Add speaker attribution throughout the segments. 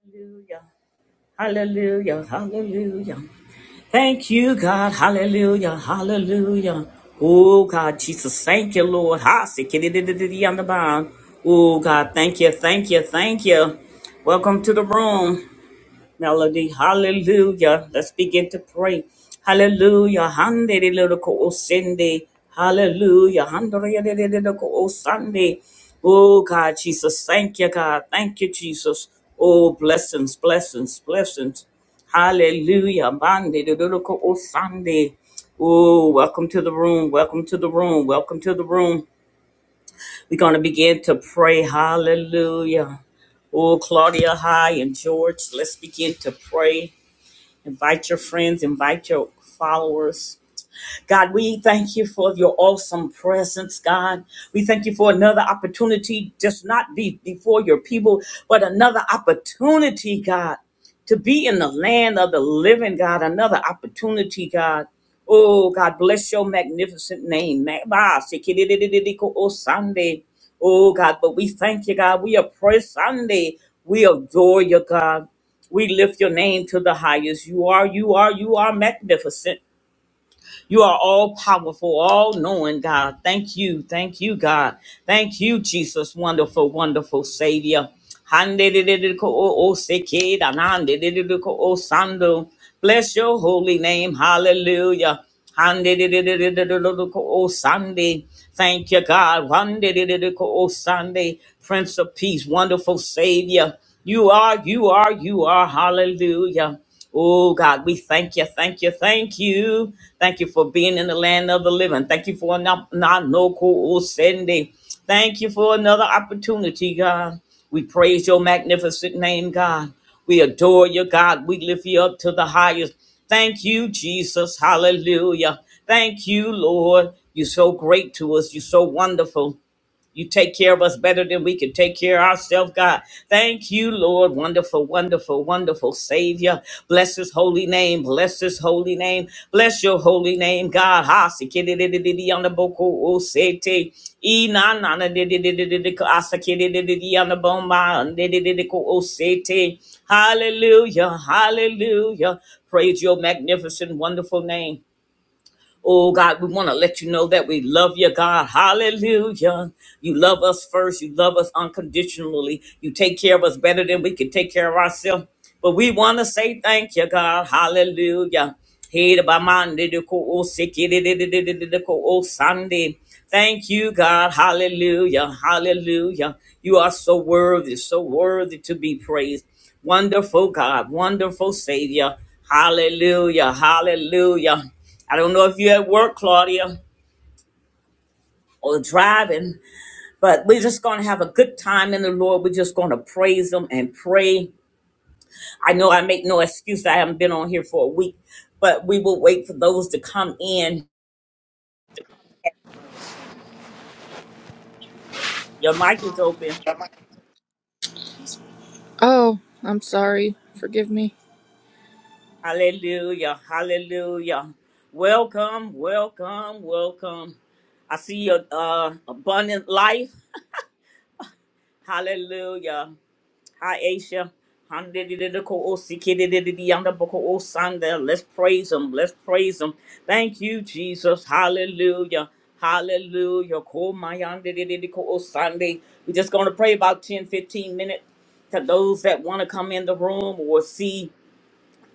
Speaker 1: Hallelujah. Hallelujah. Hallelujah. Thank you, God. Hallelujah. Hallelujah. Oh, God, Jesus. Thank you, Lord. Ha, si, ki, di, di, di, di, di, on the bound. Oh, God. Thank you. Thank you. Thank you. Welcome to the room, Melody. Hallelujah. Let's begin to pray. Hallelujah. Hande, di, li, di, ko, o, sende. Hallelujah. Hande, di, di, di, di, di, ko, o, sande. Oh God, Jesus, thank you, God. Thank you, Jesus. Oh, blessings, blessings, blessings. Hallelujah. Bande de doloco o Sunday. Oh, welcome to the room. Welcome to the room. Welcome to the room. We're going to begin to pray. Hallelujah. Oh, Claudia High and George, let's begin to pray. Invite your friends, invite your followers. God, we thank you for your awesome presence, God. We thank you for another opportunity, just not be before your people, but another opportunity, God, to be in the land of the living, God. Another opportunity, God. Oh, God, bless your magnificent name. Ma- ba- se- ki- di- di- ko- Oh, Sunday. Oh, God, but we thank you, God. We oppress Sunday. We adore you, God. We lift your name to the highest. You are, you are, you are magnificent. You are all powerful, all knowing, God. Thank you. Thank you, God. Thank you, Jesus. Wonderful, wonderful Savior. o o o sando Bless your holy name. Hallelujah. Sunday. Thank you, God. Sunday. Prince of Peace, wonderful Savior. You are, you are, you are. Hallelujah. Oh God, we thank you, thank you, thank you. Thank you for being in the land of the living. Thank you for not no cool sending. Thank you for another opportunity, God. We praise your magnificent name, God. We adore you, God. We lift you up to the highest. Thank you, Jesus. Hallelujah. Thank you, Lord. You're so great to us. You're so wonderful. You take care of us better than we can take care of ourselves, God. Thank you, Lord. Wonderful, wonderful, wonderful Savior. Bless his holy name. Bless his holy name. Bless your holy name, God. Ha, si, ki, di, di, di, di, di, on the boko, o, se, te. E, na, na, na, di, di, di, di, di, di, ko, asa, ki, di, di, di, di, on the bone, ma, di, di, di, di, ko, o, se, te. Hallelujah. Hallelujah. Praise your magnificent, wonderful name. Oh God, we want to let you know that we love you, God. Hallelujah. You love us first. You love us unconditionally. You take care of us better than we can take care of ourselves. But we want to say thank you, God. Hallelujah. Hey, the Thank you, God. Hallelujah. Hallelujah. You are so worthy, so worthy to be praised. Wonderful God, wonderful Savior. Hallelujah, hallelujah. I don't know if you're at work, Claudia, or driving, but we're just going to have a good time in the Lord. We're just going to praise Him and pray. I know I make no excuse. I haven't been on here for a week, but we will wait for those to come in. Your mic is open.
Speaker 2: Oh, I'm sorry. Forgive me.
Speaker 1: Hallelujah, hallelujah. Welcome, welcome, welcome. I see your uh, abundant life. Hallelujah. Hi, Aisha. Handidididikoosikididididiyandabokoosanda. Let's praise him. Let's praise him. Thank you, Jesus. Hallelujah. Hallelujah. Sunday. We're just going to pray about 10, 15 minutes to those that want to come in the room or see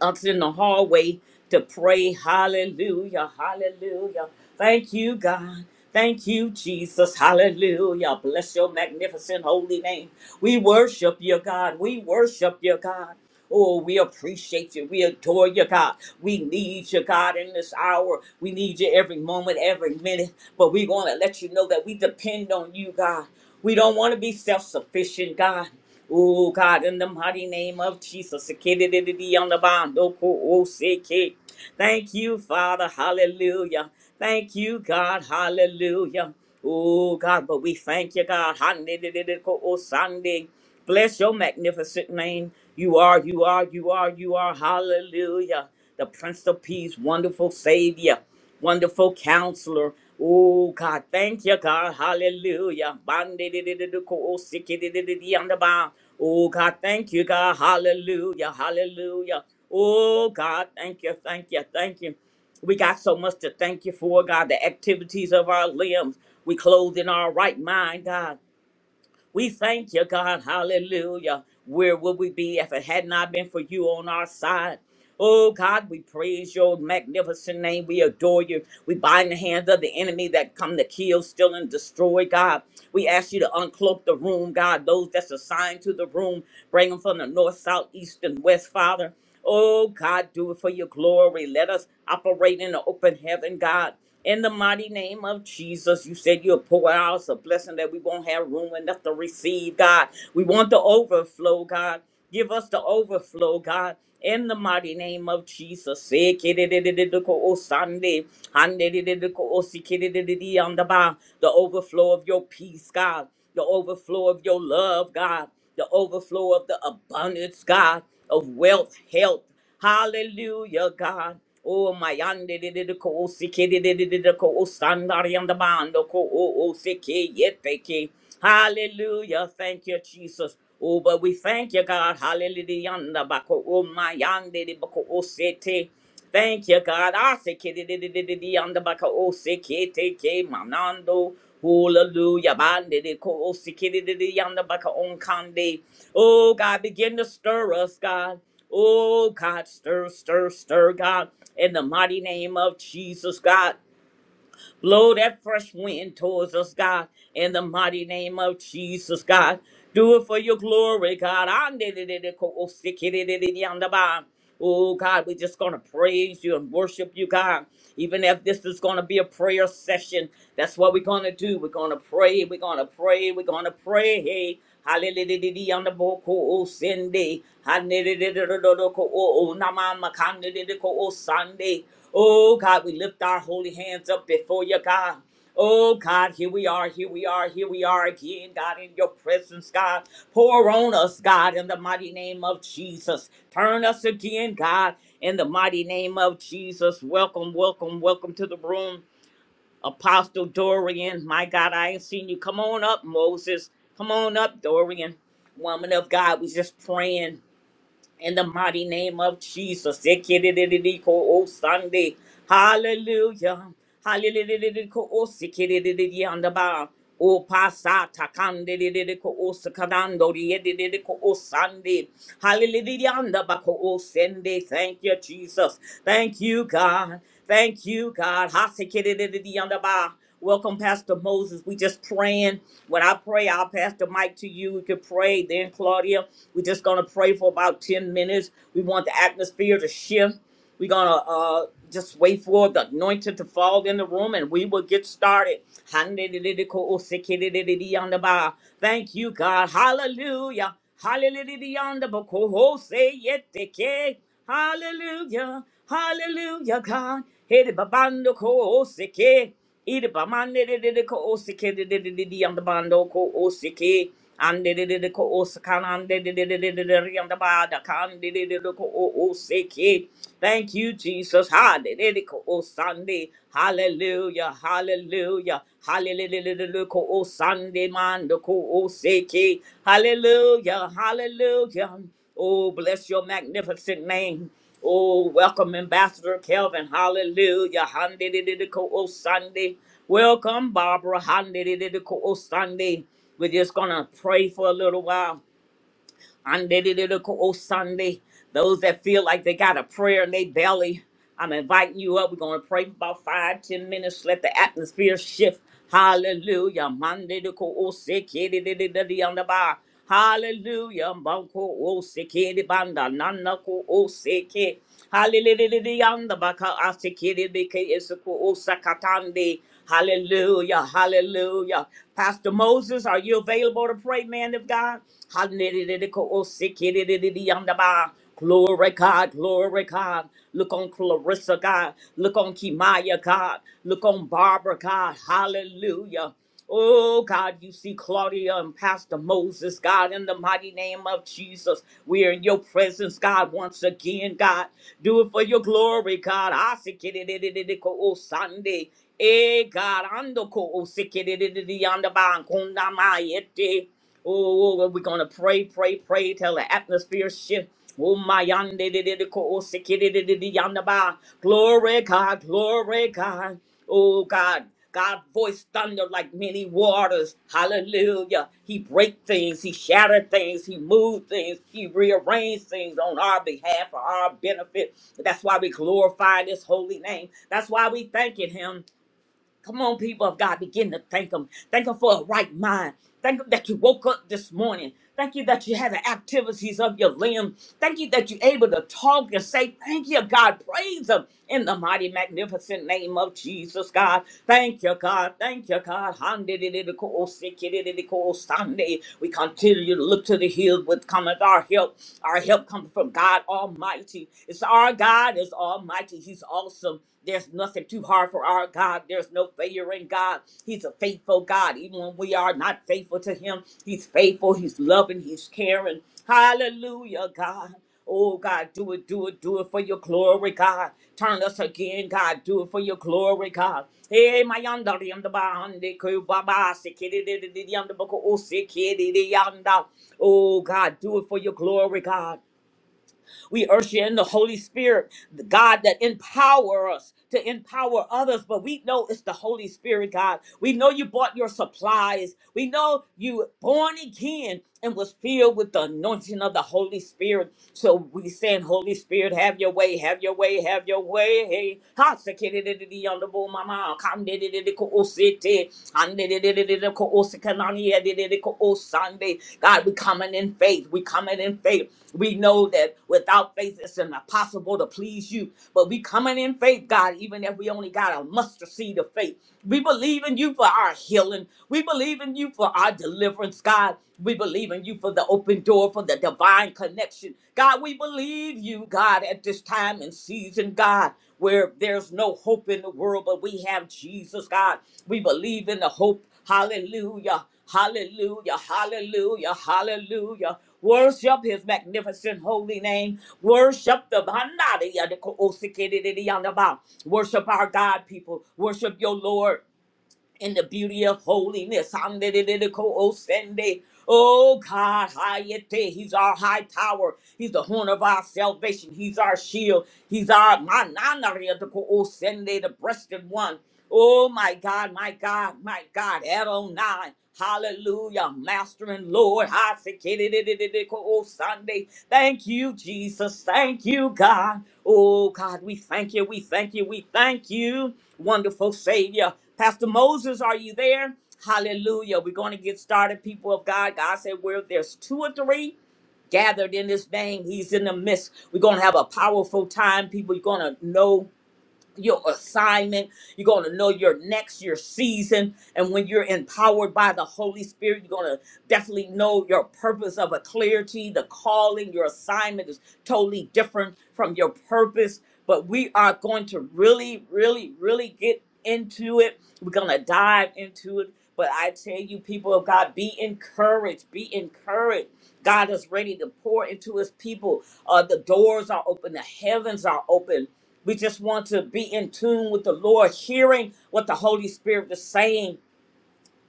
Speaker 1: us in the hallway to pray. Hallelujah. Hallelujah. Thank you, God. Thank you, Jesus. Hallelujah. Bless your magnificent holy name. We worship you, God. We worship you, God. Oh, we appreciate you. We adore you, God. We need you, God, in this hour. We need you every moment, every minute. But we want to let you know that we depend on you, God. We don't want to be self sufficient, God. Oh God, in the mighty name of Jesus, Sekidididi on the bond, doko o seke. thank you, Father, hallelujah. Thank you, God, hallelujah. Oh God, but we thank you, God. Hanidididiko o Sunday. Bless your magnificent name. You are, you are, you are, you are, hallelujah. The Prince of Peace, wonderful Savior. Wonderful counselor. Oh God, thank you, God. Hallelujah. Bandididididikosikididididiyandaba. Oh God, thank you, God. Hallelujah. Hallelujah. Oh God, thank you, thank you, thank you. We got so much to thank you for, God, the activities of our limbs. We clothed in our right mind, God. We thank you, God. Hallelujah. Where would we be if it had not been for you on our side? Oh God, we praise your magnificent name. We adore you. We bind the hands of the enemy that come to kill, steal, and destroy, God. We ask you to uncloak the room, God. Those that's assigned to the room, bring them from the north, south, east, and west, Father. Oh God, do it for your glory. Let us operate in the open heaven, God. In the mighty name of Jesus, you said you'll pour out us a blessing that we won't have room enough to receive, God. We want the overflow, God. Give us the overflow, God. In the mighty name of Jesus. Se kidididididiko osande, handidididiko osikididididiyandaba. The overflow of your peace, God the overflow of your love, God, the overflow of the abundance, God, of wealth, health. Hallelujah, God. Oh, my yande de de de ko o si ke de de de de de ko o sandari and the bando ko o o si ke yet they ke. Hallelujah. Thank you, Jesus. Oh, but we thank you, God. Hallelujah. yanda ba ko o my yande de ba ko o se te. Thank you, God. I say kidididididi on the back of O C K T K. manando. Hallelujah. Bandidi ko oh, say kididididi on the back of on kande. Oh, God, begin to stir us, God. Oh, God, stir, stir, stir, God. In the mighty name of Jesus, God. Blow that fresh wind towards us, God, in the mighty name of Jesus, God. Do it for your glory, God. Andedededeko-osikidididiyandaba. Oh, God, we're just going to praise you and worship you, God. Even if this is going to be a prayer session, that's what we're going to do. We're going to pray. We're going to pray. We're going to pray. Hallelujah on the boko o sende. Hallelujah o namama kanelele ko o sande. Oh God, we lift our holy hands up before you, God. Oh God, here we are, here we are, here we are again, God, in your presence, God. Pour on us, God, in the mighty name of Jesus. Turn us again, God, in the mighty name of Jesus. Welcome, welcome, welcome to the room. Apostle Dorian, my God, I ain't seen you. Come on up, Moses. Come on up, Dorian. Woman of God, we just praying in the mighty name of Jesus. Oh, Sunday. Hallelujah. Hallelujah. Oh, sikidididi, andaba. Oh, pasata, kandidididi, oh, sikadando, diedididi, oh, Sunday. Hallelujah. andaba, oh, Sunday. Thank you, Jesus. Thank you, God. Thank you, God. Hasekididididiyandaba. Welcome, Pastor Moses. We just praying. When I pray, I'll pass the mic to you. You can pray. Then Claudia, we're just gonna pray for about 10 minutes. We want the atmosphere to shift. We're gonna uh just wait for the anointing to fall in the room and we will get started. Handidididikosikididididiyandaba. Thank you, God. Hallelujah. Hallelujah. Hallelujah. Hallelujah, God. Hede babando ko osike. Ede bamande de de de ko osike de de de de de yanda bando ko osike. Ande de de de ko osakan ande de de de de de de de yanda bada kan de de de de ko o- osike. Thank you, Jesus. Hade de de ko osande. Hallelujah. Hallelujah. Hallelujah. Ko osande mando ko osike. Hallelujah. Hallelujah. Oh, bless your magnificent name. Oh, welcome, Ambassador Kelvin. Hallelujah. Handidididiko O Sunday. Welcome, Barbara. Handidididiko O Sunday. We're just going to pray for a little while. Undidididico Sunday. Those that feel like they got a prayer in their belly, I'm inviting you up. We're going to pray for about five, ten minutes. Let the atmosphere shift. Hallelujah. Mandididico Osikidididididi Hallelujah. Banko Osikidibanda Nanako Osiki. Hallelujah. baka asikiri beke esuku osakatande. Hallelujah. Hallelujah. Pastor Moses, are you available to pray, man of God? Hallelujah. osikiri ba. Glory God, glory God. Look on Clarissa God. Look on Kimaya God. Look on Barbara God. Hallelujah. Oh God, you see Claudia and Pastor Moses, God, in the mighty name of Jesus. We are in your presence, God, once again, God. Do it for your glory, God. I seek it it- it- it- it- it- oh, Sunday. Eh, God, ando ko oh, seek it it- it- it- it- yonder ba, kunda ma yete. Oh, oh, well, we're gonna pray, pray, pray till the atmosphere shift. Oh my yonder ba. Glory God, glory God. Oh God, God voice thunder like many waters. Hallelujah. He break things, he shatter things, he move things, he rearrange things on our behalf for our benefit. That's why we glorify this holy name. That's why we thanking him. Come on, people of God, begin to thank Him. Thank Him for a right mind. Thank Him that you woke up this morning. Thank you that you had the activities of your limb. Thank you that you're able to talk and say, Thank you, God. Praise Him in the mighty, magnificent name of Jesus, God. Thank you, God. Thank you, God. Sunday. We continue to look to the hills with cometh our help. Our help comes from God Almighty. It's our God is Almighty. He's awesome. There's nothing too hard for our God. There's no failure in God. He's a faithful God. Even when we are not faithful to Him, He's faithful. He's loving. He's caring. Hallelujah, God. Oh, God, do it, do it, do it for your glory, God. Turn us again, God. Do it for your glory, God. Hey, my yonder, yonder, bande, kubaba, sikiri, yonder, boko, o, sikiri, yonder. Oh, God, do it for your glory, God. We urge you in the Holy Spirit, the God that empower us to empower others, but we know it's the Holy Spirit, God. We know you bought your supplies. We know you were born again and was filled with the anointing of the Holy Spirit. So we saying, Holy Spirit, have your way, have your way, have your way. Hey, ha, se, ke, de, de, de, de, yonder, bo, mama, come, de, de, de, de, ko, o, se, te. Sunday. God, we coming in faith. We coming in faith. We know that without faith, it's impossible to please you. But we coming in faith, God, even if we only got a mustard seed of faith. We believe in you for our healing. We believe in you for our deliverance, God. We believe in you for the open door, for the divine connection. God, we believe you, God, at this time and season, God where there's no hope in the world, but we have Jesus, God. We believe in the hope. Hallelujah. Hallelujah. Hallelujah. Hallelujah. Worship his magnificent holy name. Worship the Worship our God, people. Worship your Lord in the beauty of holiness. Amdididikoosende. Oh God, Hayete, He's our high tower. He's the horn of our salvation. He's our shield. He's our mananariadikoosende, the breasted one. Oh my God, my God, my God, Adonai. Hallelujah, Master and Lord. Sunday. Thank you, Jesus. Thank you, God. Oh God, we thank you. We thank you. We thank you, wonderful Savior. Pastor Moses, are you there? Hallelujah. We're going to get started, people of God. God said, where there's two or three gathered in his name, he's in the midst. We're going to have a powerful time, people. You're going to know your assignment. You're going to know your next, your season. And when you're empowered by the Holy Spirit, you're going to definitely know your purpose of a clarity. The calling, your assignment is totally different from your purpose. But we are going to really, really, really get into it. We're going to dive into it. But I tell you, people of God, be encouraged. Be encouraged. God is ready to pour into his people. Uh, the doors are open, the heavens are open we just want to be in tune with the Lord, hearing what the Holy Spirit is saying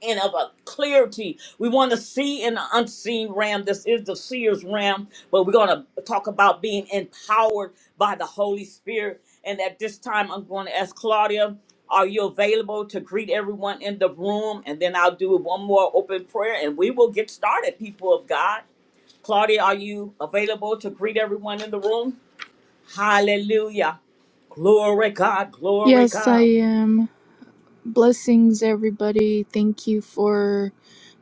Speaker 1: and of a clarity. We want to see in the unseen realm. This is the seer's realm, but we're going to talk about being empowered by the Holy Spirit. And at this time, I'm going to ask Claudia, are you available to greet everyone in the room? And then I'll do one more open prayer and we will get started, people of God. Claudia, are you available to greet everyone in the room? Hallelujah. Glory God, glory
Speaker 2: Yes, I
Speaker 1: God.
Speaker 2: am. Blessings, everybody. Thank you for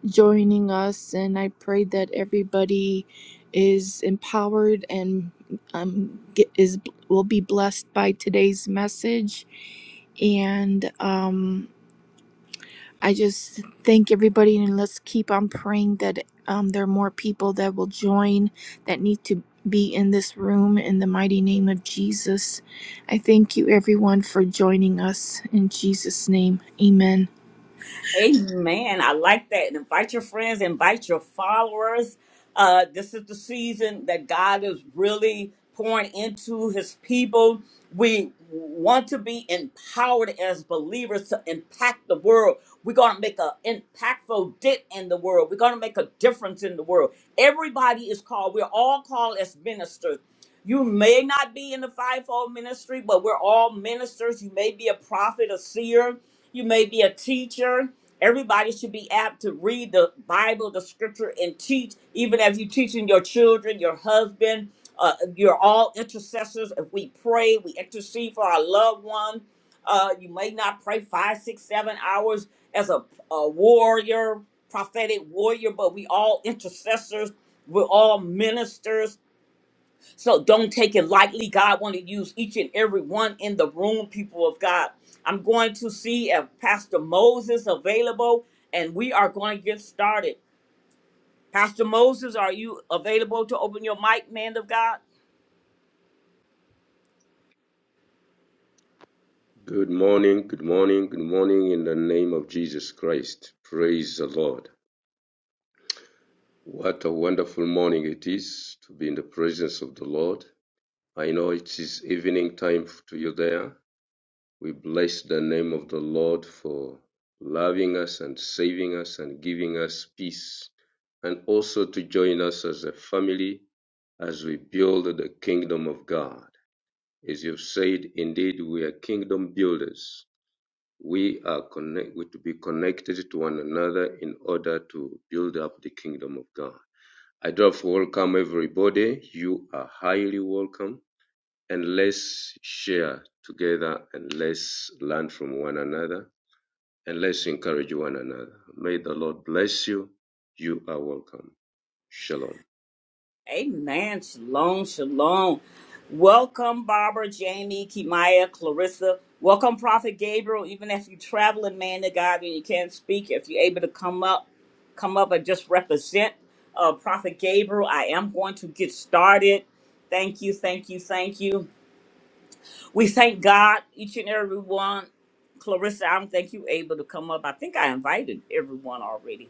Speaker 2: joining us, and I pray that everybody is empowered and um get, is will be blessed by today's message. And um, I just thank everybody and let's keep on praying that um, there are more people that will join that need to be in this room in the mighty name of Jesus. I thank you everyone for joining us in Jesus' name. Amen.
Speaker 1: Amen. I like that. Invite your friends, invite your followers. Uh, this is the season that God is really pouring into his people. We want to be empowered as believers to impact the world. We're going to make an impactful dent in the world. We're going to make a difference in the world. Everybody is called. We're all called as ministers. You may not be in the fivefold ministry, but we're all ministers. You may be a prophet, a seer. You may be a teacher. Everybody should be apt to read the Bible, the scripture, and teach. Even if you're teaching your children, your husband, uh, you're all intercessors. If we pray, we intercede for our loved one. Uh, you may not pray five, six, seven hours as a, a warrior, prophetic warrior, but we all intercessors. We're all ministers so don't take it lightly. God want to use each and every one in the room, people of God. I'm going to see if Pastor Moses available, and we are going to get started. Pastor Moses, are you available to open your mic, man of God?
Speaker 3: Good morning, good morning, good morning in the name of Jesus Christ. Praise the Lord. What a wonderful morning it is to be in the presence of the Lord. I know it is evening time to you there. We bless the name of the Lord for loving us and saving us and giving us peace and also to join us as a family as we build the kingdom of God. As you've said, indeed, we are kingdom builders. We are connect, we to be connected to one another in order to build up the kingdom of God. I do have to welcome everybody. You are highly welcome. And let's share together and let's learn from one another and let's encourage one another. May the Lord bless you. You are welcome. Shalom.
Speaker 1: Amen. Shalom, shalom. Welcome, Barbara, Jamie, Kimaya, Clarissa. Welcome, Prophet Gabriel. Even if you're traveling, man to God, and you can't speak, if you're able to come up, come up and just represent uh, Prophet Gabriel. I am going to get started. Thank you, thank you, thank you. We thank God, each and every one. Clarissa, I don't think you able to come up. I think I invited everyone already.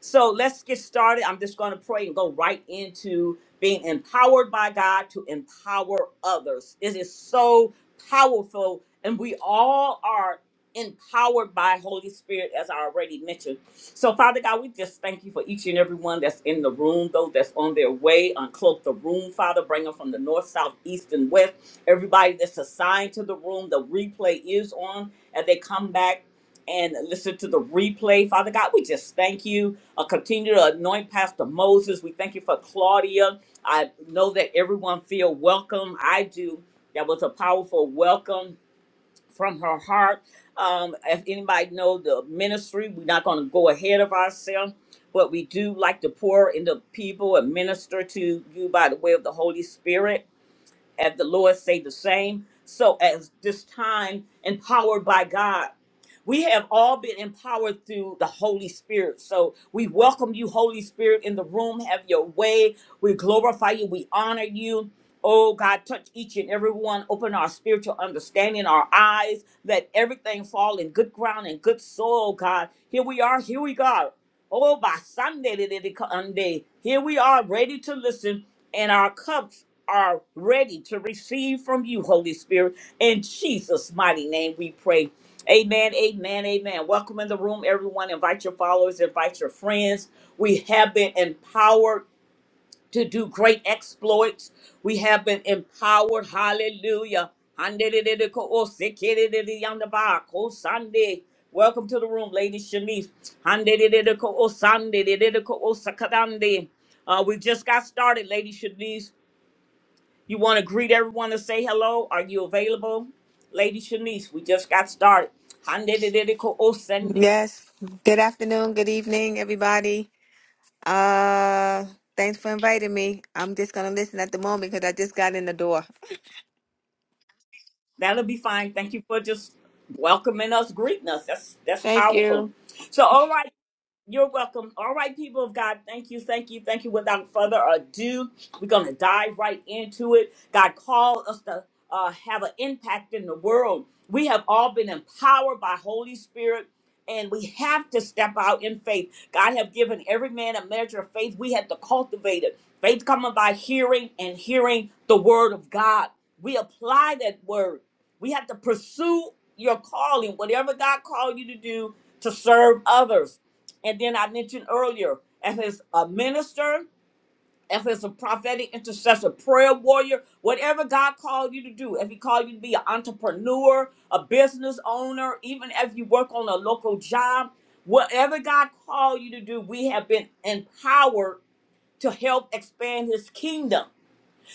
Speaker 1: So let's get started. I'm just going to pray and go right into being empowered by God to empower others. It is so powerful, and we all are empowered by Holy Spirit, as I already mentioned. So, Father God, we just thank you for each and every one that's in the room, though that's on their way. Uncloak the room, Father. Bring them from the north, south, east, and west. Everybody that's assigned to the room, the replay is on, and they come back and listen to the replay. Father God, we just thank you. Uh, continue to anoint Pastor Moses. We thank you for Claudia. I know that everyone feel welcome. I do. That was a powerful welcome from her heart. Um, if anybody know the ministry, we're not going to go ahead of ourselves, but we do like to pour into people and minister to you by the way of the Holy Spirit. As the Lord say the same. So at this time, empowered by God. We have all been empowered through the Holy Spirit. So we welcome you, Holy Spirit, in the room. Have your way. We glorify you. We honor you. Oh God, touch each and every one. Open our spiritual understanding, our eyes. Let everything fall in good ground and good soil, God. Here we are. Here we go. Oh, by Sunday, da- da- da- ka- um, day. here we are ready to listen, and our cups are ready to receive from you, Holy Spirit. In Jesus' mighty name, we pray. Amen, amen, amen. Welcome in the room, everyone. Invite your followers, invite your friends. We have been empowered to do great exploits. We have been empowered. Hallelujah. Sunday. Welcome to the room, Lady Shanice. Handedididiko osandedididiko osakadande. Uh, we just got started, Lady Shanice. You want to greet everyone and say hello? Are you available? Lady Shanice, we just got started. Handedidikoosende.
Speaker 4: Yes. Good afternoon. Good evening, everybody. Uh, thanks for inviting me. I'm just gonna listen at the moment because I just got in the door.
Speaker 1: That'll be fine. Thank you for just welcoming us, greeting us. That's that's
Speaker 4: Thank
Speaker 1: powerful.
Speaker 4: you.
Speaker 1: So all right. You're welcome. All right, people of God, thank you, thank you, thank you. Without further ado, we're going to dive right into it. God called us to uh, have an impact in the world. We have all been empowered by Holy Spirit, and we have to step out in faith. God have given every man a measure of faith. We have to cultivate it. Faith coming by hearing and hearing the word of God. We apply that word. We have to pursue your calling, whatever God called you to do, to serve others. And then I mentioned earlier, if it's a minister, if it's a prophetic intercessor, prayer warrior, whatever God called you to do, if He called you to be an entrepreneur, a business owner, even if you work on a local job, whatever God called you to do, we have been empowered to help expand His kingdom.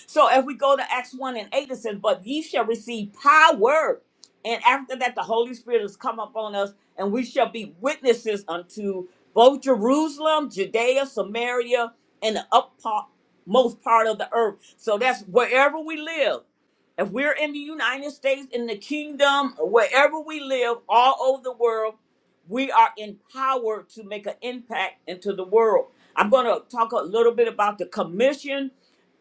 Speaker 1: So if we go to Acts 1 and 8, it says, But ye shall receive power. And after that, the Holy Spirit has come upon us, and we shall be witnesses unto both Jerusalem, Judea, Samaria, and the upmost part of the earth. So that's wherever we live. If we're in the United States, in the kingdom, wherever we live, all over the world, we are empowered to make an impact into the world. I'm going to talk a little bit about the commission.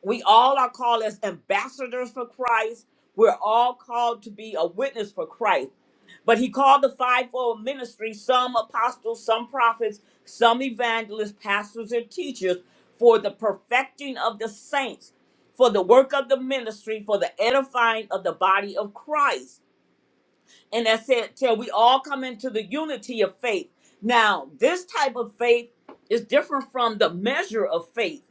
Speaker 1: We all are called as ambassadors for Christ. We're all called to be a witness for Christ. But he called the fivefold ministry some apostles, some prophets, some evangelists, pastors, and teachers for the perfecting of the saints, for the work of the ministry, for the edifying of the body of Christ. And that said, till we all come into the unity of faith. Now, this type of faith is different from the measure of faith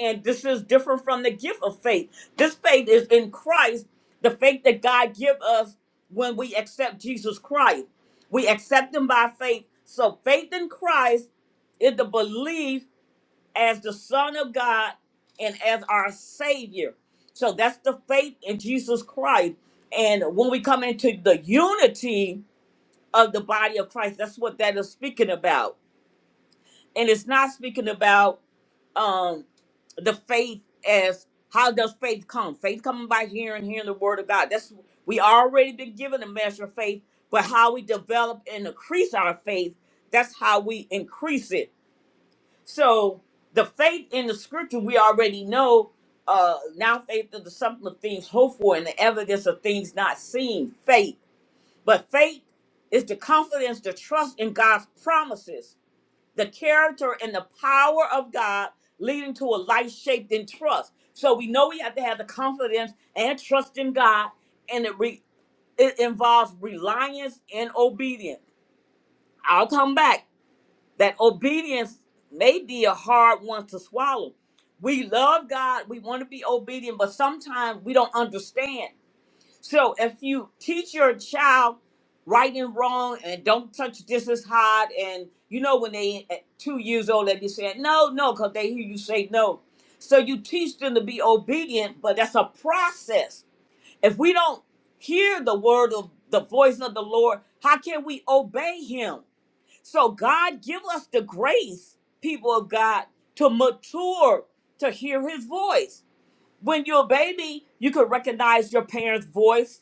Speaker 1: and this is different from the gift of faith. This faith is in Christ, the faith that God give us when we accept Jesus Christ. We accept him by faith. So faith in Christ is the belief as the Son of God and as our Savior. So that's the faith in Jesus Christ. And when we come into the unity of the body of Christ, that's what that is speaking about and it's not speaking about um the faith as how does faith come faith coming by hearing hearing the word of god that's we already been given a measure of faith but how we develop and increase our faith that's how we increase it so the faith in the scripture we already know uh now faith is the something of things hoped for and the evidence of things not seen faith but faith is the confidence the trust in god's promises the character and the power of God leading to a life shaped in trust. So we know we have to have the confidence and trust in God, and it, re- it involves reliance and obedience. I'll come back. That obedience may be a hard one to swallow. We love God, we want to be obedient, but sometimes we don't understand. So if you teach your child right and wrong and don't touch this is hot, and you know when they at two years old they be saying no no because they hear you say no. So you teach them to be obedient, but that's a process. If we don't hear the word of the voice of the Lord, how can we obey him? So God give us the grace, people of God, to mature to hear his voice. When you're a baby, you could recognize your parents' voice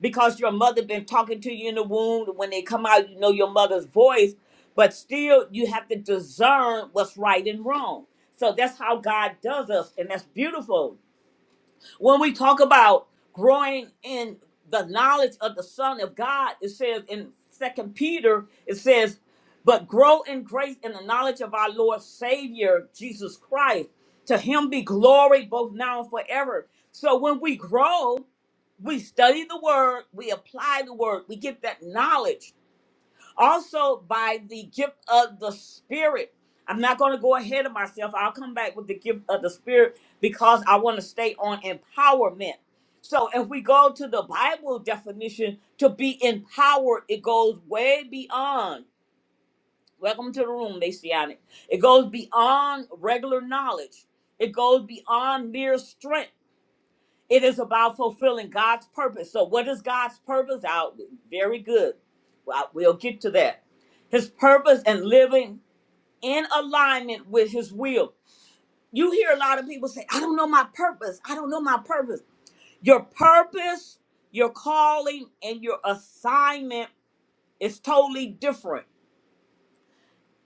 Speaker 1: because your mother been talking to you in the womb when they come out you know your mother's voice but still you have to discern what's right and wrong so that's how god does us and that's beautiful when we talk about growing in the knowledge of the Son of God, it says in Second Peter, it says, "But grow in grace and the knowledge of our Lord Savior Jesus Christ. To Him be glory both now and forever." So when we grow, we study the Word, we apply the Word, we get that knowledge also by the gift of the spirit i'm not going to go ahead of myself i'll come back with the gift of the spirit because i want to stay on empowerment so if we go to the bible definition to be empowered it goes way beyond welcome to the room messianic it goes beyond regular knowledge it goes beyond mere strength it is about fulfilling God's purpose. So, what is God's purpose? Out very good. Well, we'll get to that. His purpose and living in alignment with His will. You hear a lot of people say, "I don't know my purpose. I don't know my purpose." Your purpose, your calling, and your assignment is totally different.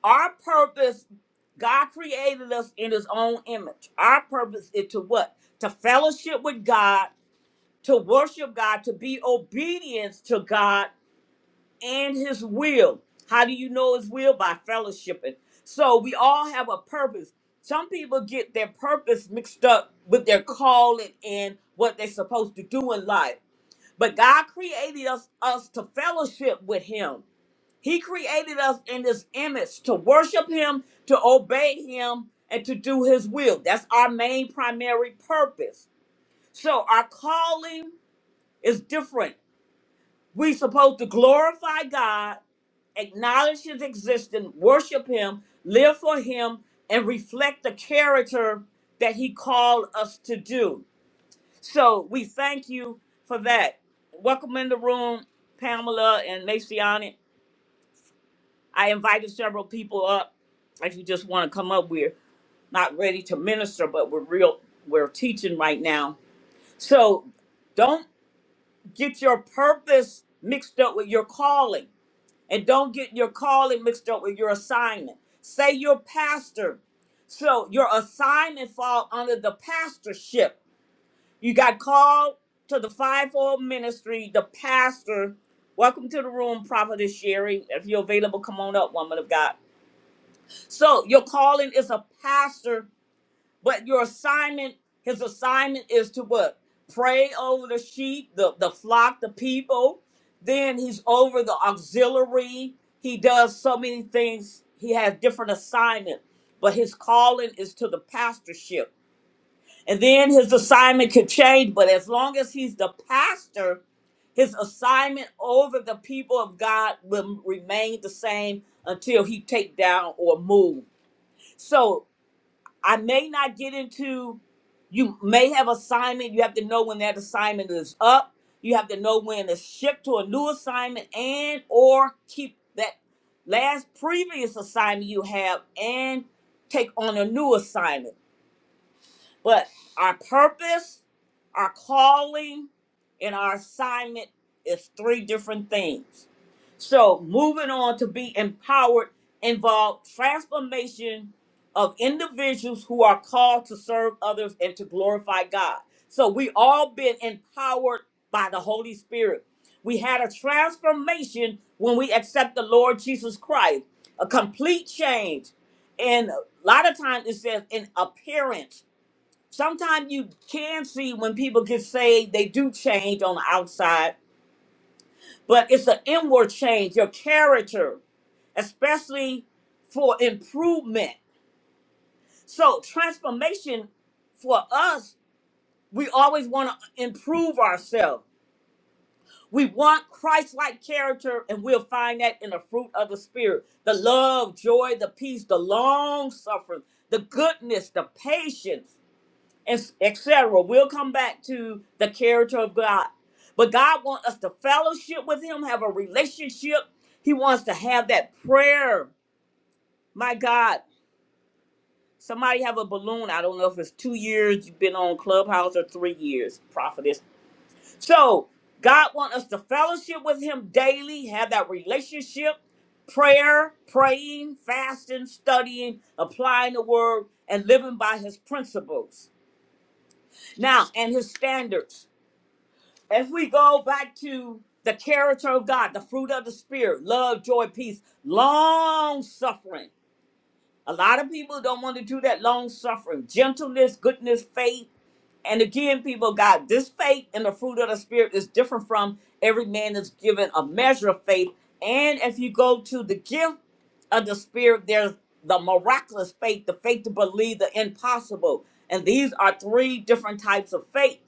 Speaker 1: Our purpose, God created us in His own image. Our purpose is to what? To fellowship with God to worship God, to be obedience to God and his will. How do you know his will? By fellowshipping. So we all have a purpose. Some people get their purpose mixed up with their calling and what they're supposed to do in life. But God created us, us to fellowship with him. He created us in his image to worship him, to obey him, and to do his will. That's our main primary purpose. So our calling is different we supposed to glorify God, acknowledge his existence, worship him, live for him, and reflect the character that he called us to do. So we thank you for that. Welcome in the room, Pamela and Maciani. I invited several people up. If you just want to come up, we're not ready to minister, but we're real we're teaching right now. So don't get your purpose mixed up with your calling And don't get your calling mixed up with your assignment. Say you're pastor. So your assignment fall under the pastorship. You got called to the fivefold ministry, the pastor. Welcome to the room, Prophetess Sherry. If you're available, come on up, woman of God. So your calling is a pastor but your assignment, his assignment is to what? Pray over the sheep, the, the flock, the people. Then he's over the auxiliary. He does so many things. He has different assignment, but his calling is to the pastorship. And then his assignment could change, but as long as he's the pastor, his assignment over the people of God will remain the same until he take down or move. So I may not get into, you may have assignment. You have to know when that assignment is up. You have to know when to shift to a new assignment and or keep that last previous assignment you have and take on a new assignment. But our purpose, our calling, and our assignment is three different things. So moving on to be empowered involves transformation of individuals who are called to serve others and to glorify God. So we all been empowered by the Holy Spirit. We had a transformation when we accept the Lord Jesus Christ, a complete change. And a lot of times it says in appearance sometimes you can see when people get saved, they do change on the outside, but it's an inward change, your character, especially for improvement. So, transformation for us, we always want to improve ourselves. We want Christ like character, and we'll find that in the fruit of the Spirit the love, joy, the peace, the long suffering, the goodness, the patience. etc. We'll come back to the character of God. But God wants us to fellowship with Him, have a relationship. He wants to have that prayer. My God, somebody have a balloon. I don't know if it's two years you've been on Clubhouse or three years, prophetess. So God wants us to fellowship with Him daily, have that relationship, prayer, praying, fasting, studying, applying the word, and living by His principles. Now, and His standards. If we go back to the character of God, the fruit of the Spirit, love, joy, peace, long suffering. A lot of people don't want to do that long suffering, gentleness, goodness, faith. And again, people, God, this faith and the fruit of the Spirit is different from every man is given a measure of faith. And if you go to the gift of the Spirit, there's the miraculous faith, the faith to believe the impossible. And these are three different types of faith.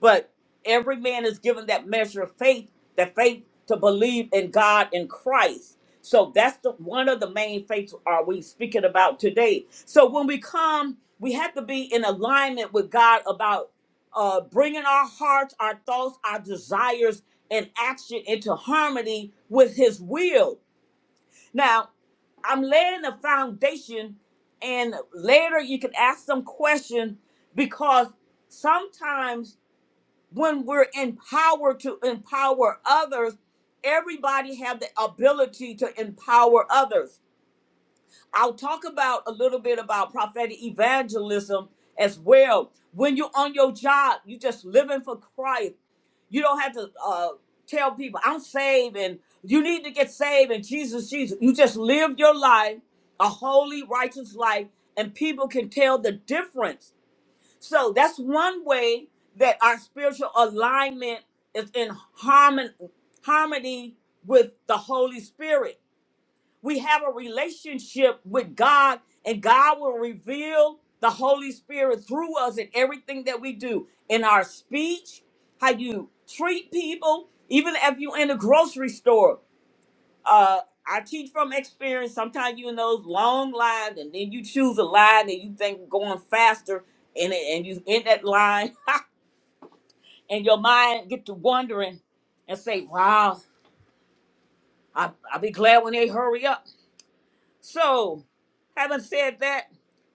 Speaker 1: But every man is given that measure of faith, that faith to believe in God and Christ. So that's the one of the main faiths are we speaking about today. So when we come, we have to be in alignment with God about uh, bringing our hearts, our thoughts, our desires, and action into harmony with His will. Now, I'm laying a foundation, and later you can ask some question because sometimes when we're empowered to empower others everybody have the ability to empower others i'll talk about a little bit about prophetic evangelism as well when you're on your job you just living for christ you don't have to uh, tell people i'm saved and you need to get saved and jesus jesus you just live your life a holy righteous life and people can tell the difference so that's one way that our spiritual alignment is in harmon- harmony with the Holy Spirit. We have a relationship with God, and God will reveal the Holy Spirit through us in everything that we do in our speech, how you treat people, even if you're in a grocery store uh I teach from experience. Sometimes you in those long lines, and then you choose a line, and you think going faster, and it- and you in that line, and your mind get to wondering, and say, "Wow, I I'll be glad when they hurry up." So, having said that,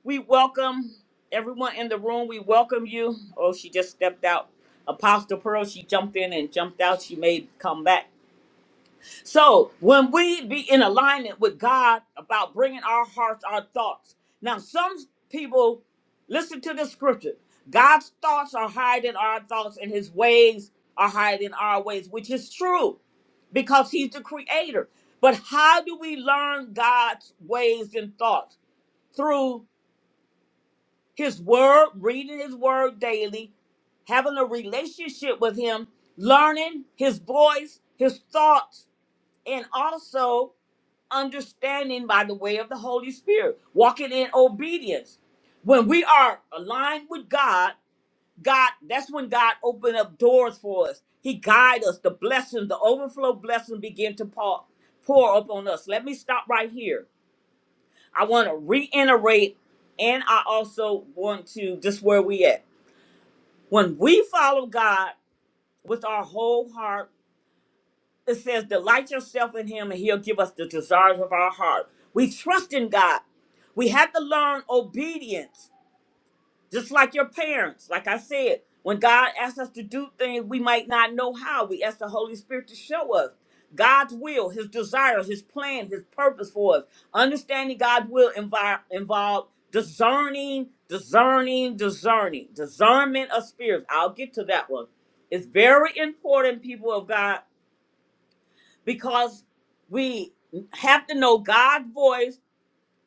Speaker 1: we welcome everyone in the room. We welcome you. Oh, she just stepped out. Apostle Pearl, she jumped in and jumped out. She may come back. So when we be in alignment with God about bringing our hearts, our thoughts. Now, some people listen to the scripture. God's thoughts are higher than our thoughts, and His ways are higher than our ways, which is true, because He's the Creator. But how do we learn God's ways and thoughts through His Word, reading His Word daily, having a relationship with Him, learning His voice, His thoughts, and also understanding by the way of the Holy Spirit, walking in obedience. When we are aligned with God, God, that's when God opened up doors for us. He guide us. The blessing, the overflow blessing begin to pour, pour upon us. Let me stop right here. I want to reiterate, and I also want to just where we at. When we follow God with our whole heart it says, Delight yourself in Him, and He'll give us the desires of our heart. We trust in God. We have to learn obedience, just like your parents. Like I said, when God asks us to do things, we might not know how. We ask the Holy Spirit to show us God's will, His desires, His plan, His purpose for us. Understanding God's will invi- involve discerning, discerning, discerning, discernment of spirits. I'll get to that one. It's very important, people of God because we have to know God's voice,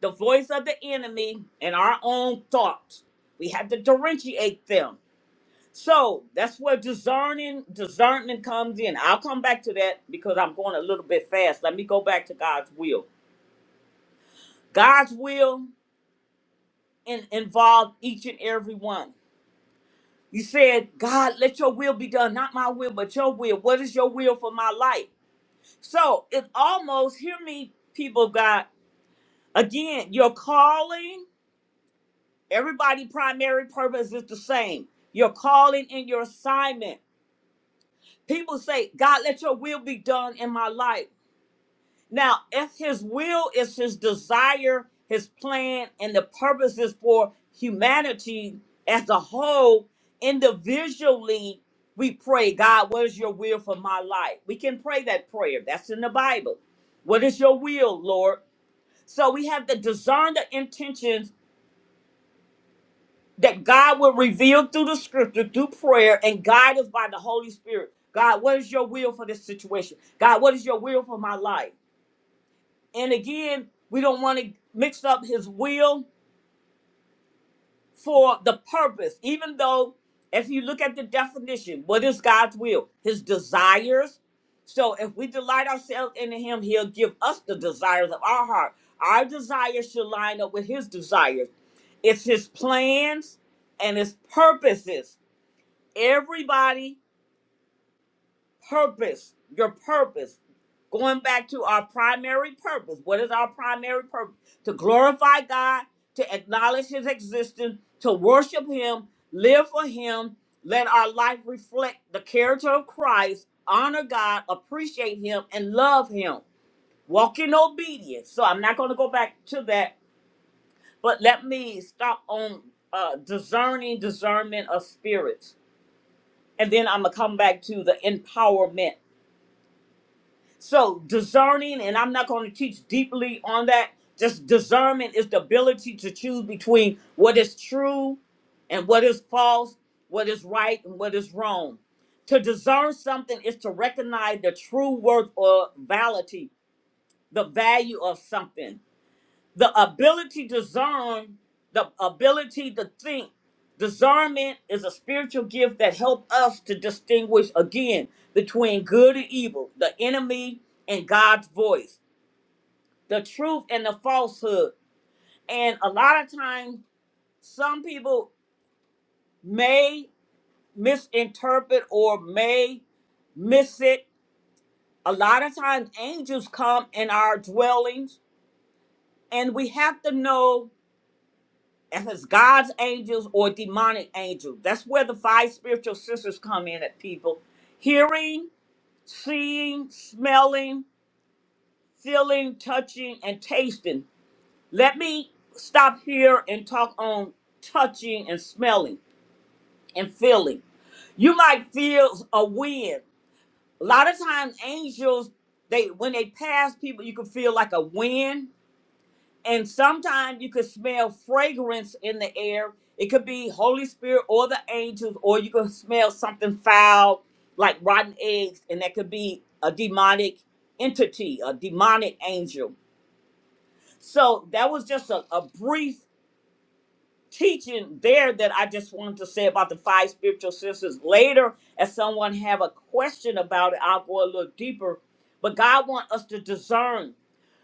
Speaker 1: the voice of the enemy, and our own thoughts. We have to differentiate them. So that's where discerning discernment comes in. I'll come back to that because I'm going a little bit fast. Let me go back to God's will. God's will in, involves each and every one. You said, God, let your will be done, not my will, but your will. What is your will for my life? So it almost, hear me, people of God, Again, your calling, everybody primary purpose is the same. Your calling and your assignment. People say, God, let your will be done in my life. Now, if his will is his desire, his plan, and the purpose is for humanity as a whole, individually, we pray, God, what is your will for my life? We can pray that prayer. That's in the Bible. What is your will, Lord? So we have to discern the intentions that God will reveal through the scripture, through prayer, and guide us by the Holy Spirit. God, what is your will for this situation? God, what is your will for my life? And again, we don't want to mix up his will for the purpose, even though if you look at the definition, what is God's will? His desires. So if we delight ourselves in him, he'll give us the desires of our heart. Our desires should line up with his desires. It's his plans and his purposes everybody purpose your purpose going back to our primary purpose what is our primary purpose to glorify god to acknowledge his existence to worship him live for him let our life reflect the character of christ honor god appreciate him and love him walk in obedience so i'm not going to go back to that but let me stop on uh, discerning discernment of spirits and then I'm gonna come back to the empowerment. So discerning, and I'm not going to teach deeply on that. Just discernment is the ability to choose between what is true and what is false, what is right and what is wrong. To discern something is to recognize the true worth or validity, the value of something the ability to discern, the ability to think. Discernment is a spiritual gift that helps us to distinguish again between good and evil, the enemy and God's voice, the truth and the falsehood. And a lot of times, some people may misinterpret or may miss it. A lot of times, angels come in our dwellings, and we have to know if it's God's angels or demonic angels. That's where the five spiritual sisters come in at people. Hearing, seeing, smelling, feeling, touching, and tasting. Let me stop here and talk on touching and smelling and feeling. You might feel a wind. A lot of times angels, they when they pass people, you can feel like a wind And sometimes you could smell fragrance in the air. It could be Holy Spirit or the angels, or you could smell something foul like rotten eggs, and that could be a demonic entity, a demonic angel. So that was just a, a brief teaching there that I just wanted to say about the five spiritual senses. Later, if someone have a question about it, I'll go a little deeper. But God wants us to discern.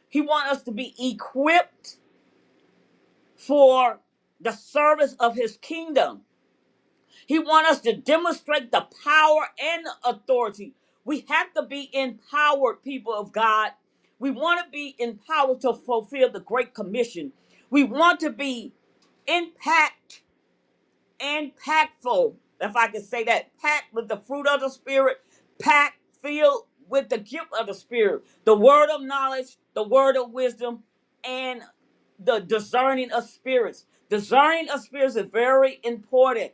Speaker 1: He wants us to be equipped for the service of his kingdom. He wants us to demonstrate the power and authority. We have to be empowered, people of God. We want to be empowered to fulfill the Great Commission. We want to be impact impactful, if I could say that, packed with the fruit of the Spirit, packed, filled with the gift of the Spirit, the word of knowledge, the word of wisdom, and the discerning of spirits. Discerning of spirits is very important.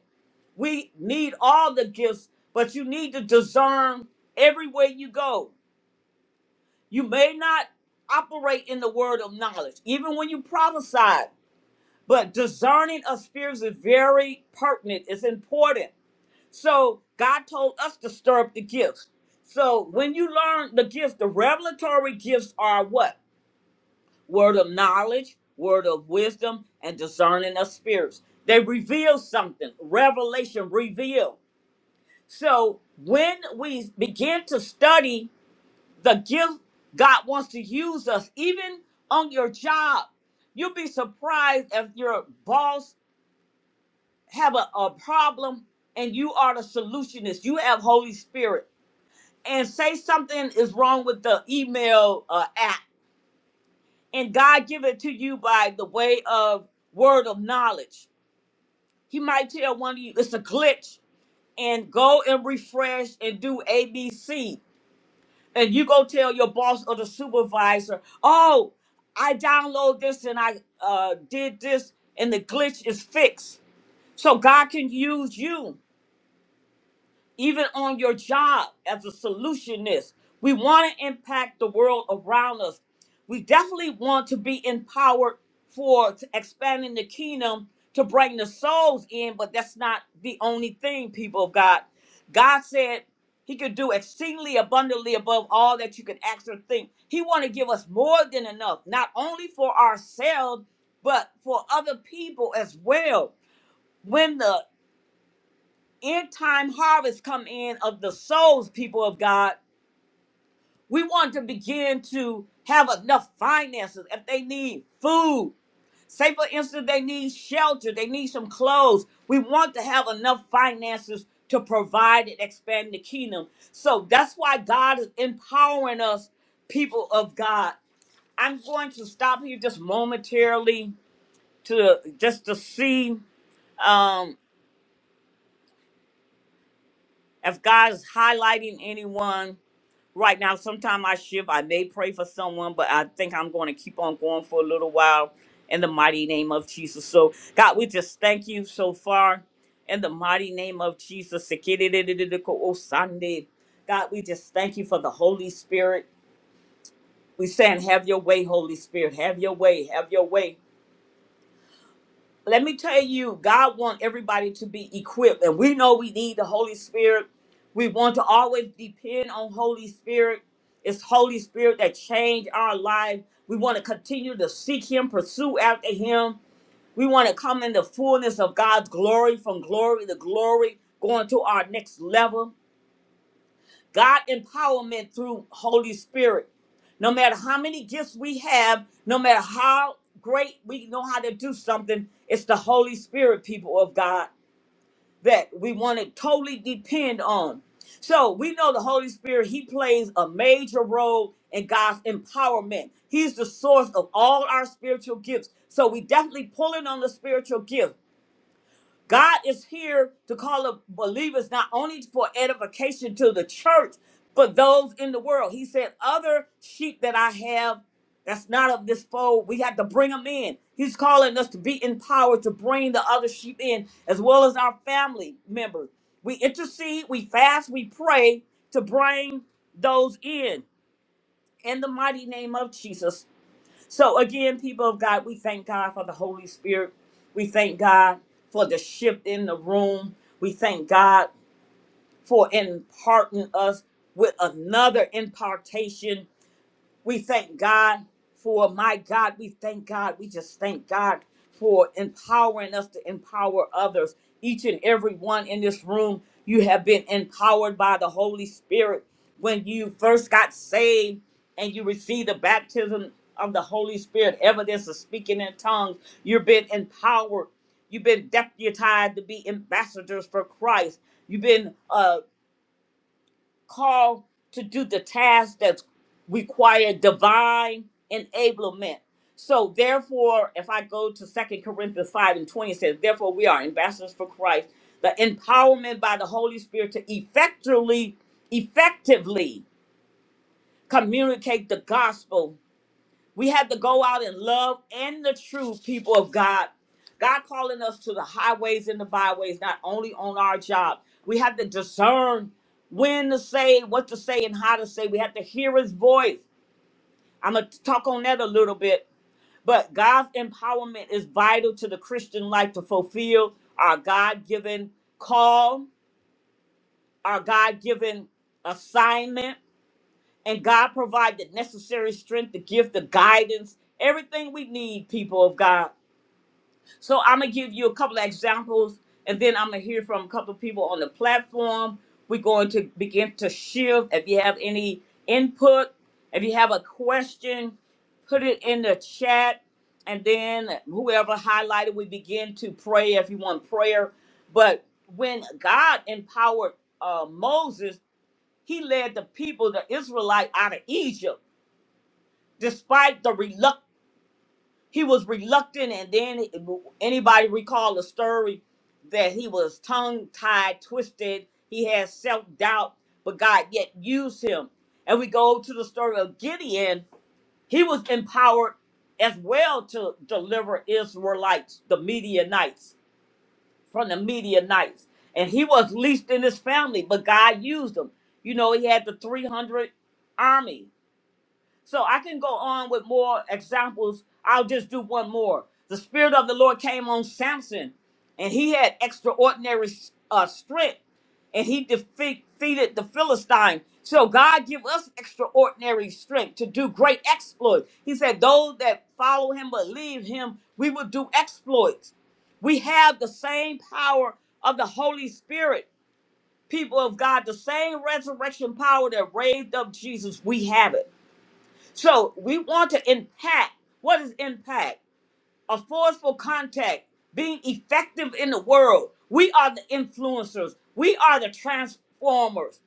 Speaker 1: We need all the gifts, but you need to discern everywhere you go. You may not operate in the word of knowledge, even when you prophesy, but discerning of spirits is very pertinent. It's important so God told us to stir up the gifts. So when you learn the gifts, the revelatory gifts are what? Word of knowledge, word of wisdom, and discerning of spirits. They reveal something. Revelation reveal. So when we begin to study the gift God wants to use us, even on your job, you'll be surprised if your boss have a, a problem and you are the solutionist. You have Holy Spirit and say something is wrong with the email uh, app, and God give it to you by the way of word of knowledge. He might tell one of you it's a glitch, and go and refresh and do ABC, and you go tell your boss or the supervisor, "Oh, I download this and I uh, did this, and the glitch is fixed." So God can use you. even on your job as a solutionist. We want to impact the world around us. We definitely want to be empowered for t- expanding the kingdom to bring the souls in, but that's not the only thing, people of God. God said he could do exceedingly abundantly above all that you could ask or think. He want to give us more than enough, not only for ourselves, but for other people as well. When the end time harvest come in of the souls, people of God, we want to begin to have enough finances. If they need food, say for instance, they need shelter, they need some clothes. We want to have enough finances to provide and expand the kingdom. So that's why God is empowering us, people of God. I'm going to stop here just momentarily to just to see um, if God is highlighting anyone right now sometime i shift i may pray for someone but i think i'm going to keep on going for a little while in the mighty name of jesus so god we just thank you so far in the mighty name of jesus Sunday, god we just thank you for the holy spirit we saying have your way holy spirit have your way have your way let me tell you, God wants everybody to be equipped, and we know we need the Holy Spirit. We want to always depend on Holy Spirit. It's Holy Spirit that changed our life. We want to continue to seek Him, pursue after Him. We want to come in the fullness of God's glory, from glory to glory, going to our next level. God empowerment through Holy Spirit. No matter how many gifts we have, no matter how great we know how to do something, it's the Holy Spirit, people of God, that we want to totally depend on. So we know the Holy Spirit, He plays a major role in God's empowerment. He's the source of all our spiritual gifts. So we definitely pulling on the spiritual gifts. God is here to call up believers not only for edification to the church, but those in the world. He said, Other sheep that I have that's not of this fold, we have to bring them in. He's calling us to be empowered to bring the other sheep in, as well as our family members. We intercede, we fast, we pray to bring those in in the mighty name of Jesus. So again, people of God, we thank God for the Holy Spirit. We thank God for the shift in the room. We thank God for imparting us with another impartation we thank God for my God. We thank God. We just thank God for empowering us to empower others. Each and every one in this room, you have been empowered by the Holy Spirit. When you first got saved and you received the baptism of the Holy Spirit, evidence of speaking in tongues, you've been empowered. You've been deputized to be ambassadors for Christ. You've been uh, called to do the task that's required divine enablement. So therefore, if I go to Second Corinthians 5 and 20, it says, Therefore we are ambassadors for Christ, the empowerment by the Holy Spirit to effectually, effectively communicate the gospel we have to go out in love and the truth, people of God. God calling us to the highways and the byways, not only on our job. We have to discern when to say, what to say, and how to say. We have to hear his voice. I'm going to talk on that a little bit. But God's empowerment is vital to the Christian life to fulfill our God given call, our God given assignment and God provided necessary strength, the gift, the guidance, everything we need, people of God. So I'm gonna give you a couple of examples, and then I'm gonna hear from a couple of people on the platform. We're going to begin to shift. If you have any input, if you have a question, put it in the chat, and then whoever highlighted, we begin to pray if you want prayer. But when God empowered uh, Moses, he led the people, the Israelite, out of Egypt despite the reluct he was reluctant and then anybody recall the story that he was tongue tied twisted he had self-doubt but god yet used him and we go to the story of gideon he was empowered as well to deliver israelites the midianites from the midianites and he was least in his family but god used him you know he had the 300 army so I can go on with more examples. I'll just do one more. The Spirit of the Lord came on Samson, and he had extraordinary uh, strength, and he defe- defeated the Philistine. So God give us extraordinary strength to do great exploits. He said, "Those that follow Him, believe Him, we will do exploits." We have the same power of the Holy Spirit, people of God. The same resurrection power that raised up Jesus, we have it. So we want to impact. What is impact? A forceful contact, being effective in the world. We are the influencers. We are the transformers.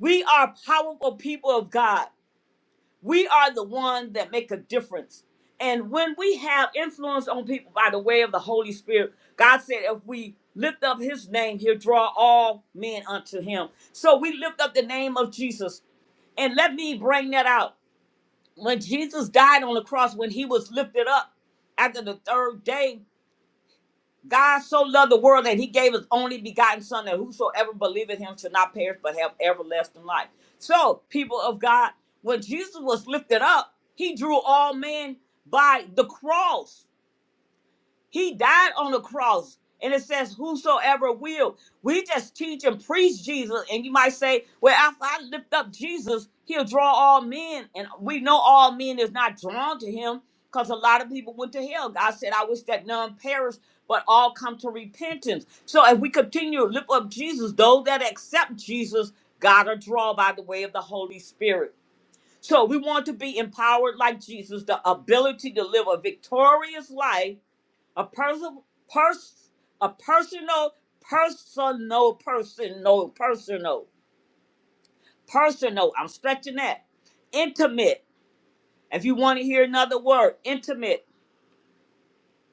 Speaker 1: We are powerful people of God. We are the ones that make a difference. And when we have influence on people by the way of the Holy Spirit, God said, if we lift up his name, he'll draw all men unto him. So we lift up the name of Jesus. And let me bring that out when Jesus died on the cross, when he was lifted up after the third day, God so loved the world that he gave his only begotten son that whosoever believeth him should not perish but have everlasting life. So, people of God, when Jesus was lifted up, he drew all men by the cross he died on the cross. And it says, Whosoever will. We just teach and preach Jesus. And you might say, Well, if I lift up Jesus, he'll draw all men. And we know all men is not drawn to him because a lot of people went to hell. God said, I wish that none perish, but all come to repentance. So if we continue to lift up Jesus, those that accept Jesus, God will draw by the way of the Holy Spirit. So we want to be empowered like Jesus, the ability to live a victorious life a person pers- a personal personal personal personal personal i'm stretching that intimate if you want to hear another word intimate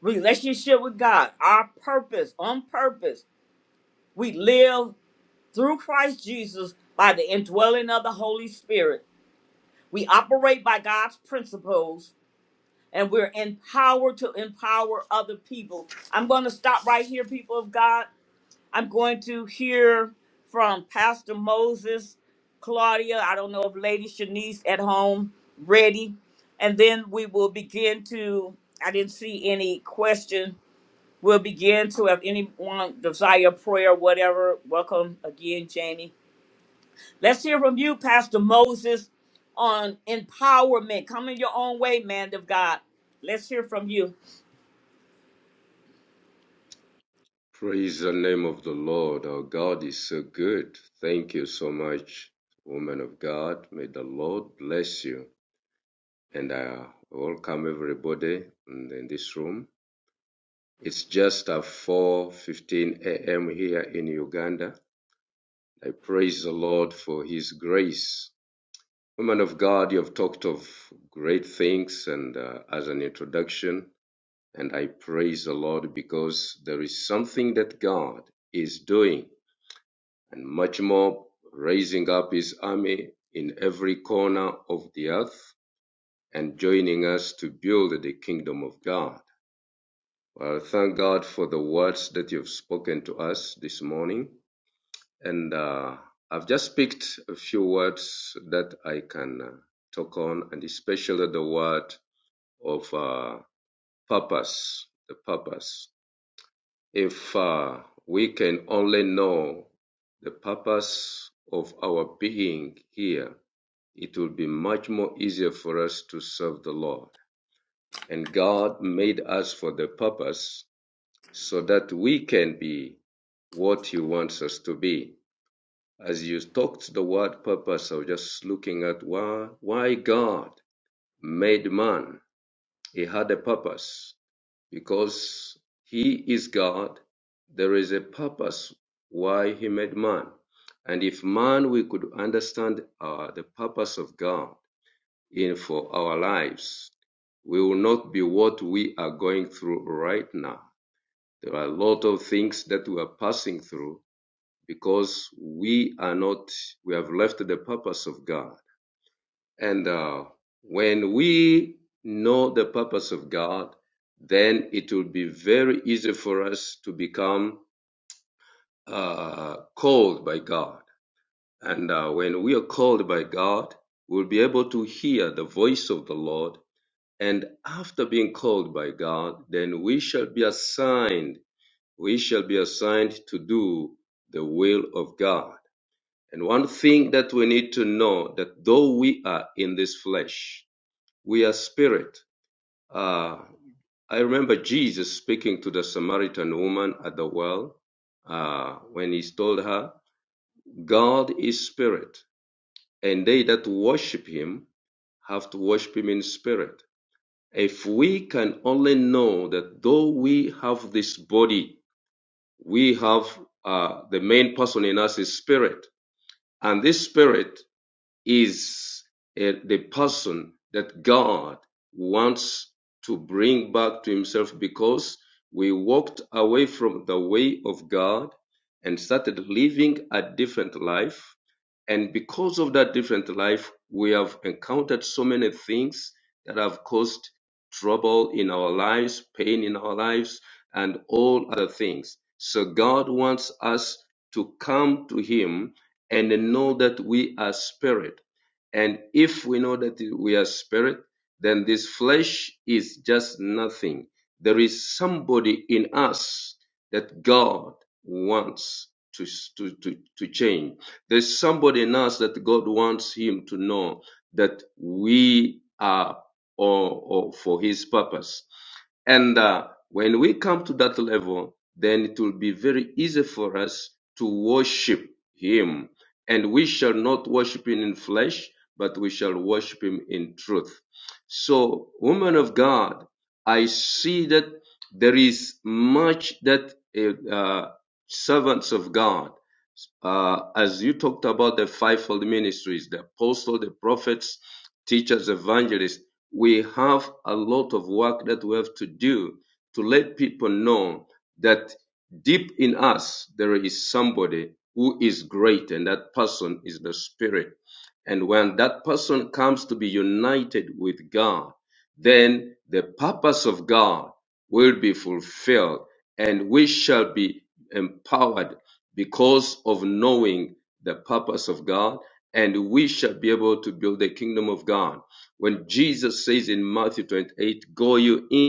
Speaker 1: relationship with god our purpose on purpose we live through christ jesus by the indwelling of the holy spirit we operate by god's principles and we're empowered to empower other people i'm going to stop right here people of god I'm going to hear from Pastor Moses, Claudia. I don't know if Lady Shanice at home ready. And then we will begin to, I didn't see any question. We'll begin to, if anyone desire prayer, whatever, welcome again, Jamie. Let's hear from you, Pastor Moses, on empowerment. Come in your own way, man of God. Let's hear from you.
Speaker 3: Praise the name of the Lord. Our God is so good. Thank you so much, woman of God. May the Lord bless you. and I welcome everybody in this room. It's just at 4:15 a.m. here in Uganda. I praise the Lord for His grace. women of God, you have talked of great things, and uh, as an introduction, and I praise the Lord because there is something that God is doing, and much more raising up His army in every corner of the earth and joining us to build the kingdom of God. Well, thank God for the words that you've spoken to us this morning. And uh, I've just picked a few words that I can uh, talk on, and especially the word of uh, purpose. The purpose. If uh, we can only know the purpose of our being here, it will be much more easier for us to serve the Lord. And God made us for the purpose so that we can be what He wants us to be. As you talked the word purpose, I was just looking at why, why God made man. He had a purpose because He is God. There is a purpose why He made man. And if man, we could understand uh, the purpose of God in for our lives, we will not be what we are going through right now there are a lot of things that we are passing through because we are not, we have left the purpose of God. And uh, when we know the purpose of God, then it will be very easy for us to become uh, called by God. And uh, when we are called by God, we'll be able to hear the voice of the Lord. And after being called by God, then we shall be assigned we shall be assigned to do the will of God. And one thing that we need to know that though we are in this flesh, we are spirit. Uh, I remember Jesus speaking to the Samaritan woman at the well uh, when he told her, God is spirit, and they that worship him have to worship him in spirit. If we can only know that though we have this body we have uh, the main person in us is spirit, and this spirit is uh, the person that God wants to bring back to Himself because we walked away from the way of God and started living a different life and because of that different life, we have encountered so many things that have caused trouble in our lives, pain in our lives, and all other things. So God wants us to come to Him and know that we are spirit. And if we know that we are spirit, then this flesh is just nothing. There is somebody in us that God wants to, to, to, to change there's somebody in us that God wants him to know that we are or, or for his purpose. And uh, when we come to that level, then it will be very easy for us to worship him. And we shall not worship him in flesh, but we shall worship him in truth. So, woman of God, I see that there is much that uh, uh, servants of God uh, as you talked about the fivefold ministries, the apostle, the prophets, teachers, evangelists, we have a lot of work that we have to do to let people know that deep in us there is somebody who is great, and that person is the Spirit. And when that person comes to be united with God, then the purpose of God will be fulfilled, and we shall be empowered because of knowing the purpose of God, and we shall be able to build the kingdom of God. When Jesus says in Matthew 28, Go you in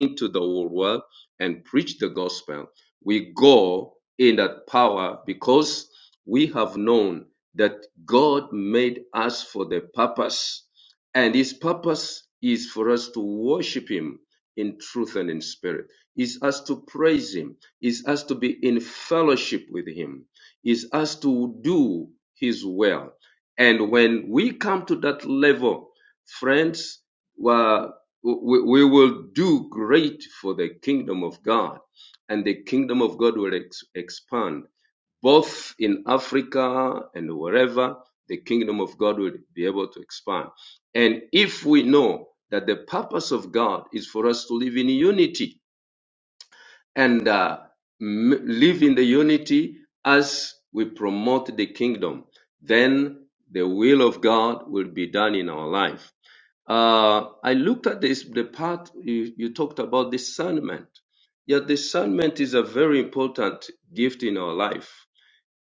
Speaker 3: into the whole world and preach the gospel. We go in that power because we have known that God made us for the purpose, and His purpose is for us to worship Him in truth and in spirit, is us to praise Him, is us to be in fellowship with Him, is us to do His will. And when we come to that level, friends, well, we, we will do great for the kingdom of God, and the kingdom of God will ex- expand both in Africa and wherever the kingdom of God will be able to expand. And if we know that the purpose of God is for us to live in unity and uh, m- live in the unity as we promote the kingdom, then the will of God will be done in our life uh, I looked at this the part you, you talked about discernment. Yeah, discernment is a very important gift in our life,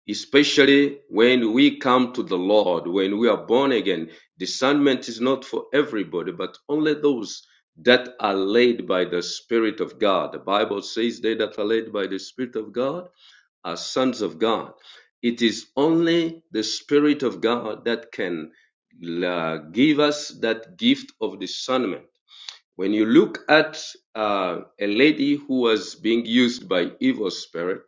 Speaker 3: especially when we come to the Lord, when we are born again. Discernment is not for everybody, but only those that are led by the Spirit of God. The Bible says they that are led by the Spirit of God as sons of God. It is only the Spirit of God that can uh, give us that gift of discernment. When you look at uh, a lady who was being used by evil spirit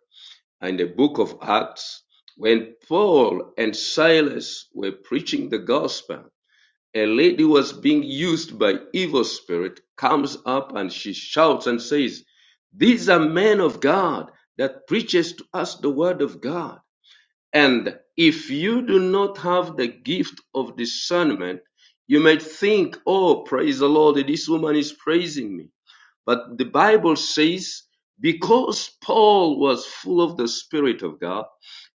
Speaker 3: in the book of Acts, when Paul and Silas were preaching the gospel, a lady who was being used by evil spirit comes up and she shouts and says, These are men of God that preaches to us the word of God. And if you do not have the gift of discernment, you might think, oh, praise the Lord, this woman is praising me. But the Bible says, because Paul was full of the Spirit of God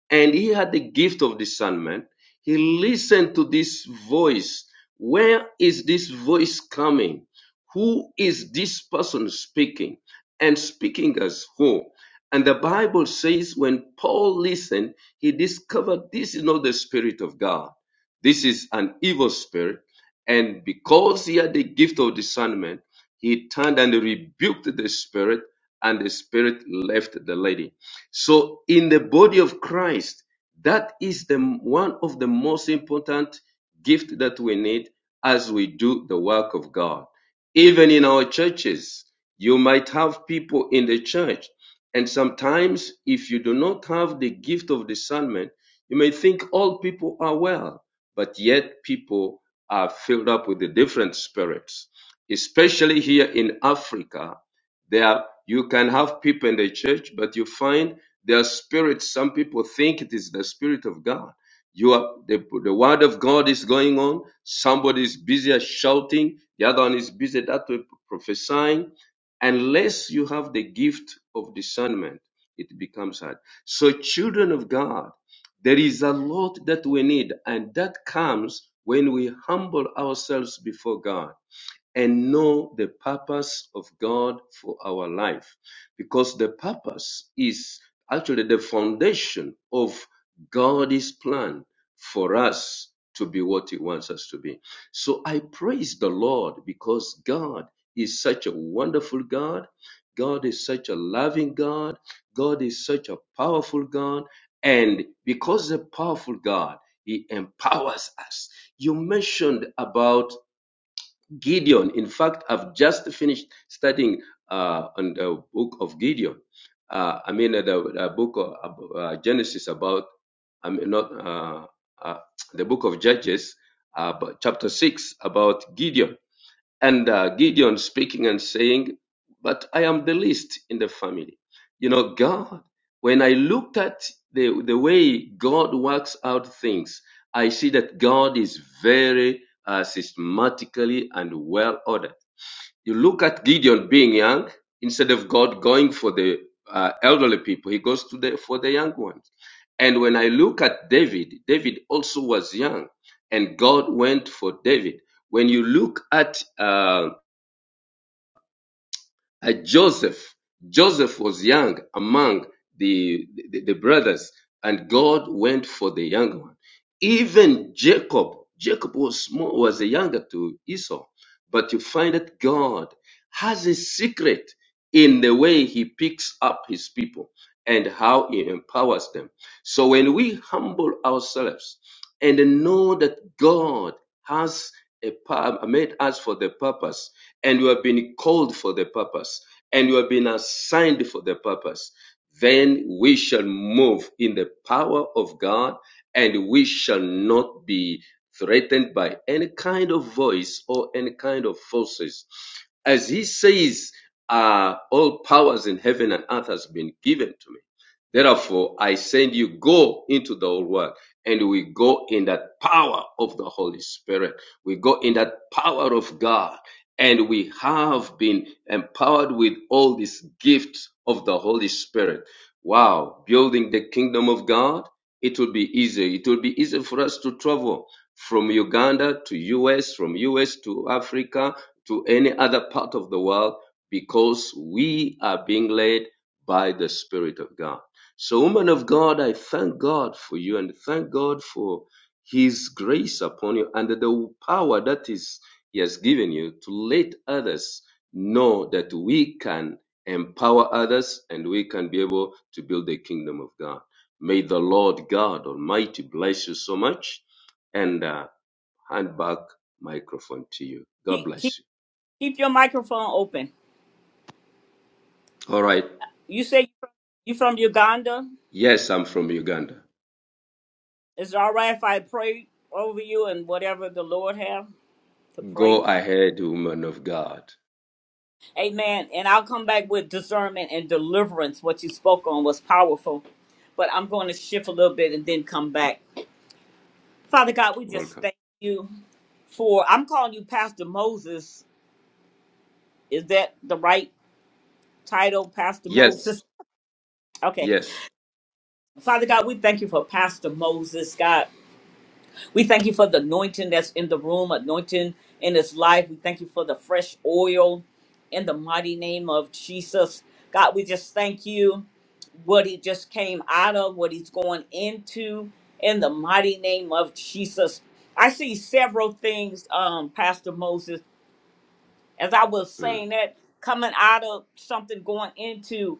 Speaker 3: and he had the gift of discernment, he listened to this voice. Where is this voice coming? Who is this person speaking? And speaking as who? And the Bible says when Paul listened, he discovered this is not the Spirit of God. This is an evil spirit. And because he had the gift of discernment, he turned and rebuked the spirit, and the spirit left the lady. So, in the body of Christ, that is the one of the most important gift that we need as we do the work of God. Even in our churches, you might have people in the church and sometimes, if you do not have the gift of discernment, you may think all people are well, but yet people are filled up with the different spirits. Especially here in Africa, there you can have people in the church, but you find their spirits. Some people think it is the spirit of God. You are the, the word of God is going on. Somebody is busy shouting. The other one is busy that way prophesying Unless you have the gift of discernment, it becomes hard. So, children of God, there is a lot that we need, and that comes when we humble ourselves before God and know the purpose of God for our life. Because the purpose is actually the foundation of God's plan for us to be what He wants us to be. So I praise the Lord because God is such a wonderful God. God is such a loving God. God is such a powerful God. And because the powerful God, He empowers us. You mentioned about Gideon. In fact, I've just finished studying uh, on the book of Gideon. Uh, I mean, uh, the, the book of uh, uh, Genesis about, I mean, not uh, uh, the book of Judges, uh, but chapter 6 about Gideon. And uh, Gideon speaking and saying, But I am the least in the family. You know, God, when I looked at the, the way God works out things, I see that God is very uh, systematically and well ordered. You look at Gideon being young, instead of God going for the uh, elderly people, he goes to the for the young ones. And when I look at David, David also was young, and God went for David. When you look at um, uh, Joseph, Joseph was young among the, the, the brothers, and God went for the young one. Even Jacob, Jacob was small, was a younger to Esau, but you find that God has a secret in the way He picks up His people and how He empowers them. So when we humble ourselves and know that God has a, made us for the purpose, and you have been called for the purpose, and you have been assigned for the purpose, then we shall move in the power of God, and we shall not be threatened by any kind of voice or any kind of forces. As he says, uh, all powers in heaven and earth has been given to me. Therefore, I send you, go into the whole world and we go in that power of the Holy Spirit. We go in that power of God and we have been empowered with all these gifts of the Holy Spirit. Wow, building the kingdom of God, it will be easy. It will be easy for us to travel from Uganda to US, from US to Africa, to any other part of the world because we are being led by the Spirit of God. So, woman of God, I thank God for you and thank God for His grace upon you and the power that is He has given you to let others know that we can empower others and we can be able to build the kingdom of God. May the Lord God Almighty bless you so much and uh, hand back microphone to you. God
Speaker 1: Keep, keep,
Speaker 3: bless
Speaker 1: keep your microphone open.
Speaker 3: you. All right.
Speaker 1: You say you're from, you from Uganda?
Speaker 3: Yes, I'm from Uganda.
Speaker 1: Is it all right if I pray over you and whatever the Lord have to pray?
Speaker 3: Go ahead, woman of God.
Speaker 1: Amen. And I'll come back with discernment and deliverance. What you spoke on was powerful. But I'm going to shift a little bit and then come back. Father God, we just
Speaker 3: Welcome.
Speaker 1: thank you for I'm calling you Pastor Moses. Is that the right title, Pastor
Speaker 3: Yes.
Speaker 1: Moses? Okay.
Speaker 3: Yes.
Speaker 1: Father God, we thank you for Pastor Moses, God. We thank you for the anointing that's in the room, anointing in his life. We thank you for the fresh oil in the mighty name of Jesus. God, we just thank you what he just came out of, what he's going into in the mighty name of Jesus. I see several things, um, Pastor Moses, as I was
Speaker 3: Mm.
Speaker 1: saying that coming out of something going into.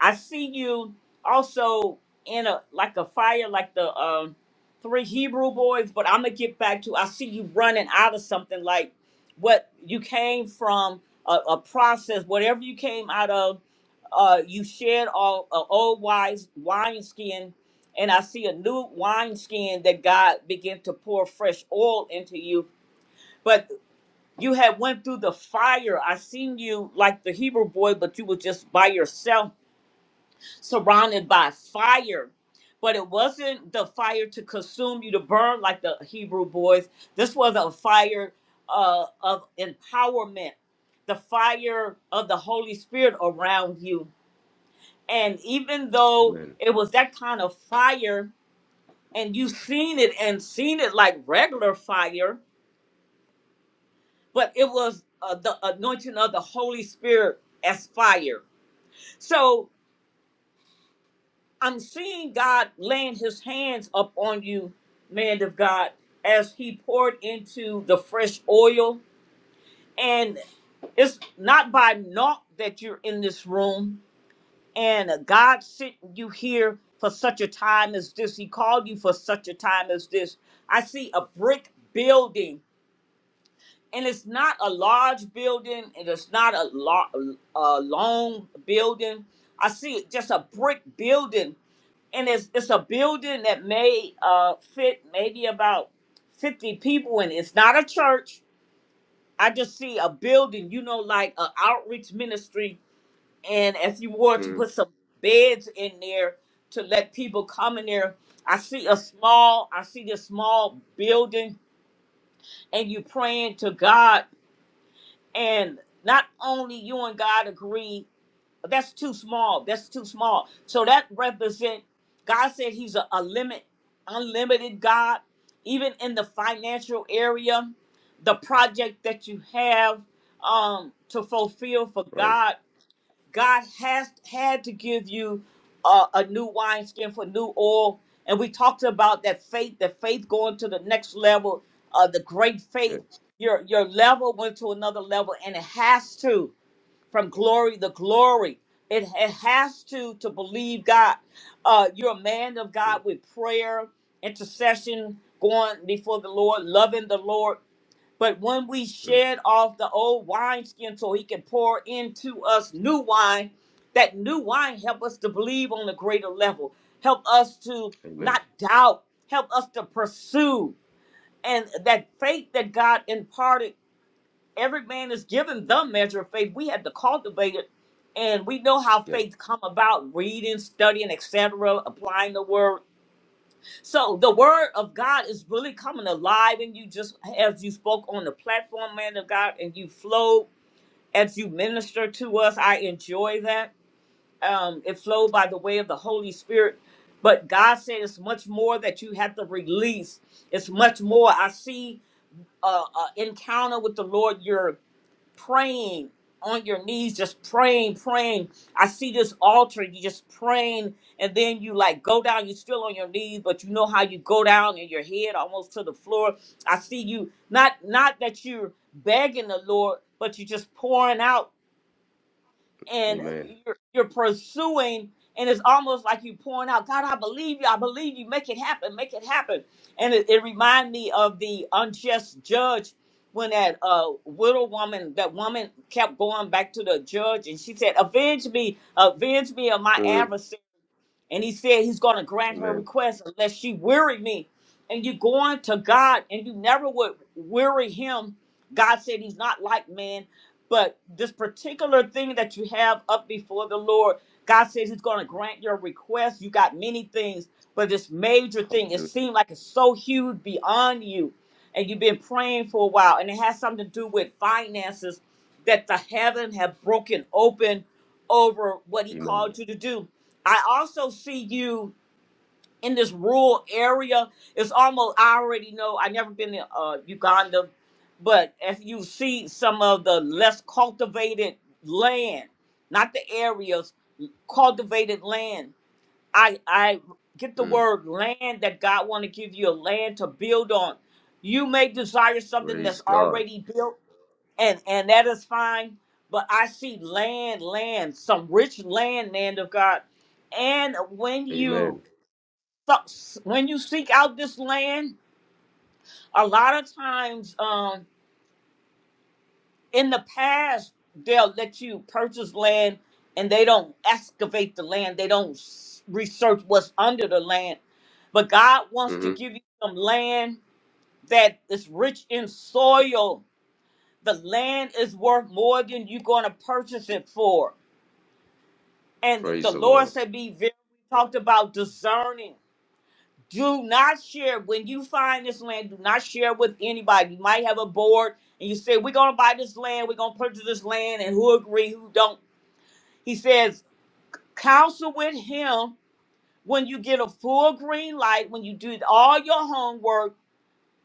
Speaker 1: I see you also in a like a fire, like the um, three Hebrew boys. But I'm gonna get back to. I see you running out of something like what you came from a, a process, whatever you came out of. Uh, you shed all a old wise wine skin, and I see a new wine skin that God began to pour fresh oil into you. But you had went through the fire. I seen you like the Hebrew boy, but you were just by yourself surrounded by fire. But it wasn't the fire to consume you to burn like the Hebrew boys. This was a fire uh, of empowerment, the fire of the Holy Spirit around you. And even though
Speaker 3: Amen.
Speaker 1: it was that kind of fire, and you seen it and seen it like regular fire, but it was uh, the anointing of the Holy Spirit as fire. So I'm seeing God laying his hands up on you, man of God, as he poured into the fresh oil. And it's not by naught that you're in this room. And God sent you here for such a time as this. He called you for such a time as this. I see a brick building, and it's not a large building, and it's not a, lo- a long building. I see just a brick building and it's it's a building that may uh fit maybe about 50 people and it's not a church i just see a building you know like an outreach ministry and if you were to
Speaker 3: Mm.
Speaker 1: put some beds in there to let people come in there i see a small i see this small building and you praying to god and not only you and god agree That's too small. That's too small. So that represent God said He's a, a limit, unlimited God. Even in the financial area, the project that you have um, to fulfill for
Speaker 3: Right.
Speaker 1: God, God has had to give you uh, a new wineskin for new oil. And we talked about that faith, that faith going to the next level, uh, the great faith.
Speaker 3: Yes.
Speaker 1: Your your level went to another level, and it has to from glory to glory. It, it has to to believe God. Uh, you're a man of
Speaker 3: Mm.
Speaker 1: God with prayer, intercession, going before the Lord, loving the Lord. But when we
Speaker 3: Mm.
Speaker 1: shed off the old wineskin so he can pour into us new wine, that new wine help us to believe on a greater level. Help us to
Speaker 3: Amen.
Speaker 1: not doubt. Help us to pursue. And that faith that God imparted every man is given the measure of faith. We had to cultivate it, and we know how
Speaker 3: Yes.
Speaker 1: faith come about: reading, studying, etc., applying the word. So the word of God is really coming alive in you, just as you spoke on the platform, man of God, and you flowed as you minister to us. I enjoy that. Um, it flowed by the way of the Holy Spirit. But God said it's much more that you have to release. It's much more. I see uh, uh, encounter with the Lord. You're praying on your knees, just praying, praying. I see this altar, you just praying, and then you like go down, you're still on your knees, but you know how you go down and your head almost to the floor. I see you not not that you're begging the Lord, but you're just pouring out and
Speaker 3: Amen.
Speaker 1: you're, you're pursuing and it's almost like you pouring out god i believe you i believe you make it happen make it happen and it, it reminded me of the unjust judge when that uh, widow woman that woman kept going back to the judge and she said avenge me avenge me of my
Speaker 3: Mm.
Speaker 1: adversary and he said he's going to grant her
Speaker 3: Amen.
Speaker 1: request unless she weary me. And you're going to God and you never would weary him. God said he's not like man. But this particular thing that you have up before the Lord, God says he's going to
Speaker 3: Mm.
Speaker 1: grant your request. You got many things, but this major thing, it
Speaker 3: Hallelujah.
Speaker 1: seemed like it's so huge beyond you. And you've been praying for a while. And it has something to do with finances that the heaven have broken open over what he
Speaker 3: Amen.
Speaker 1: called you to do I also see you in this rural area. It's almost I already know. I never been to uh, Uganda, but if you see some of the less cultivated land, not the areas, cultivated land. I I get the
Speaker 3: Mm.
Speaker 1: word land that God want to give you a land to build on. You may desire something
Speaker 3: Praise
Speaker 1: that's
Speaker 3: God.
Speaker 1: already built and and that is fine. But I see land, land, some rich land, land of God. And when you
Speaker 3: Amen.
Speaker 1: when you seek out this land, a lot of times um, in the past they'll let you purchase land, and they don't excavate the land. They don't s- research what's under the land. But God wants to
Speaker 3: hmm
Speaker 1: give you some land that is rich in soil. The land is worth more than you're going to purchase it for And the
Speaker 3: Praise the
Speaker 1: Lord
Speaker 3: Lord.
Speaker 1: said, Be very, we talked about discerning. Do not share. When you find this land, do not share with anybody. You might have a board and you say, We're going to buy this land. We're going to purchase this land. And who agree, who don't. He says, Counsel with him when you get a full green light, when you do all your homework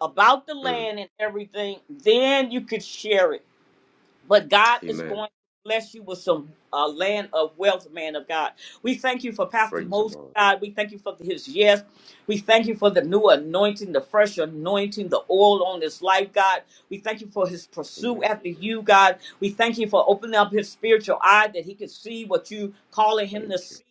Speaker 1: about the
Speaker 3: Mm.
Speaker 1: land and everything, then you could share it. but God is
Speaker 3: Amen.
Speaker 1: going to bless you with some uh, land of wealth, man of God. We thank you for Pastor
Speaker 3: Praise the
Speaker 1: Moses,
Speaker 3: Lord.
Speaker 1: God. We thank you for his yes. We thank you for the new anointing, the fresh anointing, the oil on his life, God. We thank you for his pursuit
Speaker 3: Amen.
Speaker 1: after you, God. We thank you for opening up his spiritual eye that he can see what you calling him
Speaker 3: Thank
Speaker 1: to
Speaker 3: you.
Speaker 1: see.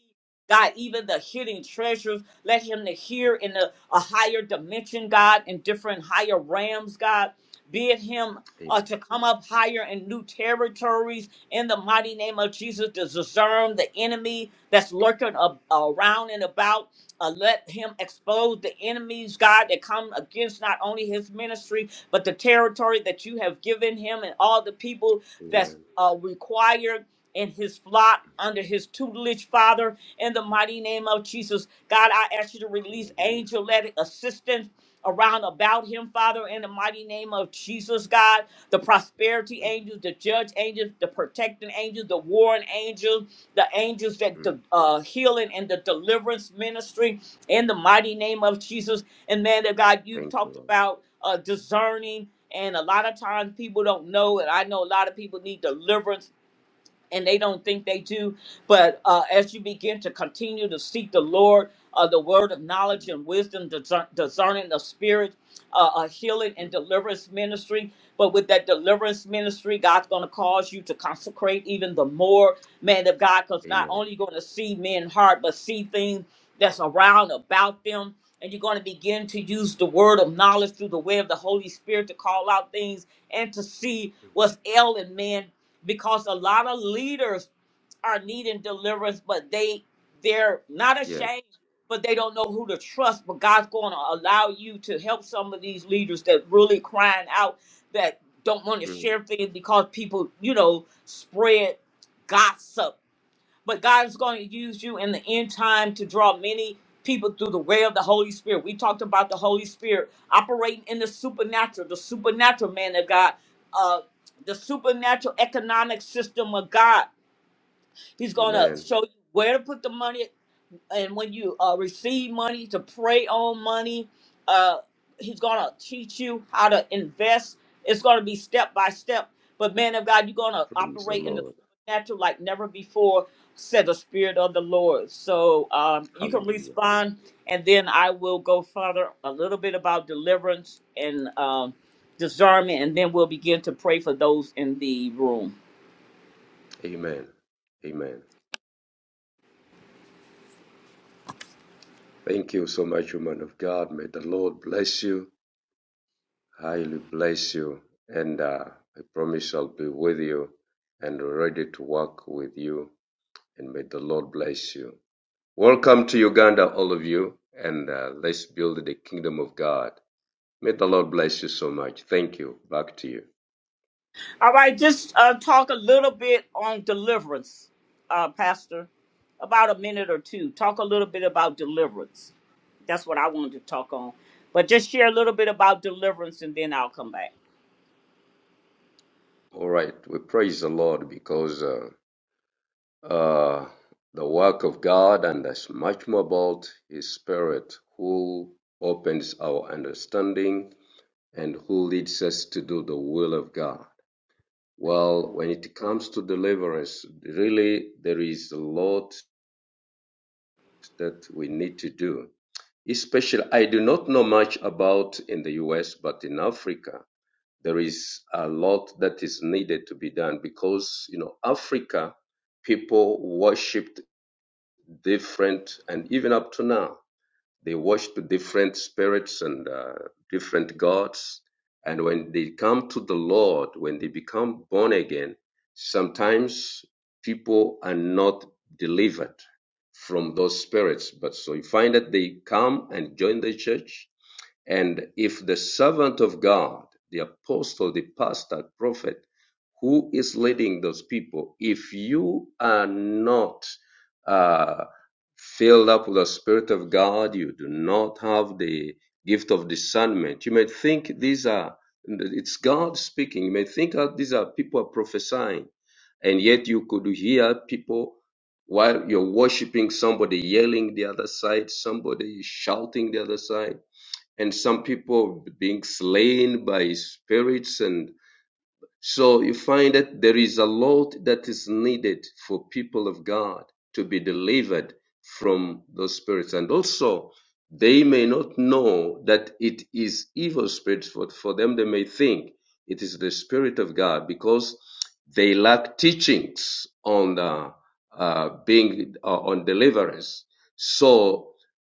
Speaker 1: God, even the hidden treasures, let him to hear in a, a higher dimension, God, in different higher realms, God. Bid him uh,
Speaker 3: Amen.
Speaker 1: to come up higher in new territories in the mighty name of Jesus, to discern the enemy that's lurking a- around and about. Uh, let him expose the enemies, God, that come against not only his ministry, but the territory that you have given him and all the people
Speaker 3: Amen.
Speaker 1: that's uh, required in his flock under his tutelage, Father, in the mighty name of Jesus. God, I ask you to release
Speaker 3: Hallelujah.
Speaker 1: angel led assistance around about him, Father, in the mighty name of Jesus, God the prosperity
Speaker 3: Mm.
Speaker 1: angels, the judge angels, the protecting angels, the warring angels, the angels that
Speaker 3: Mm.
Speaker 1: the uh, healing and the deliverance ministry in the mighty name of Jesus. And man of God, you
Speaker 3: Thank you,
Speaker 1: talked
Speaker 3: Lord.
Speaker 1: about uh, discerning, and a lot of times people don't know, and I know a lot of people need deliverance and they don't think they do. But uh, as you begin to continue to seek the Lord, uh, the word of knowledge
Speaker 3: Mm.
Speaker 1: and wisdom, discern, discerning the spirit, uh, a healing and
Speaker 3: Mm.
Speaker 1: deliverance ministry. But with that deliverance ministry, God's going to cause you to consecrate even the more, man of God, because not
Speaker 3: Amen.
Speaker 1: only you're going to see men's heart, but see things that's around about them. And you're going to begin to use the word of knowledge through the way of the Holy Spirit to call out things and to see
Speaker 3: Mm.
Speaker 1: what's ailing man because a lot of leaders are needing deliverance, but they they're not
Speaker 3: Yeah.
Speaker 1: ashamed, but they don't know who to trust. But God's going to allow you to help some of these leaders that really crying out that don't want to
Speaker 3: Mm.
Speaker 1: share things because people, you know, spread gossip but God is going to use you in the end time to draw many people through the way of the Holy Spirit. We talked about the Holy Spirit operating in the supernatural, the supernatural man of God, uh, the supernatural economic system of God. He's going to
Speaker 3: Amen.
Speaker 1: show you where to put the money and when you uh, receive money to pray on money uh, he's gonna teach you how to invest it's gonna be step by step but man of god you're gonna
Speaker 3: Praise the
Speaker 1: operate in the
Speaker 3: Lord.
Speaker 1: supernatural like never before said the spirit of the lord so um, you can
Speaker 3: Hallelujah.
Speaker 1: respond and then i will go further a little bit about deliverance and um, discernment and then we'll begin to pray for those in the room
Speaker 3: Amen. Amen. Thank you so much, woman of God. May the Lord bless you, highly bless you. And uh, I promise I'll be with you and ready to work with you. And may the Lord bless you. Welcome to Uganda, all of you. And uh, let's build the kingdom of God. May the Lord bless you so much. Thank you. Back to you.
Speaker 1: All right, just uh, talk a little bit on deliverance, uh, Pastor, about a minute or two. Talk a little bit about deliverance. That's what I wanted to talk on. But just share a little bit about deliverance and then I'll come back.
Speaker 3: All right. We praise the Lord because uh, uh, the work of God and there's much more about His Spirit who opens our understanding and who leads us to do the will of God? Well, when it comes to deliverance, really there is a lot that we need to do. Especially, I do not know much about in the US, but in Africa, there is a lot that is needed to be done because, you know, Africa people worshiped different, and even up to now. They worship different spirits and uh, different gods. And when they come to the Lord, when they become born again, sometimes people are not delivered from those spirits. But so you find that they come and join the church and if the servant of God, the apostle, the pastor, prophet, who is leading those people, if you are not uh, filled up with the Spirit of God, you do not have the gift of discernment. You may think these are, it's God speaking. You may think that these are people prophesying, and yet you could hear people while you're worshiping somebody yelling the other side, somebody shouting the other side and some people being slain by spirits and so you find that there is a lot that is needed for people of god to be delivered from those spirits and also they may not know that it is evil spirits but for them they may think it is the spirit of god because they lack teachings on the, uh, being uh, on deliverance so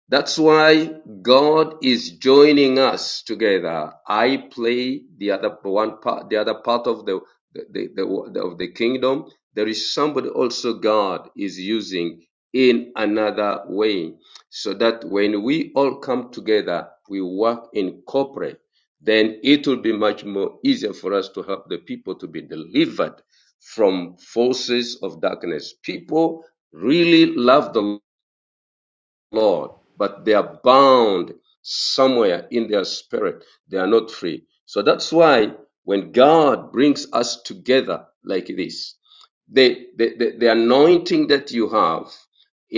Speaker 3: that's why God is joining us together. I play the other one part, the other part of the, the, the, the of the kingdom. There is somebody also God is using in another way, so that when we all come together, we work in corporate. Then it will be much more easier for us to help the people to be delivered from forces of darkness. People really love the Lord, but they are bound somewhere in their spirit. They are not free. So that's why when God brings us together like this, the, the, the, the anointing that you have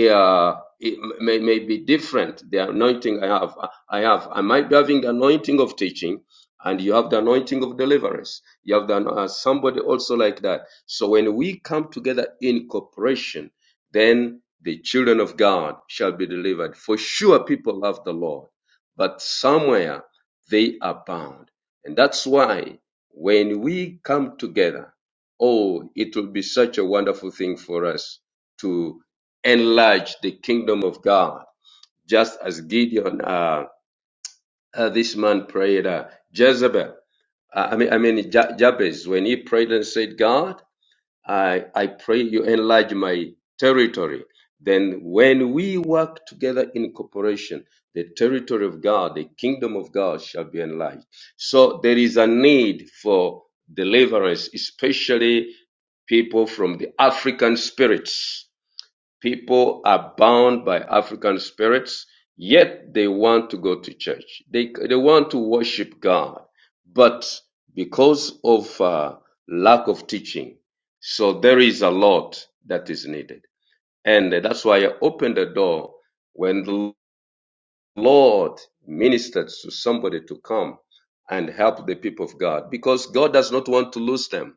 Speaker 3: uh, it may, may be different. The anointing I have, I have, I might be having the anointing of teaching, and you have the anointing of deliverance. You have the, uh, somebody also like that. So when we come together in cooperation, then the children of God shall be delivered. For sure, people love the Lord, but somewhere they are bound. And that's why when we come together, oh, it will be such a wonderful thing for us to enlarge the kingdom of God, just as Gideon, uh, uh, this man prayed, uh, Jezebel, uh, I mean, I mean, Ja- Jabez, when he prayed and said, God, I, I pray you enlarge my territory. Then, when we work together in cooperation, the territory of God, the kingdom of God shall be enlarged. So, there is a need for deliverance, especially people from the African spirits People are bound by African spirits, yet they want to go to church. They, they want to worship God, but because of uh, lack of teaching, so there is a lot that is needed. And that's why I opened the door when the Lord ministered to somebody to come and help the people of God because God does not want to lose them.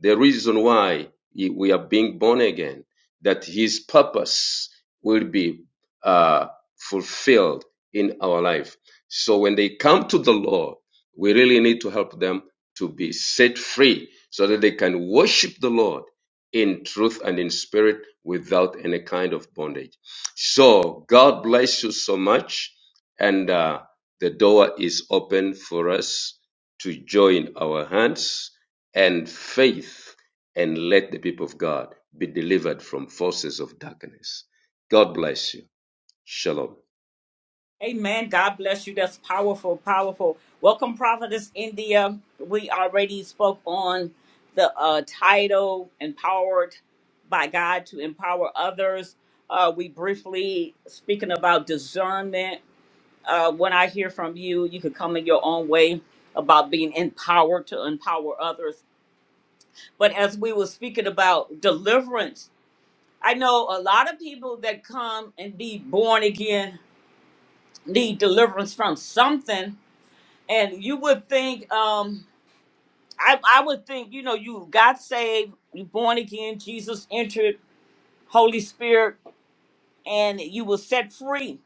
Speaker 3: The reason why we are being born again, that His purpose will be uh, fulfilled in our life. So when they come to the Lord, we really need to help them to be set free so that they can worship the Lord in truth and in spirit without any kind of bondage. So God bless you so much and uh, the door is open for us to join our hands and faith and let the people of God be delivered from forces of darkness. God bless you. Shalom.
Speaker 1: Amen. God bless you. That's powerful, powerful. Welcome, Prophetess India. We already spoke on the uh, title, Empowered by God to Empower Others. Uh, we briefly speaking about discernment uh, when I hear from you, you can come in your own way about being empowered to empower others. But as we were speaking about deliverance, I know a lot of people that come and be born again need deliverance from something. And you would think, um, I, I would think, you know, you got saved, you born again, Jesus entered, Holy Spirit, and you were set free.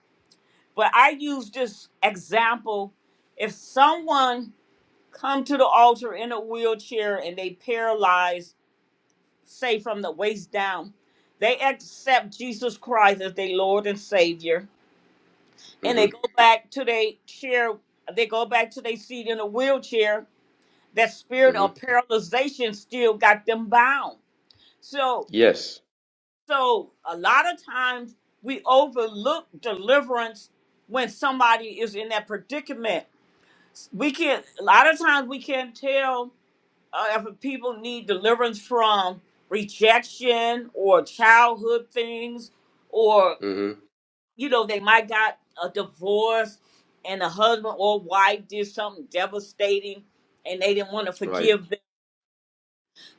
Speaker 1: But I use this example. If someone come to the altar in a wheelchair and they paralyzed, say from the waist down. They accept Jesus Christ as their Lord and Savior, and
Speaker 3: hmm
Speaker 1: they go back to their chair. They go back to their seat in a wheelchair. That spirit
Speaker 3: hmm
Speaker 1: of paralyzation still got them bound. So,
Speaker 3: Yes.
Speaker 1: so a lot of times we overlook deliverance when somebody is in that predicament. We can not a lot of times we can't tell uh, if people need deliverance from rejection or childhood things, or
Speaker 3: hmm
Speaker 1: you know, they might got a divorce and a husband or wife did something devastating and they didn't want to
Speaker 3: Right.
Speaker 1: forgive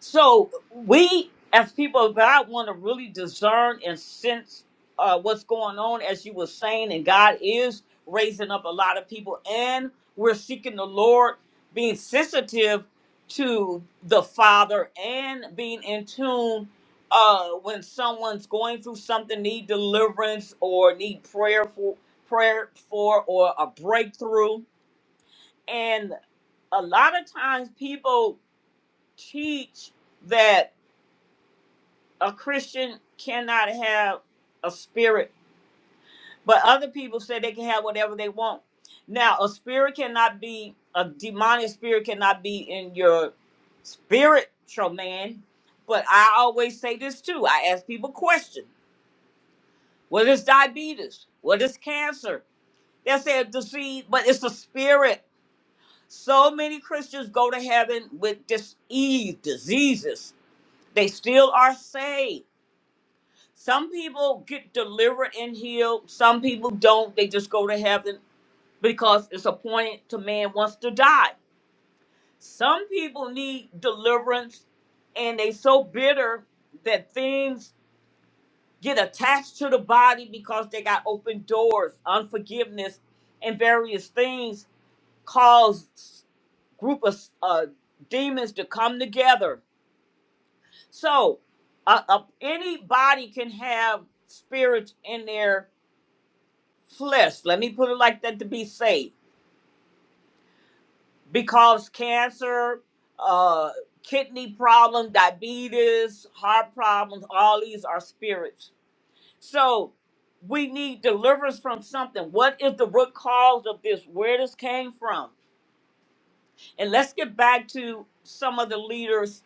Speaker 1: so we, as people of God, want to really discern and sense uh, what's going on, as you were saying, and God is raising up a lot of people, and we're seeking the Lord, being sensitive to the Father, and being in tune uh, when someone's going through something, need deliverance or need prayer for prayer for or a breakthrough, and a lot of times people teach that a Christian cannot have a spirit, but other people say they can have whatever they want. Now, a spirit cannot be a demonic spirit cannot be in your spiritual man. But I always say this too. I ask people questions. What is diabetes? What is cancer? They say a disease, but it's a spirit. So many Christians go to heaven with disease, diseases. They still are saved Some people get delivered and healed. Some people don't. They just go to heaven because it's appointed to man wants to die. Some people need deliverance and they so bitter that things get attached to the body because they got open doors, unforgiveness, and various things cause group of uh, demons to come together. So uh, uh, any body can have spirits in there flesh. Let me put it like that to be safe. Because cancer, uh, kidney problem, diabetes, heart problems, all these are spirits. So we need deliverance from something. What is the root cause of this? Where this came from? And let's get back to some of the leaders.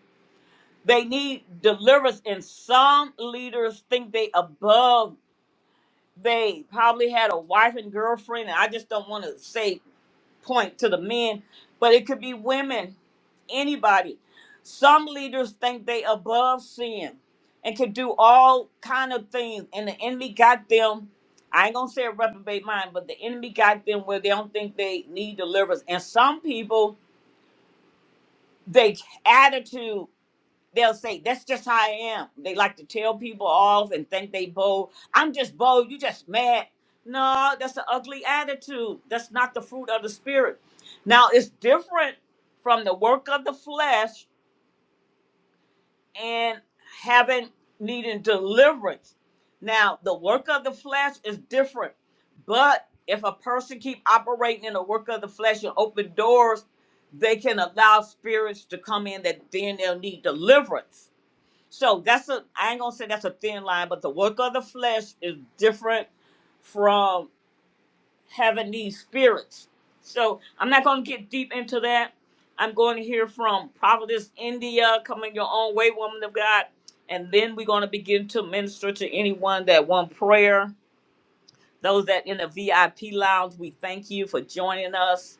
Speaker 1: They need deliverance, and some leaders think they above. They probably had a wife and girlfriend, and I just don't want to say point to the men, but it could be women, anybody. Some leaders think they above sin and can do all kind of things, and the enemy got them. I ain't gonna say a reprobate mind, but the enemy got them where they don't think they need deliverance. And some people, they attitude they'll say that's just how I am. They like to tell people off and think they bold. I'm just bold. You just mad. No, that's an ugly attitude. That's not the fruit of the spirit. Now it's different from the work of the flesh and having needing deliverance. Now the work of the flesh is different, but if a person keep operating in the work of the flesh and open doors, they can allow spirits to come in that then they'll need deliverance so that's a I ain't gonna say that's a thin line, but the work of the flesh is different from having these spirits. So I'm not gonna get deep into that. I'm going to hear from Providence, India, coming your own way, woman of God, and then we're gonna begin to minister to anyone that want prayer. Those that in the VIP lounge, we thank you for joining us.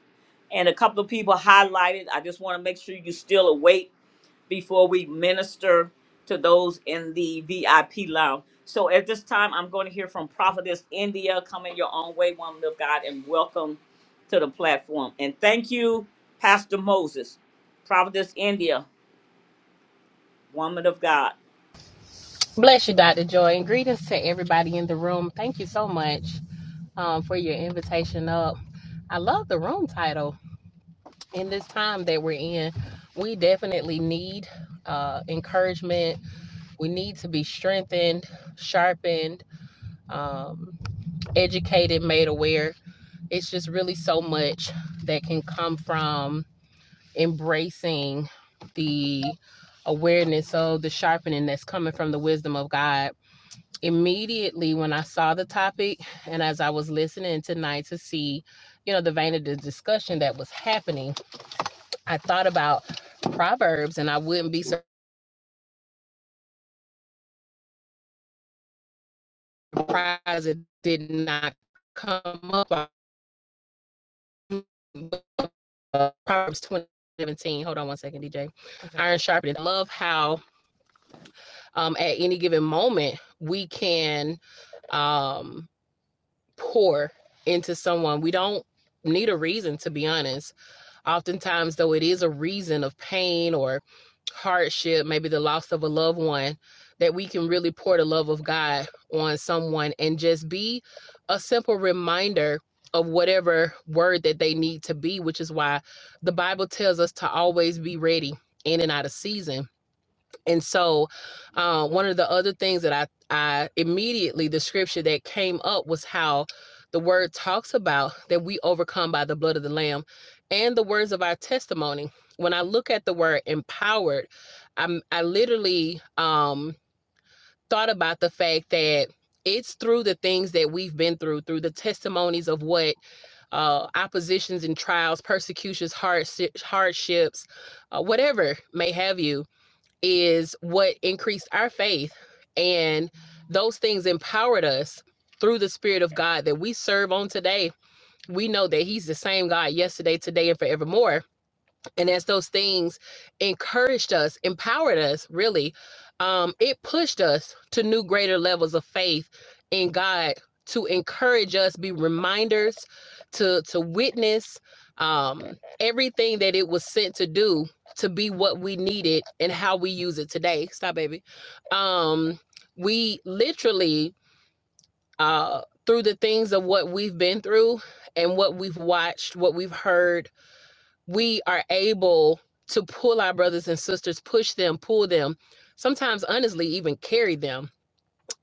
Speaker 1: And a couple of people highlighted. I just want to make sure you're still awake before we minister to those in the VIP lounge. So at this time, I'm going to hear from Prophetess India. Come in your own way, woman of God, and welcome to the platform. And thank you, Pastor Moses, Prophetess India, woman of God.
Speaker 5: Bless you, Dr. Joy, and greetings to everybody in the room. Thank you so much um, for your invitation up. I love the room title. In this time that we're in, we definitely need uh, encouragement. We need to be strengthened, sharpened, um, educated, made aware. It's just really so much that can come from embracing the awareness of the sharpening that's coming from the wisdom of God immediately when I saw the topic and as I was listening tonight to see, you know, the vein of the discussion that was happening, I thought about Proverbs and I wouldn't be surprised it did not come up. uh, Proverbs 20 17. Hold on one second, DJ. Okay. Iron sharpened. I love how um, at any given moment we can um, pour into someone. We don't need a reason, to be honest Oftentimes, though, it is a reason of pain or hardship, maybe the loss of a loved one, that we can really pour the love of God on someone and just be a simple reminder of whatever word that they need to be, which is why the Bible tells us to always be ready in and out of season and so, uh, one of the other things that I, I immediately, the scripture that came up was how the word talks about that we overcome by the blood of the Lamb and the words of our testimony. When I look at the word empowered, I'm, I literally um, thought about the fact that it's through the things that we've been through, through the testimonies of what uh, oppositions and trials, persecutions, hardshi- hardships, uh, whatever may have you, is what increased our faith and those things empowered us through the spirit of god that we serve on today we know that he's the same god yesterday today and forevermore and as those things encouraged us empowered us really um it pushed us to new greater levels of faith in god to encourage us be reminders to to witness um everything that it was sent to do to be what we needed and how we use it today stop baby um we literally uh through the things of what we've been through and what we've watched what we've heard we are able to pull our brothers and sisters, push them, pull them, sometimes honestly, even carry them.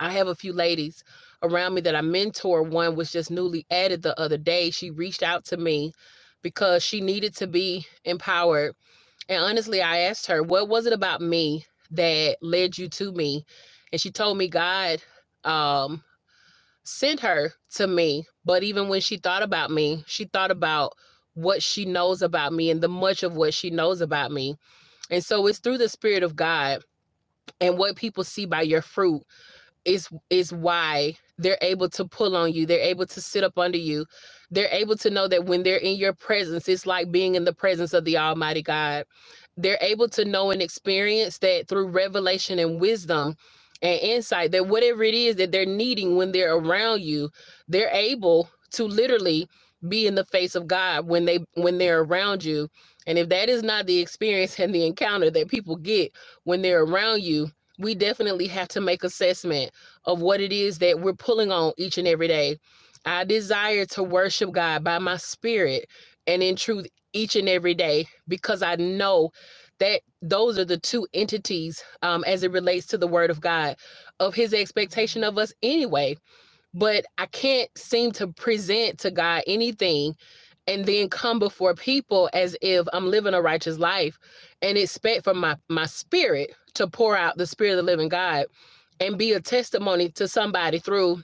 Speaker 5: I have a few ladies around me that I mentor. One was just newly added the other day. She reached out to me because she needed to be empowered. And honestly, I asked her, What was it about me that led you to me? And she told me, God, um, sent her to me. But even when she thought about me, she thought about what she knows about me and the much of what she knows about me. And so it's through the Spirit of God and what people see by your fruit is is why they're able to pull on you they're able to sit up under you they're able to know that when they're in your presence it's like being in the presence of the almighty god they're able to know and experience that through revelation and wisdom and insight that whatever it is that they're needing when they're around you they're able to literally be in the face of god when they when they're around you and if that is not the experience and the encounter that people get when they're around you we definitely have to make assessment of what it is that we're pulling on each and every day. I desire to worship God by my spirit and in truth each and every day because I know that those are the two entities um, as it relates to the word of God, of his expectation of us anyway. But I can't seem to present to God anything and then come before people as if I'm living a righteous life and expect for my, my spirit to pour out the spirit of the living God and be a testimony to somebody through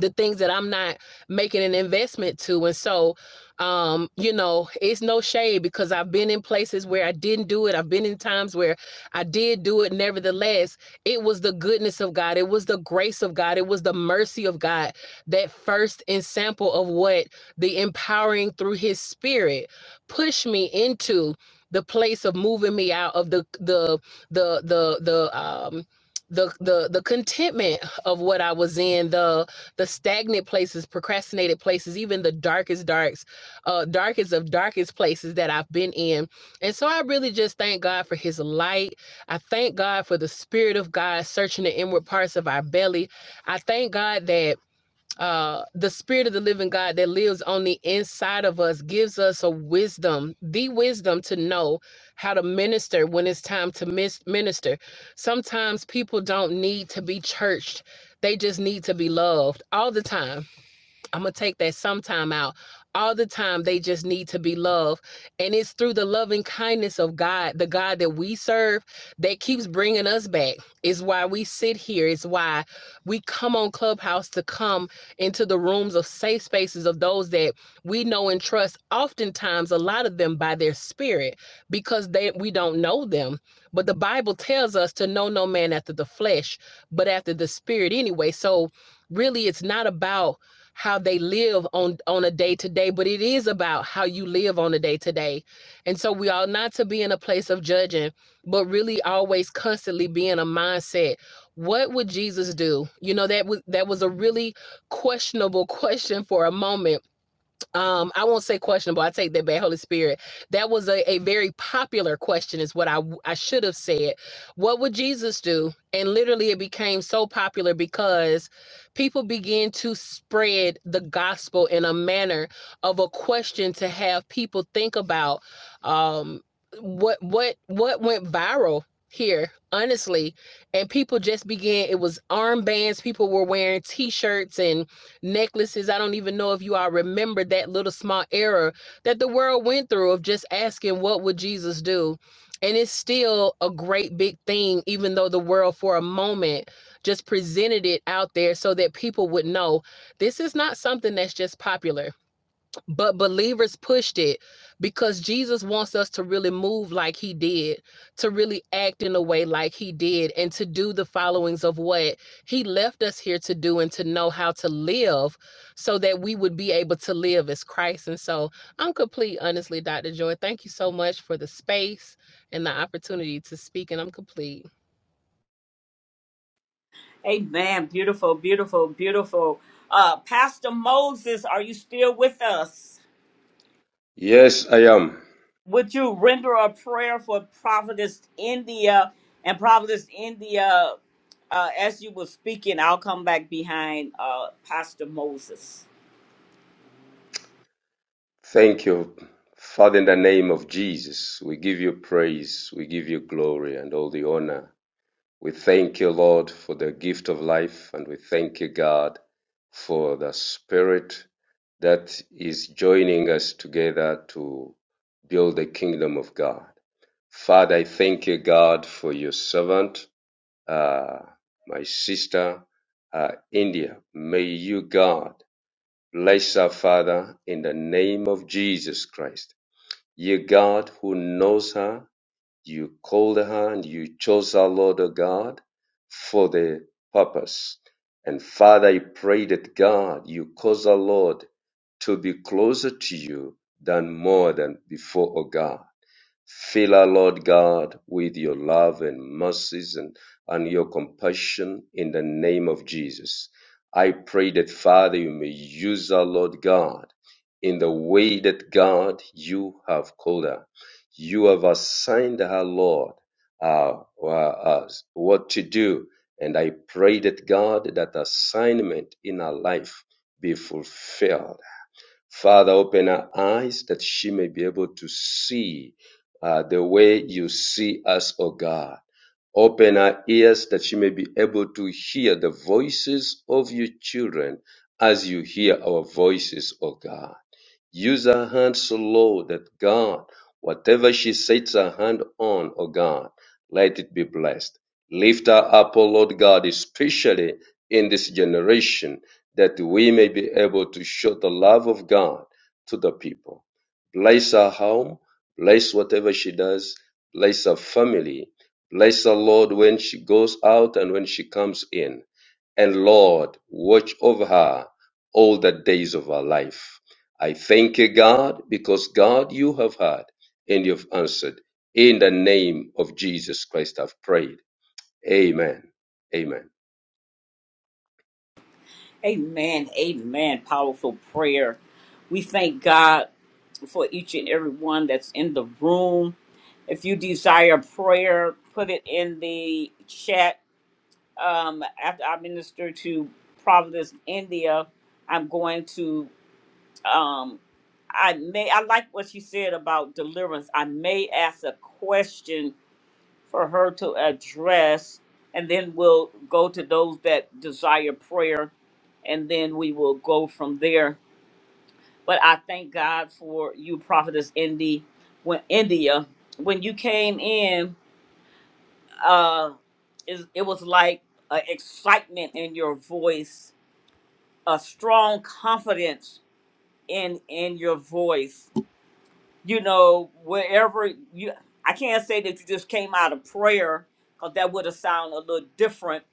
Speaker 5: the things that I'm not making an investment to. And so, um, you know, it's no shade because I've been in places where I didn't do it. I've been in times where I did do it. Nevertheless, it was the goodness of God. It was the grace of God. It was the mercy of God that first ensample of what the empowering through his spirit pushed me into the place of moving me out of the the the the the um the the the contentment of what I was in, the the stagnant places, procrastinated places, even the darkest darks, uh, darkest of darkest places that I've been in. And so I really just thank God for his light. I thank God for the spirit of God searching the inward parts of our belly. I thank God that uh the spirit of the living god that lives on the inside of us gives us a wisdom the wisdom to know how to minister when it's time to mis- minister sometimes people don't need to be churched they just need to be loved all the time I'm gonna take that sometime out. All the time, they just need to be loved. And it's through the loving kindness of God, the God that we serve, that keeps bringing us back. It's why we sit here. It's why we come on Clubhouse to come into the rooms of safe spaces of those that we know and trust, oftentimes, a lot of them by their spirit, because they we don't know them. But the Bible tells us to know no man after the flesh, but after the spirit anyway. So, really, it's not about how they live on on a day to day but it is about how you live on a day to day and so we ought not to be in a place of judging but really always constantly be in a mindset what would jesus do you know that was that was a really questionable question for a moment um i won't say questionable i take that back holy spirit that was a, a very popular question is what I I should have said what would jesus do and literally it became so popular because people began to spread the gospel in a manner of a question to have people think about um what what what went viral here honestly and people just began it was armbands people were wearing t-shirts and necklaces. I don't even know if you all remember that little small error that the world went through of just asking, what would Jesus do? And it's still a great big thing, even though the world for a moment just presented it out there so that people would know this is not something that's just popular but believers pushed it because Jesus wants us to really move like he did, to really act in a way like he did, and to do the followings of what he left us here to do and to know how to live so that we would be able to live as Christ. And so I'm complete, honestly, Dr. Joy. Thank you so much for the space and the opportunity to speak, and I'm complete.
Speaker 1: Amen. Beautiful, beautiful, beautiful. Uh, Pastor Moses, are you still with us?
Speaker 3: Yes, I am.
Speaker 1: would you render a prayer for Prophetess India and Prophetess India uh, as you were speaking? I'll come back behind uh, Pastor Moses.
Speaker 3: Thank you. Father, in the name of Jesus, we give you praise, we give you glory and all the honor We thank you, Lord, for the gift of life, and we thank you, God, for the Spirit that is joining us together to build the kingdom of God. Father, I thank you, God, for your servant, uh, my sister, uh, India. May you, God, bless her, Father, in the name of Jesus Christ. You, God, who knows her you called her and you chose her, Lord O God, for the purpose. And Father, I pray that God, you cause our Lord, to be closer to you than more than before, O God. Fill our Lord God with your love and mercies and, and your compassion in the name of Jesus. I pray that Father, you may use our Lord God in the way that God you have called her. You have assigned her, Lord, uh, uh, uh, what to do. And I pray that God, that assignment in her life be fulfilled Father, open her eyes that she may be able to see uh, the way you see us, O God. Open her ears that she may be able to hear the voices of your children as you hear our voices, O God. Use her hand so low that God, whatever she sets her hand on, O God, let it be blessed. Lift her up, O Lord God, especially in this generation, that we may be able to show the love of God to the people. Bless her home, bless whatever she does, bless her family, bless her, Lord, when she goes out and when she comes in. And Lord, watch over her all the days of her life. I thank you, God, because God, you have heard and you've answered. In the name of Jesus Christ, I've prayed. Amen. Amen.
Speaker 1: Amen. Amen. Powerful prayer. We thank God for each and every one that's in the room. If you desire prayer, put it in the chat. Um, after I minister to Providence, India, I'm going to. um i may i like what you said about deliverance i may ask a question for her to address and then we'll go to those that desire prayer and then we will go from there but i thank god for you prophetess indy when india when you came in uh is it was like a excitement in your voice a strong confidence in in your voice you know, wherever you, I can't say that you just came out of prayer because that would have sounded a little different.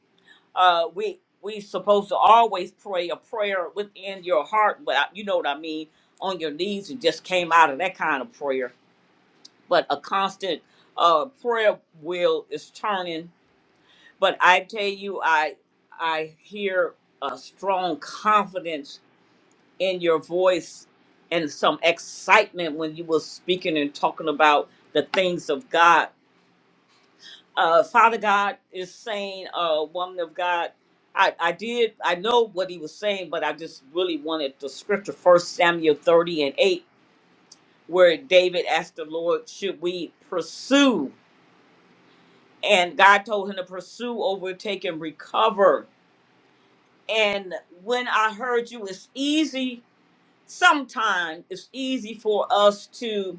Speaker 1: Uh, we we supposed to always pray a prayer within your heart, but I- you know what I mean, on your knees. You just came out of that kind of prayer, but a constant uh, prayer wheel is turning. But I tell you, I I hear a strong confidence in your voice and some excitement when you were speaking and talking about the things of God. Uh, Father God is saying, uh, woman of God, I, I did, I know what he was saying, but I just really wanted the scripture, First Samuel 30 and 8, where David asked the Lord, should we pursue? And God told him to pursue, overtake, and recover. And when I heard you, it's easy sometimes it's easy for us to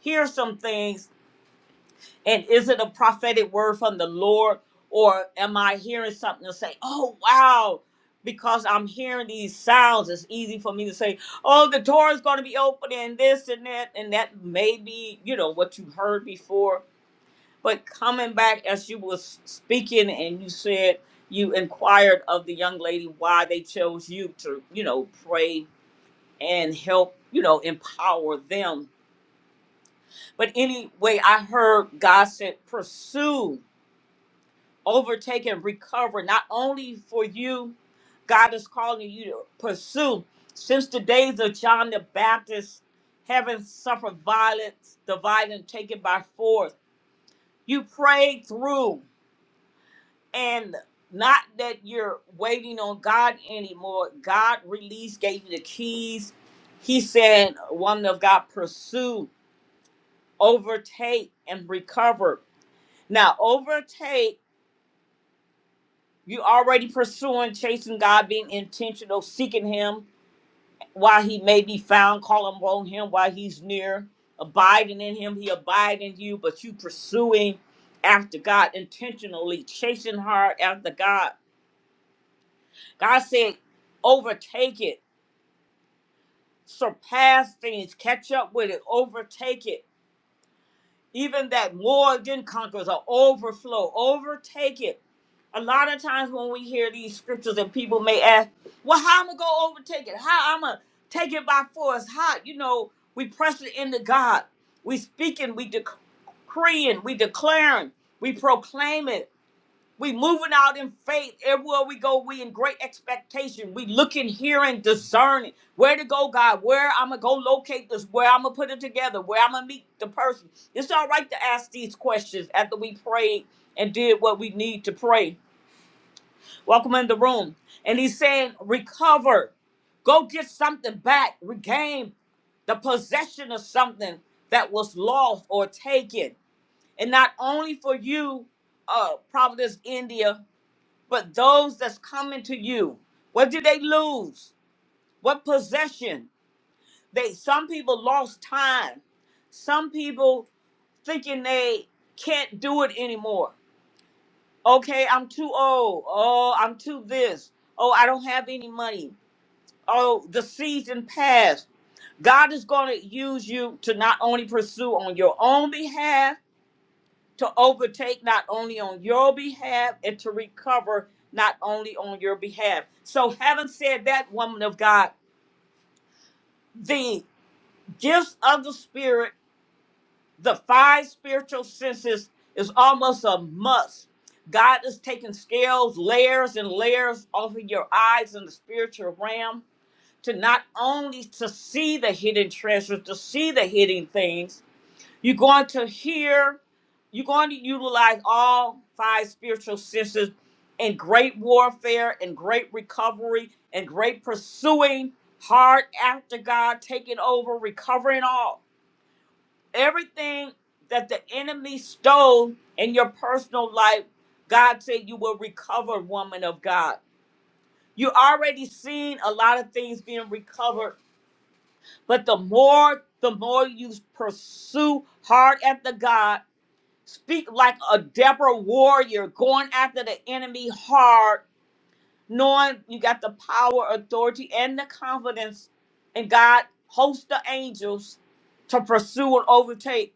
Speaker 1: hear some things and is it a prophetic word from the lord or am i hearing something and say oh wow because i'm hearing these sounds it's easy for me to say oh the door is going to be open and this and that and that may be you know what you heard before but coming back as you was speaking and you said you inquired of the young lady why they chose you to you know pray and help, you know, empower them. But anyway, I heard God said, pursue, overtake, and recover, not only for you, God is calling you to pursue. Since the days of John the Baptist, heaven suffered violence, the violent taken by force. You prayed through, and not that you're waiting on God anymore. God released, gave you the keys. He said, Woman of God, pursue overtake and recover. Now, overtake, you already pursuing, chasing God, being intentional, seeking Him while He may be found, calling on Him while He's near, abiding in Him, He abide in you, but you pursuing after God intentionally, chasing hard after God. God said, overtake it, surpass things, catch up with it, overtake it even that more than conquers or overflow, overtake it. A lot of times when we hear these scriptures and people may ask, well, how I'm gonna go overtake it? How I'm gonna take it by force? How you know we press it into God. We speaking, we decreeing, we declaring, we proclaiming. We moving out in faith. Everywhere we go, we in great expectation. We looking, hearing, discerning. Where to go, God? Where I'm gonna go locate this, where I'm gonna put it together, where I'm gonna meet the person. It's all right to ask these questions after we prayed and did what we need to pray. Welcome in the room. And he's saying, recover. Go get something back, regain the possession of something that was lost or taken. And not only for you, uh, Providence, India. But those that's coming to you, what did they lose? What possession? They some people lost time. Some people thinking they can't do it anymore. Okay, I'm too old. Oh, I'm too this. Oh, I don't have any money. Oh, the season passed. God is going to use you to not only pursue on your own behalf, to overtake not only on your behalf and to recover not only on your behalf. So, having said that, woman of God, the gifts of the Spirit, the five spiritual senses, is almost a must. God is taking scales, layers, and layers off of your eyes in the spiritual realm to not only to see the hidden treasures, to see the hidden things, You're going to hear, you're going to utilize all five spiritual senses in great warfare and great recovery and great pursuing hard after God, taking over, recovering all. Everything that the enemy stole in your personal life, God said you will recover, woman of God. You already seen a lot of things being recovered, but the more the more you pursue hard after God Speak like a Deborah warrior, going after the enemy hard, knowing you got the power, authority, and the confidence and God. hosts the angels to pursue and overtake.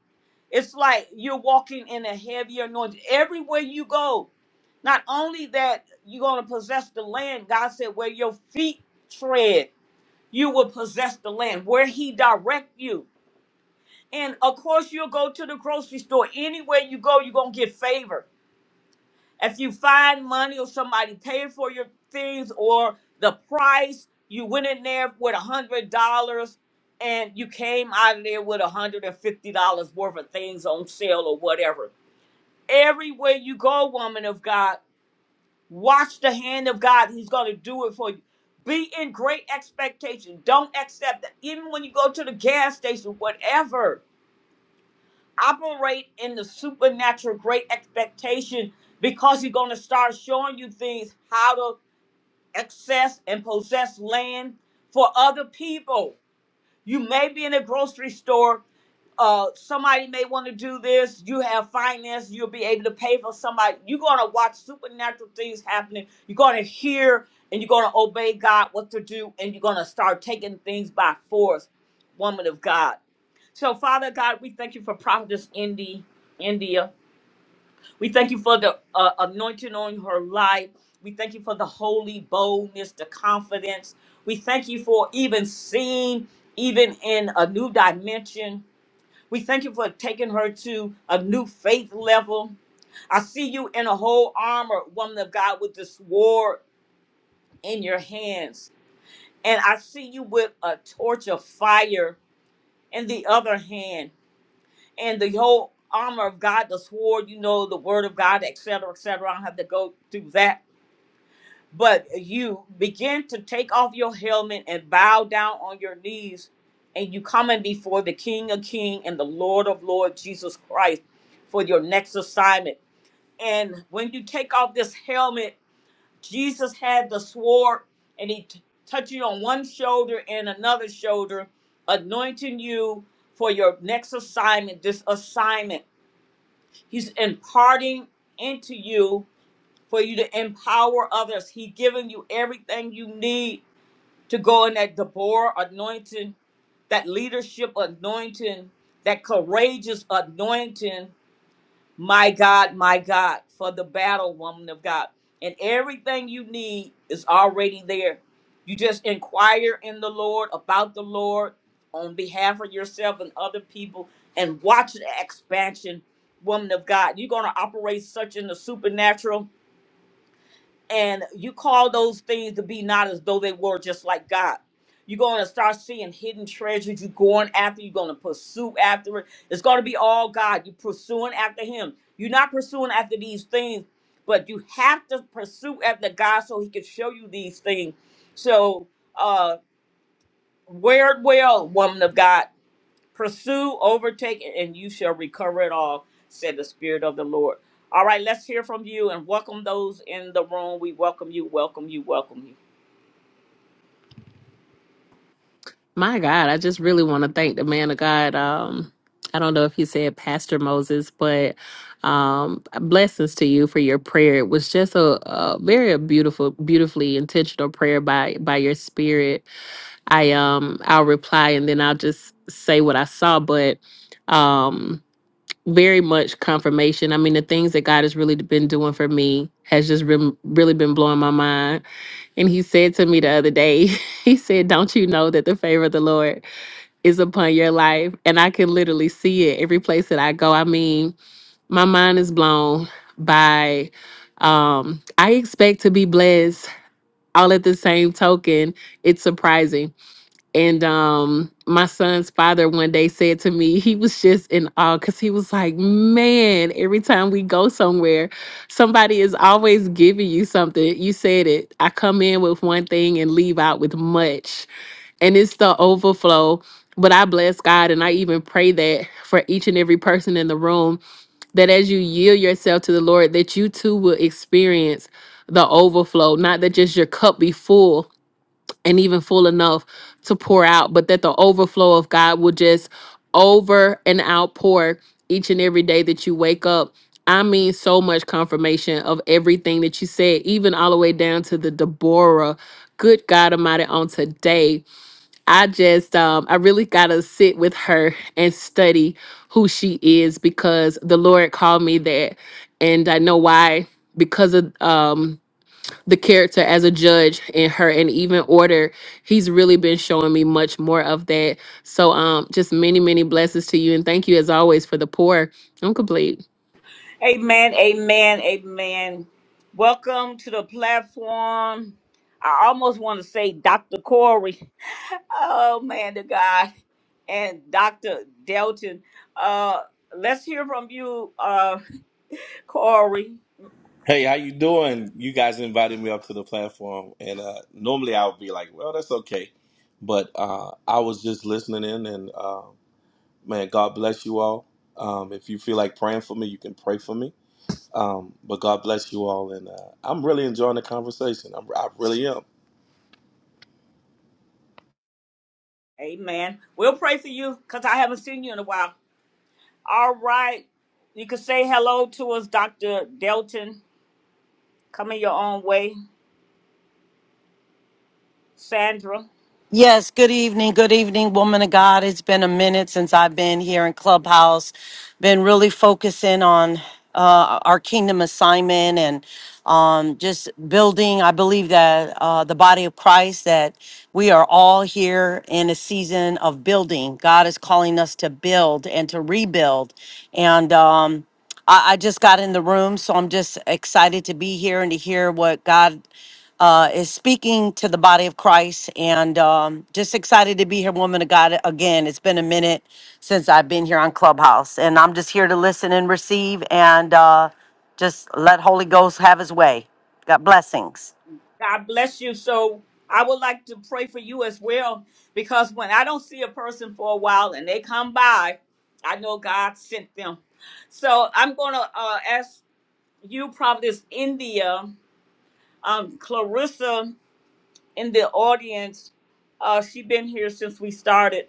Speaker 1: It's like you're walking in a heavier anointing everywhere you go. Not only that, you're going to possess the land, God said, where your feet tread, you will possess the land, where He direct you. And of course, you'll go to the grocery store. Anywhere you go, you're going to get favor if you find money or somebody paid for your things or the price, you went in there with a hundred dollars and you came out of there with a hundred and fifty dollars worth of things on sale or whatever. Everywhere you go, woman of God, watch the hand of God. He's gonna do it for you. Be in great expectation. Don't accept that. Even when you go to the gas station, whatever operate in the supernatural great expectation because he's going to start showing you things how to access and possess land for other people you may be in a grocery store uh somebody may want to do this you have finance you'll be able to pay for somebody you're going to watch supernatural things happening you're going to hear and you're going to obey god what to do and you're going to start taking things by force woman of god so, Father God, we thank you for Prophetess Indy, India. We thank you for the uh, anointing on her life. We thank you for the holy boldness, the confidence. We thank you for even seeing, even in a new dimension. We thank you for taking her to a new faith level. I see you in a whole armor, woman of God, with this sword in your hands. And I see you with a torch of fire in the other hand. and the whole armor of God, the sword, you know, the word of God, etc., cetera, etc. Cetera. I don't have to go through that. But you begin to take off your helmet and bow down on your knees, and you coming before the King of King and the Lord of Lord Jesus Christ for your next assignment. And when you take off this helmet, Jesus had the sword, and he t- touched you on one shoulder and another shoulder, anointing you for your next assignment. This assignment He's imparting into you for you to empower others. He's giving you everything you need to go in that Deborah anointing, that leadership anointing, that courageous anointing. My God, my God, for the battle, woman of God. And everything you need is already there. You just inquire in the Lord about the Lord on behalf of yourself and other people and watch the expansion, woman of God. You're going to operate such in the supernatural and you call those things to be not as though they were just like God. You're going to start seeing hidden treasures. You're going after. You're going to pursue after it. It's going to be all God. You're pursuing after Him. You're not pursuing after these things, but you have to pursue after God so He can show you these things. So, uh, wear it well, woman of God. Pursue, overtake, and you shall recover it all, said the Spirit of the Lord. All right, let's hear from you and welcome those in the room. We welcome you, welcome you, welcome you.
Speaker 5: My God, I just really want to thank the man of God. Um, I don't know if he said Pastor Moses, but um, blessings to you for your prayer. It was just a, a very beautiful, beautifully intentional prayer by by your spirit. I um, I'll reply and then I'll just say what I saw, but um, very much confirmation. I mean, the things that God has really been doing for me has just been really been blowing my mind. And He said to me the other day, He said, "Don't you know that the favor of the Lord?" is upon your life. And I can literally see it every place that I go. I mean, my mind is blown by um I expect to be blessed all at the same token. It's surprising. And um my son's father one day said to me, he was just in awe because he was like, Man, every time we go somewhere, somebody is always giving you something. You said it. I come in with one thing and leave out with much and it's the overflow. But I bless God and I even pray that for each and every person in the room that as you yield yourself to the Lord, that you too will experience the overflow, not that just your cup be full and even full enough to pour out, but that the overflow of God will just over and outpour each and every day that you wake up. I mean, so much confirmation of everything that you said, even all the way down to the Deborah. Good God Almighty, on today I just um I really gotta sit with her and study who she is because the Lord called me that and I know why because of um the character as a judge in her and even order he's really been showing me much more of that so um just many many blessings to you and thank you as always for the poor i'm complete
Speaker 1: Amen, amen, amen. Welcome to the platform. I almost want to say Dr. Corey. Oh, man, the guy. And Dr. Delton. Uh, let's hear from you, uh, Corey.
Speaker 6: Hey, how you doing? You guys invited me up to the platform, and uh, normally I would be like, "Well, that's okay," but uh, I was just listening in, and uh, man, God bless you all. Um, if you feel like praying for me, you can pray for me. Um, but God bless you all, and uh, I'm really enjoying the conversation. I'm, I really am.
Speaker 1: Amen. We'll pray for you because I haven't seen you in a while. All right. You can say hello to us, Dr. Delton. Coming your own way, Sandra.
Speaker 7: Yes, good evening. Good evening, woman of God. It's been a minute since I've been here in Clubhouse. Been really focusing on uh, our kingdom assignment and um, just building. I believe that uh, the body of Christ, that we are all here in a season of building. God is calling us to build and to rebuild. And, um, I, I just got in the room, so I'm just excited to be here and to hear what God uh, is speaking to the body of Christ. And um, just excited to be here, woman of God. Again, it's been a minute since I've been here on Clubhouse, and I'm just here to listen and receive and uh, just let Holy Ghost have his way. Got blessings.
Speaker 1: God bless you. So I would like to pray for you as well because when I don't see a person for a while and they come by, I know God sent them. So I'm going to uh, ask you, Providence India, um, Clarissa in the audience. Uh, she been here since we started.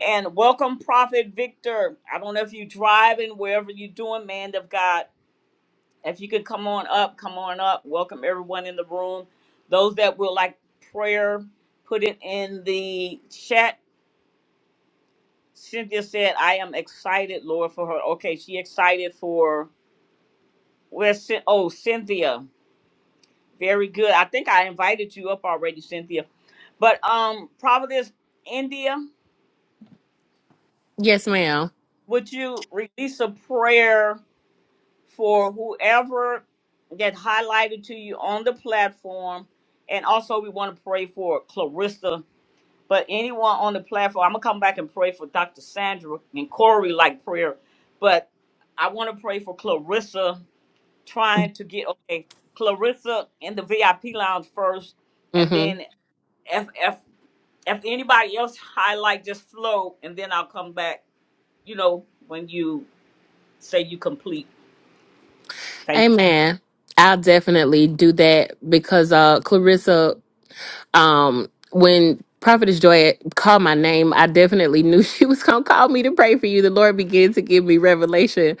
Speaker 1: And welcome, Prophet Victor. I don't know if you're driving, wherever you're doing, man of God. If you could come on up, come on up. Welcome everyone in the room. Those that would like prayer, put it in the chat. Cynthia said, I am excited, Lord, for her. Okay, she excited for where's Cyn- oh Cynthia. Very good. I think I invited you up already, Cynthia. But um Providence, India,
Speaker 5: yes ma'am
Speaker 1: would you release a prayer? for whoever that highlighted to you on the platform. And also, we want to pray for Clarissa. But anyone on the platform, I'm going to come back and pray for Dr. Sandra and Corey like prayer. But I want to pray for Clarissa trying to get, okay, Clarissa in the VIP lounge first. And
Speaker 5: mm-hmm
Speaker 1: then if, if, if anybody else highlight, just flow. And then I'll come back, you know, when you say you complete. Thank you.
Speaker 5: amen i'll definitely do that because uh clarissa Um, when Prophetess Joy called my name, I definitely knew she was going to call me to pray for you. The Lord began to give me revelation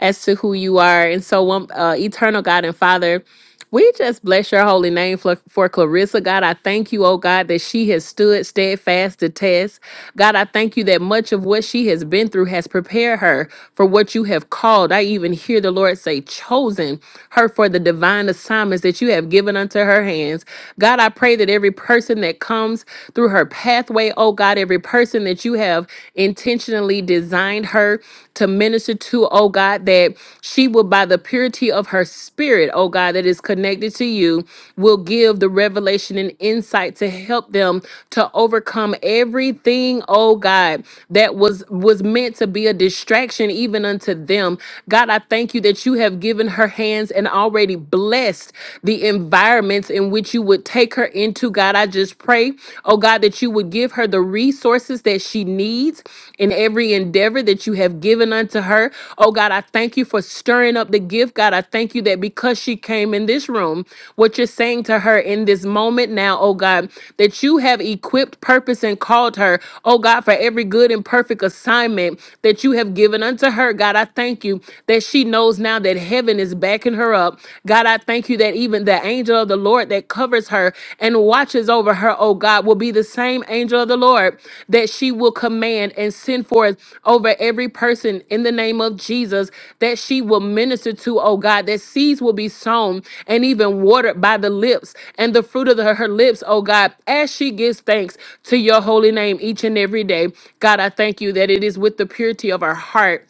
Speaker 5: as to who you are. And so, one, uh, eternal God and Father. We just bless your holy name for, for Clarissa. God, I thank you, oh God, that she has stood steadfast to test. God, I thank you that much of what she has been through has prepared her for what you have called. I even hear the Lord say, chosen her for the divine assignments that you have given unto her hands. God, I pray that every person that comes through her pathway, oh God, every person that you have intentionally designed her to minister to, oh God, that she will, by the purity of her spirit, oh God, that is connected to you, will give the revelation and insight to help them to overcome everything, oh God, that was was meant to be a distraction even unto them. God, I thank you that you have given her hands and already blessed the environments in which you would take her into. God, I just pray, oh God, that you would give her the resources that she needs in every endeavor that you have given unto her. Oh God, I thank you for stirring up the gift. God, I thank you that because she came in this room, what you're saying to her in this moment now, oh God, that you have equipped, purpose, and called her, oh God, for every good and perfect assignment that you have given unto her. God, I thank you that she knows now that heaven is backing her up. God, I thank you that even the angel of the Lord. Lord that covers her and watches over her, oh God, will be the same angel of the Lord that she will command and send forth over every person in the name of Jesus that she will minister to, oh God, that seeds will be sown and even watered by the lips and the fruit of the- her lips, oh God, as she gives thanks to your holy name each and every day. God, I thank you that it is with the purity of our heart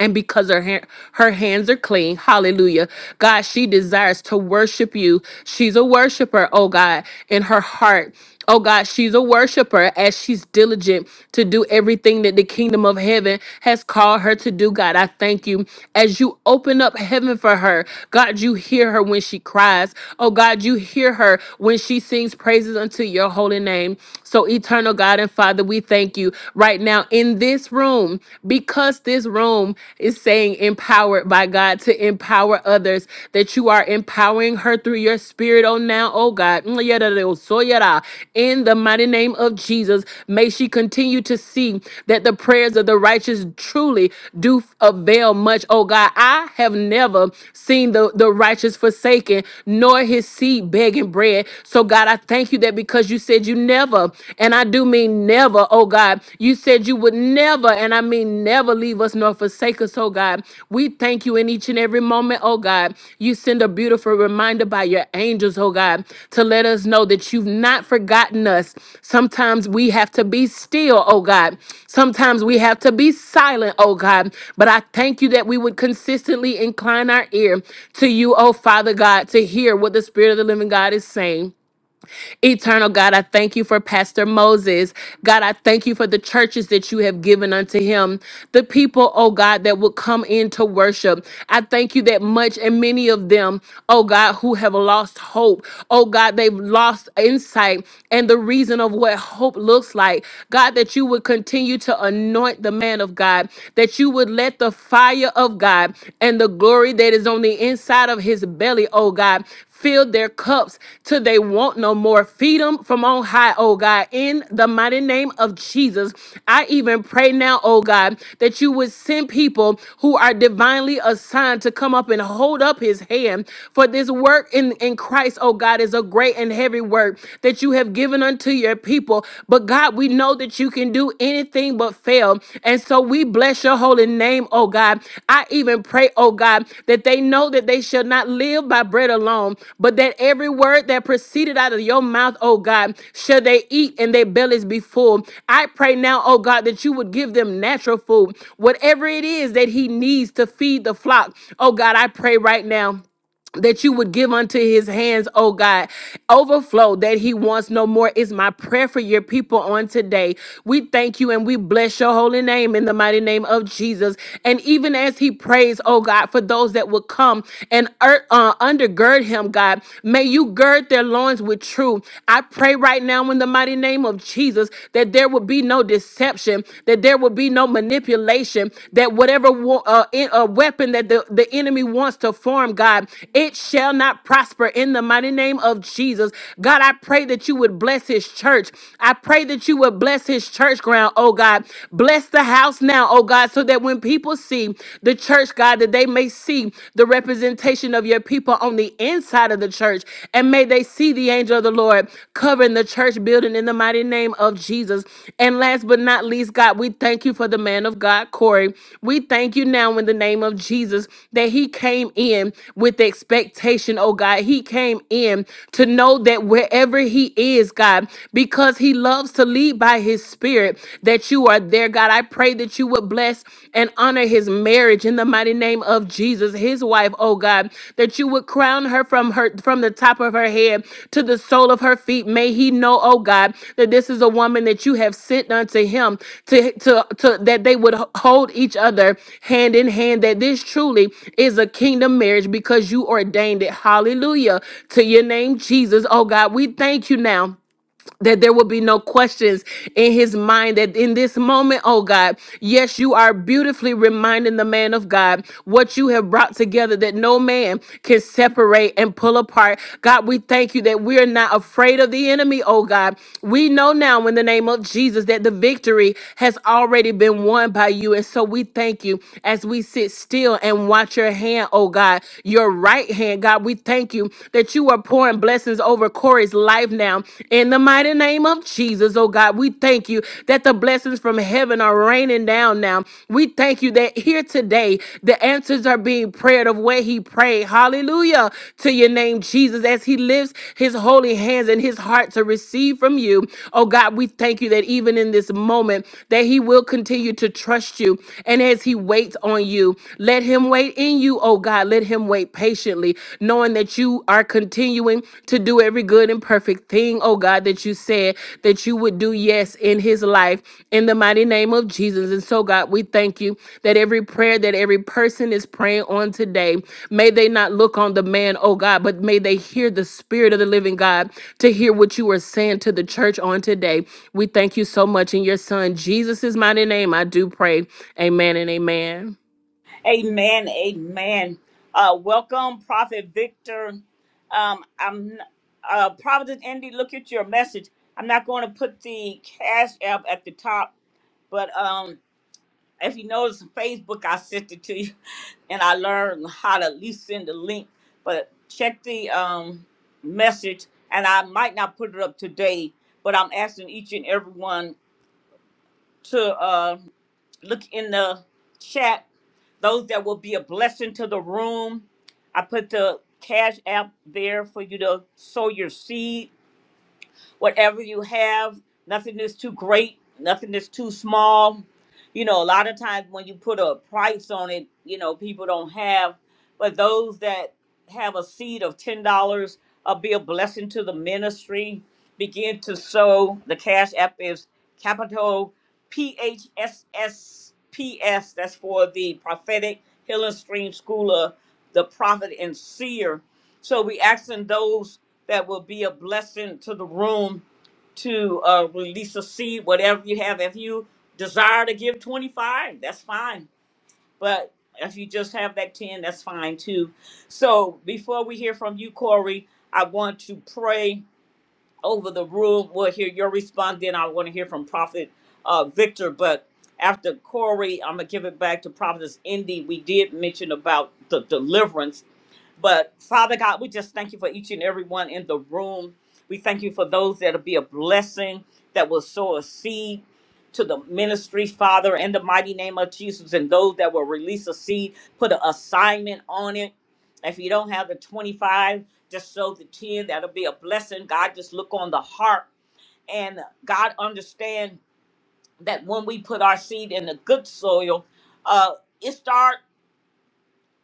Speaker 5: and because her ha- her hands are clean hallelujah god she desires to worship you she's a worshiper oh god in her heart oh god she's a worshiper as she's diligent to do everything that the kingdom of heaven has called her to do god i thank you as you open up heaven for her god you hear her when she cries oh god you hear her when she sings praises unto your holy name so eternal god and father we thank you right now in this room because this room is saying empowered by God to empower others, that you are empowering her through your spirit, oh now, oh God. Mm, yada, yada, so yada. In the mighty name of Jesus, may she continue to see that the prayers of the righteous truly do avail much, oh God. I have never seen the, the righteous forsaken, nor his seed begging bread. So, God, I thank you that because you said you never and I do mean never, oh God. You said you would never, and I mean never leave us nor forsake us, oh God. We thank you in each and every moment, oh God. You send a beautiful reminder by your angels, oh God, to let us know that you've not forgotten us. Sometimes we have to be still, oh God. Sometimes we have to be silent, oh God. But I thank you that we would consistently incline our ear to you, oh Father God, to hear what the Spirit of the living God is saying. Eternal God, I thank you for Pastor Moses. God, I thank you for the churches that you have given unto him, the people, oh God, that will come in to worship. I thank you that much and many of them, oh God, who have lost hope, oh God, they've lost insight and the reason of what hope looks like. God, that you would continue to anoint the man of God, that you would let the fire of God and the glory that is on the inside of his belly, oh God, Fill their cups till they want no more. Feed them from on high, oh God, in the mighty name of Jesus. I even pray now, oh God, that you would send people who are divinely assigned to come up and hold up his hand. For this work in, in Christ, oh God, is a great and heavy work that you have given unto your people. But God, we know that you can do anything anything but fail. And so we bless your holy name, oh God. I even pray, oh God, that they know that they shall not live by bread alone, but that every word that proceeded out of your mouth, oh God, shall they eat and their bellies be full. I pray now, oh God, that you would give them natural food, whatever it is that he needs to feed the flock. Oh God, I pray right now that you would give unto his hands, oh God, overflow that he wants no more is my prayer for your people on today. We thank you and we bless your holy name in the mighty name of Jesus. And even as he prays, oh God, for those that will come and er- uh, undergird him, God, may you gird their loins with truth. I pray right now in the mighty name of Jesus that there would be no deception, that there that there will be no manipulation, that whatever wa- uh, in, uh, weapon that the, the enemy wants to form, God, it shall not prosper in the mighty name of Jesus. God, I pray that you would bless his church. I pray that you would bless his church ground, oh God. Bless the house now, oh God, so that when people see the church, God, that they may see the representation of your people on the inside of the church and may and may they see the angel of the Lord covering the church building in the mighty name of Jesus. And last but not least, God, we thank you for the man of God, Corey. We thank you now in the name of Jesus that he came in with expectation, oh God. He came in to know that wherever he is, God, because he loves to lead by his spirit, that you are there, God. I pray that you would bless and honor honor his marriage in the mighty name of Jesus, his wife, oh God, that you would crown her from her from the top of her head to the sole of her feet. May he know, oh God, that this is a woman that you have sent unto him to to, to that they would h- hold each other hand in hand, that this truly is a kingdom marriage because you ordained it. Hallelujah. To your name, Jesus. Oh God, we thank you now that there will be no questions in his mind that in this moment, oh God, yes, you are beautifully reminding the man of God what you have brought together that no man can separate and pull apart. God, we thank you that we are not afraid of the enemy, oh God. We know now in the name of Jesus that the victory has already been won by you. And so we thank you as we sit still and watch out your hand, oh God, your right hand, God. We thank you that you are pouring blessings over Corey's life now. In the mighty name of Jesus, oh God, we thank you that the blessings from heaven are raining down now. We thank you that here today, the answers are being prayed of where he prayed. Hallelujah to your name, Jesus, as he lifts his holy hands and his heart to receive from you. Oh God, God, we thank you that even in this moment, that he will continue to trust you. And as he waits on you, let him wait in you, oh God. Let him wait patiently, knowing that you are continuing to do every good and perfect thing, oh God, that you said that you would do, yes, in his life, in the mighty name of Jesus. And so, God, we thank you that every prayer that every person is praying on today, may they not look on the man, oh God, but may they hear the spirit of the living God to hear what you are saying to the church on today. We thank you so much in your son Jesus' mighty name. I do pray. Amen and amen.
Speaker 1: Amen. Amen. Uh, welcome, Prophet Victor. Um, I'm uh, Prophet Indy. Look at your message. I'm not going to put the cash app at the top, but um, if you notice on Facebook, I sent it to you, and I learned how to at least send the link. But check the um, message, and I might not put it up today, but I'm asking each and everyone to. uh, Look in the chat. Those that will be a blessing to the room. I put the cash app there for you to sow your seed whatever you have. Nothing is too great, nothing is too small. You know, a lot of times when you put a price on it, you know, people don't have, but those that have a seed of $10 uh, be a blessing to the ministry. Begin to sow. The Cash App is capital P H S S P S. That's for the Prophetic Healing Stream School of the Prophet and Seer. So we asking those that will be a blessing to the room to uh, release a seed, whatever you have. If you desire to give 25, that's fine. But if you just have that 10, that's fine too. So before we hear from you, Corey, I want to pray over the room. We'll hear your response. Then I want to hear from Prophet uh, Victor. But after Corey, I'm going to give it back to Prophetess Indy. We did mention about the deliverance but Father God, we just thank you for each and every one in the room. We thank you for those that'll be a blessing, that will sow a seed to the ministry, Father, in the mighty name of Jesus, and those that will release a seed, put an assignment on it. If you don't have the 25, just sow the 10. That'll be a blessing. God, just look on the heart. And God, understand that when we put our seed in the good soil, uh, it starts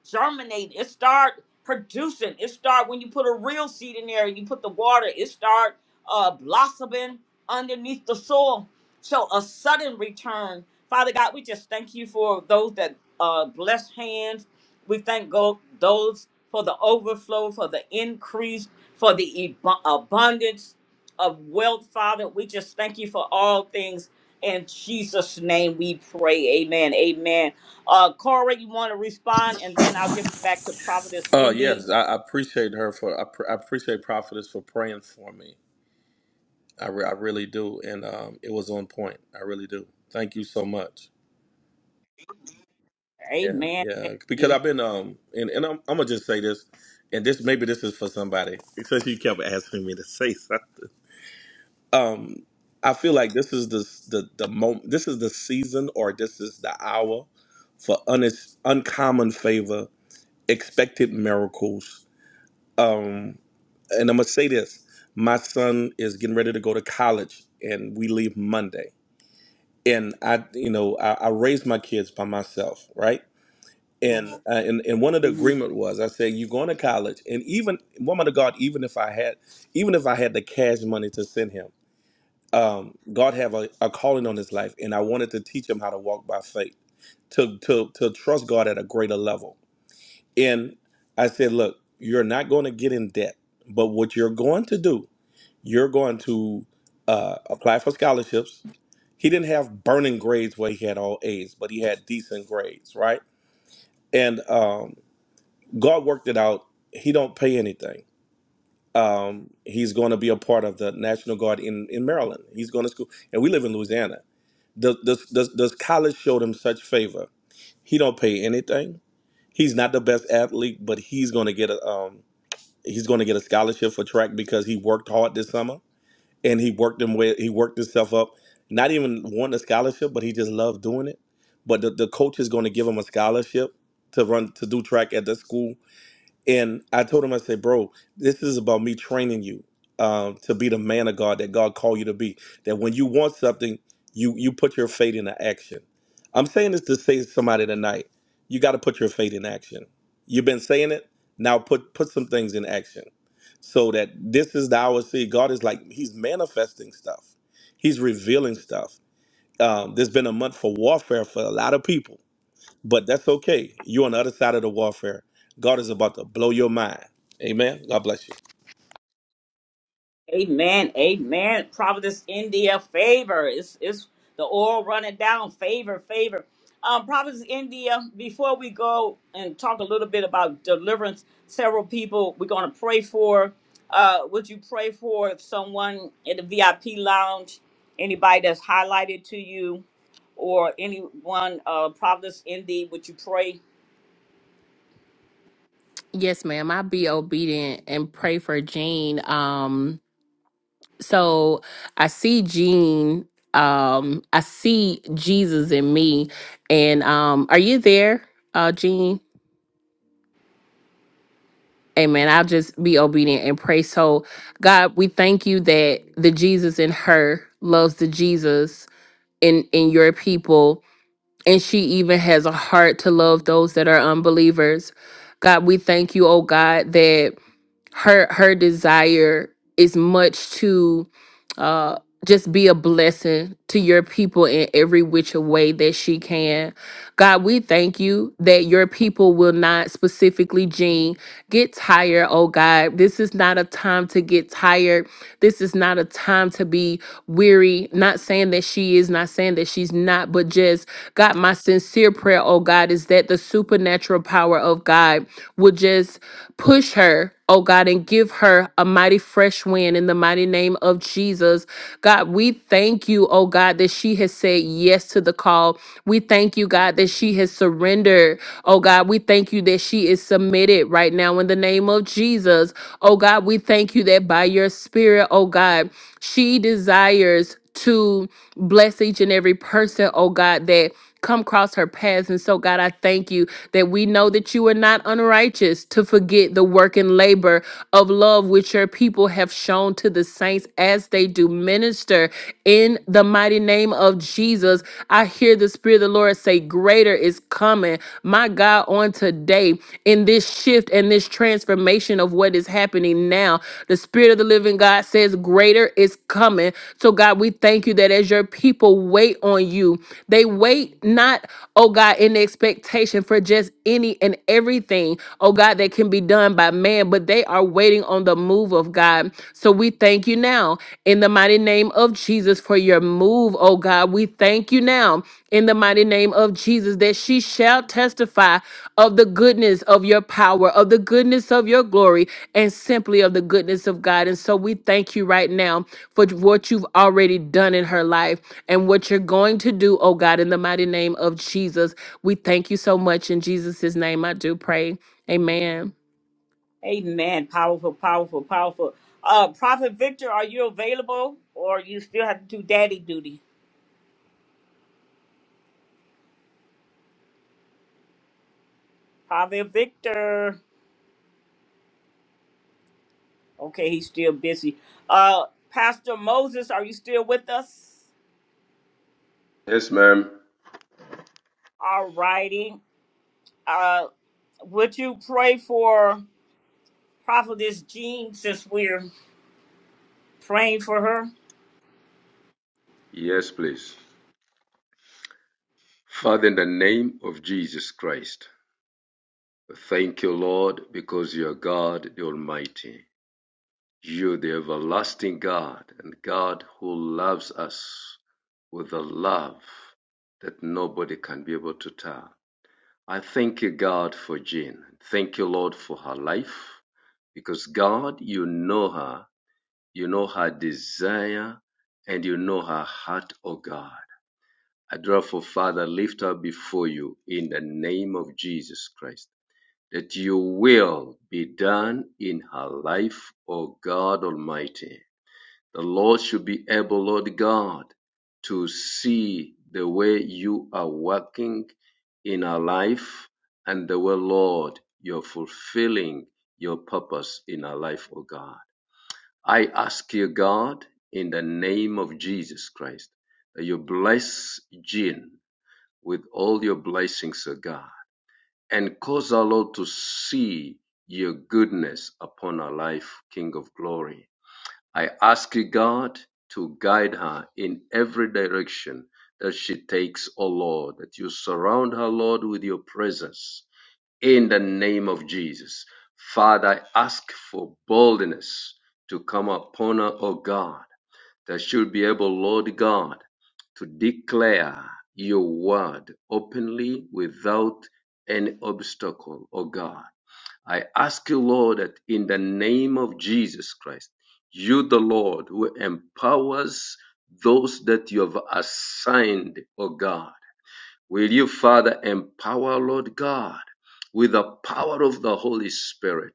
Speaker 1: germinate. It start producing. It start when you put a real seed in there and you put the water. It start uh, blossoming underneath the soil. So a sudden return. Father God, we just thank you for those that uh, bless hands. We thank go- those for the overflow, for the increase, for the ab- abundance of wealth, Father. We just thank you for all things. In Jesus' name we pray. Amen. Amen. Uh, Corey, you want to respond, and then I'll give it back to Prophetess
Speaker 6: Uh,
Speaker 1: Indy.
Speaker 6: yes, I, I appreciate her for. I, pr- I appreciate Prophetess for praying for me. I, re- I really do, and um, it was on point. I really do. Thank you so much. Yeah,
Speaker 1: Amen.
Speaker 6: yeah.
Speaker 1: Thank
Speaker 6: Because
Speaker 1: you.
Speaker 6: I've been um, and and I'm, I'm gonna just say this, and this maybe this is for somebody because you kept asking me to say something. Um, I feel like this is the the the moment. This is the season, or this is the hour for un- uncommon favor, expected miracles. Um, and I'm gonna say this: my son is getting ready to go to college, and we leave Monday. And I, you know, I, I raised my kids by myself, right? and uh, and and one of the
Speaker 1: hmm
Speaker 6: agreement was I said you're going to college and even woman of God even if I had even if I had the cash money to send him um, God have a, a calling on his life and I wanted to teach him how to walk by faith to to to trust God at a greater level and I said look you're not going to get in debt but what you're going to do you're going to uh, apply for scholarships he didn't have burning grades where he had all A's but he had decent grades right and um, God worked it out. He don't pay anything. Um, he's going to be a part of the National Guard in, in Maryland. He's going to school, and we live in Louisiana. Does, does, does, does college showed him such favor? He don't pay anything. He's not the best athlete, but he's going to get a um, he's going to get a scholarship for track because he worked hard this summer and he worked him way, he worked himself up. Not even wanting a scholarship, but he just loved doing it. But the, the coach is going to give him a scholarship to run to do track at the school and I told him, I said, bro, this is about me training you um, to be the man of God that God called you to be. That when you want something, you you put your faith into action. I'm saying this to say to somebody tonight, you got to put your faith in action. You've been saying it, now put put some things in action. So that this is the hour. See, God is like He's manifesting stuff. He's revealing stuff. Um, there's been a month for warfare for a lot of people but that's okay. You're on the other side of the warfare. God is about to blow your mind. Amen. God bless you.
Speaker 1: Amen. Amen. Providence, India, favor. It's it's the oil running down. Favor, favor. Um, Providence, India. Before we go and talk a little bit about deliverance, several people we're going to pray for. Uh, would you pray for someone in the VIP lounge? Anybody that's highlighted to you, or anyone, uh, Providence, Indy? Would you pray?
Speaker 5: Yes, ma'am. I'll be obedient and pray for Jean. Um, so I see Jean. Um, I see Jesus in me. And um, are you there, uh, Jean? Amen. I'll just be obedient and pray. So, God, we thank you that the Jesus in her loves the Jesus in in your people and she even has a heart to love those that are unbelievers. God, we thank you, oh God, that her her desire is much to uh just be a blessing to your people in every which way that she can. God, we thank you that your people will not specifically Jean get tired, oh God. This is not a time to get tired this is not a time to be weary. Not saying that she is, not saying that she's not, but just God, my sincere prayer, oh God, is that the supernatural power of God would just push her. Oh God, and give her a mighty fresh wind in the mighty name of Jesus. God, we thank you, oh God, that she has said yes to the call. We thank you, God, that she has surrendered. Oh God, we thank you that she is submitted right now in the name of Jesus. Oh God, we thank you that by your spirit, oh God, she desires to bless each and every person, oh God, that come across her paths. And so, God, I thank you that we know that you are not unrighteous to forget the work and labor of love which your people have shown to the saints as they do minister in the mighty name of Jesus. I hear the Spirit of the Lord say, Greater is coming. My God, on today, in this shift and this transformation of what is happening now, the Spirit of the living God says, Greater is coming. So, God, we thank you that as your people wait on you, they wait not, oh God, in expectation for just any and everything, oh God, that can be done by man, but they are waiting on the move of God. So, we thank Thank you now in the mighty name of Jesus for your move, oh God. We thank you now in the mighty name of Jesus that she shall testify of the goodness of your power, of the goodness of your glory, and simply of the goodness of God. And so we thank you right now for what you've already done in her life and what you're going to do, oh God, in the mighty name of Jesus. We thank you so much. In Jesus' name, I do pray. Amen.
Speaker 1: Amen. Powerful, powerful, powerful. Uh, Prophet Victor, are you available or you still have to do daddy duty? Prophet Victor. Okay, he's still busy. Uh, Pastor Moses, are you still with us?
Speaker 3: Yes, ma'am.
Speaker 1: All righty. Uh, would you pray for Prophetess Jean since we're praying for her?
Speaker 3: Yes, please. Father, in the name of Jesus Christ, thank you, Lord, because you are God the Almighty. You're the everlasting God and God who loves us with a love that nobody can be able to tell. I thank you, God, for Jean. Thank you, Lord, for her life. Because, God, you know her, you know her desire, and you know her heart, O God. I therefore, Father, lift her before you in the name of Jesus Christ, that your will be done in her life, O God Almighty. The Lord should be able, Lord God, to see the way you are working in our life and the way, Lord, you're fulfilling your purpose in our life, O God. I ask you, God, in the name of Jesus Christ, that you bless Jean with all your blessings, O God, and cause our Lord to see your goodness upon our life, King of glory. I ask God to guide her in every direction that she takes, O Lord, that you surround her, Lord, with your presence in the name of Jesus. Father, I ask for boldness to come upon her, O God, that she'll be able, Lord God, to declare your word openly without any obstacle, O God. I ask you, Lord, that in the name of Jesus Christ, you, the Lord, who empowers those that you have assigned, O God. Will you, Father, empower, Lord God, with the power of the Holy Spirit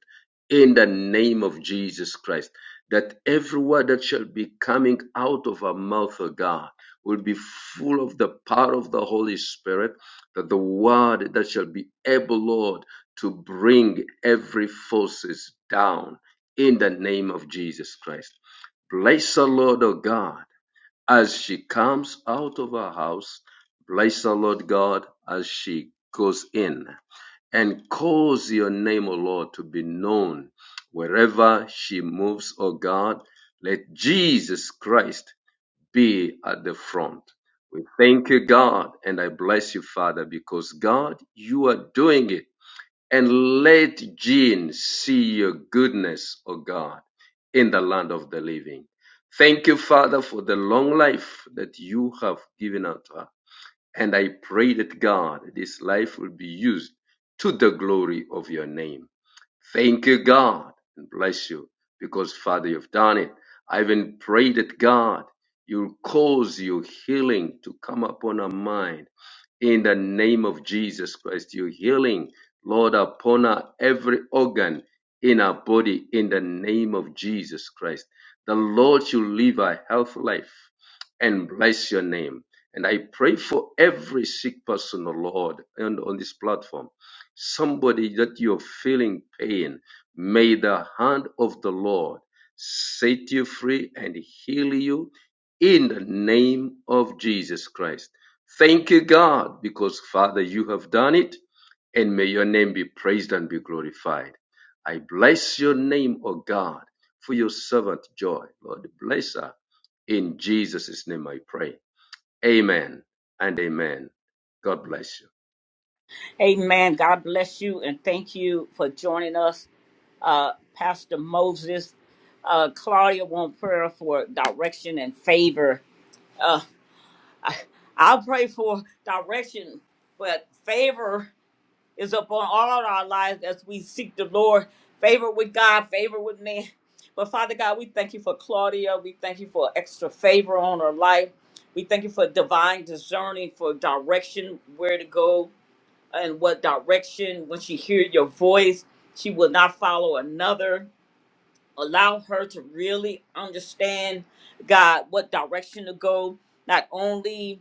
Speaker 3: in the name of Jesus Christ, that every word that shall be coming out of our mouth, O God, will be full of the power of the Holy Spirit, that the word that shall be able, Lord, to bring every forces down in the name of Jesus Christ. Bless the Lord, O God as she comes out of her house, bless the Lord God as she goes in, and cause your name, O Lord, to be known wherever she moves, O God. Let Jesus Christ be at the front. We thank you, God, and I bless you, Father, because God, you are doing it and let Jean see your goodness, O God, in the land of the living. Thank you, Father, for the long life that you have given unto her. And I pray that God, this life will be used to the glory of your name. Thank you, God, and bless you because, Father, you've done it. I even pray that God, you'll cause your healing to come upon our mind in the name of Jesus Christ. Your healing, Lord, upon our every organ in our body in the name of Jesus Christ. The Lord, you live a healthy life and bless your name. And I pray for every sick person, oh Lord, and on this platform, somebody that you're feeling pain, may the hand of the Lord set you free and heal you in the name of Jesus Christ. Thank you, God, because Father, you have done it, and may your name be praised and be glorified. I bless your name, O God, for your servant joy. Lord, bless her. In Jesus' name I pray. Amen and amen. God bless you.
Speaker 1: Amen. God bless you and thank you for joining us, uh, Pastor Moses. Uh, Claudia want prayer for direction and favor. Uh, I, I'll pray for direction, but favor is upon all our lives as we seek the Lord. Favor with God, favor with man. But Father God, we thank you for Claudia. We thank you for extra favor on her life. We thank you for divine discerning, for direction, where to go, and what direction when she hear your voice she will not follow another allow her to really understand God what direction to go, not only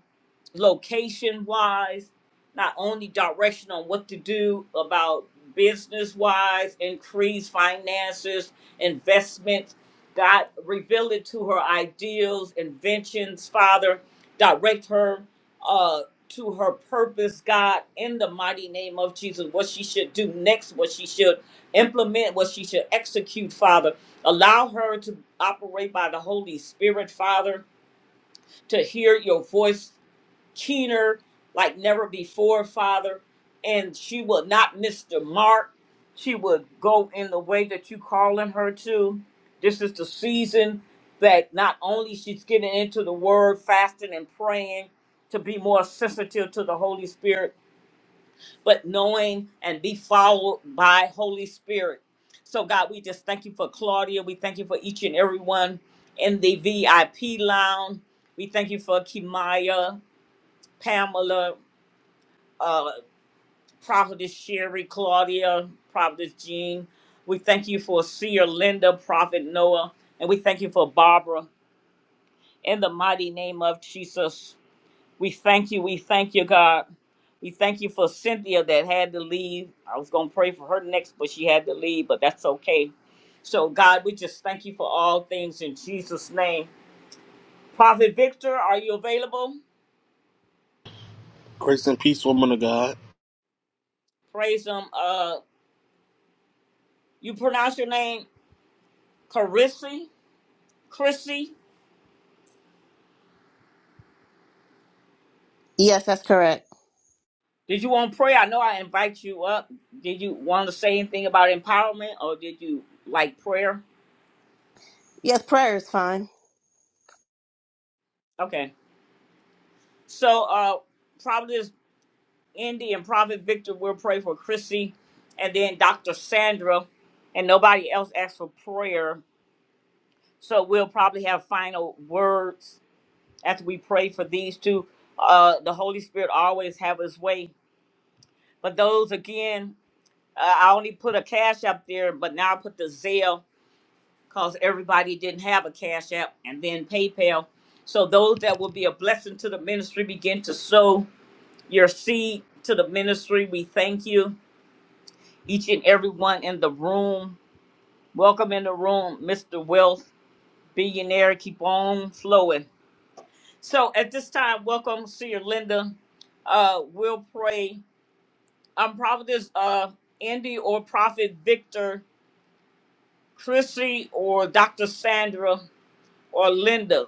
Speaker 1: location wise, not only direction on what to do about business wise, increase finances, investments. God reveal it to her ideals, inventions, Father, direct her uh to her purpose, God, in the mighty name of Jesus, what she should do next, what she should implement, what she should execute, Father. Allow her to operate by the Holy Spirit, Father, to hear your voice keener like never before, Father. And she will not miss the mark. She will go in the way that you calling her to. This is the season that not only she's getting into the word, fasting and praying to be more sensitive to the Holy Spirit, but knowing and be followed by Holy Spirit. So, God, we just thank you for Claudia. We thank you for each and everyone in the VIP lounge. We thank you for Kimaya, Pamela, uh, Prophetess Sherry, Claudia, Prophetess Jean. We thank you for Seer Linda, Prophet Noah, and we thank you for Barbara. In the mighty name of Jesus, We thank you. We thank you, God. We thank you for Cynthia that had to leave. I was going to pray for her next, but she had to leave, but that's okay. So, God, we just thank you for all things in Jesus' name. Prophet Victor, are you available?
Speaker 8: Grace and peace, woman of God.
Speaker 1: Praise him. Uh, you pronounce your name Carissy? Chrissy?
Speaker 9: Yes, that's correct.
Speaker 1: Did you want to pray? I know I invite you up. Did you want to say anything about empowerment or did you like prayer?
Speaker 9: Yes, prayer is fine.
Speaker 1: Okay. So, uh, probably Indy and Prophet Victor will pray for Chrissy and then Dr. Sandra, and nobody else asked for prayer. So we'll probably have final words after we pray for these two. Uh, the Holy Spirit always have his way. But those again, uh, I only put a cash up there, but now I put the Zelle because everybody didn't have a cash app and then PayPal. So those that will be a blessing to the ministry begin to sow your seed to the ministry. We thank you each and everyone in the room. Welcome in the room, Mr. Wealth, billionaire. Keep on flowing. So at this time, welcome, Seer Linda. Uh, we'll pray. I'm Providence uh, Andy or Prophet Victor, Chrissy or Dr. Sandra or Linda.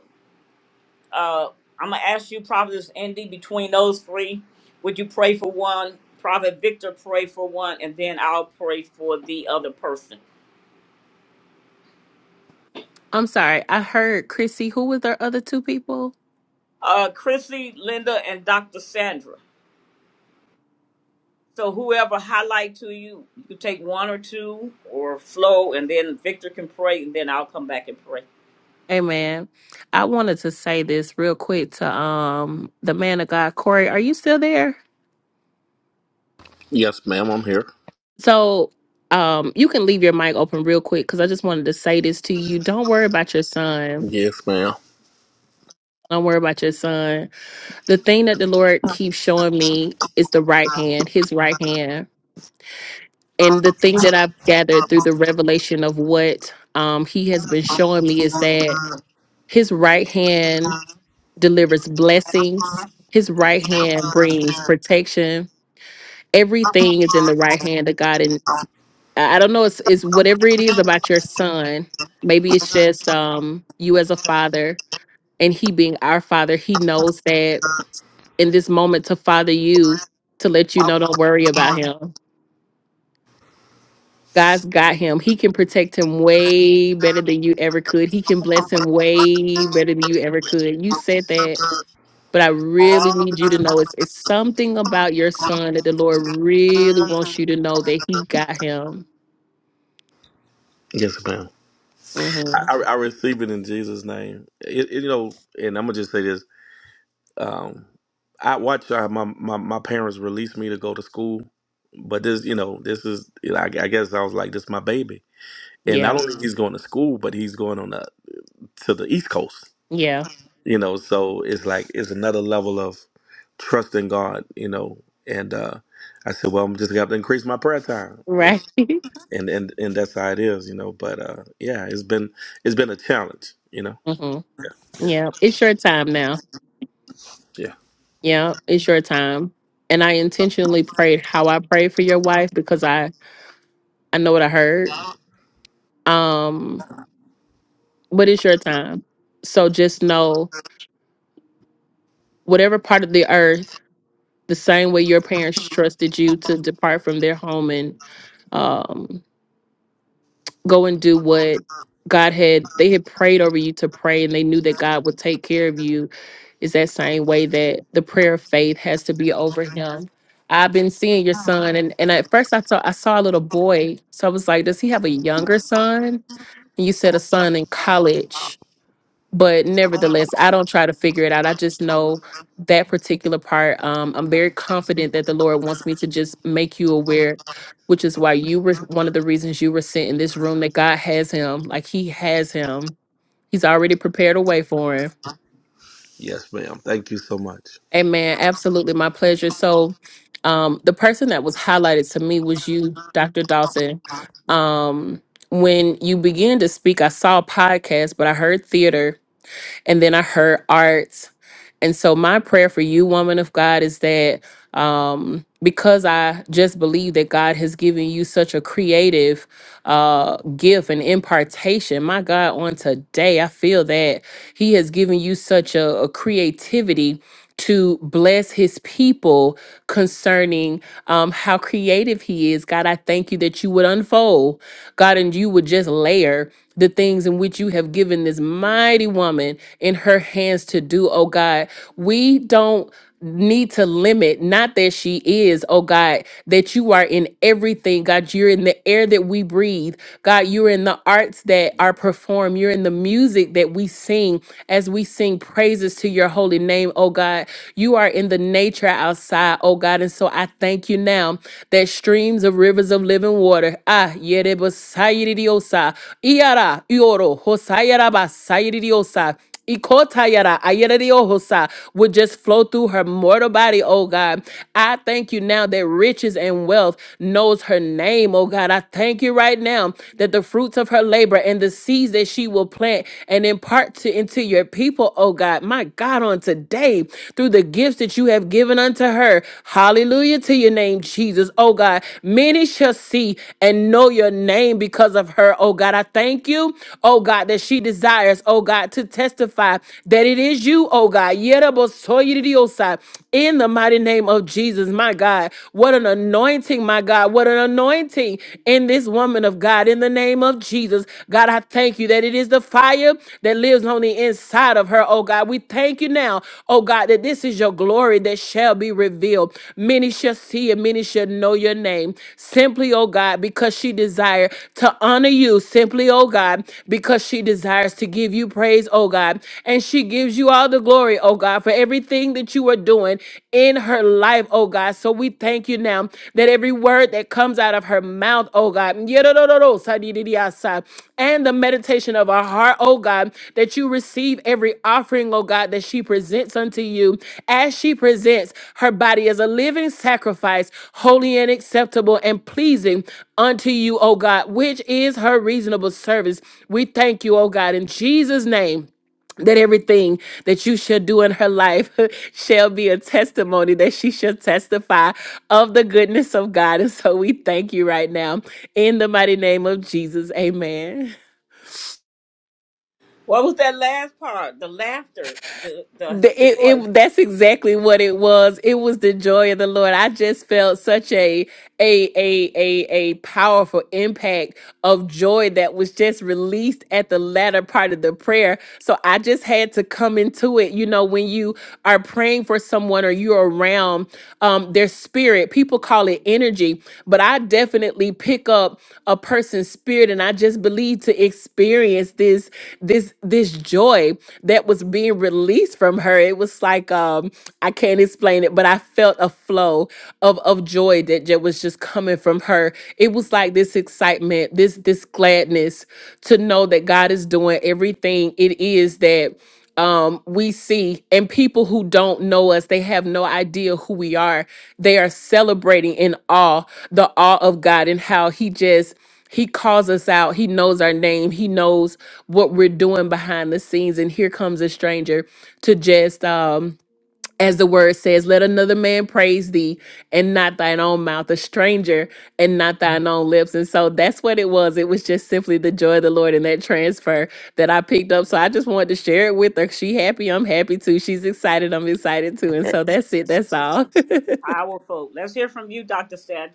Speaker 1: Uh, I'm gonna ask you, Providence Andy, between those three, would you pray for one? Prophet Victor, pray for one, and then I'll pray for the other person.
Speaker 5: I'm sorry. I heard Chrissy. Who was their other two people?
Speaker 1: uh, Chrissy, Linda, and Dr. Sandra. So whoever highlight to you, you can take one or two or flow, and then Victor can pray, and then I'll come back and pray.
Speaker 5: Hey man, I wanted to say this real quick to um the man of God, Corey. Are you still there?
Speaker 6: Yeah. Here.
Speaker 5: So um you can leave your mic open real quick because I just wanted to say this to you. Don't worry about your son.
Speaker 6: Yeah.
Speaker 5: Don't worry about your son. The thing that the Lord keeps showing me is the right hand, his right hand. And the thing that I've gathered through the revelation of what um he has been showing me is that his right hand delivers blessings. His right hand brings protection everything is in the right hand of God. And I I don't know, it's, it's whatever it is about your son. Maybe it's just um, you as a father and he being our father. He knows that in this moment to father you, to let you know, don't worry about him. God's got him. He can protect him way better than you ever could. He can bless him way better than you ever could. You said that, but I really need you to know it's, it's something about your son that the Lord really wants you to know that he got him.
Speaker 6: Yes, ma'am.
Speaker 5: Mhm.
Speaker 6: I, I I receive it in Jesus' name. It, it, you know, and I'm gonna just say this. Um, I watch uh, my, my my parents release me to go to school, but this, you know, this is. You know, I, I guess I was like, this is my baby, and
Speaker 5: Yeah.
Speaker 6: not only Mhm. he's going to school, but he's going on the, to the East Coast.
Speaker 5: Yeah.
Speaker 6: you know so it's like it's another level of trust in god you know and uh i said well i'm just gonna have to increase my prayer time you know
Speaker 5: Right.
Speaker 6: and and and that's how it is you know but uh yeah it's been it's been a challenge you know
Speaker 5: hmm
Speaker 6: yeah
Speaker 5: Yeah. It's your time now. Yeah. It's your time. And I intentionally prayed how I prayed for your wife because I I know what I heard.
Speaker 6: yeah
Speaker 5: Um, but it's your time. So just know whatever part of the earth, the same way your parents trusted you to depart from their home and um go and do what God had they had prayed over you to pray and they knew that God would take care of you is that same way that the prayer of faith has to be over him. I've been seeing your son, and, and at first I saw I saw a little boy, so I was like, does he have a younger son? And you said a son in college, but nevertheless, I don't try to figure it out. I just know that particular part. Um, I'm very confident that the Lord wants me to just make you aware, which is why you were one of the reasons you were sent in this room. That God has him, like He has him. He's already prepared a way for him
Speaker 6: yes ma'am thank you so much
Speaker 5: Amen. Absolutely. My pleasure. So, um, the person that was highlighted to me was you, Dr. Dawson. Um, when you began to speak, I saw podcast, but I heard theater and then I heard arts, And so my prayer for you, woman of God, is that um because I just believe that God has given you such a creative uh gift and impartation, my God, on today, I feel that He has given you such a, a creativity to bless his people concerning um, how creative He is. God, I thank you that you would unfold, God, and you would just layer the things in which you have given this mighty woman in her hands to do, oh God. We don't need to limit, not that she is, oh God, that you are in everything. God, you're in the air that we breathe. God, you're in the arts that are performed. You're in the music that we sing as we sing praise praises to your holy name, oh God. You are in the nature outside, oh God. And so I thank you now that streams of rivers of living water, ah, yerebosayiriosa, iara, ioro, hosayarabasayiriosa, Ikotayara ayereriohosa would just flow through her mortal body, oh God. I thank you now that riches and wealth knows her name, oh God. I thank you right now that the fruits of her labor Lord, and the seeds that she will plant and impart to into your people, oh God. My God, on today, through the gifts that you have given unto her. Hallelujah to your name, Jesus. Oh God, many shall see and know your name because of her. Oh God, I thank you. Oh God, that she desires, oh God, to testify that it is you, oh God. Yerebosoyeridiosa. In the mighty name of Jesus, my God. What an anointing, my God. God. What an anointing in this woman of God. In the name of Jesus, God, I thank you that it is the fire that lives on the inside of her, oh God. We thank you now, oh God, that this is your glory that shall be revealed. Many shall see and many shall know your name. Simply, oh God, because she desired to honor you. Simply, oh God, because she desires to give you praise, oh God. And she gives you all the glory, oh God, for everything that you are doing doing in her life, oh God. So we thank you now that every word that comes out of her mouth, oh God, and the meditation of our heart, oh God, that you receive every offering, oh God, that she presents unto you as she presents her body as a living sacrifice, holy and acceptable and pleasing unto you, oh God, which is her reasonable service. We thank you, oh God, in Jesus' name that everything that you shall do in her life shall be a testimony that she shall testify of the goodness of God. And so we thank you right now in the mighty name of Jesus. Amen.
Speaker 1: What was that last part? The laughter, the the
Speaker 5: The- It,
Speaker 1: joy,
Speaker 5: it that's exactly what it was. It was the joy of the Lord. I just felt such a a a a a powerful impact of joy that was just released at the latter part of the prayer. So I just had to come into it. You know, when you are praying for someone or you're around um, their spirit, people call it the energy, but I definitely pick up a person's spirit and I just believe to experience this this this joy that was being released from her. It was like um I can't explain it, but I felt a flow of of joy that, that was just coming from her. It was like this excitement, this this gladness to know that God is doing everything it is that um, we see, and people who don't know us, they have no idea who we are. They are celebrating in awe, the awe of God, and how He just He calls us out. He knows our name. He knows what we're doing behind the scenes. And here comes a stranger to just um as the word says, let another man praise thee and not thine own mouth, a stranger and not thine own lips. And so that's what it was. It was just simply the joy of the Lord in that transfer that I picked up. So I just wanted to share it with her. She happy, I'm happy too. She's excited, I'm excited too. And so that's it. That's all.
Speaker 1: powerful. Let's hear from you, Dr. Sandra.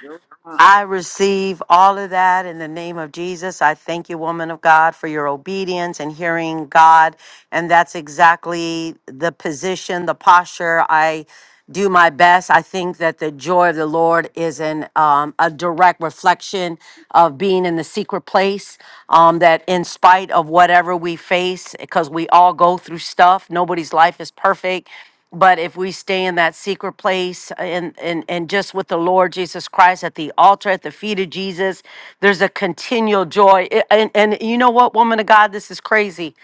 Speaker 1: Your response.
Speaker 7: I receive all of that in the name of Jesus. I thank you, woman of God, for your obedience and hearing God. And that's exactly the position, the posture. I do my best. I think that the joy of the Lord is an um, a direct reflection of being in the secret place. Um, that in spite of whatever we face, because we all go through stuff, nobody's life is perfect but if we stay in that secret place uh, and and and just with the lord jesus christ at the altar at the feet of jesus there's a continual joy I- and and you know what woman of god this is crazy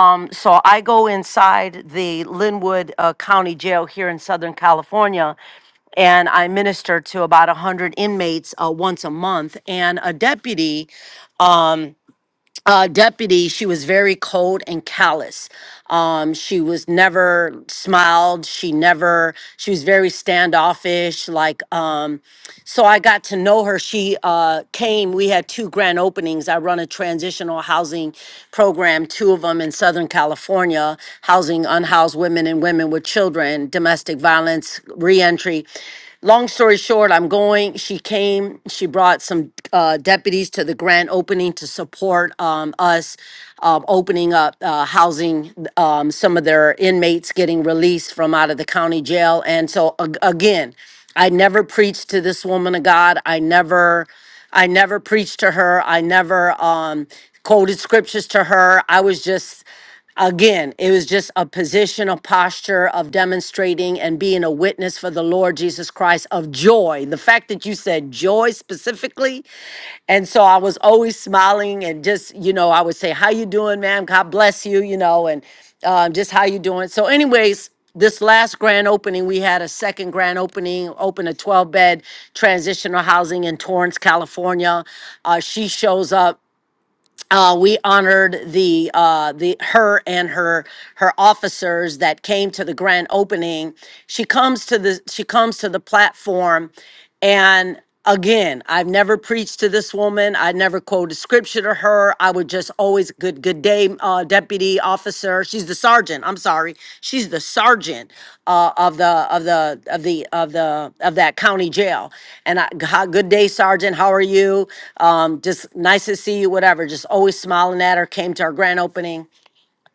Speaker 7: um so i go inside the linwood uh, county jail here in southern california and I minister to about 100 inmates uh, once a month. And a deputy um, uh, deputy, she was very cold and callous. Um, she was never smiled. She never. She was very standoffish. Like, um, so I got to know her. She uh, came. We had two grand openings. I run a transitional housing program, two of them in Southern California, housing unhoused women and women with children, domestic violence, reentry. Long story short, I'm going. She came. She brought some uh, deputies to the grand opening to support um, us um, opening up uh, housing, um, some of their inmates getting released from out of the county jail. And so, ag- again, I never preached to this woman of God. I never. I never preached to her. I never um, quoted scriptures to her. I was just Again, it was just a position, a posture of demonstrating and being a witness for the Lord Jesus Christ of joy. The fact that you said joy specifically, and so I was always smiling and just, you know, I would say, "How you doing, ma'am? God bless you," you know, and um, just how you doing. So, anyways, this last grand opening, we had a second grand opening, open a 12 bed transitional housing in Torrance, California. Uh, she shows up uh, we honored the uh, the her and her her officers that came to the grand opening. She comes to the she comes to the platform, and again, I've never preached to this woman. I never quoted scripture to her. I would just always good Good good day, uh, deputy officer. She's the sergeant. I'm sorry. She's the sergeant uh, of the of the of the of the of that county jail. And I, how, good day, sergeant. How are you? Um, just nice to see you. Whatever. Just always smiling at her. Came to our grand opening.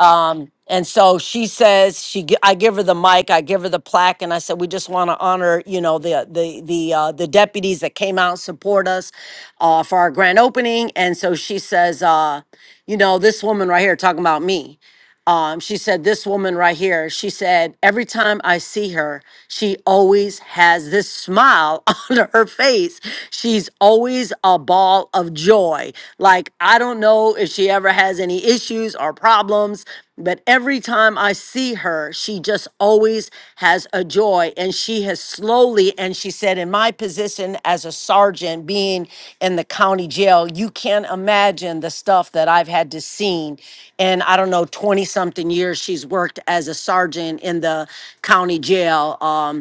Speaker 7: Um, and so she says she gi- I give her the mic, I give her the plaque, and I said we just want to honor you know the the the uh, the deputies that came out and support us uh, for our grand opening. And so she says, uh, you know, this woman right here talking about me um, she said, This woman right here, she said, every time I see her, she always has this smile on her face. She's always a ball of joy. Like, I don't know if she ever has any issues or problems, but every time I see her, she just always has a joy. And she has slowly, and she said, in my position as a sergeant being in the county jail, you can't imagine the stuff that I've had to seen. And I don't know, 20 something years she's worked as a sergeant in the county jail. Um,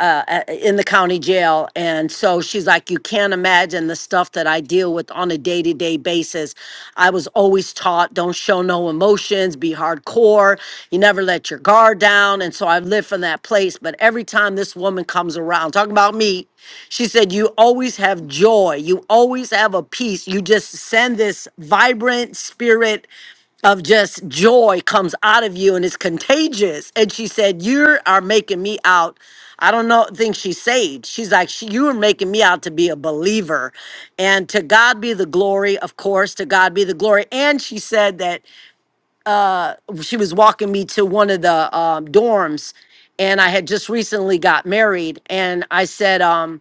Speaker 7: uh, uh, in the county jail. And so she's like, You can't imagine the stuff that I deal with on a day to day basis. I was always taught don't show no emotions, be hardcore, you never let your guard down. And so I've lived from that place. But every time this woman comes around, talking about me, she said, You always have joy, you always have a peace. You just send this vibrant spirit of just joy comes out of you and it's contagious. And she said, You are making me out. I don't know, think she's saved. She's like, "She- You are making me out to be a believer. And to God be the glory, of course, to God be the glory. And she said that she was walking me to one of the um, dorms and I had just recently got married. And I said, um,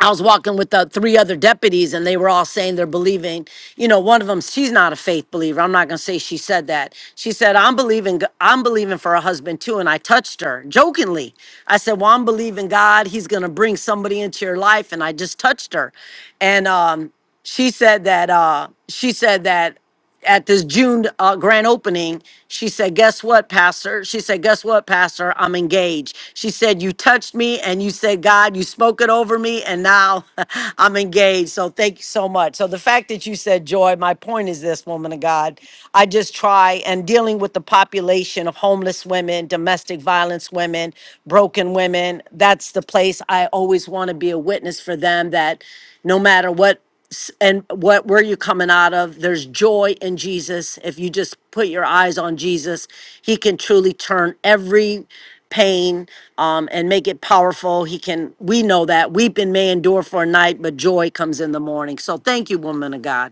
Speaker 7: I was walking with the three other deputies, and they were all saying they're believing. You know, one of them, she's not a faith believer. I'm not gonna say she said that. She said, "I'm believing. G- I'm believing for a husband too." And I touched her jokingly. I said, "Well, I'm believing God. He's gonna bring somebody into your life." And I just touched her, and um, she said that. Uh, she said that at this June uh, grand opening, she said, Guess what, Pastor? She said, Guess what, Pastor? I'm engaged. She said, You touched me and you said, God, you spoke it over me, and now I'm engaged. So thank you so much. So the fact that you said joy, my point is this, woman of God. I just try and dealing with the population of homeless women, domestic violence women, broken women. That's the place I always want to be a witness for them that no matter what s- and what where you coming out of there's joy in jesus if you just put your eyes on jesus he can truly turn every pain um, and make it powerful he can we know that weeping may endure for a night but joy comes in the morning so thank you woman of god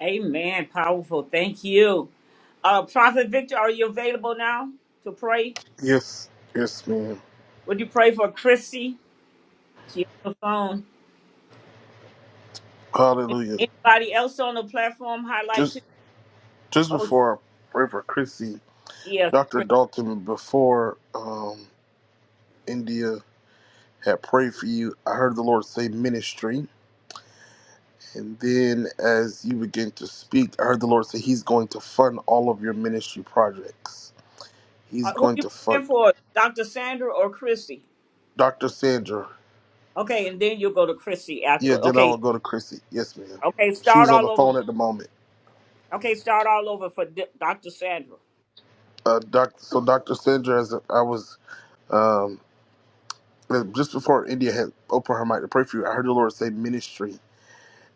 Speaker 1: Amen. Powerful. Thank you. Uh, Prophet Victor, are you available now to pray?
Speaker 8: Yes, yes, ma'am.
Speaker 1: Would you pray for Chrissy? She on the phone.
Speaker 8: Hallelujah.
Speaker 1: Anybody else on the platform highlight
Speaker 8: Just
Speaker 1: to?
Speaker 8: just
Speaker 1: Oh,
Speaker 8: before I pray for Chrissy,
Speaker 1: yes.
Speaker 8: Dr. Dalton, before um, India had prayed for you, I heard the Lord say ministry. And then as you begin to speak, I heard the Lord say He's going to fund all of your ministry projects. He's
Speaker 1: Uh, who
Speaker 8: going
Speaker 1: you
Speaker 8: to fund.
Speaker 1: praying for, Dr. Sandra or Chrissy?
Speaker 8: Dr. Sandra.
Speaker 1: Okay, and then you'll go to Chrissy
Speaker 8: Yeah,
Speaker 1: afterward.
Speaker 8: then I
Speaker 1: Okay,
Speaker 8: will go to Chrissy. Yes, ma'am.
Speaker 1: okay,
Speaker 8: She
Speaker 1: start
Speaker 8: was on the
Speaker 1: all over.
Speaker 8: phone at the moment.
Speaker 1: Okay, start all over for D- Dr. Sandra.
Speaker 8: Uh, doc, so Dr. Sandra, as I was. um, that just before India had opened her mic to pray for you, I heard the Lord say ministry.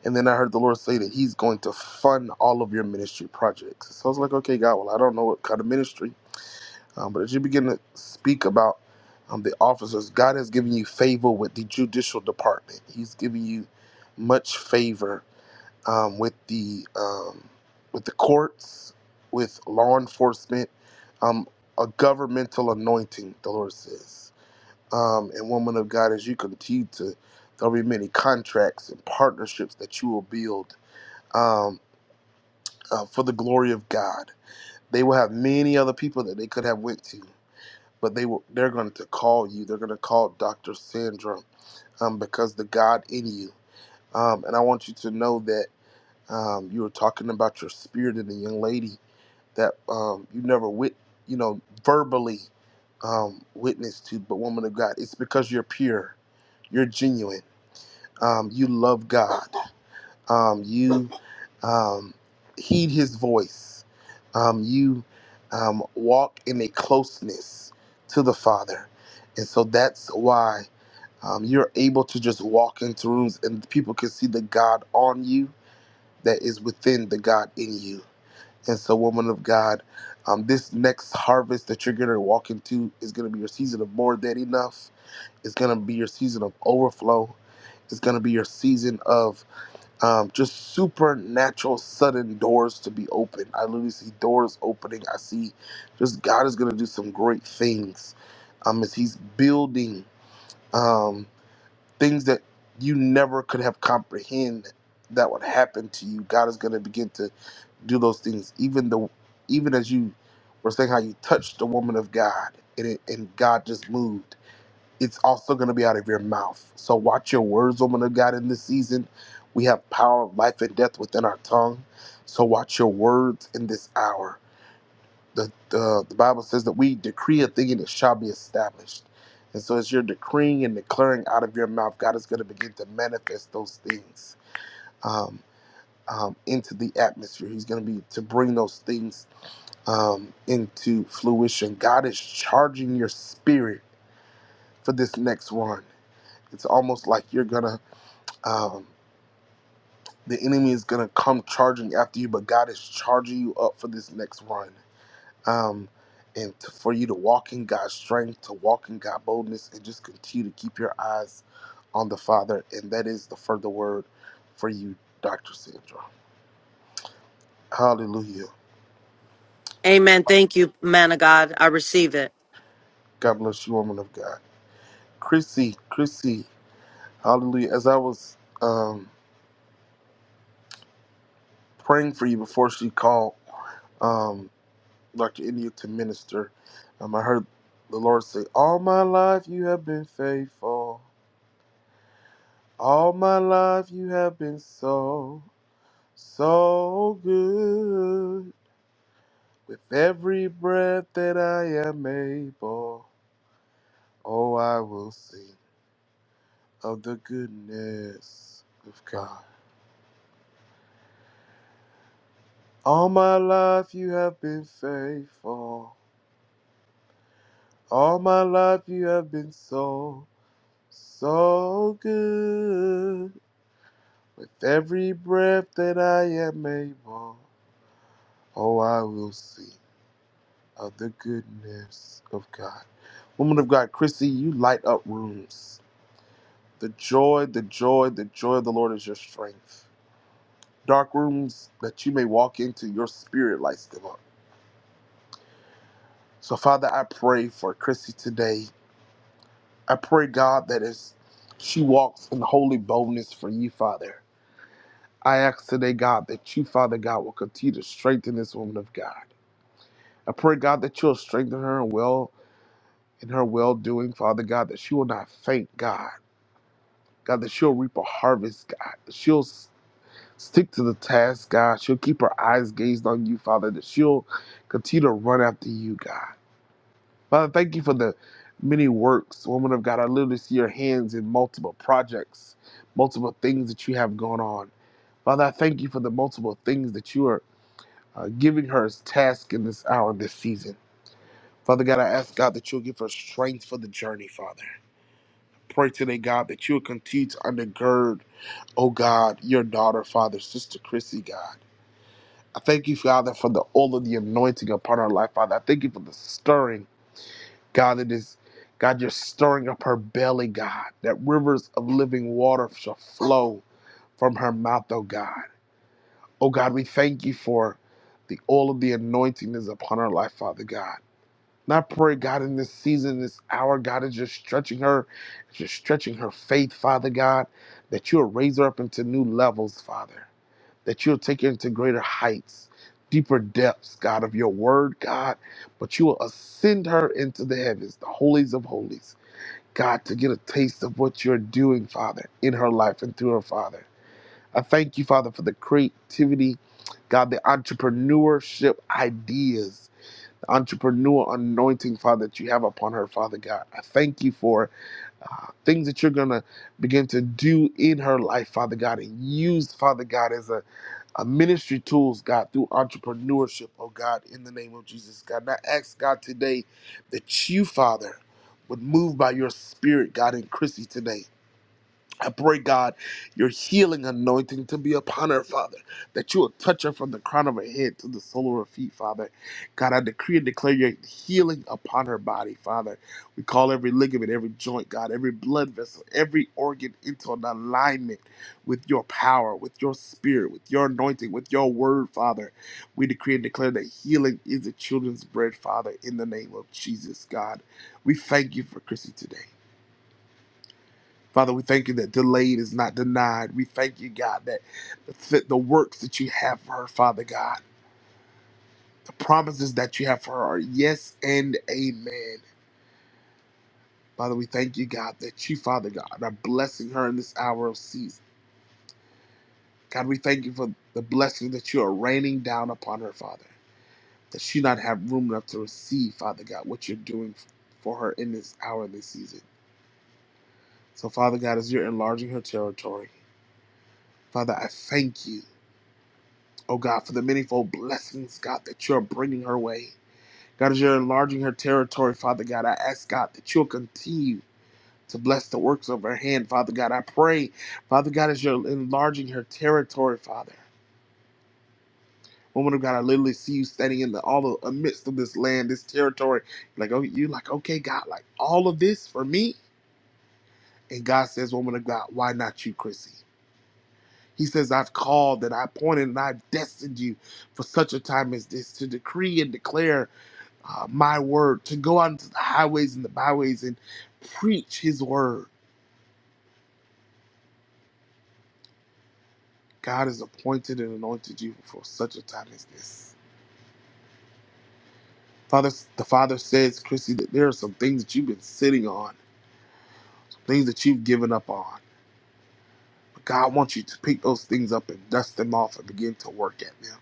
Speaker 8: And then I heard the Lord say that He's going to fund all of your ministry projects. So I was like, okay, God, well, I don't know what kind of ministry. Um, but as you begin to speak about um, the officers, God has given you favor with the judicial department. He's given you much favor um, with the um, with the courts, with law enforcement, um, a governmental anointing. The Lord says. Um, and woman of God, as you continue to, there'll be many contracts and partnerships that you will build um, uh, for the glory of God. They will have many other people that they could have went to, but they will. They're going to call you. They're going to call Doctor Sandra um, because the God in you. Um, and I want you to know that um, you were talking about your spirit and the young lady that um, you never wit, you know, verbally um, witnessed to, but woman of God, it's because you're pure, you're genuine Um, you love God. Um, you um, heed His voice. Um, you um, walk in a closeness to the Father, and so that's why um, you're able to just walk into rooms and people can see the God on you that is within the God in you. And so, woman of God, um, this next harvest that you're going to walk into is going to be your season of more than enough. It's going to be your season of overflow. It's going to be your season of um, just supernatural sudden doors to be open. I literally see doors opening. I see just God is going to do some great things um, as He's building um, things that you never could have comprehended that would happen to you. God is going to begin to do those things, even the even as you were saying how you touched the woman of God and, it, and God just moved it's also going to be out of your mouth. So watch your words, woman of God, in this season. We have power of life and death within our tongue. So watch your words in this hour. The, the, the Bible says that we decree a thing and it shall be established. And so as you're decreeing and declaring out of your mouth, God is going to begin to manifest those things um, um, into the atmosphere. He's going to be to bring those things um, into fruition. God is charging your spirit for this next run. It's almost like you're gonna, um, the enemy is gonna come charging after you, but God is charging you up for this next run, um, and to, for you to walk in God's strength, to walk in God's boldness, and just continue to keep your eyes on the Father, and that is the further word for you, Doctor Sandra. Hallelujah.
Speaker 7: amen thank you man of god i receive it
Speaker 8: God bless you, woman of God. Chrissy, Chrissy, hallelujah. As I was um, praying for you before she called, um, Dr. India to minister. Um, I heard the Lord say, All my life you have been faithful. All my life you have been so, so good. With every breath that I am able, oh, I will sing of the goodness of God. All my life you have been faithful. All my life you have been so, so good With every breath that I am able, oh, I will see of the goodness of God. Woman of God, Chrissy, you light up rooms. The joy, the joy, the joy of the Lord is your strength. Dark rooms that you may walk into, your spirit lights them up. So, Father, I pray for Chrissy today. I pray, God, that as she walks in holy boldness for you, Father, I ask today, God, that you, Father God, will continue to strengthen this woman of God. I pray, God, that you'll strengthen her and well in her well doing, Father God, that she will not faint, God. God, that she'll reap a harvest, God. That she'll s- stick to the task, God. She'll keep her eyes gazed on you, Father, that she'll continue to run after you, God. Father, thank you for the many works, woman of God. I literally see your hands in multiple projects, multiple things that you have going on. Father, I thank you for the multiple things that you are uh, giving her as task in this hour, this season. Father God, I ask God that you'll give us strength for the journey, Father. Pray today, God, that you'll continue to undergird, oh God, your daughter, Father, Sister Chrissy, God. I thank you, Father, for the all of the anointing upon her life, Father. I thank you for the stirring, God, that is, God, you're stirring up her belly, God, that rivers of living water shall flow from her mouth, oh God. Oh God, we thank you for the all of the anointing that is upon her life, Father God. And I pray, God, in this season, this hour, God is just stretching her, just stretching her faith, Father God, that you'll raise her up into new levels, Father, that you'll take her into greater heights, deeper depths, God, of your word, God, but you will ascend her into the heavens, the holies of holies, God, to get a taste of what you're doing, Father, in her life and through her, Father. I thank you, Father, for the creativity, God, the entrepreneurship ideas the entrepreneurial anointing, Father, that you have upon her, Father God. I thank you for uh, things that you're going to begin to do in her life, Father God, and use, Father God, as a, a ministry tools, God, through entrepreneurship, oh God, in the name of Jesus, God. And I ask, God, today that you, Father, would move by your spirit, God, in Chrissy today. I pray, God, your healing anointing to be upon her, Father, that you will touch her from the crown of her head to the sole of her feet, Father. God, I decree and declare your healing upon her body, Father. We call every ligament, every joint, God, every blood vessel, every organ into an alignment with your power, with your spirit, with your anointing, with your word, Father. We decree and declare that healing is the children's bread, Father, in the name of Jesus, God. We thank you for Chrissy today. Father, we thank you that delayed is not denied. We thank you, God, that the, the works that you have for her, Father God, the promises that you have for her are yes and amen. Father, we thank you, God, that you, Father God, are blessing her in this hour of season. God, we thank you for the blessing that you are raining down upon her, Father, that she not have room enough to receive, Father God, what you're doing for her in this hour, this season. So, Father God, as you're enlarging her territory, Father, I thank you. oh God, for the manifold blessings, God, that you're bringing her way. God, as you're enlarging her territory, Father God, I ask, God, that you'll continue to bless the works of her hand, Father God. I pray, Father God, as you're enlarging her territory, Father. Woman of God, I literally see you standing in the all the amidst of this land, this territory. Like, oh, you're like, okay, God, like all of this for me? And God says, Woman of God, why not you, Chrissy? He says, I've called and I appointed and I've destined you for such a time as this to decree and declare uh, my word, to go out into the highways and the byways and preach his word. God has appointed and anointed you for such a time as this. Father, the Father says, Chrissy, that there are some things that you've been sitting on, some things that you've given up on. But God wants you to pick those things up and dust them off and begin to work at them.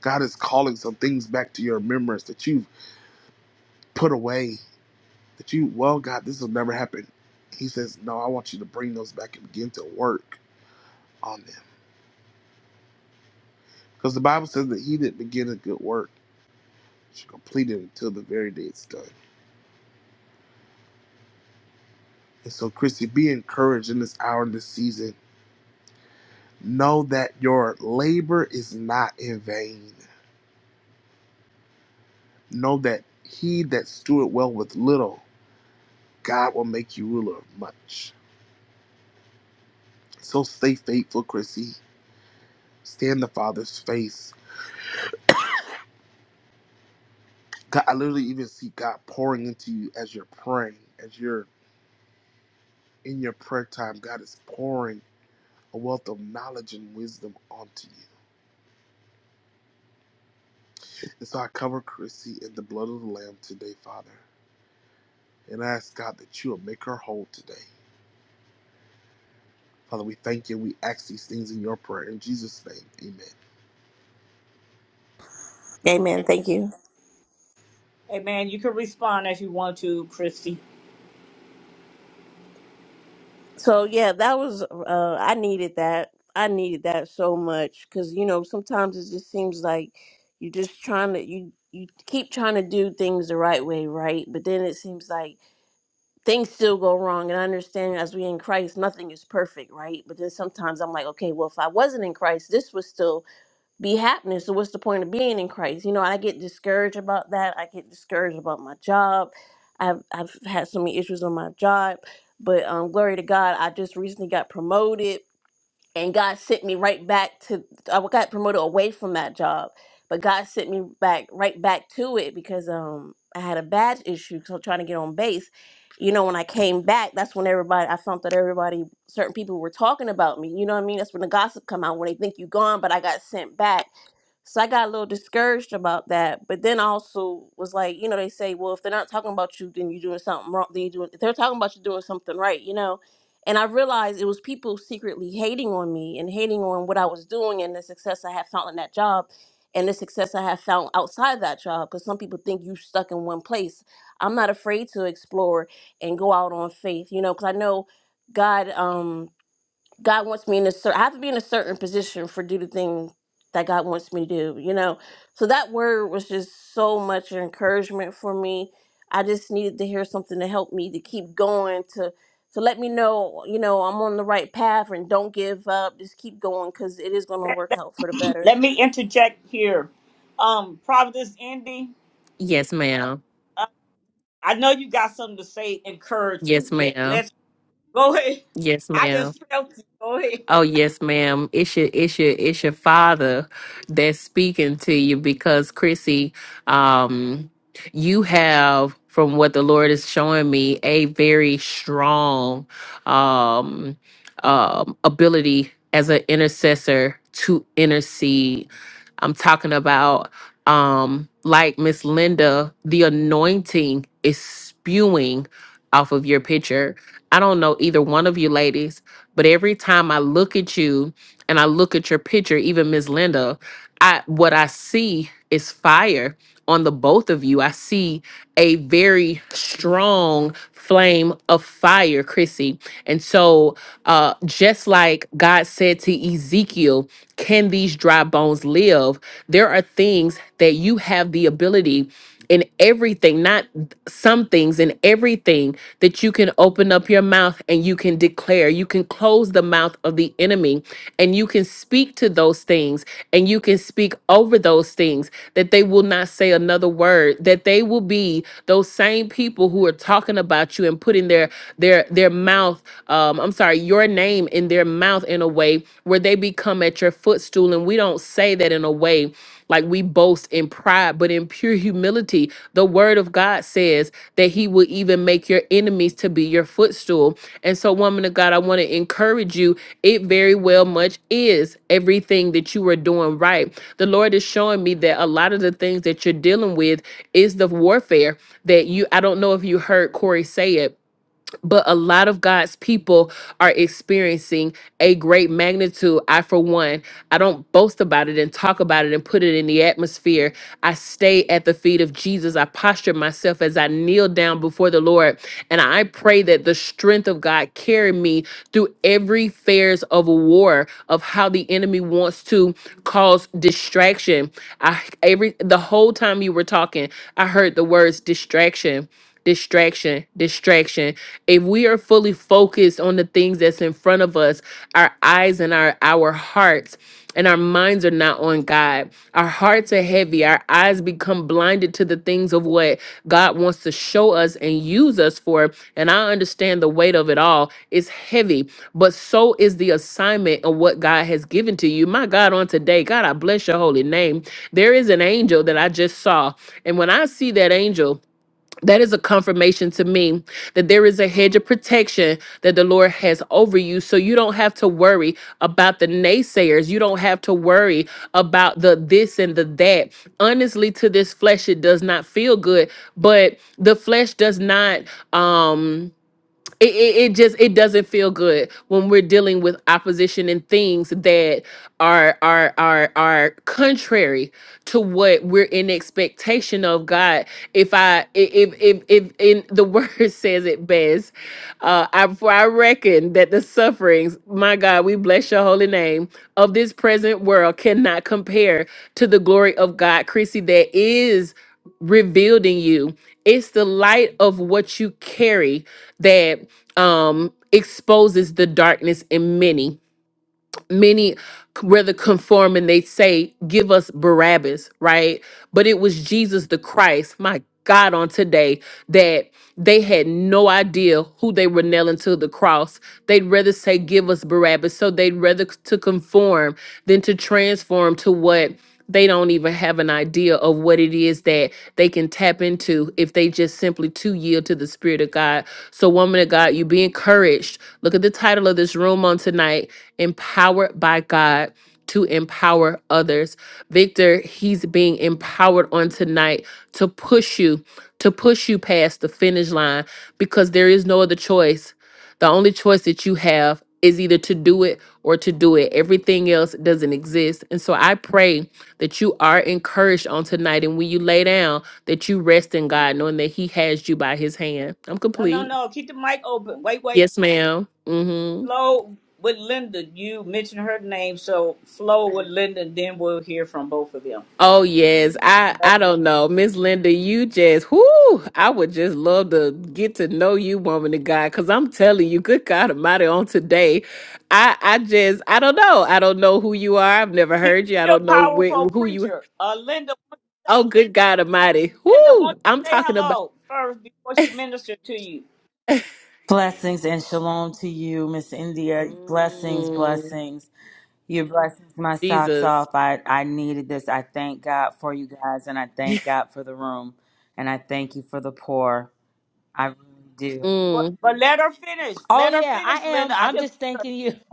Speaker 8: God is calling some things back to your remembrance that you've put away, that you, well, God, this will never happen. He says, No, I want you to bring those back and begin to work on them. Because the Bible says that he that began a good work should complete it until the very day it's done. And so, Christy, be encouraged in this hour and this season. Know that your labor is not in vain. Know that he that steward well with little, God will make you ruler of much. So stay faithful, Chrissy. Stay in the Father's face. God, I literally even see God pouring into you as you're praying, as you're in your prayer time. God is pouring a wealth of knowledge and wisdom onto you. And so I cover Chrissy in the blood of the Lamb today, Father. And I ask God that you will make her whole today. Father, we thank you. We ask these things in your prayer. In Jesus' name, amen.
Speaker 9: Amen. Thank you.
Speaker 1: Hey, man, you can respond as you want to, Chrissy.
Speaker 9: So yeah, that was uh I needed that. I needed that so much cuz you know, sometimes it just seems like you just trying to you you keep trying to do things the right way, right? But then it seems like things still go wrong and I understand as we in Christ, nothing is perfect, right? But then sometimes I'm like, okay, well if I wasn't in Christ, this was still be happening. So what's the point of being in Christ? You know, I get discouraged about that. I get discouraged about my job. I've I've had so many issues on my job, but um, glory to God, I just recently got promoted, and God sent me right back to. I got promoted away from that job, but God sent me back right back to it because um I had a badge issue, so trying to get on base. You know, when I came back, that's when everybody I found that everybody, certain people were talking about me. You know what I mean? That's when the gossip come out when they think you gone, but I got sent back so I got a little discouraged about that, but then I also was like, you know, they say, well, if they're not talking about you, then you're doing something wrong. Then you doing if they're talking about you doing something right, you know. And I realized it was people secretly hating on me and hating on what I was doing and the success I had found in that job and the success I had found outside that job. Because some people think you stuck in one place. I'm not afraid to explore and go out on faith, you know, because I know God. Um, God wants me in a certain, I have to be in a certain position for do the thing that God wants me to do, you know? So that word was just so much encouragement for me. I just needed to hear something to help me to keep going, to, to let me know, you know, I'm on the right path and don't give up. Just keep going because it is going to work out for the better.
Speaker 1: Let me interject here. Um, Providence Indy,
Speaker 5: yes, ma'am.
Speaker 1: uh, I know you got something to say encouraging.
Speaker 5: Yes,
Speaker 1: Let,
Speaker 5: ma'am.
Speaker 1: let's go ahead.
Speaker 5: Yes,
Speaker 1: I
Speaker 5: ma'am.
Speaker 1: just felt it. Go ahead.
Speaker 5: Oh yes, ma'am. It's your it's your it's your father that's speaking to you because Chrissy, um, you have from what the Lord is showing me a very strong um um ability as an intercessor to intercede. I'm talking about um like Miss Linda, the anointing is spewing off of your picture. I don't know either one of you ladies but every time I look at you and I look at your picture, even Miss Linda, I what I see is fire on the both of you. I see a very strong flame of fire, Chrissy. And so uh just like God said to Ezekiel, can these dry bones live? There are things that you have the ability in everything, not some things, in everything that you can open up your mouth and you can declare. You can close the mouth of the enemy and you can speak to those things and you can speak over those things that they will not say another word, that they will be those same people who are talking about you and putting their their their mouth, um, I'm sorry, your name in their mouth in a way where they become at your footstool. And we don't say that in a way like we boast in pride, but in pure humility, the word of God says that he will even make your enemies to be your footstool. And so, woman of God, I want to encourage you. It very well much is everything that you are doing right. The Lord is showing me that a lot of the things that you're dealing with is the warfare that you, I don't know if you heard Corey say it, but a lot of God's people are experiencing a great magnitude. I, for one, I don't boast about it and talk about it and put it in the atmosphere. I stay at the feet of Jesus. I posture myself as I kneel down before the Lord. And I pray that the strength of God carry me through every fares of war of how the enemy wants to cause distraction. I every the whole time you were talking, I heard the words distraction distraction, distraction. If we are fully focused on the things that's in front of us, our eyes and our our hearts and our minds are not on God. Our hearts are heavy. Our eyes become blinded to the things of what God wants to show us and use us for. And I understand the weight of it all. It's heavy, but so is the assignment of what God has given to you. My God, on today, God, I bless your holy name. There is an angel that I just saw. And when I see that angel, that is a confirmation to me that there is a hedge of protection that the Lord has over you. So you don't have to worry about the naysayers. You don't have to worry about the this and the that. Honestly, to this flesh, it does not feel good, but the flesh does not. Um, it, it, it just it doesn't feel good when we're dealing with opposition and things that are are are are contrary to what we're in expectation of god if i if if if in the word says it best uh i for i reckon that the sufferings my god we bless your holy name of this present world cannot compare to the glory of god chrissy that is rebuilding you it's the light of what you carry that um exposes the darkness in many many rather conform and they say give us barabbas right but it was jesus the christ my god on today that they had no idea who they were nailing to the cross they'd rather say give us barabbas so they'd rather to conform than to transform to what they don't even have an idea of what it is that they can tap into if they just simply to yield to the spirit of God. So woman of God, you be encouraged. Look at the title of this room on tonight, empowered by God to empower others. Victor, he's being empowered on tonight to push you to push you past the finish line because there is no other choice. The only choice that you have is either to do it or to do it. Everything else doesn't exist. And so I pray that you are encouraged on tonight. And when you lay down, that you rest in God, knowing that He has you by His hand. I'm
Speaker 1: No, no,
Speaker 5: complete.
Speaker 1: no. Keep the mic open. Wait, wait.
Speaker 5: Yes, ma'am. Mm-hmm.
Speaker 1: Flo with Linda, you mentioned her name, so Flo with Linda, and then we'll hear from both of them.
Speaker 5: Oh yes, I I don't know, Miss Linda. You just whoo! I would just love to get to know you, woman of God, because I'm telling you, good God Almighty, on today, I I just I don't know. I don't know who you are. I've never
Speaker 1: She's
Speaker 5: heard you. I
Speaker 1: a
Speaker 5: don't know where,
Speaker 1: powerful
Speaker 5: who you.
Speaker 1: preacher. Uh, Linda,
Speaker 5: Oh, good God Almighty,
Speaker 1: Linda,
Speaker 5: whoo!
Speaker 1: won't
Speaker 5: I'm
Speaker 1: you say
Speaker 5: talking about
Speaker 1: hello first before she ministers to you?
Speaker 10: Blessings and shalom to you, Miss India. Blessings,
Speaker 5: Mm,
Speaker 10: blessings. You blessed my socks
Speaker 5: Jesus.
Speaker 10: off. I, I needed this. I thank God for you guys, and I thank God for the room, and I thank you for the poor. I really do.
Speaker 5: Mm.
Speaker 1: But, but let her finish.
Speaker 10: Oh,
Speaker 1: Let her
Speaker 10: yeah,
Speaker 1: finish,
Speaker 10: I
Speaker 1: Linda.
Speaker 10: am.
Speaker 1: I
Speaker 10: I'm
Speaker 1: just,
Speaker 10: just thanking you.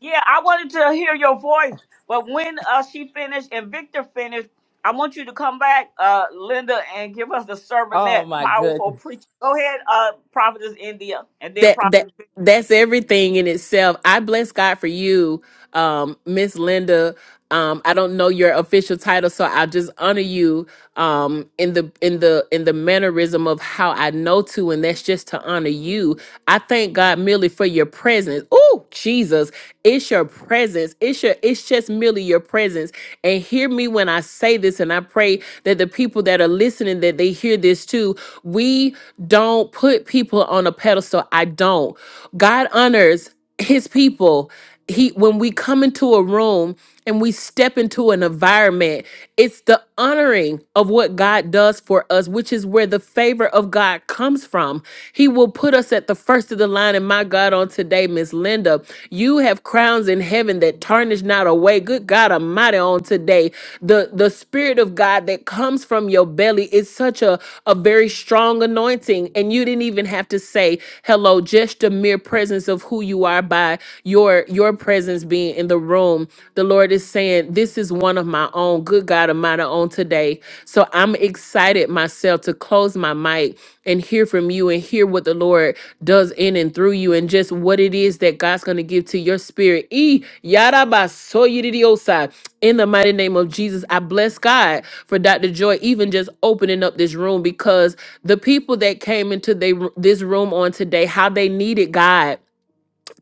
Speaker 1: yeah, I wanted to hear your voice, but when uh, she finished and Victor finished, I want you to come back, uh, Linda, and give us the sermonette,
Speaker 10: Oh, my
Speaker 1: powerful
Speaker 10: goodness.
Speaker 1: preacher. Go ahead, uh, Prophetess India, and then
Speaker 5: that that
Speaker 1: Prophet.
Speaker 5: that's everything in itself. I bless God for you, um, Miss Linda. Um, I don't know your official title, so I'll just honor you um in the in the in the mannerism of how I know to and that's just to honor you. I thank God merely for your presence. Oh, Jesus, it's your presence. It's your it's just merely your presence. And hear me when I say this and I pray that the people that are listening that they hear this too. We don't put people on a pedestal. I don't. God honors his people he when we come into a room and we step into an environment it's the honoring of what god does for us which is where the favor of god comes from he will put us at the first of the line and my god on today miss linda you have crowns in heaven that tarnish not away good god almighty on today the the spirit of god that comes from your belly is such a a very strong anointing and you didn't even have to say hello just the mere presence of who who you are by your your presence being in the room the lord is saying this is one of my own good god of mine on today so i'm excited myself to close my mic and hear from you and hear what the lord does in and through you and just what it is that god's going to give to your spirit e yada basoyidiosa. in the mighty name of jesus i bless god for dr joy even just opening up this room because the people that came into they, this room on today how they needed god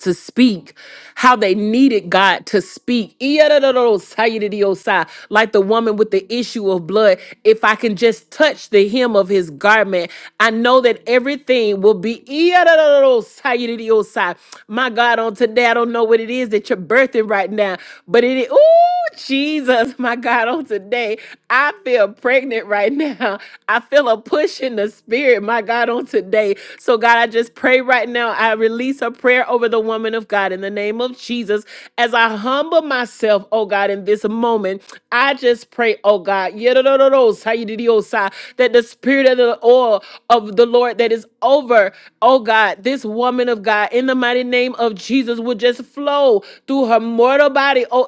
Speaker 5: to speak, how they needed God to speak. Iyadadadadosayididiyosai. Like the woman with the issue of blood, if I can just touch the hem of his garment, I know that everything will be. Iyadadadadadosayididiyosai. My God, on today, I don't know what it is that you're birthing right now, but it is. Ooh, Jesus, my God, on today. I feel pregnant right now. I feel a push in the spirit, my God, on today. So, God, I just pray right now. I release a prayer over the woman of God in the name of Jesus. As I humble myself, oh God, in this moment, I just pray, oh God, yadadadadosayadidiosa, that the spirit of the oil of the Lord that is over, oh God, this woman of God, in the mighty name of Jesus, would just flow through her mortal body. Oh,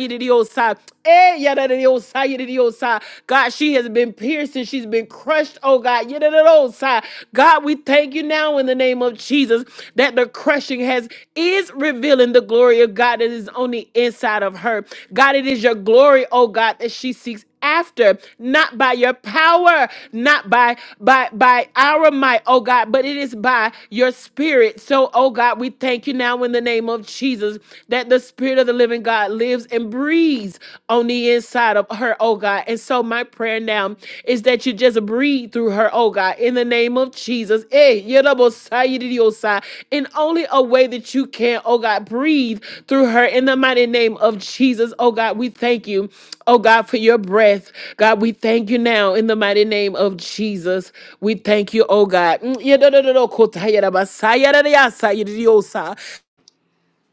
Speaker 5: yididiosa. Eh, yadadidiosa, yididiosa. God, she has been pierced and she's been crushed, oh God. yididiosa. God, we thank you now in the name of Jesus that the crushing has is revealing the glory of God that is on the inside of her. God, it is your glory, oh God, that she seeks after not by your power not by by by our might oh god but it is by your spirit so oh god we thank you now in the name of jesus that the spirit of the living god lives and breathes on the inside of her oh god and so my prayer now is that you just breathe through her oh god in the name of jesus Eh, yedabosayididiyosai. in only a way that you can oh god breathe through her in the mighty name of jesus oh god we thank you Oh God, for your breath. God, we thank you now in the mighty name of Jesus. We thank you, oh God. Mm, yeah, no, no, no, no, kota, yeah, da, ba, sa, yeah, da, da, ya, sa, yeah, da, da, yo, sa.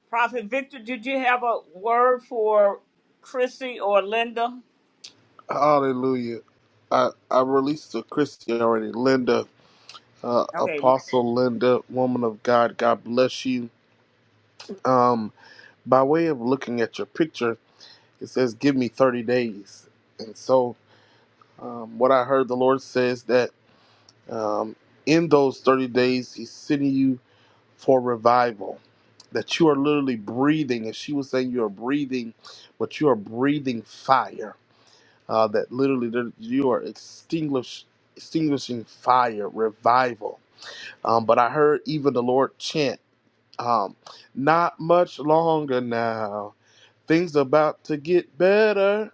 Speaker 1: Prophet Victor, did you have a word for Chrissy or Linda?
Speaker 8: Hallelujah. I, I released to Christy already. Linda, uh,
Speaker 1: Okay.
Speaker 8: Apostle Linda, woman of God, God bless you. Um, by way of looking at your picture, it says, Give me 30 days. And so, um, what I heard the Lord says that um, in those 30 days, He's sending you. for revival. That you are literally breathing, as she was saying, you are breathing, but you are breathing fire. Uh, that literally that you are extinguish, extinguishing fire, revival. Um, but I heard even the Lord chant, um, not much longer now. Things about to get better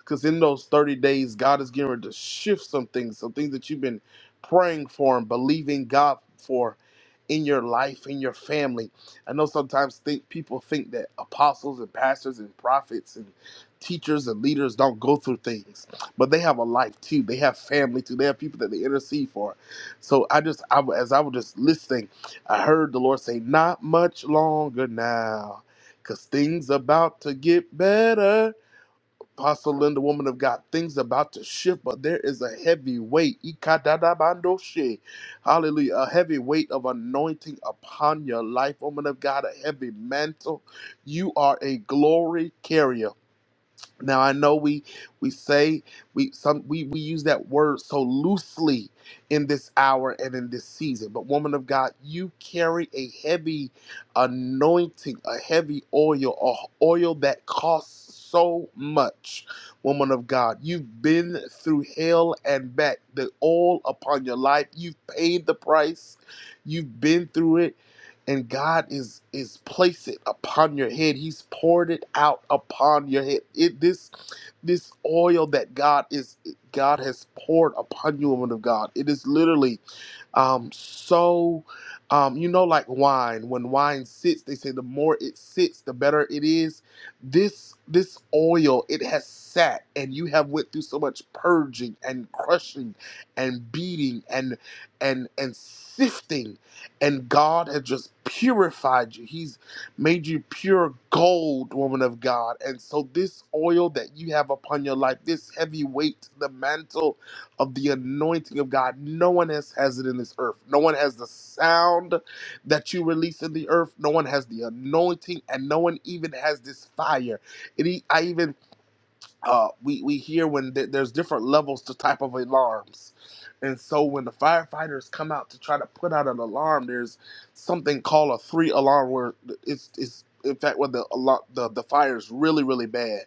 Speaker 8: because in those 30 days, God is getting ready to shift some things, some things that you've been praying for and believing God for in your life, in your family. I know sometimes think people think that apostles and pastors and prophets and teachers and leaders don't go through things, but they have a life too. They have family too. They have people that they intercede for. So I just, I, w- as I was just listening, I heard the Lord say, "Not much longer now, cause things about to get better." Apostle Linda, woman of God, things about to shift, but there is a heavy weight. Ikadadabandoshe. Hallelujah. A heavy weight of anointing upon your life, woman of God, a heavy mantle. You are a glory carrier. Now I know we we say we some we, we use that word so loosely in this hour and in this season. But woman of God, you carry a heavy anointing, a heavy oil, a oil that costs so much. Woman of God, you've been through hell and back. The oil upon your life, you've paid the price. You've been through it and God is is placed it upon your head. He's poured it out upon your head. It, this this oil that God is God has poured upon you, woman of God. It is literally um, so um, you know like wine when wine sits they say the more it sits the better it is this this oil it has sat and you have went through so much purging and crushing and beating and and and sifting and god has just purified you he's made you pure gold woman of god and so this oil that you have upon your life this heavy weight the mantle of the anointing of God. No one else has it in this earth. No one has the sound that you release in the earth. No one has the anointing, and no one even has this fire. It, e- I even uh, we we hear when th- there's different levels to type of alarms, and so when the firefighters come out to try to put out an alarm, there's something called a three alarm where it's it's in fact where the alarm the, the fire is really really bad,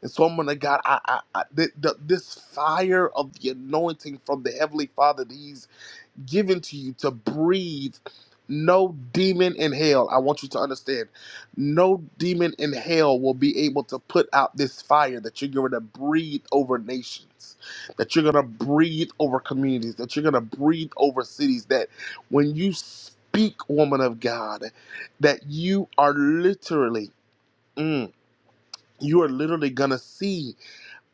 Speaker 8: and so I'm gonna God I, I, I th- th- this fire of the anointing from the heavenly Father these given to you to breathe. No demon in hell, I want you to understand, no demon in hell will be able to put out this fire that you're going to breathe over nations, that you're going to breathe over communities, that you're going to breathe over cities. That when you speak, woman of God, that you are literally, mm, you are literally going to see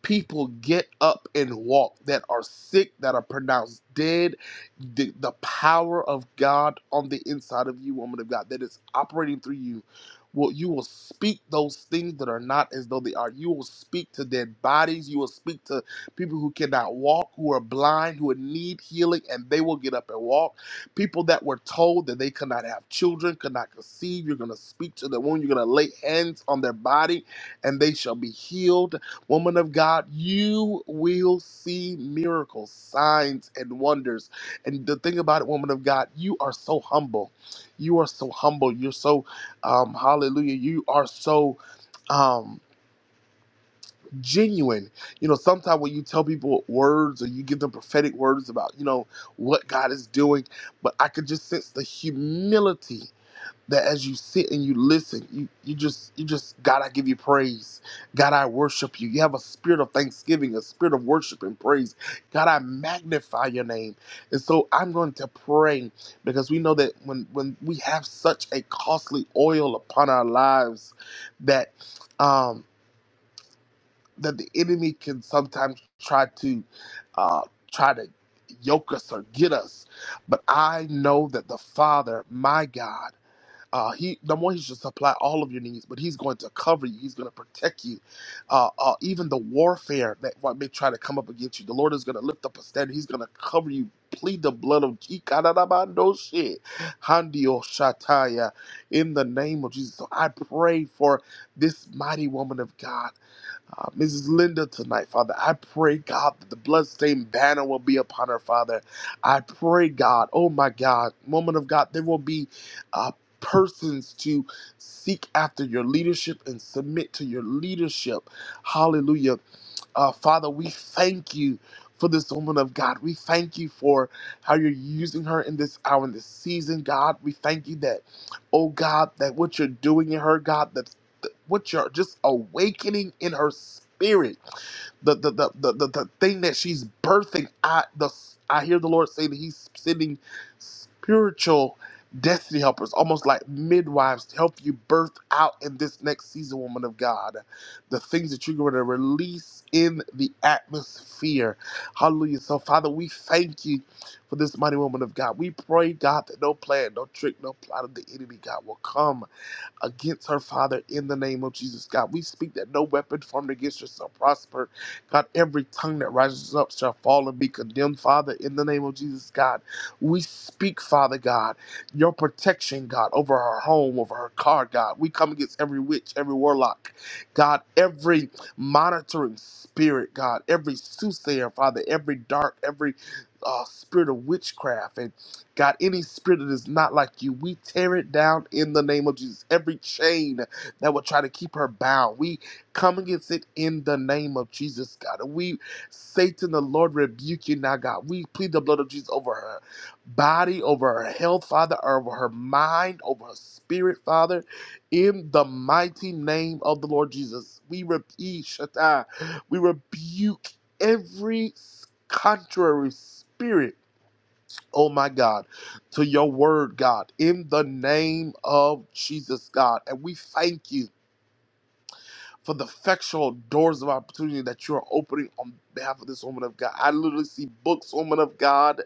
Speaker 8: people get up and walk that are sick, that are pronounced dead. The, the power of God on the inside of you, woman of God, that is operating through you. Will you will speak those things that are not as though they are. You will speak to dead bodies. You will speak to people who cannot walk, who are blind, who need healing, and they will get up and walk. People that were told that they could not have children, could not conceive. You're going to speak to the womb. You're going to lay hands on their body, and they shall be healed Woman of God, you will see miracles, signs, and wonders. And the thing about it, woman of God, you are so humble. You are so humble. You're so, um, hallelujah. You are so um, genuine. You know, sometimes when you tell people words or you give them prophetic words about, you know, what God is doing, but I could just sense the humility that as you sit and you listen, you, you just you just God, I give you praise. God, I worship you. You have a spirit of thanksgiving, a spirit of worship and praise. God, I magnify your name. And so I'm going to pray because we know that when when we have such a costly oil upon our lives that um that the enemy can sometimes try to uh try to yoke us or get us. But I know that the Father, my God. Uh, he the more he should supply all of your needs, but he's going to cover you. He's going to protect you. Uh, uh, even the warfare that what may try to come up against you, the Lord is going to lift up a standard. He's going to cover you. Plead the blood of Ikarabando shit, Handio Shataya, in the name of Jesus. So I pray for this mighty woman of God uh, Mrs. Linda tonight, Father. I pray, God, that the bloodstained banner will be upon her, Father. I pray, God, oh my God, woman of God, there will be uh, persons to seek after your leadership and submit to your leadership. Hallelujah uh, Father, we thank you for this woman of God. We thank you for how you're using her in this hour, in this season, God. We thank you that, oh God, that what you're doing in her, God, that that what you're just awakening in her spirit the the the the, the, the thing that she's birthing. I the I hear the Lord say that He's sending spiritual destiny helpers, almost like midwives, to help you birth out in this next season, woman of God, the things that you're going to release in the atmosphere. Hallelujah. So, Father, we thank you for this mighty woman of God. We pray, God, that no plan, no trick, no plot of the enemy, God, will come against her, Father, in the name of Jesus. God, we speak that no weapon formed against her shall prosper. God, every tongue that rises up shall fall and be condemned, Father, in the name of Jesus, God. We speak, Father God, your protection, God, over her home, over her car, God. We come against every witch, every warlock, God, every monitoring spirit, God, every soothsayer, Father, every dark, every uh, spirit of witchcraft and. God, any spirit that is not like you, we tear it down in the name of Jesus. Every chain that will try to keep her bound, we come against it in the name of Jesus, God. And we, Satan, the Lord, rebuke you now, God. We plead the blood of Jesus over her body, over her health, Father, over her mind, over her spirit, Father, in the mighty name of the Lord Jesus. We rebuke, Shaddai, we rebuke every contrary spirit oh my God, to your word, God, in the name of Jesus, God. And we thank you for the effectual doors of opportunity that you are opening on behalf of this woman of God. I literally see books, woman of God.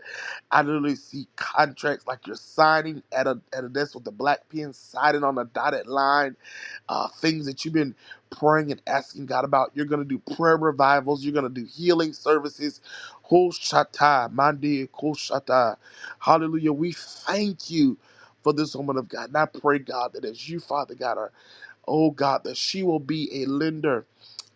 Speaker 8: I literally see contracts like you're signing at a, at a desk with a black pen, signing on a dotted line uh, things that you've been praying and asking God about. You're going to do prayer revivals. You're going to do healing services. Hoshata, mandi, koshata. Hallelujah. We thank you for this woman of God. And I pray, God, that as you, Father God, are, oh God, that she will be a lender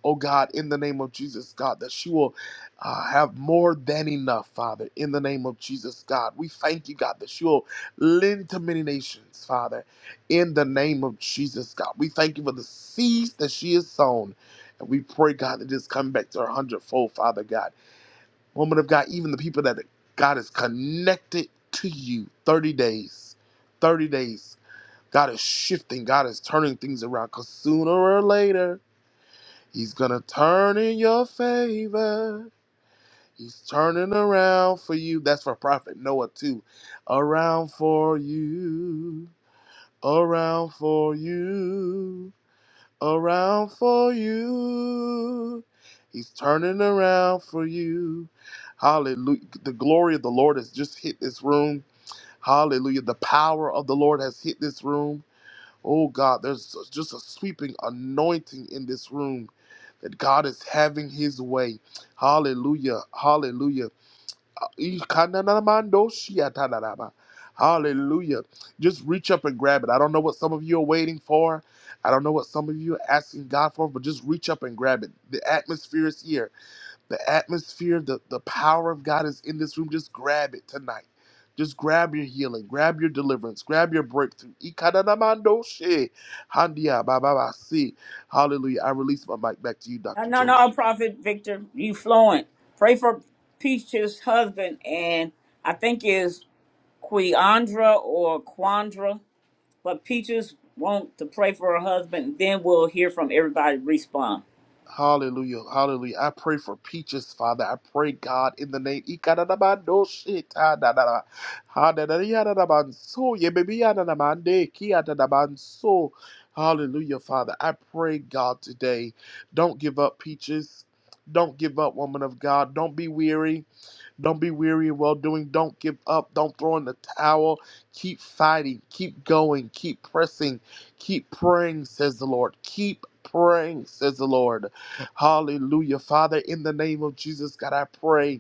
Speaker 8: oh God, in the name of Jesus, God, that she will uh, have more than enough, Father, in the name of Jesus, God. We thank you, God, that she will lend to many nations, Father, in the name of Jesus, God. We thank you for the seeds that she has sown. And we pray, God, that it's come back to her hundredfold, Father God. Woman of God, even the people that God is connected to you 30 days, 30 days. God is shifting. God is turning things around because sooner or later, He's gonna turn in your favor. He's turning around for you. That's for Prophet Noah too. Around for you. Around for you. Around for you. He's turning around for you. Hallelujah. The glory of the Lord has just hit this room. Hallelujah. The power of the Lord has hit this room. Oh God, there's just a sweeping anointing in this room that God is having his way. Hallelujah. Hallelujah. Ikananamandoshiatanaraba. Hallelujah. Just reach up and grab it. I don't know what some of you are waiting for. I don't know what some of you are asking God for, but just reach up and grab it. The atmosphere is here. The atmosphere, the, the power of God is in this room. Just grab it tonight. Just grab your healing, grab your deliverance, grab your breakthrough. Ikananamandoshe. Handia bababasi. Hallelujah. I release my mic back to you,
Speaker 1: No,
Speaker 8: Dr.
Speaker 1: no,
Speaker 8: Joy.
Speaker 1: no, Prophet Victor, you fluent. Pray for Peach's husband, and I think is Queandra or Quandra, but Peaches want to pray for her husband. Then we'll hear from everybody respond.
Speaker 8: Hallelujah. Hallelujah. I pray for peaches, Father. I pray, God, in the name. Ikadadabando shitadadada. Hadadadiyadadabanso. Yebebiyadadamande. Kiyadadabanso. Hallelujah, Father. I pray, God, today. Don't give up, peaches. Don't give up, woman of God. Don't be weary. Don't be weary in well doing. Don't give up. Don't throw in the towel. Keep fighting. Keep going. Keep pressing. Keep praying, says the Lord. Keep praying, says the Lord. Hallelujah. Father, in the name of Jesus, God, I pray.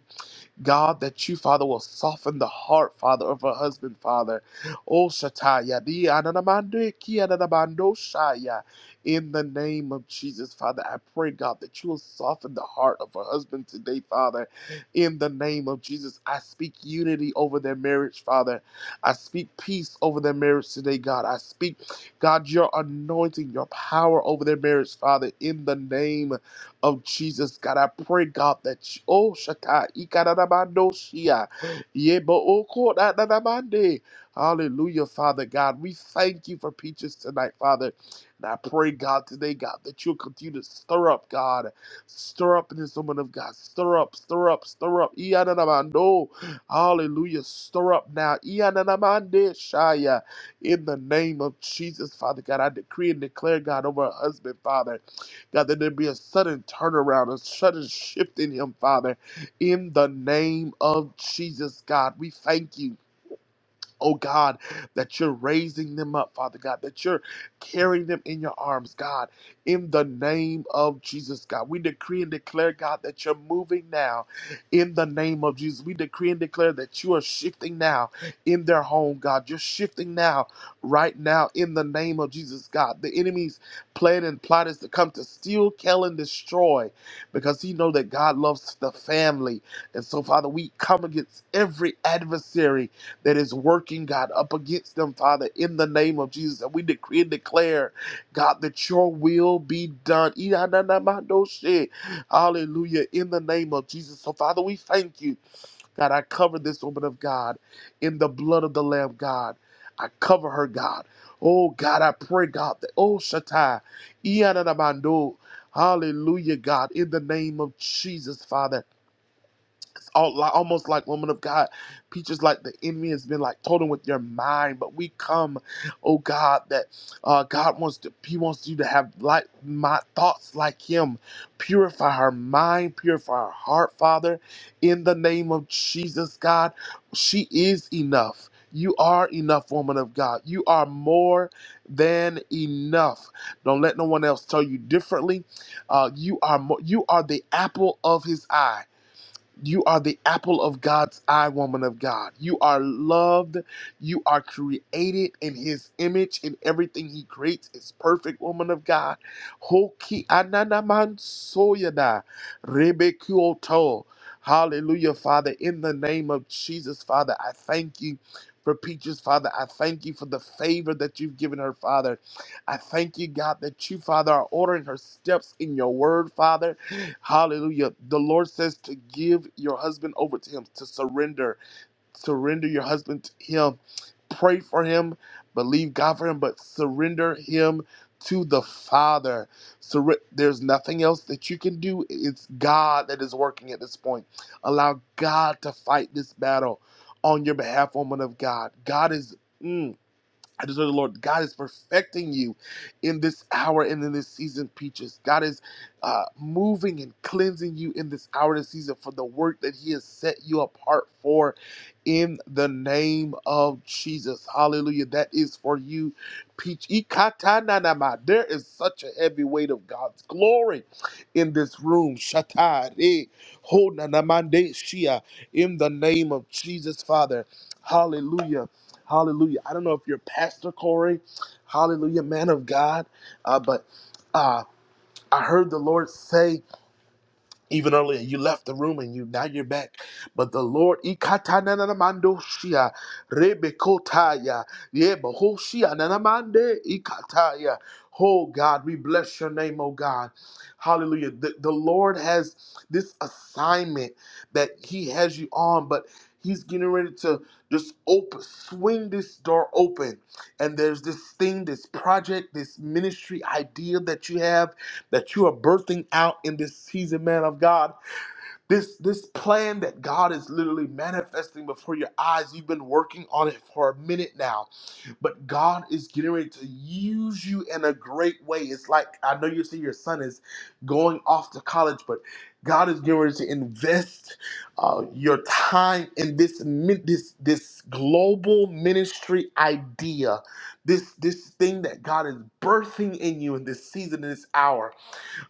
Speaker 8: God, that you, Father, will soften the heart, Father, of her husband, Father. Oh, Shataya, di ananamande ki ananamando shaya. in the name of Jesus, Father, I pray, God, that you will soften the heart of her husband today, Father. In the name of Jesus, I speak unity over their marriage, Father. I speak peace over their marriage today, God. I speak, God, your anointing, your power over their marriage, Father, in the name of Jesus. God, I pray, God, that you, oh, Shaka, Ikaranamando Shia, Yebo Oko Nananamande. Hallelujah, Father God. We thank you for peaches tonight, Father. And I pray, God, today, God, that you'll continue to stir up, God. Stir up in this woman of God. Stir up, stir up, stir up. Iyananamando. Hallelujah. Stir up now. Iyananamande Shia. In the name of Jesus, Father God, I decree and declare, God, over her husband, Father. God, that there be a sudden turnaround, a sudden shift in him, Father, in the name of Jesus, God. We thank you. Oh God, that you're raising them up, Father God, that you're carrying them in your arms, God, in the name of Jesus, God. We decree and declare, God, that you're moving now in the name of Jesus. We decree and declare that you are shifting now in their home, God. You're shifting now, right now, in the name of Jesus, God. The enemy's plan and plot is to come to steal, kill, and destroy because he know that God loves the family. And so, Father, we come against every adversary that is working, God, up against them, Father, in the name of Jesus. And we decree and declare, God, that your will be done. Iyananamandoshe. Hallelujah. In the name of Jesus. So, Father, we thank you. God, I cover this woman of God in the blood of the Lamb, God. I cover her, God. Oh, God, I pray, God, that, oh, Shatai. Iyananamando. Hallelujah, God, in the name of Jesus, Father. It's all, li- almost like woman of God. Peaches, like the enemy has been like told him with your mind, but we come, oh God, that uh, God wants to, He wants you to have like my thoughts like Him. Purify her mind, purify her heart, Father, in the name of Jesus, God. She is enough. You are enough, woman of God. You are more than enough. Don't let no one else tell you differently. Uh, you are mo- you are the apple of His eye. You are the apple of God's eye, woman of God. You are loved. You are created in His image, and everything He creates is perfect, woman of God. Hoki ananaman soyada, rebekyoto. Hallelujah, Father. In the name of Jesus, Father, I thank you. For Peaches, Father, I thank you for the favor that you've given her, Father. I thank you, God, that you, Father, are ordering her steps in your word, Father. Hallelujah. The Lord says to give your husband over to him, to surrender. Surrender your husband to him. Pray for him, believe God for him, but surrender him to the Father. Surre- There's nothing else that you can do. It's God that is working at this point. Allow God to fight this battle on your behalf, woman of God. God is. mm, I just heard the Lord, God is perfecting you in this hour and in this season, Peaches. God is uh, moving and cleansing you in this hour and season for the work that He has set you apart for in the name of Jesus. Hallelujah. That is for you, Peach. Ikatananama. There is such a heavy weight of God's glory in this room. Shatare. Honanamande Shia. In the name of Jesus, Father. Hallelujah. Hallelujah. I don't know if you're Pastor Corey. Hallelujah, man of God. Uh, but uh, I heard the Lord say even earlier you left the room and you now you're back but the lord ikatananamandoshia, rebekotaya, yebahoshia, nanamande, ikataya. oh god we bless your name oh god hallelujah the, the lord has this assignment that he has you on but he's getting ready to just open swing this door open and there's this thing this project this ministry idea that you have that you are birthing out in this season, man of God. This this plan that God is literally manifesting before your eyes. You've been working on it for a minute now, but God is getting ready to use you in a great way. It's like I know you see your son is going off to college, but God is getting ready to invest uh, your time in this min- this this global ministry idea, this this thing that God is birthing in you in this season, in this hour.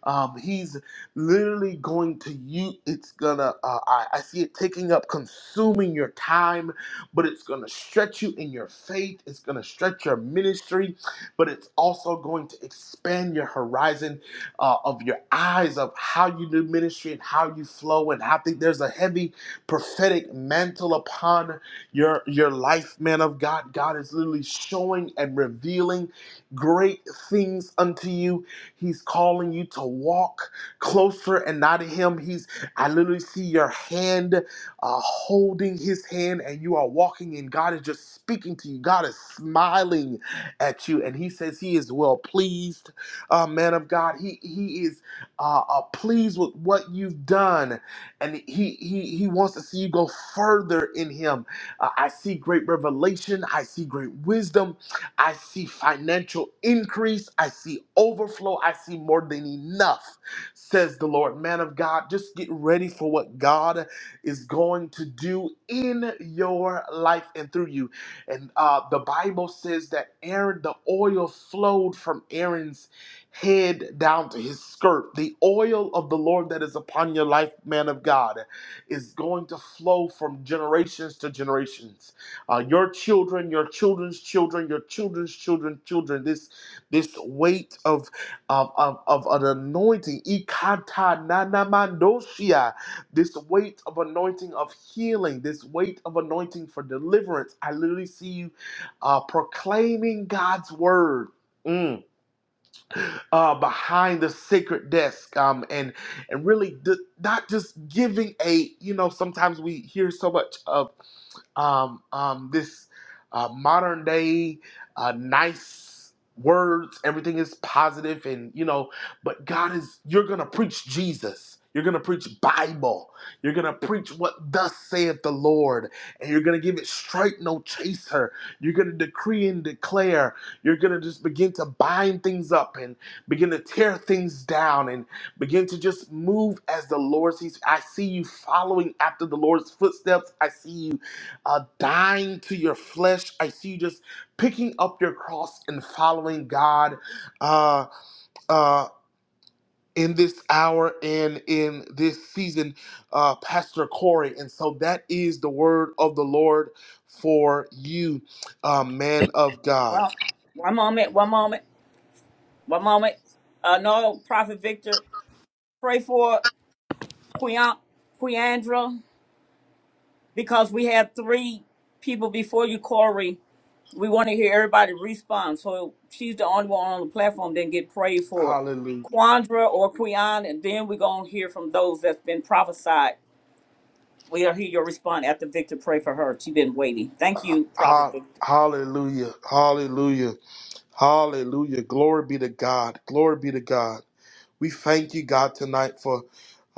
Speaker 8: Um, he's literally going to you. It's gonna. Uh, I, I see it taking up, consuming your time, but it's gonna stretch you in your faith. It's gonna stretch your ministry, but it's also going to expand your horizon uh, of your eyes of how you do ministry and how you flow. And I think there's a heavy prophetic mantle upon your your life, man of God. God is literally showing and revealing great things unto you He's calling you to walk closer and not to Him. He's, I literally see your hand uh, holding His hand and you are walking, and God is just speaking to you. God is smiling at you, and He says He is well pleased, uh, man of God. He, he is uh, uh, pleased with what you've done, and he, he, he wants to see you go further in Him. Uh, I see great revelation, I see great wisdom. I see financial increase. I see overflow. I see more than enough, says the Lord. Man of God, just get ready for what God is going to do in your life and through you. And uh, the Bible says that Aaron, the oil flowed from Aaron's head down to his skirt. The oil of the Lord that is upon your life, man of God, is going to flow from generations to generations uh, your children, your children's children, your children's children, children. This this weight of of of, of an anointing, ikata nanamandosia. This weight of anointing of healing. This weight of anointing for deliverance. I literally see you uh, proclaiming God's word. Mm. uh, behind the sacred desk, um, and and really d- not just giving a you know sometimes we hear so much of um, um, this uh, modern day uh, nice words. Everything is positive, and you know, but God is. You're gonna preach Jesus. You're gonna preach Bible. You're gonna preach what thus saith the Lord, and you're gonna give it straight, no chaser. You're gonna decree and declare. You're gonna just begin to bind things up and begin to tear things down and begin to just move as the Lord sees. I see you following after the Lord's footsteps. I see you uh, dying to your flesh. I see you just picking up your cross and following God uh, uh, in this hour and in this season, uh, Pastor Corey. And so that is the word of the Lord for you, uh, man of God.
Speaker 1: Well, one moment, one moment, one moment. Uh, no, Prophet Victor, pray for Queandra because we had three people before you, Corey. We want to hear everybody respond. So she's the only one on the platform that get prayed for.
Speaker 8: Hallelujah.
Speaker 1: Quandra or Quion, and then we're going to hear from those that's been prophesied. We'll hear your response after Victor pray for her. She's been waiting. Thank you, Prophet
Speaker 8: Ha-
Speaker 1: Victor.
Speaker 8: hallelujah. Hallelujah. Hallelujah. Glory be to God. Glory be to God. We thank you, God, tonight for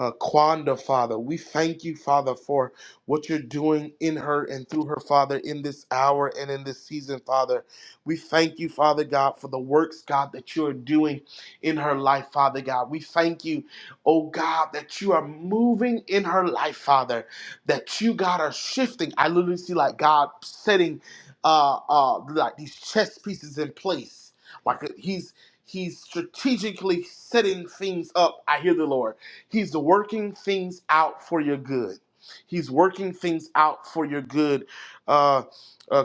Speaker 8: uh, Quanda, Father. We thank you, Father, for what you're doing in her and through her, Father, in this hour and in this season, Father. We thank you, Father God, for the works, God, that you are doing in her life, Father God. We thank you, oh God, that you are moving in her life, Father, that you, God, are shifting. I literally see, like, God setting uh, uh, like these chess pieces in place. Like he's He's strategically setting things up. I hear the Lord. He's working things out for your good. He's working things out for your good. Uh, uh,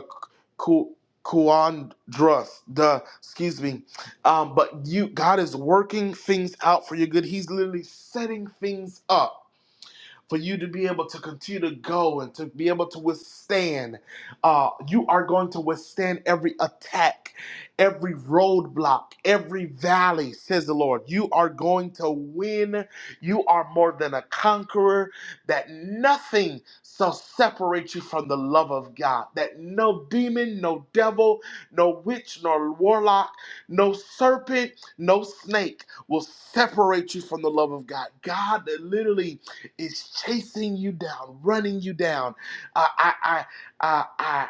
Speaker 8: Ku- Kuandrus, the excuse me, um, but you, God is working things out for your good. He's literally setting things up for you to be able to continue to go and to be able to withstand. Uh, you are going to withstand every attack, every roadblock, every valley, says the Lord. You are going to win. You are more than a conqueror, that nothing shall separate you from the love of God, that no demon, no devil, no witch, nor warlock, no serpent, no snake will separate you from the love of God. God literally is chasing you down, running you down. I, I, I, I, I,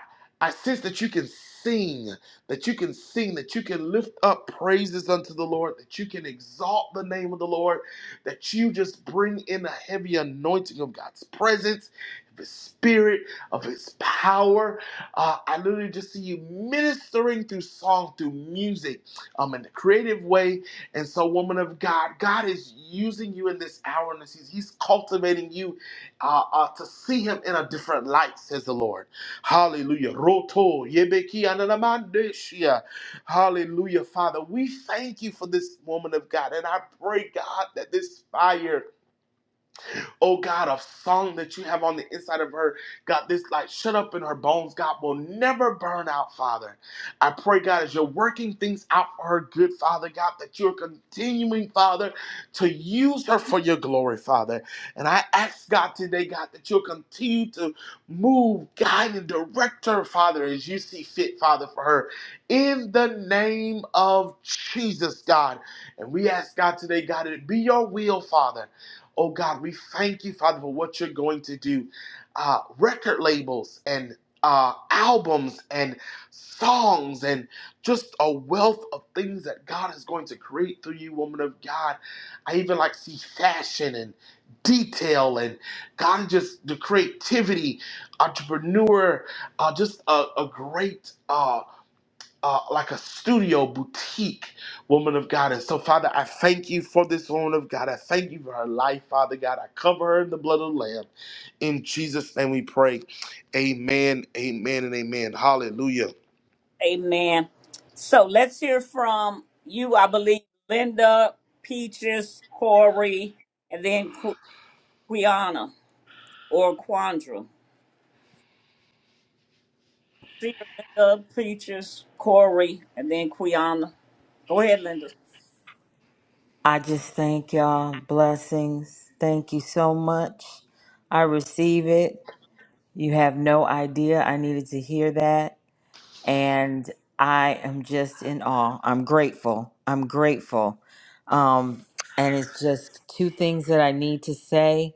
Speaker 8: sense that you can sing, that you can sing, that you can lift up praises unto the Lord, that you can exalt the name of the Lord, that you just bring in a heavy anointing of God's presence, of His Spirit, of His power. Uh, I literally just see you ministering through song, through music, um, in a creative way and so, woman of God, God is using you in this hour and this season. He's cultivating you uh, uh, to see Him in a different light, says the Lord. Hallelujah. Roto yebeki ananamandeshia. Hallelujah, Father. We thank you for this woman of God. And I pray, God, that this fire. Oh God, a song that you have on the inside of her, God, this like shut up in her bones, God, will never burn out, Father. I pray, God, as you're working things out for her good, Father, God, that you're continuing, Father, to use her for your glory, Father. And I ask, God, today, God, that you'll continue to move, guide, and direct her, Father, as you see fit, Father, for her. In the name of Jesus, God. And we ask, God, today, God, that it be your will, Father. Oh God, we thank you, Father, for what you're going to do. Uh, record labels and uh, albums and songs and just a wealth of things that God is going to create through you, woman of God. I even like see fashion and detail and God just the creativity, entrepreneur, uh, just a, a great uh, uh, like a studio boutique woman of God. And so, Father, I thank you for this woman of God. I thank you for her life, Father God. I cover her in the blood of the Lamb. In Jesus' name we pray. Amen, amen, and amen. Hallelujah.
Speaker 1: Amen. So let's hear from you, I believe, Linda, Peaches, Corey, and then Qu- Quiana or Quandra. see you, Linda, Peaches, Corey, and then Quiana. Go ahead, Linda.
Speaker 10: I just thank y'all. Blessings. Thank you so much. I receive it. You have no idea. I needed to hear that. and I am just in awe. I'm grateful. I'm grateful. Um, and it's just two things that I need to say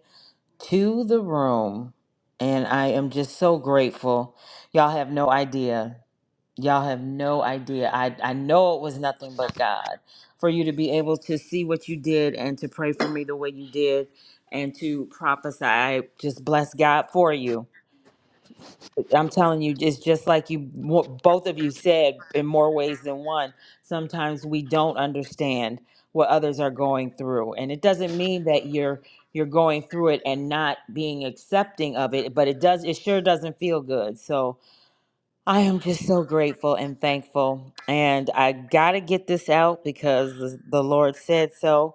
Speaker 10: to the room. And I am just so grateful. Y'all have no idea. Y'all have no idea. I, I know it was nothing but God for you to be able to see what you did and to pray for me the way you did and to prophesy. I just bless God for you I'm telling you, it's just like you mo- both of you said in more ways than one. Sometimes we don't understand what others are going through, and it doesn't mean that you're you're going through it and not being accepting of it, but it does it sure doesn't feel good. So I am just so grateful and thankful, and I gotta get this out because the, the Lord said so.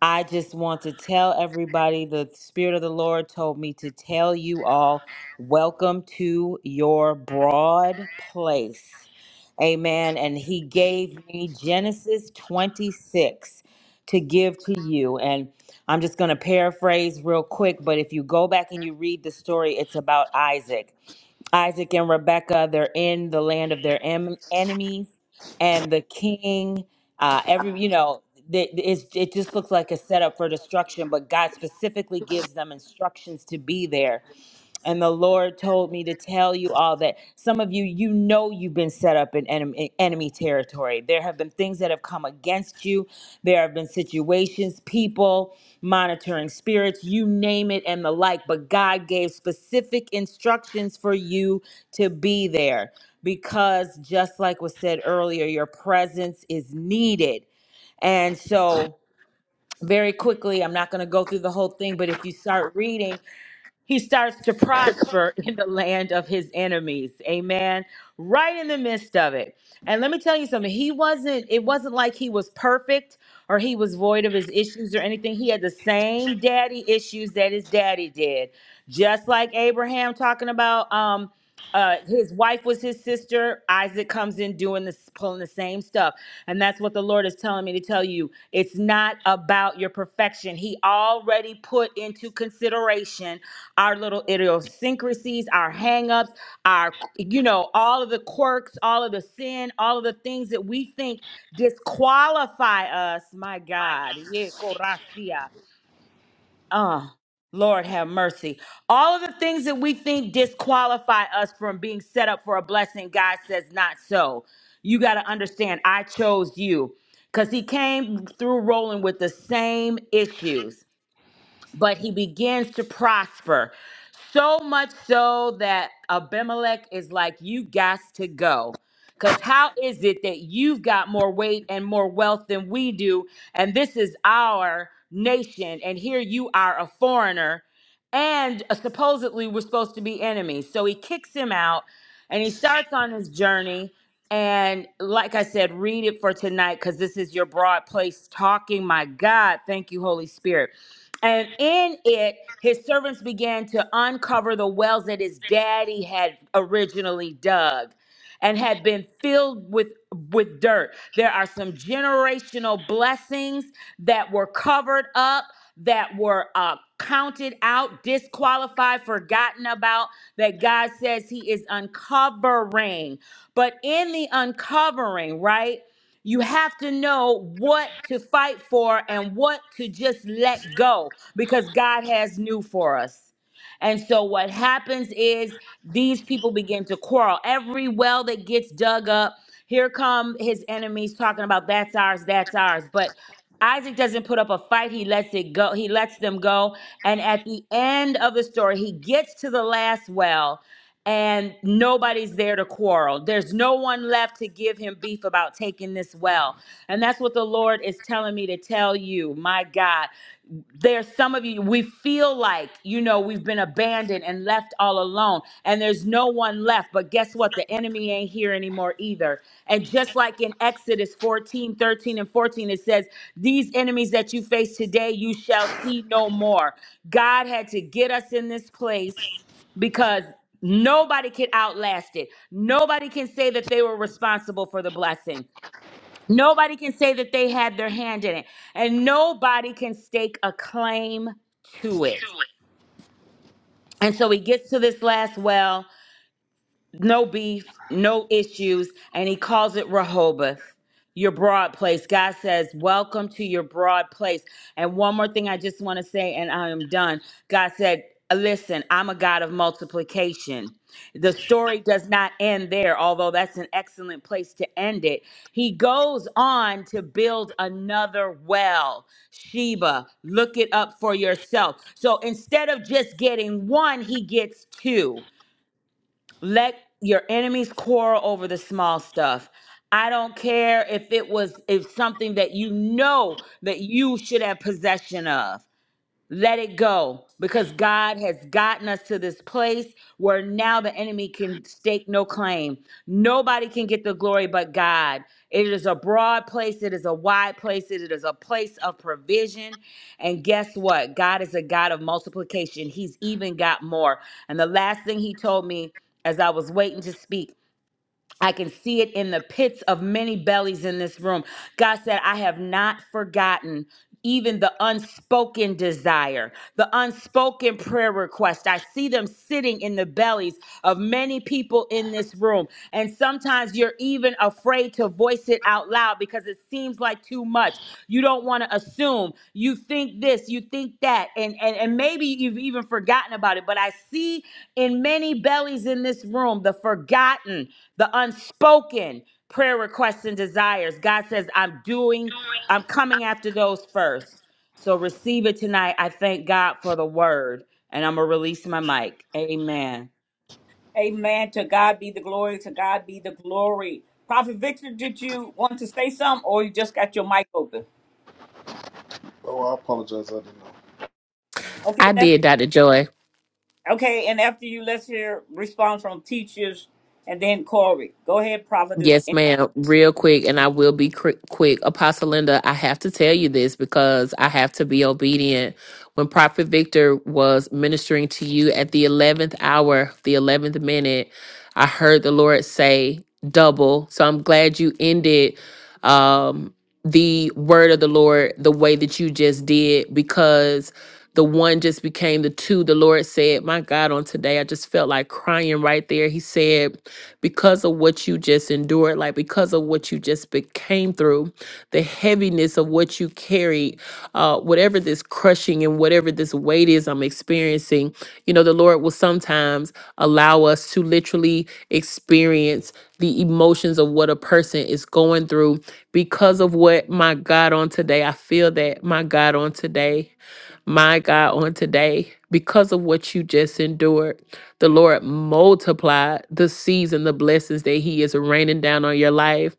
Speaker 10: I just want to tell everybody the Spirit of the Lord told me to tell you all welcome to your broad place. Amen. And He gave me Genesis 26 to give to you. And I'm just going to paraphrase real quick, but if you go back and you read the story, it's about Isaac. Isaac and Rebekah, they're in the land of their em- enemies, and the king, uh, every you know, th- th- it's, it just looks like a setup for destruction. But God specifically gives them instructions to be there and the Lord told me to tell you all that some of you, you know, you've been set up in enemy, enemy territory. There have been things that have come against you. There have been situations, people, monitoring spirits, you name it, and the like. But God gave specific instructions for you to be there because, just like was said earlier, your presence is needed. And so, very quickly, I'm not going to go through the whole thing, but if you start reading, he starts to prosper in the land of his enemies. Amen. Right in the midst of it. And let me tell you something. He wasn't, it wasn't like he was perfect or he was void of his issues or anything. He had the same daddy issues that his daddy did. Just like Abraham talking about um uh his wife was his sister, Isaac comes in doing this pulling the same stuff. And that's what the Lord is telling me to tell you. It's not about your perfection. He already put into consideration our little idiosyncrasies, our hangups, our, you know, all of the quirks, all of the sin, all of the things that we think disqualify us. My God. Yeah, coracia. Uh, Lord have mercy. All of the things that we think disqualify us from being set up for a blessing, God says, not so. You got to understand, I chose you because he came through rolling with the same issues but he begins to prosper. So much so that Abimelech is like, You got to go. Because how is it that you've got more weight and more wealth than we do? And this is our nation. And here you are, a foreigner. And uh, supposedly we're supposed to be enemies. So he kicks him out and he starts on his journey. And like I said, read it for tonight because this is your broad place talking. My God, thank you, Holy Spirit. And in it, his servants began to uncover the wells that his daddy had originally dug and had been filled with with dirt. There are some generational blessings that were covered up, that were uh, counted out, disqualified, forgotten about, that God says he is uncovering. But in the uncovering, right? You have to know what to fight for and what to just let go because God has new for us. And so what happens is these people begin to quarrel. Every well that gets dug up, here come his enemies talking about that's ours, that's ours. But Isaac doesn't put up a fight. He lets it go. He lets them go. And at the end of the story, he gets to the last well and nobody's there to quarrel. There's no one left to give him beef about taking this well. And that's what the Lord is telling me to tell you. My God, there's some of you, we feel like, you know, we've been abandoned and left all alone, and there's no one left. But guess what? The enemy ain't here anymore either. And just like in Exodus 14, 13, and 14, it says, These enemies that you face today, you shall see no more. God had to get us in this place because nobody can outlast it. Nobody can say that they were responsible for the blessing. Nobody can say that they had their hand in it. And nobody can stake a claim to it. And so he gets to this last well no beef, no issues, and he calls it Rehoboth, your broad place. God says, Welcome to your broad place. And one more thing I just want to say, and I am done. God said, Listen, I'm a God of multiplication. The story does not end there, although that's an excellent place to end it. He goes on to build another well. Sheba, look it up for yourself. So instead of just getting one, he gets two. Let your enemies quarrel over the small stuff. I don't care if it was if something that you know that you should have possession of. Let it go because God has gotten us to this place where now the enemy can stake no claim. Nobody can get the glory but God. It is a broad place, it is a wide place, it is a place of provision. And guess what? God is a God of multiplication. He's even got more. And the last thing he told me as I was waiting to speak I can see it in the pits of many bellies in this room. God said, I have not forgotten even the unspoken desire, the unspoken prayer request. I see them sitting in the bellies of many people in this room. And sometimes you're even afraid to voice it out loud because it seems like too much. You don't want to assume. You think this, you think that. And, and, and maybe you've even forgotten about it. But I see in many bellies in this room the forgotten the unspoken prayer requests and desires. God says, I'm doing, I'm coming after those first. So receive it tonight. I thank God for the word. And I'm going to release my mic. Amen.
Speaker 1: Amen. To God be the glory. To God be the glory. Prophet Victor, did you want to say something, or you just got your mic open?
Speaker 8: Oh, I apologize. I didn't know.
Speaker 1: Okay,
Speaker 5: I
Speaker 1: let's.
Speaker 5: did, Dr. Joy.
Speaker 1: Okay, and after you, let's hear response from teachers, and then Corey. Go ahead, Prophetess.
Speaker 5: Yes,
Speaker 1: And
Speaker 5: ma'am. Real quick, and I will be cri- quick. Apostle Linda, I have to tell you this because I have to be obedient. When Prophet Victor was ministering to you at the 11th hour, the 11th minute, I heard the Lord say double. So I'm glad you ended um, the word of the Lord the way that you just did because the one just became the two. The Lord said, My God, on today, I just felt like crying right there. He said, because of what you just endured, like because of what you just became through, the heaviness of what you carried, uh, whatever this crushing and whatever this weight is I'm experiencing, you know, the Lord will sometimes allow us to literally experience the emotions of what a person is going through because of what my God on today. I feel that my God on today. My God, on today, because of what you just endured, the Lord multiply the season, the blessings that He is raining down on your life.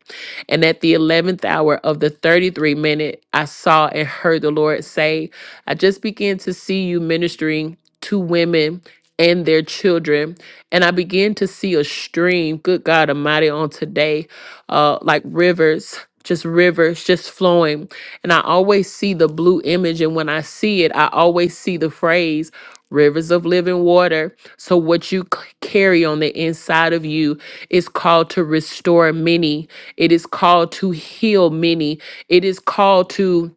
Speaker 5: And at the 11th hour of the 33 minute, I saw and heard the Lord say, I just began to see you ministering to women and their children. And I began to see a stream, good God Almighty, on today, uh, like rivers. Just rivers just flowing. And I always see the blue image. And when I see it, I always see the phrase rivers of living water. So, what you c- carry on the inside of you is called to restore many, it is called to heal many, it is called to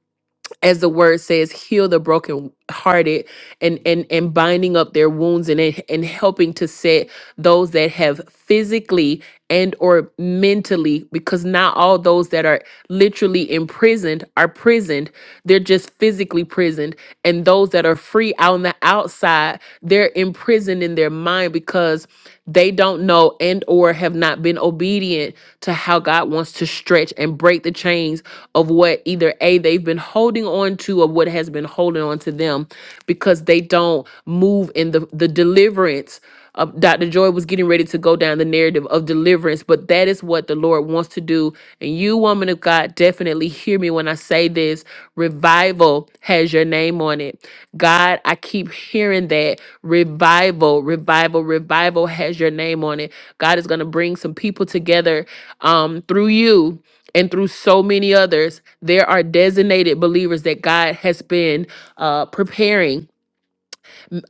Speaker 5: as the word says, heal the brokenhearted and and and binding up their wounds and and helping to set those that have physically and or mentally, because not all those that are literally imprisoned are prisoned. They're just physically prisoned. And those that are free out on the outside they're imprisoned in their mind because they don't know and or have not been obedient to how God wants to stretch and break the chains of what either A they've been holding on to or what has been holding on to them because they don't move in the the deliverance uh, Dr. Joy was getting ready to go down the narrative of deliverance, but that is what the Lord wants to do. And you, woman of God, definitely hear me when I say this. Revival has your name on it. God, I keep hearing that. Revival, revival, revival has your name on it. God is going to bring some people together um, through you and through so many others. There are designated believers that God has been uh, preparing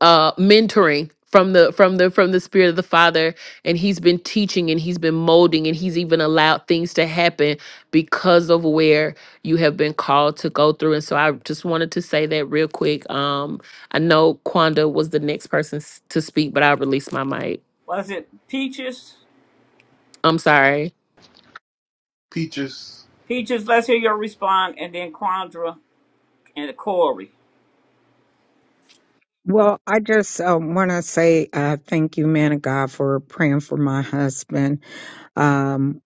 Speaker 5: uh mentoring from the from the from the spirit of the father and he's been teaching and he's been molding and he's even allowed things to happen because of where you have been called to go through and so i just wanted to say that real quick um i know quanda was the next person s- to speak but i released my mic
Speaker 1: Was it Peaches?
Speaker 5: i'm sorry
Speaker 8: Peaches,
Speaker 1: Peaches, let's hear your response, and then Quandra and Corey.
Speaker 11: Well, I just uh, want to say uh, thank you, man of God, for praying for my husband. Um,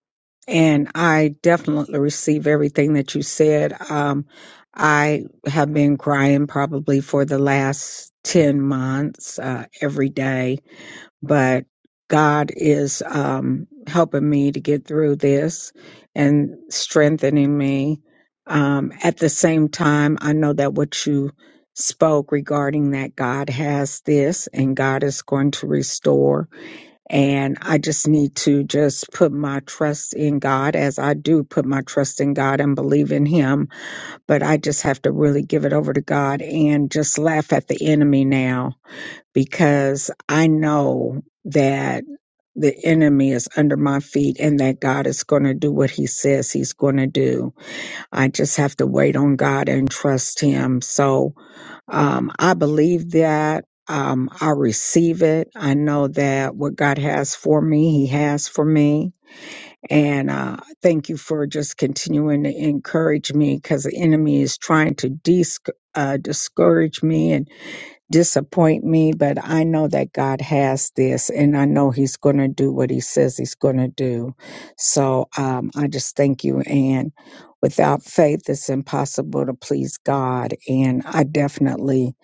Speaker 11: and I definitely receive everything that you said. Um, I have been crying probably for the last 10 months uh, every day but God is um, helping me to get through this and strengthening me. Um, at the same time, I know that what you spoke regarding that God has this and God is going to restore. And I just need to just put my trust in God as I do put my trust in God and believe in Him. But I just have to really give it over to God and just laugh at the enemy now because I know that the enemy is under my feet and that God is going to do what he says he's going to do. I just have to wait on God and trust him. So um, I believe that. Um, I receive it. I know that what God has for me, he has for me. And uh, thank you for just continuing to encourage me because the enemy is trying to dis- uh, discourage me and disappoint me, but I know that God has this and I know He's going to do what He says He's going to do. So um, I just thank you. And without faith, it's impossible to please God. And I definitely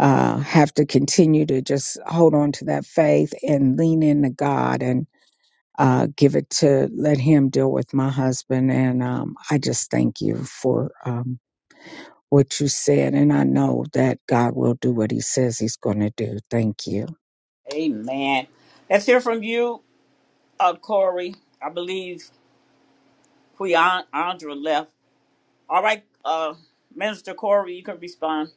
Speaker 11: uh, have to continue to just hold on to that faith and lean into God and uh, give it to let Him deal with my husband. And um, I just thank you for. Um, what you said, and I know that God will do what He says He's going to do. Thank you.
Speaker 1: Amen. Let's hear from you, uh, Corey. I believe. Andra left. All right, uh, Minister Corey, you can respond.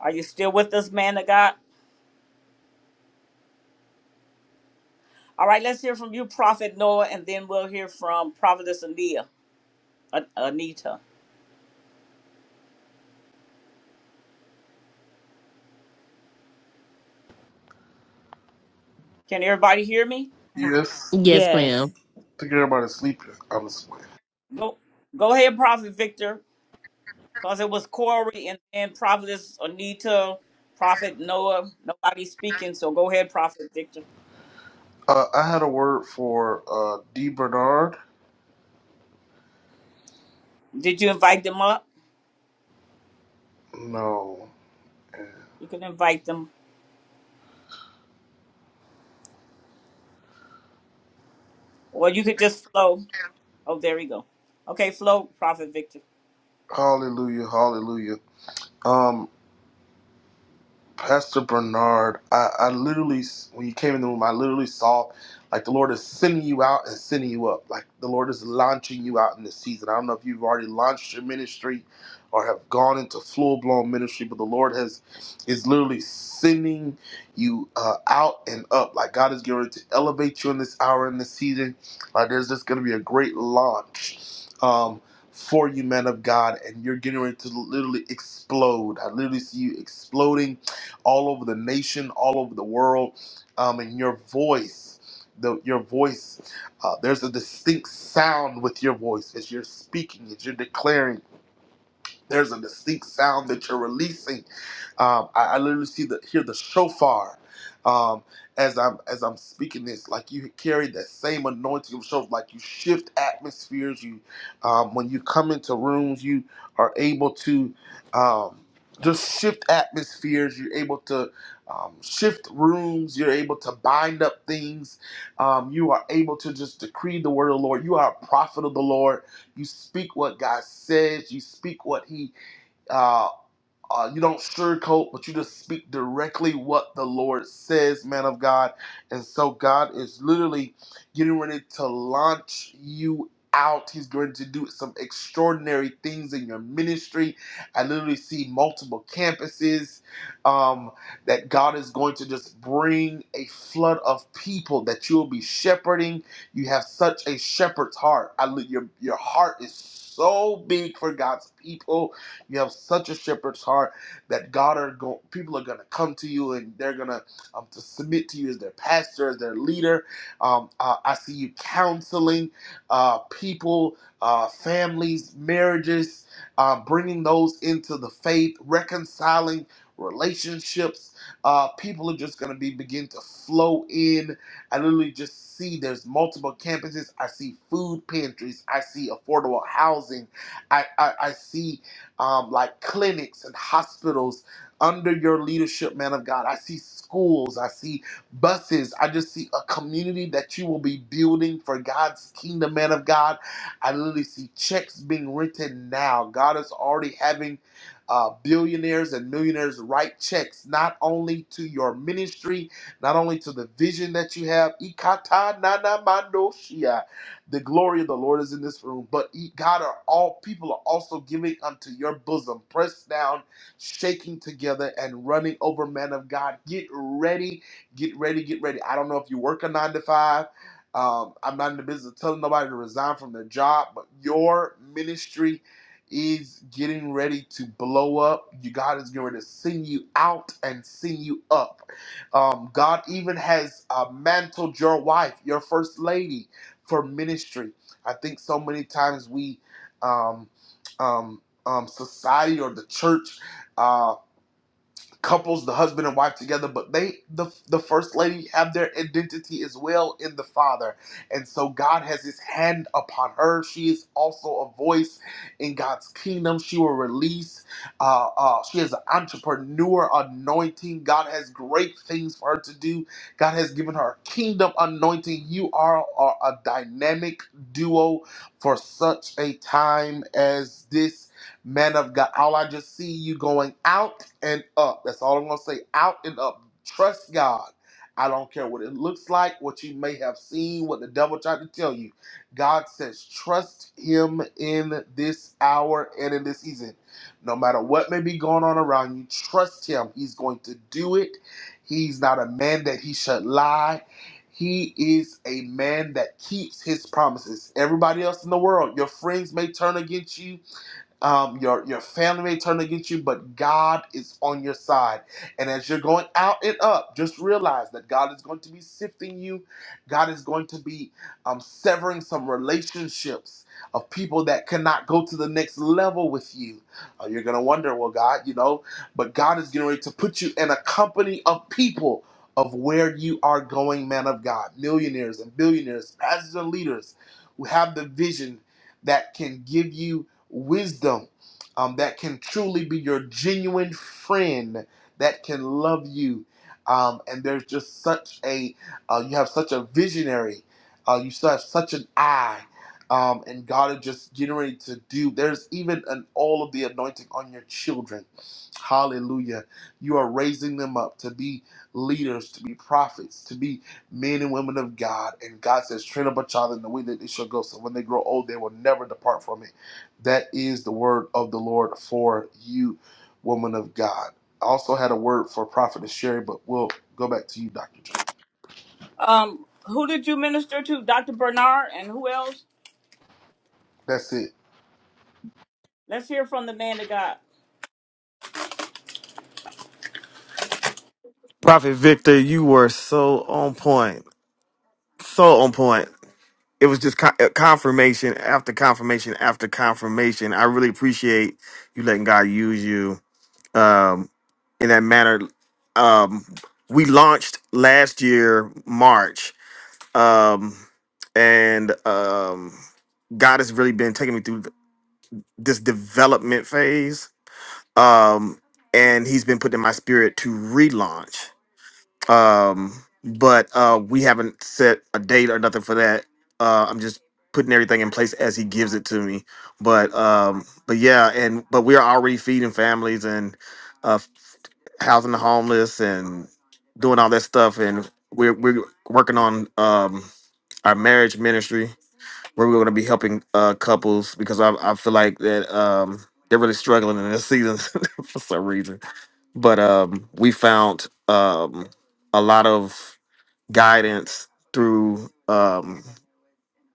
Speaker 1: Are you still with us, man of God? All right, let's hear from you, Prophet Noah, and then we'll hear from Prophetess Anita. An- Anita, can everybody hear me?
Speaker 8: yes.
Speaker 5: Yes,
Speaker 10: Yes.
Speaker 5: ma'am.
Speaker 8: I think everybody's sleeping. I'm just playing.
Speaker 1: Go, go ahead, Prophet Victor, because it was Corey and then Prophetess Anita, Prophet Noah. Nobody speaking, so go ahead, Prophet Victor.
Speaker 8: Uh, I had a word for uh, D. Bernard.
Speaker 1: Did you invite them up?
Speaker 8: No.
Speaker 1: You can invite them, or you could just flow. Oh, there we go. Okay, flow, Prophet Victor.
Speaker 8: Hallelujah, hallelujah. Um. Pastor Bernard, I, I literally, when you came in the room, I literally saw like the Lord is sending you out and sending you up. Like the Lord is launching you out in this season. I don't know if you've already launched your ministry or have gone into full blown ministry, but the Lord has is literally sending you uh, out and up. Like God is going to elevate you in this hour in this season. Like there's just going to be a great launch. Um, for you, man of God, and you're getting ready to literally explode. I literally see you exploding all over the nation, all over the world. Um, and your voice, the, your voice, uh, there's a distinct sound with your voice as you're speaking, as you're declaring. There's a distinct sound that you're releasing. Um, I, I literally see the hear the shofar um, as I'm as I'm speaking this. Like you carry that same anointing of shofar. Like you shift atmospheres. You um, when you come into rooms, you are able to um, just shift atmospheres. You're able to um, shift rooms. You're able to bind up things. Um, you are able to just decree the word of the Lord. You are a prophet of the Lord you speak what God says. You speak what He uh, uh, you don't sugarcoat, but you just speak directly what the Lord says, man of God. And so God is literally getting ready to launch you out. He's going to do some extraordinary things in your ministry. I literally see multiple campuses um, that God is going to just bring a flood of people that you'll be shepherding. You have such a shepherd's heart. I, li- your, your heart is so big for God's people you have such a shepherd's heart that God are go- people are gonna come to you and they're gonna um, to submit to you as their pastor, as their leader. Um, uh, I see you counseling uh, people, uh, families, marriages, uh, bringing those into the faith, reconciling relationships. Uh, people are just gonna be begin to flow in. I literally just see there's multiple campuses. I see food pantries. I see affordable housing. I, I, I see um, like clinics and hospitals under your leadership, man of God. I see schools, I see buses, I just see a community that you will be building for God's kingdom, man of God. I literally see checks being written now. God is already having uh, billionaires and millionaires write checks not only to your ministry, not only to the vision that you have. Ikata nana the glory of the Lord is in this room. But ye- God, are all people are also giving unto your bosom, pressed down, shaking together, and running over. Man of God, get ready, get ready, get ready. I don't know if you work a nine to five. Um, I'm not in the business of telling nobody to resign from their job, but your ministry is getting ready to blow up. You, God is going to send you out and send you up. Um, God even has uh, mantled your wife, your first lady for ministry. I think so many times we, um, um, um, society or the church. uh, couples, the husband and wife together, but they, the, the first lady, have their identity as well in the Father. And so God has his hand upon her. She is also a voice in God's kingdom. She will release, uh, uh, she is an entrepreneur anointing. God has great things for her to do. God has given her a kingdom anointing. You are, are a dynamic duo for such a time as this. Man of God, all I just see you going out and up. That's all I'm going to say. Out and up. Trust God. I don't care what it looks like, what you may have seen, what the devil tried to tell you. God says, trust Him in this hour and in this season. No matter what may be going on around you, trust Him. He's going to do it. He's not a man that He should lie. He is a man that keeps His promises. Everybody else in the world, your friends may turn against you um, your your family may turn against you, but God is on your side. And as you're going out and up, just realize that God is going to be sifting you. God is going to be um, severing some relationships of people that cannot go to the next level with you. Uh, you're gonna wonder, well, God, you know, but God is getting ready to put you in a company of people of where you are going, man of God, millionaires and billionaires, pastors and leaders who have the vision that can give you wisdom um, that can truly be your genuine friend that can love you. Um, and there's just such a, uh, you have such a visionary, uh, you still have such an eye. Um, and God is just getting ready to do. There's even an all of the anointing on your children. Hallelujah. You are raising them up to be leaders, to be prophets, to be men and women of God. And God says, train up a child in the way that they shall go. So when they grow old, they will never depart from it. That is the word of the Lord for you, woman of God. I also had a word for Prophetess Sherry, but we'll go back to you, Dr. Joy.
Speaker 1: Um, who did you minister to? Dr. Bernard and who else?
Speaker 8: That's it.
Speaker 1: Let's hear from the man of God.
Speaker 12: Prophet Victor, you were so on point. So on point. It was just con- confirmation after confirmation after confirmation. I really appreciate you letting God use you um, in that manner. Um, we launched last year, March, um, and um, God has really been taking me through this development phase. Um, and He's been putting in my spirit to relaunch. Um, but uh, we haven't set a date or nothing for that. Uh, I'm just putting everything in place as he gives it to me. But um, but yeah, and but we are already feeding families and uh, housing the homeless and doing all that stuff. And we're we're working on um, our marriage ministry where we're going to be helping uh, couples because I I feel like that um, they're really struggling in this season for some reason. But um, we found um, a lot of guidance through um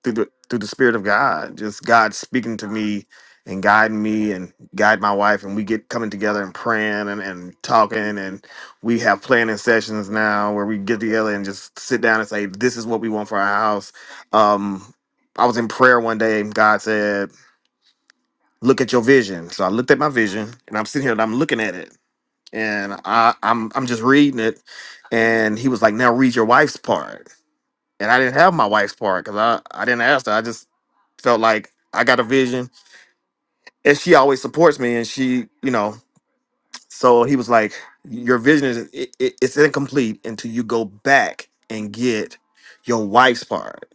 Speaker 12: through the through the spirit of God, just God speaking to me and guiding me and guide my wife and we get coming together and praying and, and talking and we have planning sessions now where we get together and just sit down and say this is what we want for our house um i was in prayer one day and god said look at your vision so i looked at my vision and i'm sitting here and i'm looking at it and i i'm, I'm just reading it and he was like now read your wife's part and I didn't have my wife's part because I I didn't ask her. I just felt like I got a vision, and she always supports me, and she you know. So he was like, "Your vision is it, it, it's incomplete until you go back and get your wife's part."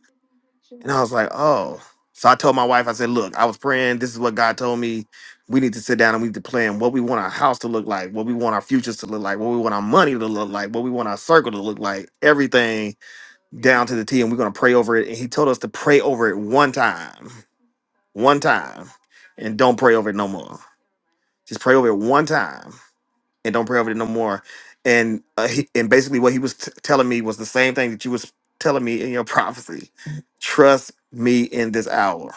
Speaker 12: And I was like, "Oh." So I told my wife, I said, "Look, I was praying. This is what God told me. We need to sit down and we need to plan what we want our house to look like, what we want our futures to look like, what we want our money to look like, what we want our circle to look like, everything." down to the T and we're going to pray over it. And he told us to pray over it one time, one time, and don't pray over it no more. Just pray over it one time and don't pray over it no more. And uh, he, and basically what he was t- telling me was the same thing that you was telling me in your prophecy. Trust me in this hour.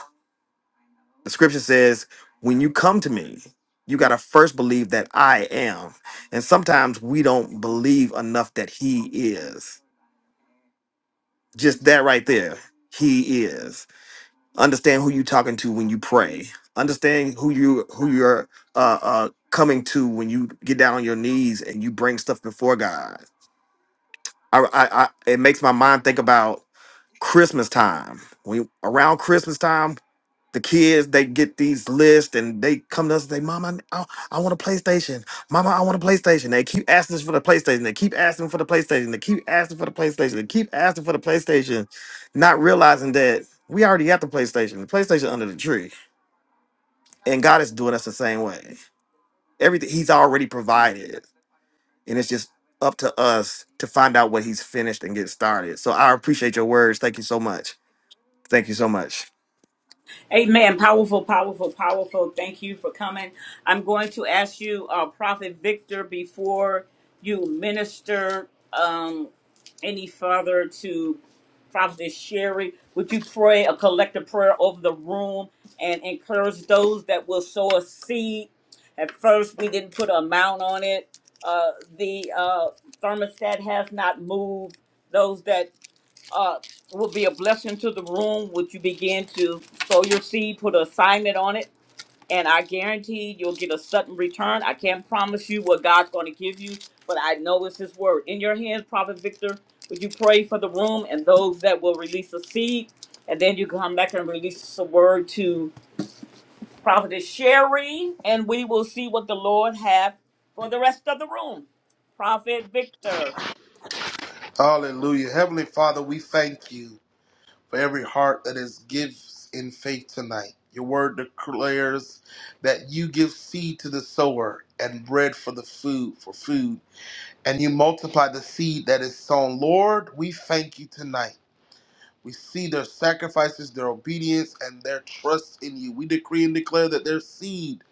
Speaker 12: The scripture says, when you come to me, you got to first believe that I am. And sometimes we don't believe enough that he is. Just that right there. He is understand who you talking to when you pray understand who you who you're uh uh coming to when you get down on your knees and you bring stuff before god i i, I it makes my mind think about christmas time when around christmas time the kids they get these lists and they come to us and say mama i, I want a playstation mama i want a playstation they keep asking us for the playstation they keep asking for the playstation they keep asking for the playstation they keep asking for the playstation not realizing that we already got the playstation the playstation under the tree and God is doing us the same way. Everything He's already provided. And it's just up to us to find out what He's finished and get started. So I appreciate your words. Thank you so much. Thank you so much.
Speaker 1: Amen. Powerful, powerful, powerful. Thank you for coming. I'm going to ask you, uh, Prophet Victor, before you minister. Um, any further to Prophet Sherry. Would you pray a collective prayer over the room and encourage those that will sow a seed? At first, we didn't put an amount on it. Uh, the uh, thermostat has not moved. Those that uh, will be a blessing to the room, would you begin to sow your seed, put an assignment on it? and I guarantee you'll get a sudden return. I can't promise you what God's going to give you, but I know it's His word. In your hands, Prophet Victor, would you pray for the room and those that will release a seed? And then you come back and release a word to Prophetess Sherry, and we will see what the Lord have for the rest of the room. Prophet Victor.
Speaker 8: Hallelujah. Heavenly Father, we thank you for every heart that is gives in faith tonight. Your word declares that you give seed to the sower and bread for the food for food, and you multiply the seed that is sown. Lord, we thank you tonight We see their sacrifices, their obedience, and their trust in you. We decree and declare that their seed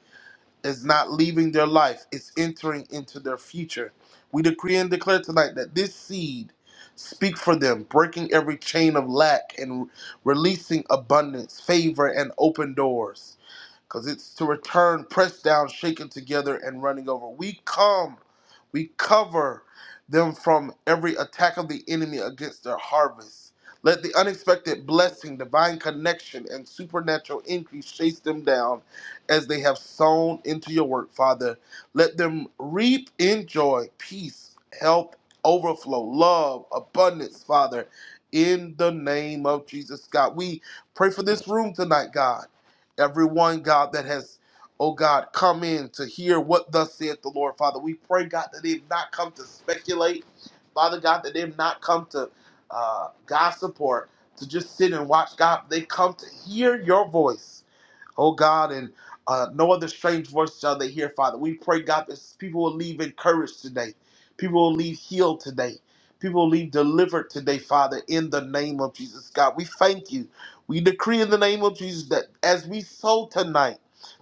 Speaker 8: is not leaving their life, it's entering into their future. We decree and declare tonight that this seed speak for them, breaking every chain of lack and releasing abundance, favor, and open doors because it's to return pressed down, shaken together, and running over. We come, we cover them from every attack of the enemy against their harvest. Let the unexpected blessing, divine connection, and supernatural increase chase them down as they have sown into your work, Father. Let them reap in joy, peace, health, overflow, love, abundance, Father. In the name of Jesus, God. We pray for this room tonight, God everyone, God, that has, oh God, come in to hear what thus saith the Lord, Father. We pray, God, that they've not come to speculate, Father God, that they've not come to uh, gossip or to just sit and watch, God. They come to hear your voice. Oh God, and uh, no other strange voice shall they hear, Father. We pray, God, that people will leave encouraged today. People will leave healed today. People will leave delivered today, Father, in the name of Jesus. God, we thank you. We decree in the name of Jesus that as we sow tonight,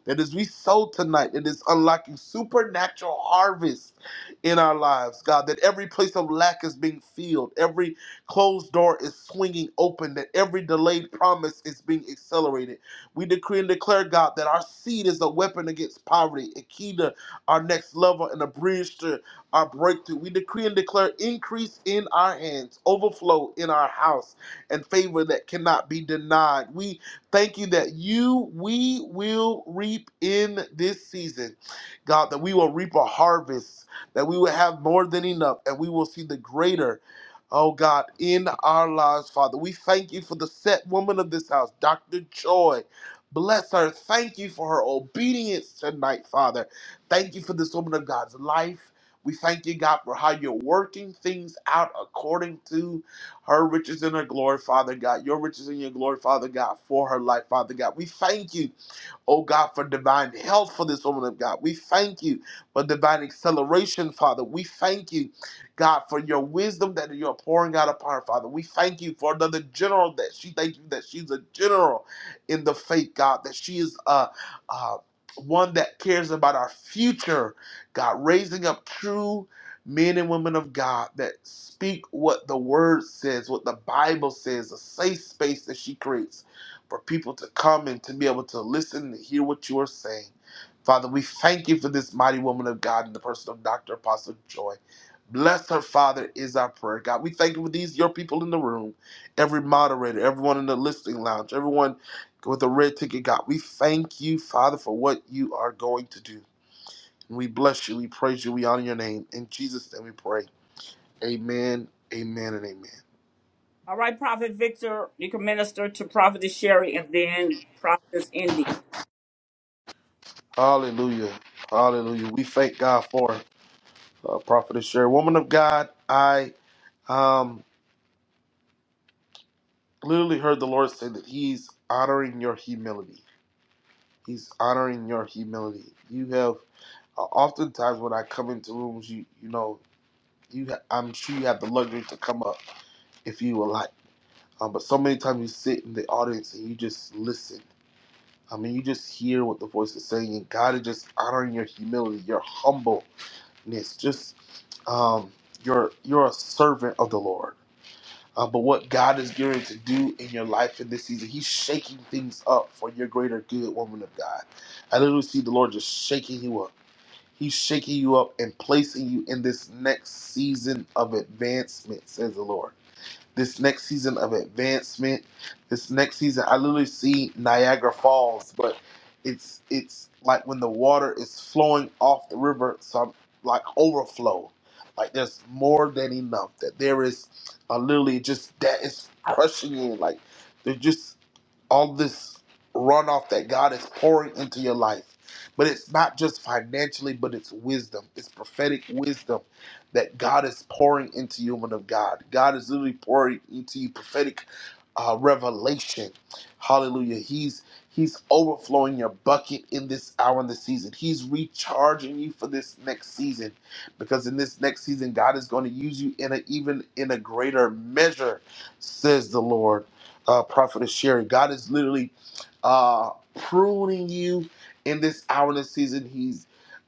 Speaker 8: that as we sow tonight, it is unlocking supernatural harvest in our lives, God. That every place of lack is being filled, every closed door is swinging open, that every delayed promise is being accelerated we decree and declare, God, that our seed is a weapon against poverty, a key to our next level and a bridge to our breakthrough. We decree and declare increase in our hands, overflow in our house, and favor that cannot be denied. We thank you that you, we will reap in this season, God, that we will reap a harvest, that we will have more than enough, and we will see the greater. Oh God, in our lives, Father, we thank you for the set woman of this house, Dr. Joy. Bless her. Thank you for her obedience tonight, Father. Thank you for this woman of God's life. We thank you, God, for how you're working things out according to her riches and her glory, Father God. Your riches and your glory, Father God, for her life, Father God. We thank you oh God, for divine health for this woman of God. We thank you for divine acceleration, Father. We thank you, God, for your wisdom that you're pouring out upon her, Father. We thank you for another general that she, thank you that she's a general in the faith, God, that she is uh, uh, one that cares about our future, God, raising up true men and women of God that speak what the word says, what the Bible says, a safe space that she creates for people to come and to be able to listen and hear what you are saying. Father, we thank you for this mighty woman of God in the person of Dr. Apostle Joy. Bless her, Father, is our prayer. God, we thank you for these, your people in the room, every moderator, everyone in the listening lounge, everyone with a red ticket. God, we thank you, Father, for what you are going to do. And we bless you, we praise you, we honor your name. In Jesus' name we pray. Amen, amen, and amen.
Speaker 1: All right, Prophet Victor, you can minister to Prophetess Sherry and then Prophetess Indy.
Speaker 8: Hallelujah. Hallelujah. We thank God for uh, prophetess Sherry, woman of God, I um, literally heard the Lord say that He's honoring your humility. He's honoring your humility. You have uh, oftentimes when I come into rooms, you you know, you ha- I'm sure you have the luxury to come up if you would like, um, but so many times you sit in the audience and you just listen. I mean, you just hear what the voice is saying, and God is just honoring your humility, your humbleness, just um, you're you're a servant of the Lord uh, but what God is gearing to do in your life in this season. He's shaking things up for your greater good, woman of God. I literally see the Lord just shaking you up. He's shaking you up and placing you in this next season of advancement, says the Lord this next season of advancement. This next season, I literally see Niagara Falls, but it's it's like when the water is flowing off the river, so I'm like overflow. Like there's more than enough. That there is a literally just that is crushing in. Like there's just all this runoff that God is pouring into your life. But it's not just financially, but it's wisdom. It's prophetic wisdom that God is pouring into you, woman of God. God is literally pouring into you prophetic uh, revelation. Hallelujah. He's He's overflowing your bucket in this hour and this season. He's recharging you for this next season, because in this next season, God is going to use you in a even in a greater measure, says the Lord. Uh, Prophet Sherry, God is literally uh, pruning you in this hour and this season. He's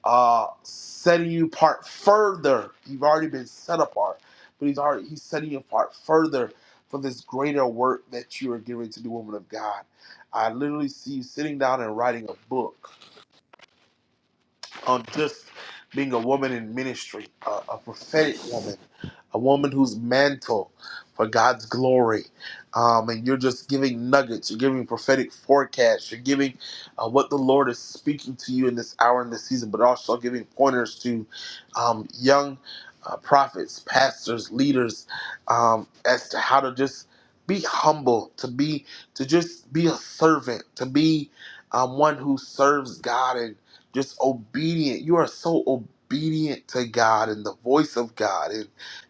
Speaker 8: uh, setting you apart further. You've already been set apart, but he's already he's setting you apart further for this greater work that you are getting to do, woman of God. I literally see you sitting down and writing a book on just being a woman in ministry, a, a prophetic woman, a woman who's mantle for God's glory. Um, and you're just giving nuggets, you're giving prophetic forecasts, you're giving uh, what the Lord is speaking to you in this hour and this season, but also giving pointers to um, young uh, prophets, pastors, leaders um, as to how to just be humble, to be to just be a servant, to be um, one who serves God and just obedient. You are so obedient to God and the voice of God, and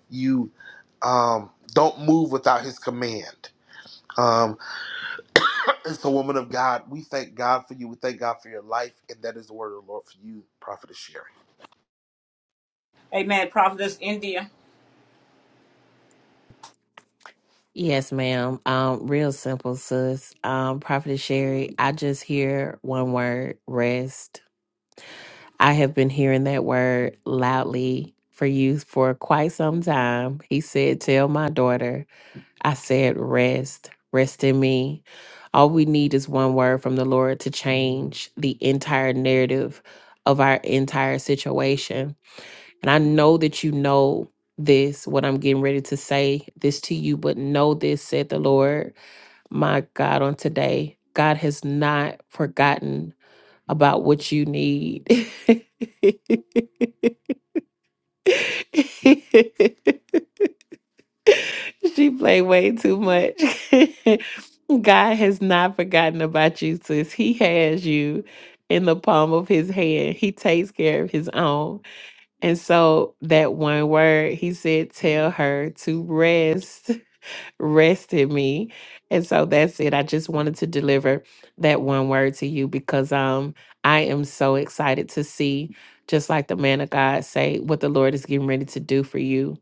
Speaker 8: you um, don't move without His command. Um, and so, woman of God, we thank God for you. We thank God for your life, and that is the word of the Lord for you, Prophetess Sherry.
Speaker 1: Amen. Prophetess India.
Speaker 5: Yes, ma'am. Um, real simple, sis. Um, Prophet Sherry, I just hear one word, rest. I have been hearing that word loudly for you for quite some time. He said, Tell my daughter, I said, rest, rest in me. All we need is one word from the Lord to change the entire narrative of our entire situation. And I know that you know this, what I'm getting ready to say this to you, but know this, said the Lord, my God, on today. God has not forgotten about what you need. she played way too much. God has not forgotten about you, sis. He has you in the palm of his hand. He takes care of his own. And so that one word, he said, tell her to rest. rest in me. And so that's it. I just wanted to deliver that one word to you because um I am so excited to see just like the man of God say what the Lord is getting ready to do for you.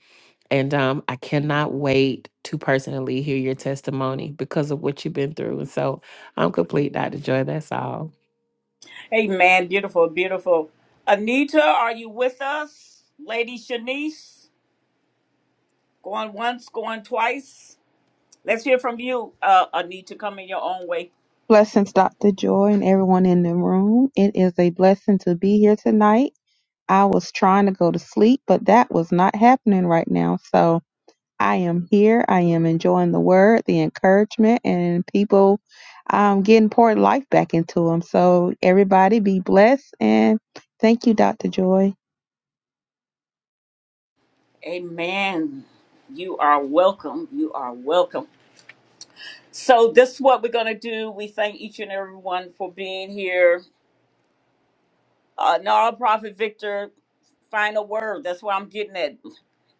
Speaker 5: And um I cannot wait to personally hear your testimony because of what you've been through. And so I'm complete, Dr. Joy. That's all.
Speaker 1: Amen. Beautiful, beautiful. Anita, are you with us? Lady Shanice, going once, going twice. Let's hear from you, uh, Anita. Come in your own way.
Speaker 13: Blessings, Dr. Joy, and everyone in the room. It is a blessing to be here tonight. I was trying to go to sleep, but that was not happening right now. So I am here. I am enjoying the word, the encouragement, and people um, getting poured life back into them. So everybody be blessed. And thank you, Dr. Joy.
Speaker 1: Amen. You are welcome. You are welcome. So this is what we're gonna do. We thank each and everyone for being here. Uh, now, Prophet Victor, final word. That's what I'm getting at.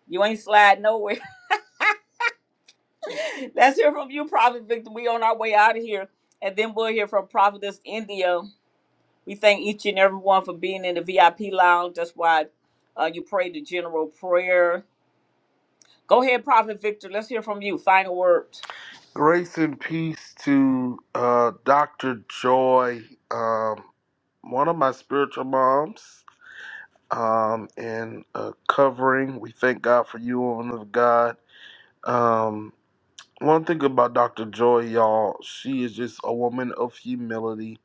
Speaker 1: You ain't slide nowhere. Let's hear from you, Prophet Victor. We on our way out of here, and then we'll hear from Prophetess India. We thank each and every one for being in the VIP lounge. That's why uh, you pray the general prayer. Go ahead, Prophet Victor. Let's hear from you. Final word.
Speaker 8: Grace and peace to uh, Doctor Joy, um, one of my spiritual moms, um, and uh, covering. We thank God for you, woman of God. Um, One thing about Dr. Joy, y'all, she is just a woman of humility.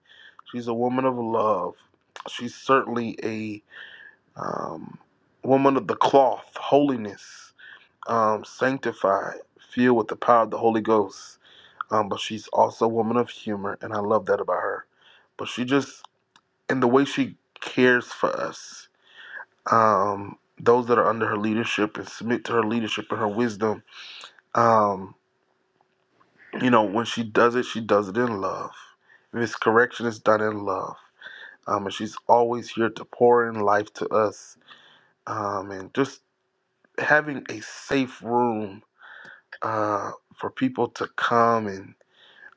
Speaker 8: She's a woman of love. She's certainly a um, woman of the cloth, holiness, um, sanctified, filled with the power of the Holy Ghost. Um, but she's also a woman of humor, and I love that about her. But she just, in the way she cares for us, um, those that are under her leadership and submit to her leadership and her wisdom. um, you know, when she does it, she does it in love. Miscorrection is done in love. Um, and she's always here to pour in life to us. Um, and just having a safe room uh, for people to come and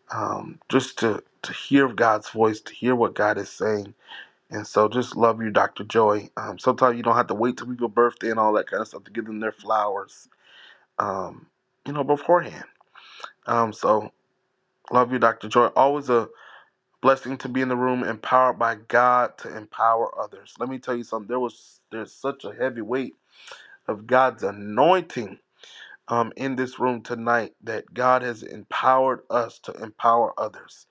Speaker 8: um, just to, to hear God's voice, to hear what God is saying. And so just love you, Dr. Joy. Um, sometimes you don't have to wait till people's birthday and all that kind of stuff to give them their flowers, um, you know, beforehand. Um, so love you, Dr. Joy. Always a Blessing to be in the room, empowered by God to empower others. Let me tell you something. There was there's such a heavy weight of God's anointing um, in this room tonight that God has empowered us to empower others.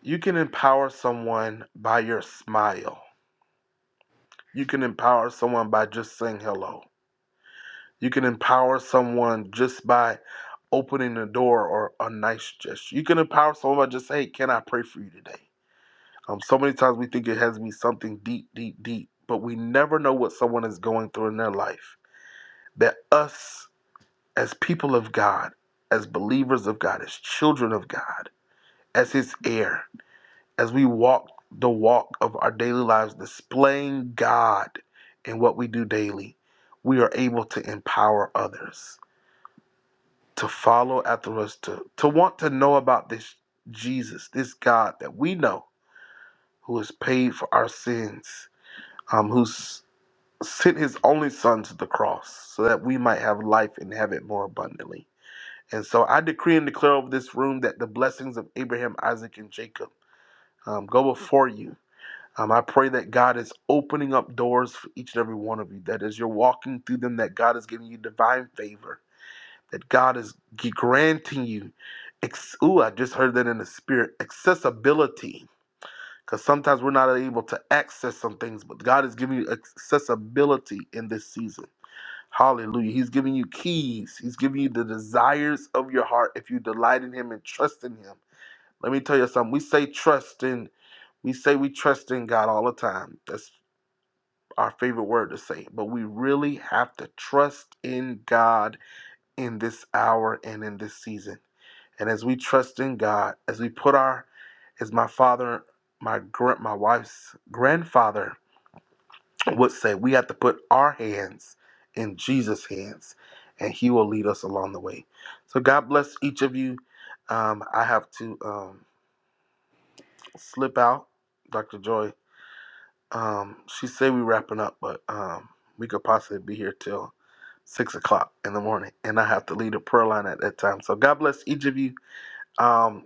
Speaker 8: You can empower someone by your smile. You can empower someone by just saying hello. You can empower someone just by opening the door or a nice gesture. You can empower someone by just, saying, hey, can I pray for you today? Um, so many times we think it has to be something deep, deep, deep, but we never know what someone is going through in their life. That us, as people of God, as believers of God, as children of God, as His heir, as we walk the walk of our daily lives, displaying God in what we do daily, we are able to empower others to follow after us, to, to want to know about this Jesus, this God that we know who has paid for our sins um, who's sent his only son to the cross so that we might have life and have it more abundantly. And so I decree and declare over this room that the blessings of Abraham, Isaac, and Jacob um, go before you. Um, I pray that God is opening up doors for each and every one of you, that as you're walking through them, that God is giving you divine favor, that God is granting you, ex- ooh, I just heard that in the spirit, accessibility. Because sometimes we're not able to access some things, but God is giving you accessibility in this season Hallelujah. He's giving you keys. He's giving you the desires of your heart if you delight in him and trust in him. Let me tell you something. We say trust in we say we trust in God all the time. That's our favorite word to say. But we really have to trust in God in this hour and in this season. And as we trust in God, as we put our as my father, my grand my wife's grandfather would say we have to put our hands in Jesus' hands, and He will lead us along the way. So God bless each of you. Um, I have to um, slip out, Dr. Joy. Um, she said we wrapping up, but um, we could possibly be here till six o'clock in the morning, and I have to lead a prayer line at that time. So God bless each of you. Um,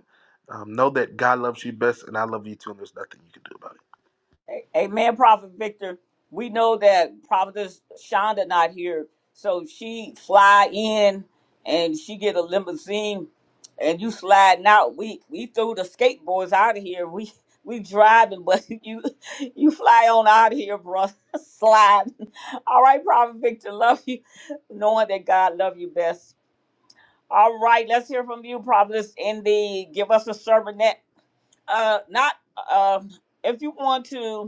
Speaker 8: um, know that God loves you best, and I love you too, and there's nothing you can do about it.
Speaker 1: Amen, Prophet Victor. We know that Prophetess Shonda not here, so she fly in and she get a limousine, and you sliding out. We we threw the skateboards out of here. We we driving, but you you fly on out of here, brother. Slide. All right, Prophet Victor, love you, knowing that God love you best. All right, let's hear from you, Prophetess Indy. Give us a sermon that uh not uh if you want to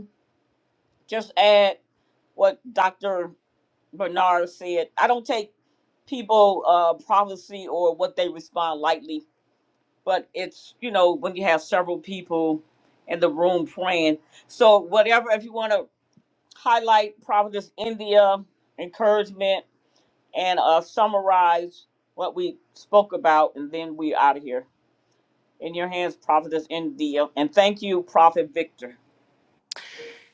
Speaker 1: just add what Dr. Bernard said. I don't take people uh prophecy or what they respond lightly, but it's you know when you have several people in the room praying. So whatever if you want to highlight Providence India encouragement and uh summarize what we spoke about and then we out of here. In your hands, Providence India. And thank you, Prophet Victor.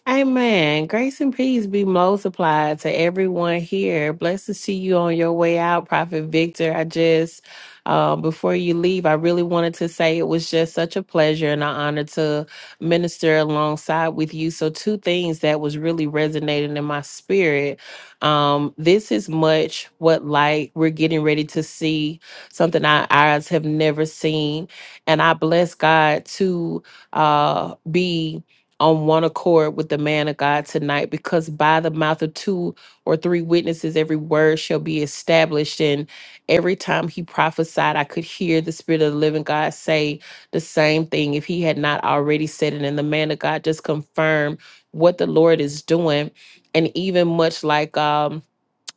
Speaker 5: Amen. Grace and peace be multiplied to everyone here. Blessed to see you on your way out, Prophet Victor. I just, um, before you leave, I really wanted to say it was just such a pleasure and an honor to minister alongside with you. So, two things that was really resonating in my spirit. Um, this is much what like we're getting ready to see something our eyes have never seen, and I bless God to uh, be on one accord with the man of God tonight, because by the mouth of two or three witnesses, every word shall be established. And every time he prophesied, I could hear the Spirit of the living God say the same thing if he had not already said it. And the man of God just confirmed what the Lord is doing. And even much like, um,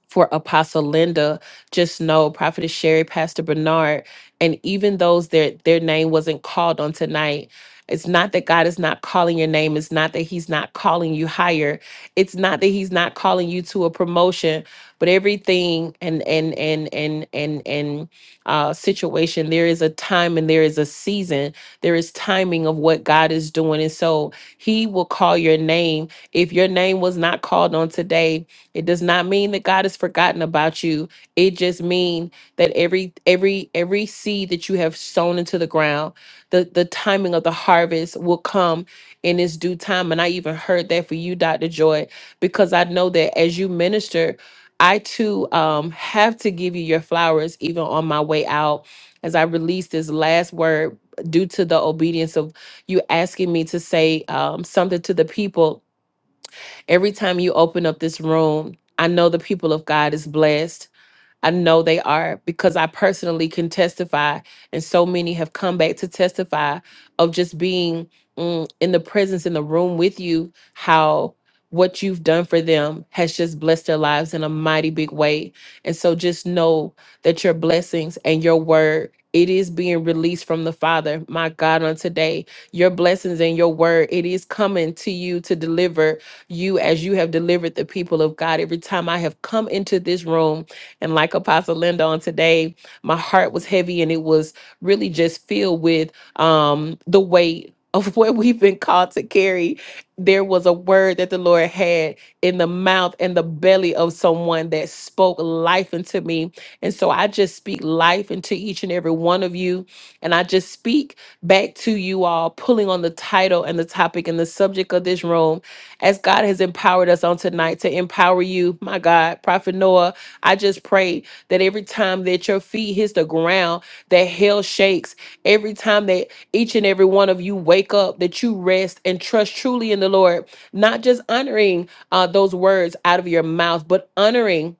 Speaker 5: for Apostle Linda, just know Prophetess Sherry, Pastor Bernard, and even those that their name wasn't called on tonight. It's not that God is not calling your name. It's not that He's not calling you higher. It's not that He's not calling you to a promotion. But everything and and and and and and uh, situation, there is a time and there is a season. There is timing of what God is doing, and so He will call your name. If your name was not called on today, it does not mean that God has forgotten about you. It just means that every every every seed that you have sown into the ground, the the timing of the harvest will come in its due time. And I even heard that for you, Dr. Joy, because I know that as you minister, I too um, have to give you your flowers even on my way out as I release this last word due to the obedience of you asking me to say um, something to the people Every time you open up this room, I know the people of God is blessed. I know they are because I personally can testify, and so many have come back to testify of just being mm, in the presence in the room with you, how what you've done for them has just blessed their lives in a mighty big way. And so just know that your blessings and your word. It is being released from the Father, my God, on today. Your blessings and your word, it is coming to you to deliver you as you have delivered the people of God. Every time I have come into this room, and like Apostle Linda on today, my heart was heavy and it was really just filled with um, the weight of what we've been called to carry. There was a word that the Lord had in the mouth and the belly of someone that spoke life into me. And so I just speak life into each and every one of you. And I just speak back to you all, pulling on the title and the topic and the subject of this room as God has empowered us on tonight to empower you, my God, Prophet Noah. I just pray that every time that your feet hits the ground, that hell shakes. Every time that each and every one of you wake up, that you rest and trust truly in the Lord, not just honoring uh, those words out of your mouth, but honoring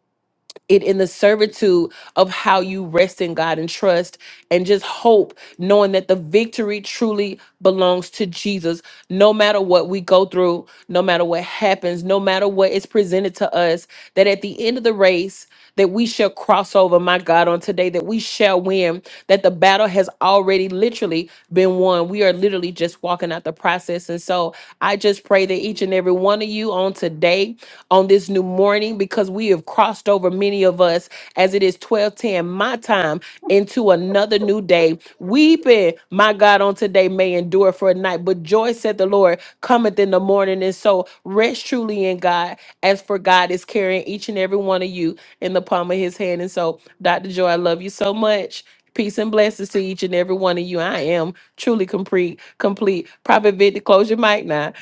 Speaker 5: it in the servitude of how you rest in God and trust and just hope, knowing that the victory truly belongs to Jesus. No matter what we go through, no matter what happens, no matter what is presented to us, that at the end of the race that we shall cross over my god on today that we shall win that the battle has already literally been won we are literally just walking out the process and so i just pray that each and every one of you on today on this new morning because we have crossed over many of us as it is 1210 my time into another new day weeping my god on today may endure for a night but joy said the lord cometh in the morning and so rest truly in god as for God is carrying each and every one of you in the palm of his hand. And so, Dr. Joy, I love you so much. Peace and blessings to each and every one of you. I am truly complete, complete. Prophet Victor, close your mic now.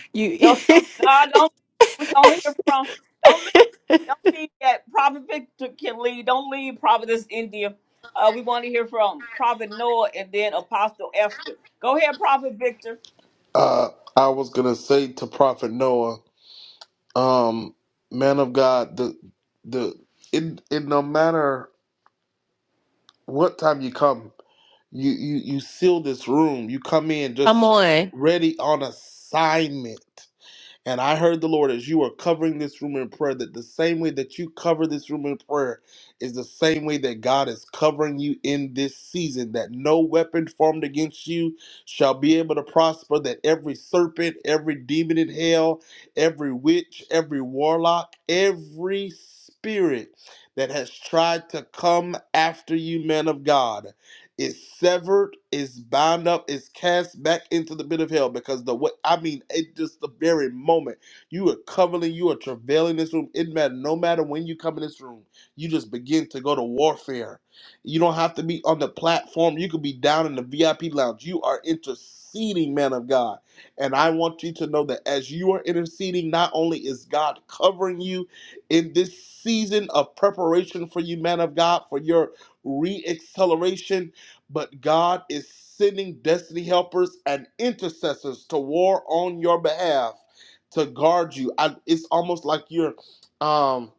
Speaker 5: You
Speaker 1: No, no, don't we don't hear from. Don't. Don't leave yet. Prophet Victor can leave. Don't leave Prophetess India. Uh, we want to hear from Prophet Noah and then Apostle Esther. Go ahead, Prophet Victor.
Speaker 8: Uh, I was gonna say to Prophet Noah. Um, man of God, the the it it no matter what time you come, you you you seal this room. You come in
Speaker 5: come
Speaker 8: just
Speaker 5: on.
Speaker 8: ready on assignment. And I heard the Lord as you are covering this room in prayer that the same way that you cover this room in prayer is the same way that God is covering you in this season, that no weapon formed against you shall be able to prosper, that every serpent, every demon in hell, every witch, every warlock, every spirit that has tried to come after you, man of God is severed, is bound up, is cast back into the pit of hell. Because the what I mean, it just the very moment you are covering, you are travailing this room. It matter no matter when you come in this room, you just begin to go to warfare. You don't have to be on the platform. You could be down in the VIP lounge. You are interceding, man of God. And I want you to know that as you are interceding, not only is God covering you in this season of preparation for you, man of God, for your re acceleration but God is sending destiny helpers and intercessors to war on your behalf to guard you. I, it's almost like you're um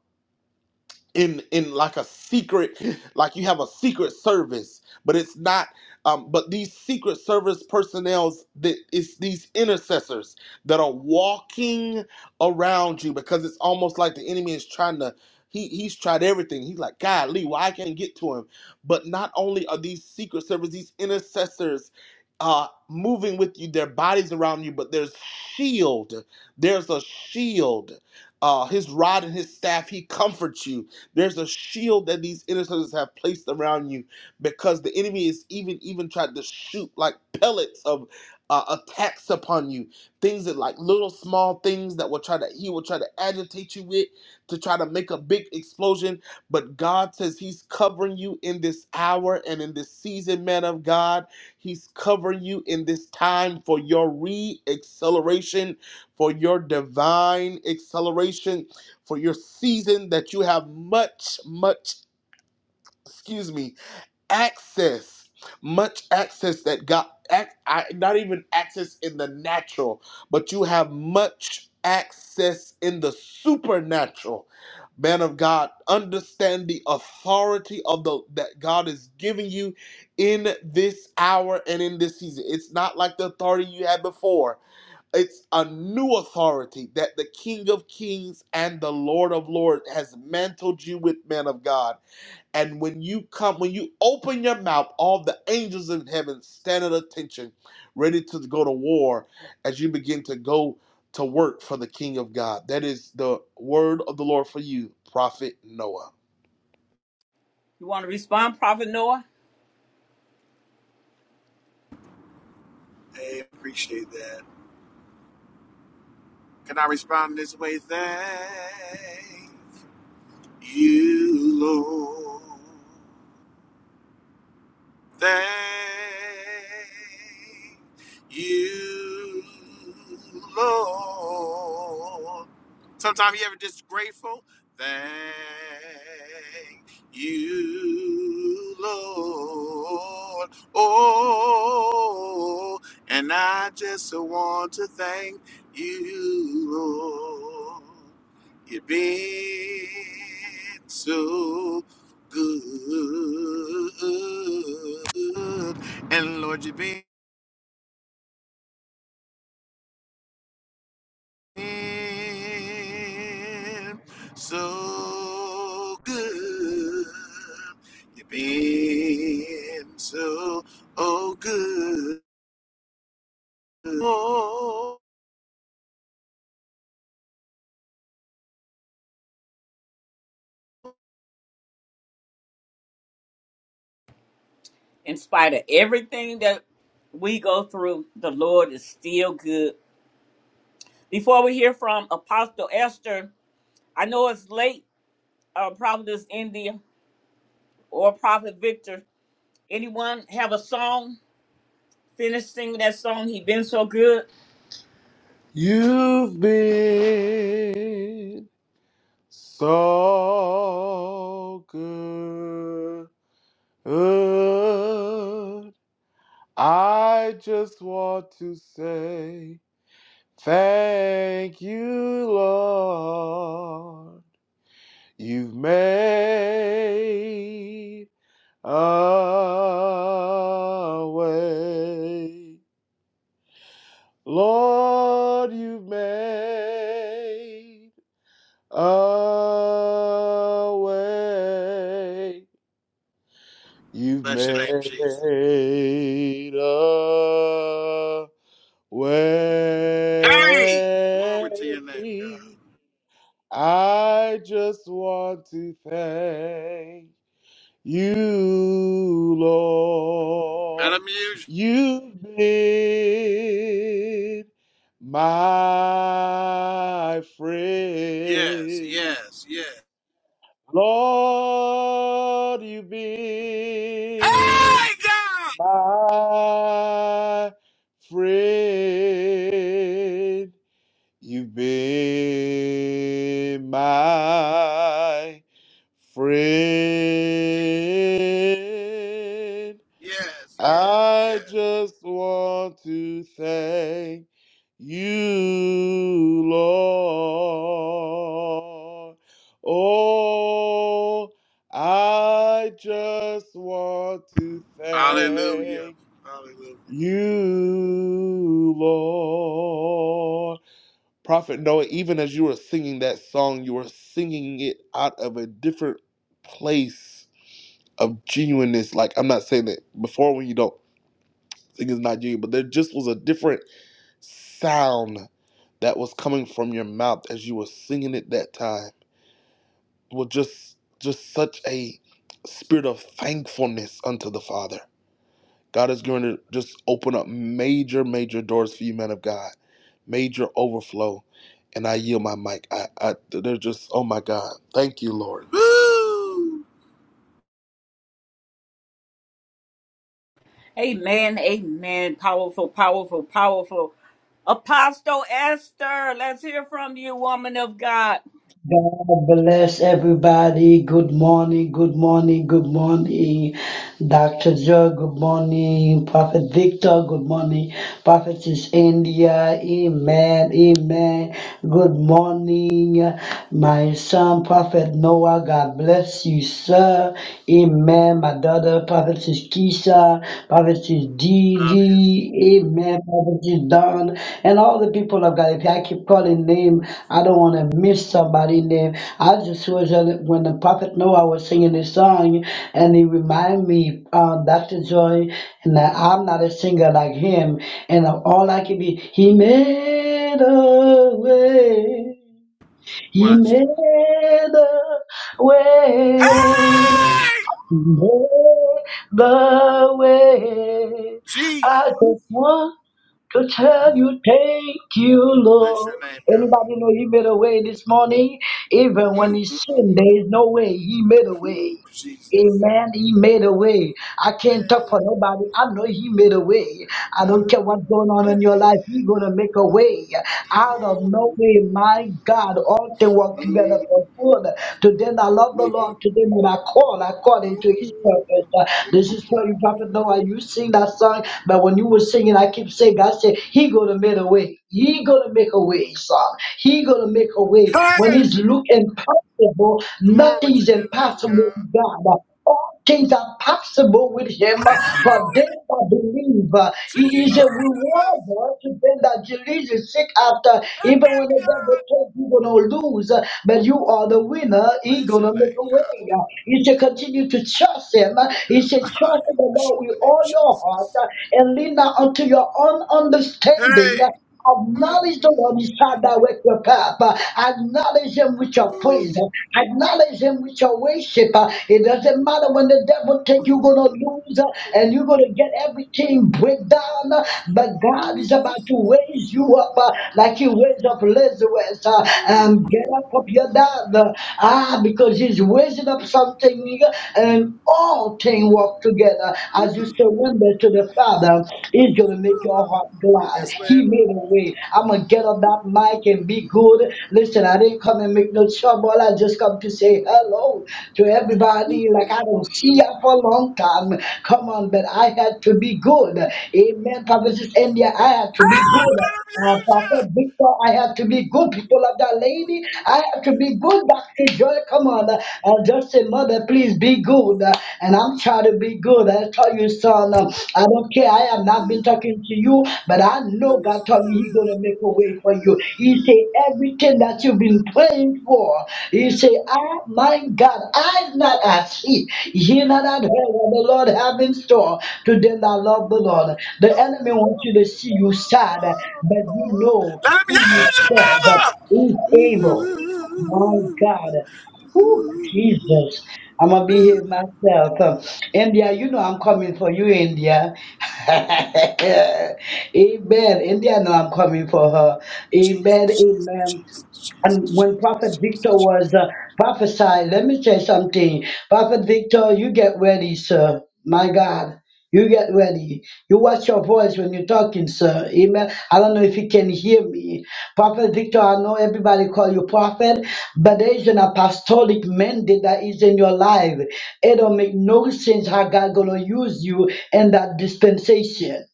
Speaker 8: in in like a secret like you have a secret service but it's not um but these secret service personnel's that it's these intercessors that are walking around you because it's almost like the enemy is trying to he, he's tried everything. He's like, God, Lee, well, I can't get to him. But not only are these secret service, these intercessors uh, moving with you, their bodies around you, but there's shield. There's a shield. Uh, his rod and his staff, he comforts you there's a shield that these intercessors have placed around you because the enemy is even even tried to shoot like pellets of uh, attacks upon you. Things that like little small things that will try to he will try to agitate you with to try to make a big explosion. But God says He's covering you in this hour and in this season, man of God. He's covering you in this time for your re acceleration, for your divine acceleration for your season that you have much, much, excuse me, access, much access that God, ac- I, not even access in the natural, but you have much access in the supernatural. Man of God, understand the authority of the that God is giving you in this hour and in this season. It's not like the authority you had before it's a new authority that the King of Kings and the Lord of Lords has mantled you with, man of God. And when you come, when you open your mouth, all the angels in heaven stand at attention, ready to go to war as you begin to go to work for the King of God. That is the word of the Lord for you, Prophet Noah.
Speaker 1: You want to respond, Prophet Noah?
Speaker 14: I appreciate that. Can I respond this way? Thank you, Lord. Thank you, Lord. Sometimes you ever just grateful. Thank you, Lord. Oh, and I just want to thank you, Lord. You've been so good. And Lord, you've been. been so good. You've been so oh good. Oh,
Speaker 1: In spite of everything that we go through, the Lord is still good. Before we hear from Apostle Esther, I know it's late, uh, Providence, India, or Prophet Victor. Anyone have a song? Finish singing that song. He been so good.
Speaker 8: You've been so good. good. I just want to say thank you, Lord. You've made a way. Lord, you've made a way. You've
Speaker 14: bless your name,
Speaker 8: made
Speaker 14: Jesus.
Speaker 8: a
Speaker 14: Hey, glory to your name, God.
Speaker 8: way. I just want to thank you,
Speaker 14: That
Speaker 8: Lord.
Speaker 14: amuse you.
Speaker 8: You've been my
Speaker 14: Yes,
Speaker 8: friend.
Speaker 14: yes, yes.
Speaker 8: Lord, you've been
Speaker 14: Hey, God.
Speaker 8: my friend. You've been my
Speaker 14: Jesus.
Speaker 8: friend.
Speaker 14: Yes, yes,
Speaker 8: I
Speaker 14: yes.
Speaker 8: just want to thank you, Lord. Oh, I just want to
Speaker 14: Hallelujah.
Speaker 8: thank
Speaker 14: Hallelujah.
Speaker 8: you, Lord. Prophet Noah, even as you were singing that song, you were singing it out of a different place of genuineness. Like, I'm not saying that before when you don't sing is not genuine, but there just was a different sound that was coming from your mouth as you were singing it that time. It was just, just such a spirit of thankfulness unto the Father. God is going to just open up major, major doors for you, men of God, major overflow. And I yield my mic. I, I they're just, oh my God. Thank you, Lord.
Speaker 14: Woo!
Speaker 1: Amen, amen. Powerful, powerful, powerful. Apostle Esther, let's hear from you, woman of God.
Speaker 15: God bless everybody. Good morning, good morning, good morning. Dr. Joe, good morning. Prophet Victor, good morning. Prophetess India, amen, amen. Good morning. My son, Prophet Noah, God bless you, sir. Amen. My daughter, Prophetess Keisha, Poverty
Speaker 14: Love you.
Speaker 15: is Prophetess DD, Amen, Poverty is Don, and all the people of God. If I keep calling name, I don't want to miss somebody name. I just was uh, when the Prophet Noah was singing this song, and he reminded me, um, Dr. Joy, and that I'm not a singer like him, and all I can be, he made a way. He
Speaker 14: Watch it.
Speaker 15: made the way,
Speaker 14: Hey!
Speaker 15: He made the way.
Speaker 14: Jesus.
Speaker 15: I just want to tell you, thank you,
Speaker 14: Bless your
Speaker 15: Lord.
Speaker 14: name, God.
Speaker 15: Anybody know He made a way this morning? Even when
Speaker 14: Mm,
Speaker 15: He
Speaker 14: mm,
Speaker 15: sinned,
Speaker 14: mm,
Speaker 15: there is no way He made a
Speaker 14: mm.
Speaker 15: way.
Speaker 14: Ooh, Jesus.
Speaker 15: Amen. He made a way. I can't talk
Speaker 14: Hey,
Speaker 15: for nobody. I know He made a way. I don't care what's going on in your life. He's going to make a way out of no way. My God, all things work together for good. To them I love the Lord. To them that I call I call into His purpose. Uh, This is for you, Prophet Noah. You sing that song, but when you were singing, I keep saying, God said, He going to make a way. He going to make a way, son. He going to make a way. When He's looking possible.
Speaker 14: glory
Speaker 15: Nothing
Speaker 14: to
Speaker 15: is
Speaker 14: your name,
Speaker 15: impossible
Speaker 14: God.
Speaker 15: with God. All things are possible with him uh, for them that believe. Uh,
Speaker 14: Jesus,
Speaker 15: He is a rewarder to them that diligently seek after. Even when the
Speaker 14: hey, God.
Speaker 15: devil told you you're gonna lose, uh, but you are the winner, he
Speaker 14: Bless your
Speaker 15: gonna make
Speaker 14: name,
Speaker 15: a
Speaker 14: God.
Speaker 15: way. Uh, You should continue to trust him. Uh, You should
Speaker 14: I
Speaker 15: trust in the
Speaker 14: Bless your
Speaker 15: Lord with
Speaker 14: name,
Speaker 15: all your heart
Speaker 14: Jesus.
Speaker 15: uh, and lean not unto your own understanding.
Speaker 14: Hey. Mm.
Speaker 15: Acknowledge the Lord is how that wake you up. Uh, Acknowledge him with your praise. Uh, Acknowledge him with your worship. Uh, It doesn't matter when the devil take you gonna lose uh, and you're gonna get everything break down. uh, But God is about to raise you up uh, like he raised up Lazarus. Uh, um, get up of your dad. Uh, Ah, because he's raising up something and all things work together as you surrender back to the Father is going to make your heart glad.
Speaker 14: Yes,
Speaker 15: He
Speaker 14: ma'am.
Speaker 15: made a way. I'm going to get on that mic and be good. Listen, I didn't come and make no trouble. I just come to say hello to everybody. Like I don't see you for a long time. Come on, but I had to be good. Amen. Prophet India, I had to
Speaker 14: I
Speaker 15: be good.
Speaker 14: love
Speaker 15: Uh, Pastor
Speaker 14: you,
Speaker 15: Victor, I have to be good. People of that lady, I have to be good. Dr. Joy, come on. Uh, uh, just say, Mother, please be good. Uh, and I'm trying to be good. I tell you, son, um, I don't care. I have not been talking to you, but I
Speaker 14: No.
Speaker 15: know God told me He's going to make a way for you. He he said, everything that you've been praying for, He said, Ah, my God, eyes not I see, hear not I heard what the Lord have in store to them that love the Lord. The enemy wants you to see you sad, but you know
Speaker 14: Let him
Speaker 15: who you
Speaker 14: use your
Speaker 15: serve, but
Speaker 14: mother.
Speaker 15: who's able. My God. Whew, Jesus. I'm gonna behave myself. Um, India, you know I'm coming for you, India. amen. India know I'm coming for her.
Speaker 14: Jesus,
Speaker 15: Amen.
Speaker 14: Jesus,
Speaker 15: Amen.
Speaker 14: Jesus, Jesus, Jesus,
Speaker 15: And when Prophet
Speaker 14: Jesus,
Speaker 15: Victor was
Speaker 14: Jesus.
Speaker 15: uh, prophesied, let me say something. Prophet Victor, you get ready, sir. My God, you get ready. You watch your voice when you're talking, sir. Amen. I don't know if you can hear me. Prophet Victor, I know everybody call you prophet, but there is an apostolic mandate that is in your life. It don't make no sense how God gonna use you in that dispensation.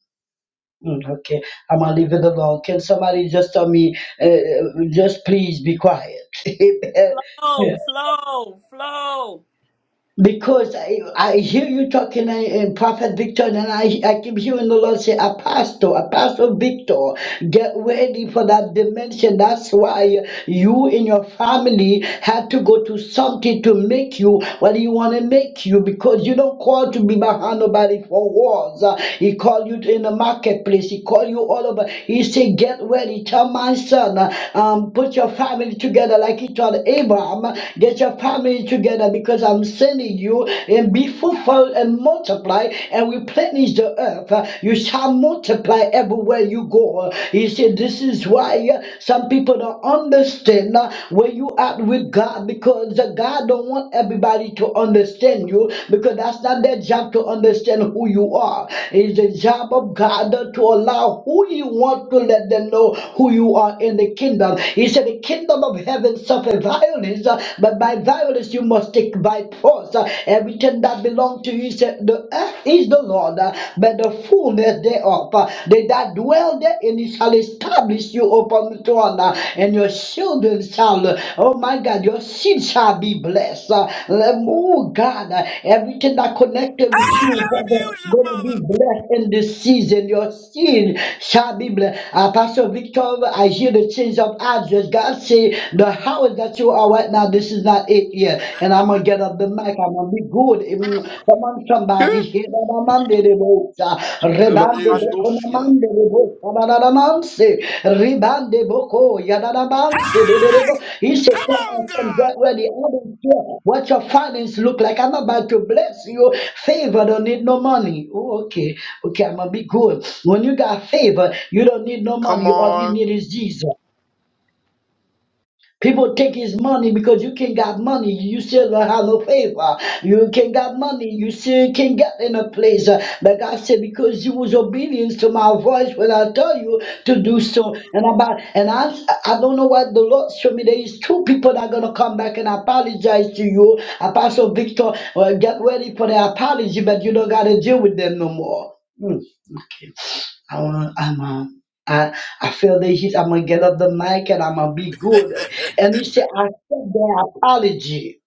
Speaker 15: Mm, Okay, I'm gonna leave it alone. Can somebody just tell me, uh, uh, just please be quiet? Amen.
Speaker 1: Flow, flow, flow.
Speaker 15: Because I, I hear you talking and, and Prophet Victor, and I, I keep hearing the Lord say, Apostle, Apostle Victor, get ready for that dimension. That's why you and your family had to go to something to make you what you want to make you because you don't call to be behind nobody for walls. Uh, He called you in the marketplace, He called you all over. He said, Get ready, tell my son, uh, um, put your family together like he told Abraham, get your family coming together because I'm sending you and be fruitful and multiply and replenish the earth. Uh, You shall multiply everywhere you go. He said, This is why uh, some people don't understand uh, where you are with God because uh, God don't want everybody to understand you because that's not their job to understand who you are. It's the job of God to allow who you want to let them know who you are in the kingdom. He said, The kingdom of heaven suffered violence violence, uh, but by violence you must take by force. uh, Everything that belongs to you, said, the earth is the Lord, uh, but the fullness thereof. uh, They that dwell therein he shall establish you upon the throne, uh, and your children shall, uh, oh my God, your seed shall be blessed. uh, Oh God, uh, everything that connected
Speaker 14: Hey,
Speaker 15: with you,
Speaker 14: let him use your
Speaker 15: going to
Speaker 14: mother.
Speaker 15: be blessed in this season. Your seed shall be blessed. Uh, Pastor Victor, I hear the change of address. God said say the house that you are right now, this is not it yet. And I'm gonna get up the mic. I'm gonna be good. Even come on, somebody here. Ramande de bosa,
Speaker 14: Let him
Speaker 15: rebande
Speaker 14: use you.
Speaker 15: boko namande de bosa, radadamanse, ribande boko, yadadamanse de de
Speaker 14: Hey,
Speaker 15: de bo. He said,
Speaker 14: come
Speaker 15: come on,
Speaker 14: on,
Speaker 15: come
Speaker 14: God.
Speaker 15: get ready. I don't care what your finance look like. I'm about to bless you. Favor don't need no money. Oh, okay, okay, I'm gonna be good. When you got favor, you don't need no
Speaker 8: Come
Speaker 15: money. All you
Speaker 8: on.
Speaker 15: need is Jesus. People take his money because you can not got money. You still don't have no favor. You can not got money. You still can not get in a place. Uh, But God said, because you was obedience to my voice when I tell you to do so. And about and I I don't know what the Lord showed me. There is two people that are gonna come back and apologize to you. Apostle Victor, well, get ready for the apology, but you don't gotta deal with them no more. Hmm. I want, I'm a, I, I feel the heat. I'm gonna get up the mic and I'm gonna be good. And he said, I accept the apology,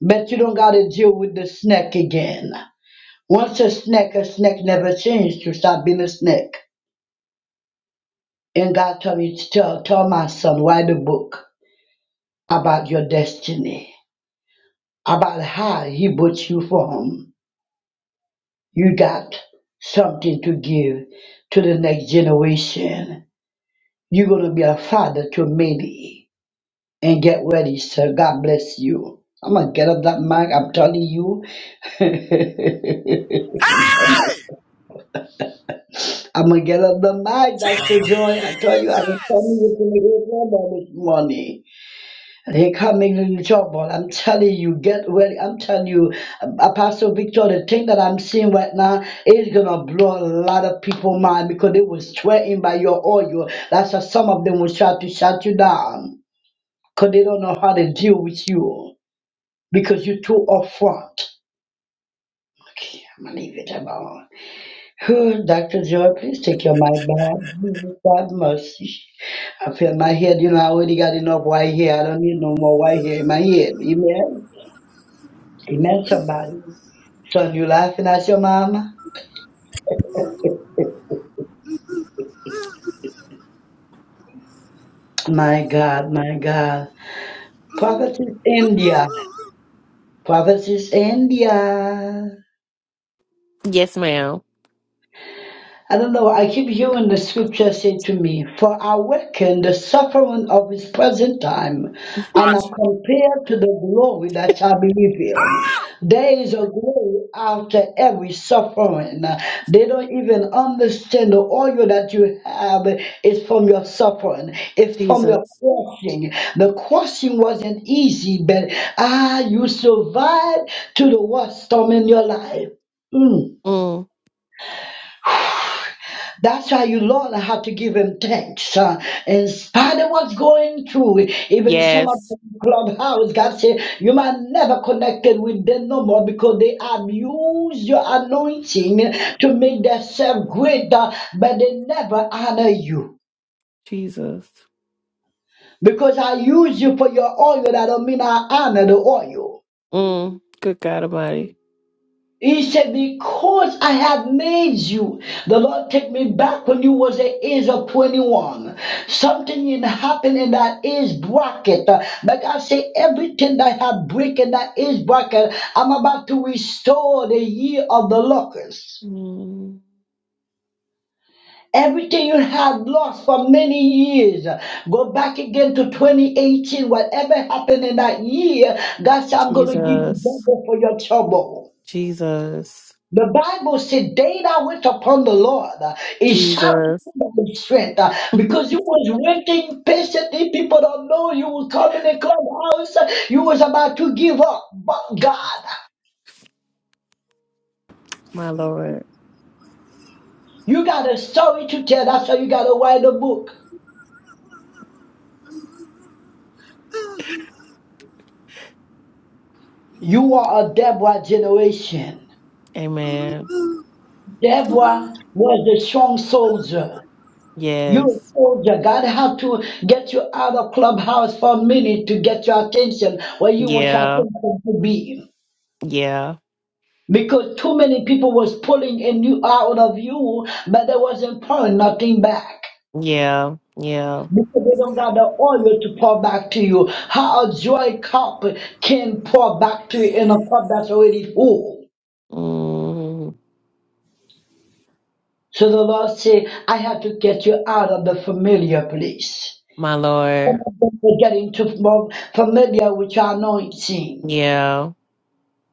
Speaker 15: but you don't gotta deal with the snake again. Once a snake, a snake never changed to stop being a snake. And God told me to tell, tell my son, write a book about your destiny, about how he brought you from. You got something to give to the next generation. You're gonna be a father to many and get ready, sir. God bless you. I'm gonna get up that mic. I'm telling you.
Speaker 14: Hey,
Speaker 15: I'm gonna get up the mic, Dr.
Speaker 14: Jesus.
Speaker 15: Joy. I tell you, I'm telling you, it's gonna get trouble this morning. And here coming in trouble. I'm telling you, get ready. I'm telling you, Apostle Victor, the thing that I'm seeing right now is gonna blow a lot of people mind because they was threatened by your oil. That's why some of them will try to shut you down because they don't know how to deal with you. because you're too upfront. Okay, I'm gonna leave it alone. Dr. Joy, please take your mic back. Jesus, God mercy. I feel my head, you know, I already got enough white hair. I don't need no more white hair in my head. Amen. Amen, somebody. Son, you laughing at your mama? My God, my God. Prophetess India. Prophetess India.
Speaker 5: Yes, ma'am.
Speaker 15: I don't know. I keep hearing the scripture say to me, For I reckon the suffering of his present time, and
Speaker 14: Watch.
Speaker 15: are
Speaker 14: it.
Speaker 15: compared to the glory that shall be revealed. There is a glory after every suffering. They don't even understand the oil that you have is from your suffering, it's from your
Speaker 5: Jesus.
Speaker 15: crossing. The crossing wasn't easy, but ah, you survived to the worst storm in your life. Mm.
Speaker 5: Mm.
Speaker 15: That's why you, Lord, I have to give him thanks. Uh, in spite of what's going through, even some of
Speaker 5: Yes.
Speaker 15: the clubhouse, God said, you might never connected with them no more because they abuse your anointing to make themselves greater, but they never honor you.
Speaker 5: Jesus.
Speaker 15: Because I use you for your oil, that don't mean I honor the oil.
Speaker 5: Mm. Good God Almighty.
Speaker 15: He said, because I have made you. The Lord take me back when you was the age of 21. Something happened in that age bracket. Uh, But I say everything that had break in that age bracket, I'm about to restore the year of the locust.
Speaker 5: Mm.
Speaker 15: Everything you had lost for many years, go back again to 2018. Whatever happened in that year, God said, I'm going to give you
Speaker 5: Jesus.
Speaker 15: double for your trouble.
Speaker 5: Jesus.
Speaker 15: The Bible said, Day that wait upon the Lord, uh, it shall
Speaker 5: Jesus.
Speaker 15: renew thy strength. uh, Because you was waiting patiently, people don't know you was coming in the clubhouse, uh, you was about to give up. But God,
Speaker 5: My Lord.
Speaker 15: you got a story to tell. That's why you got to write a book. You are a Deborah generation.
Speaker 5: Amen.
Speaker 15: Deborah was a strong soldier. You're
Speaker 5: Yes.
Speaker 15: a soldier. God had to get you out of clubhouse for a minute to get your attention where you want your
Speaker 5: Yeah.
Speaker 15: attention to be.
Speaker 5: Yeah,
Speaker 15: because too many people was pulling in you out of you, but they wasn't pulling nothing back.
Speaker 5: yeah, yeah.
Speaker 15: Because they don't got the oil to pour back to you. How a joy cup can pour back to you in a cup that's already full.
Speaker 5: Mm,
Speaker 15: So the Lord said, I have to get you out of the familiar place.
Speaker 5: my
Speaker 15: Some
Speaker 5: Lord.
Speaker 15: of them are getting too fam- familiar with your anointing.
Speaker 5: Yeah,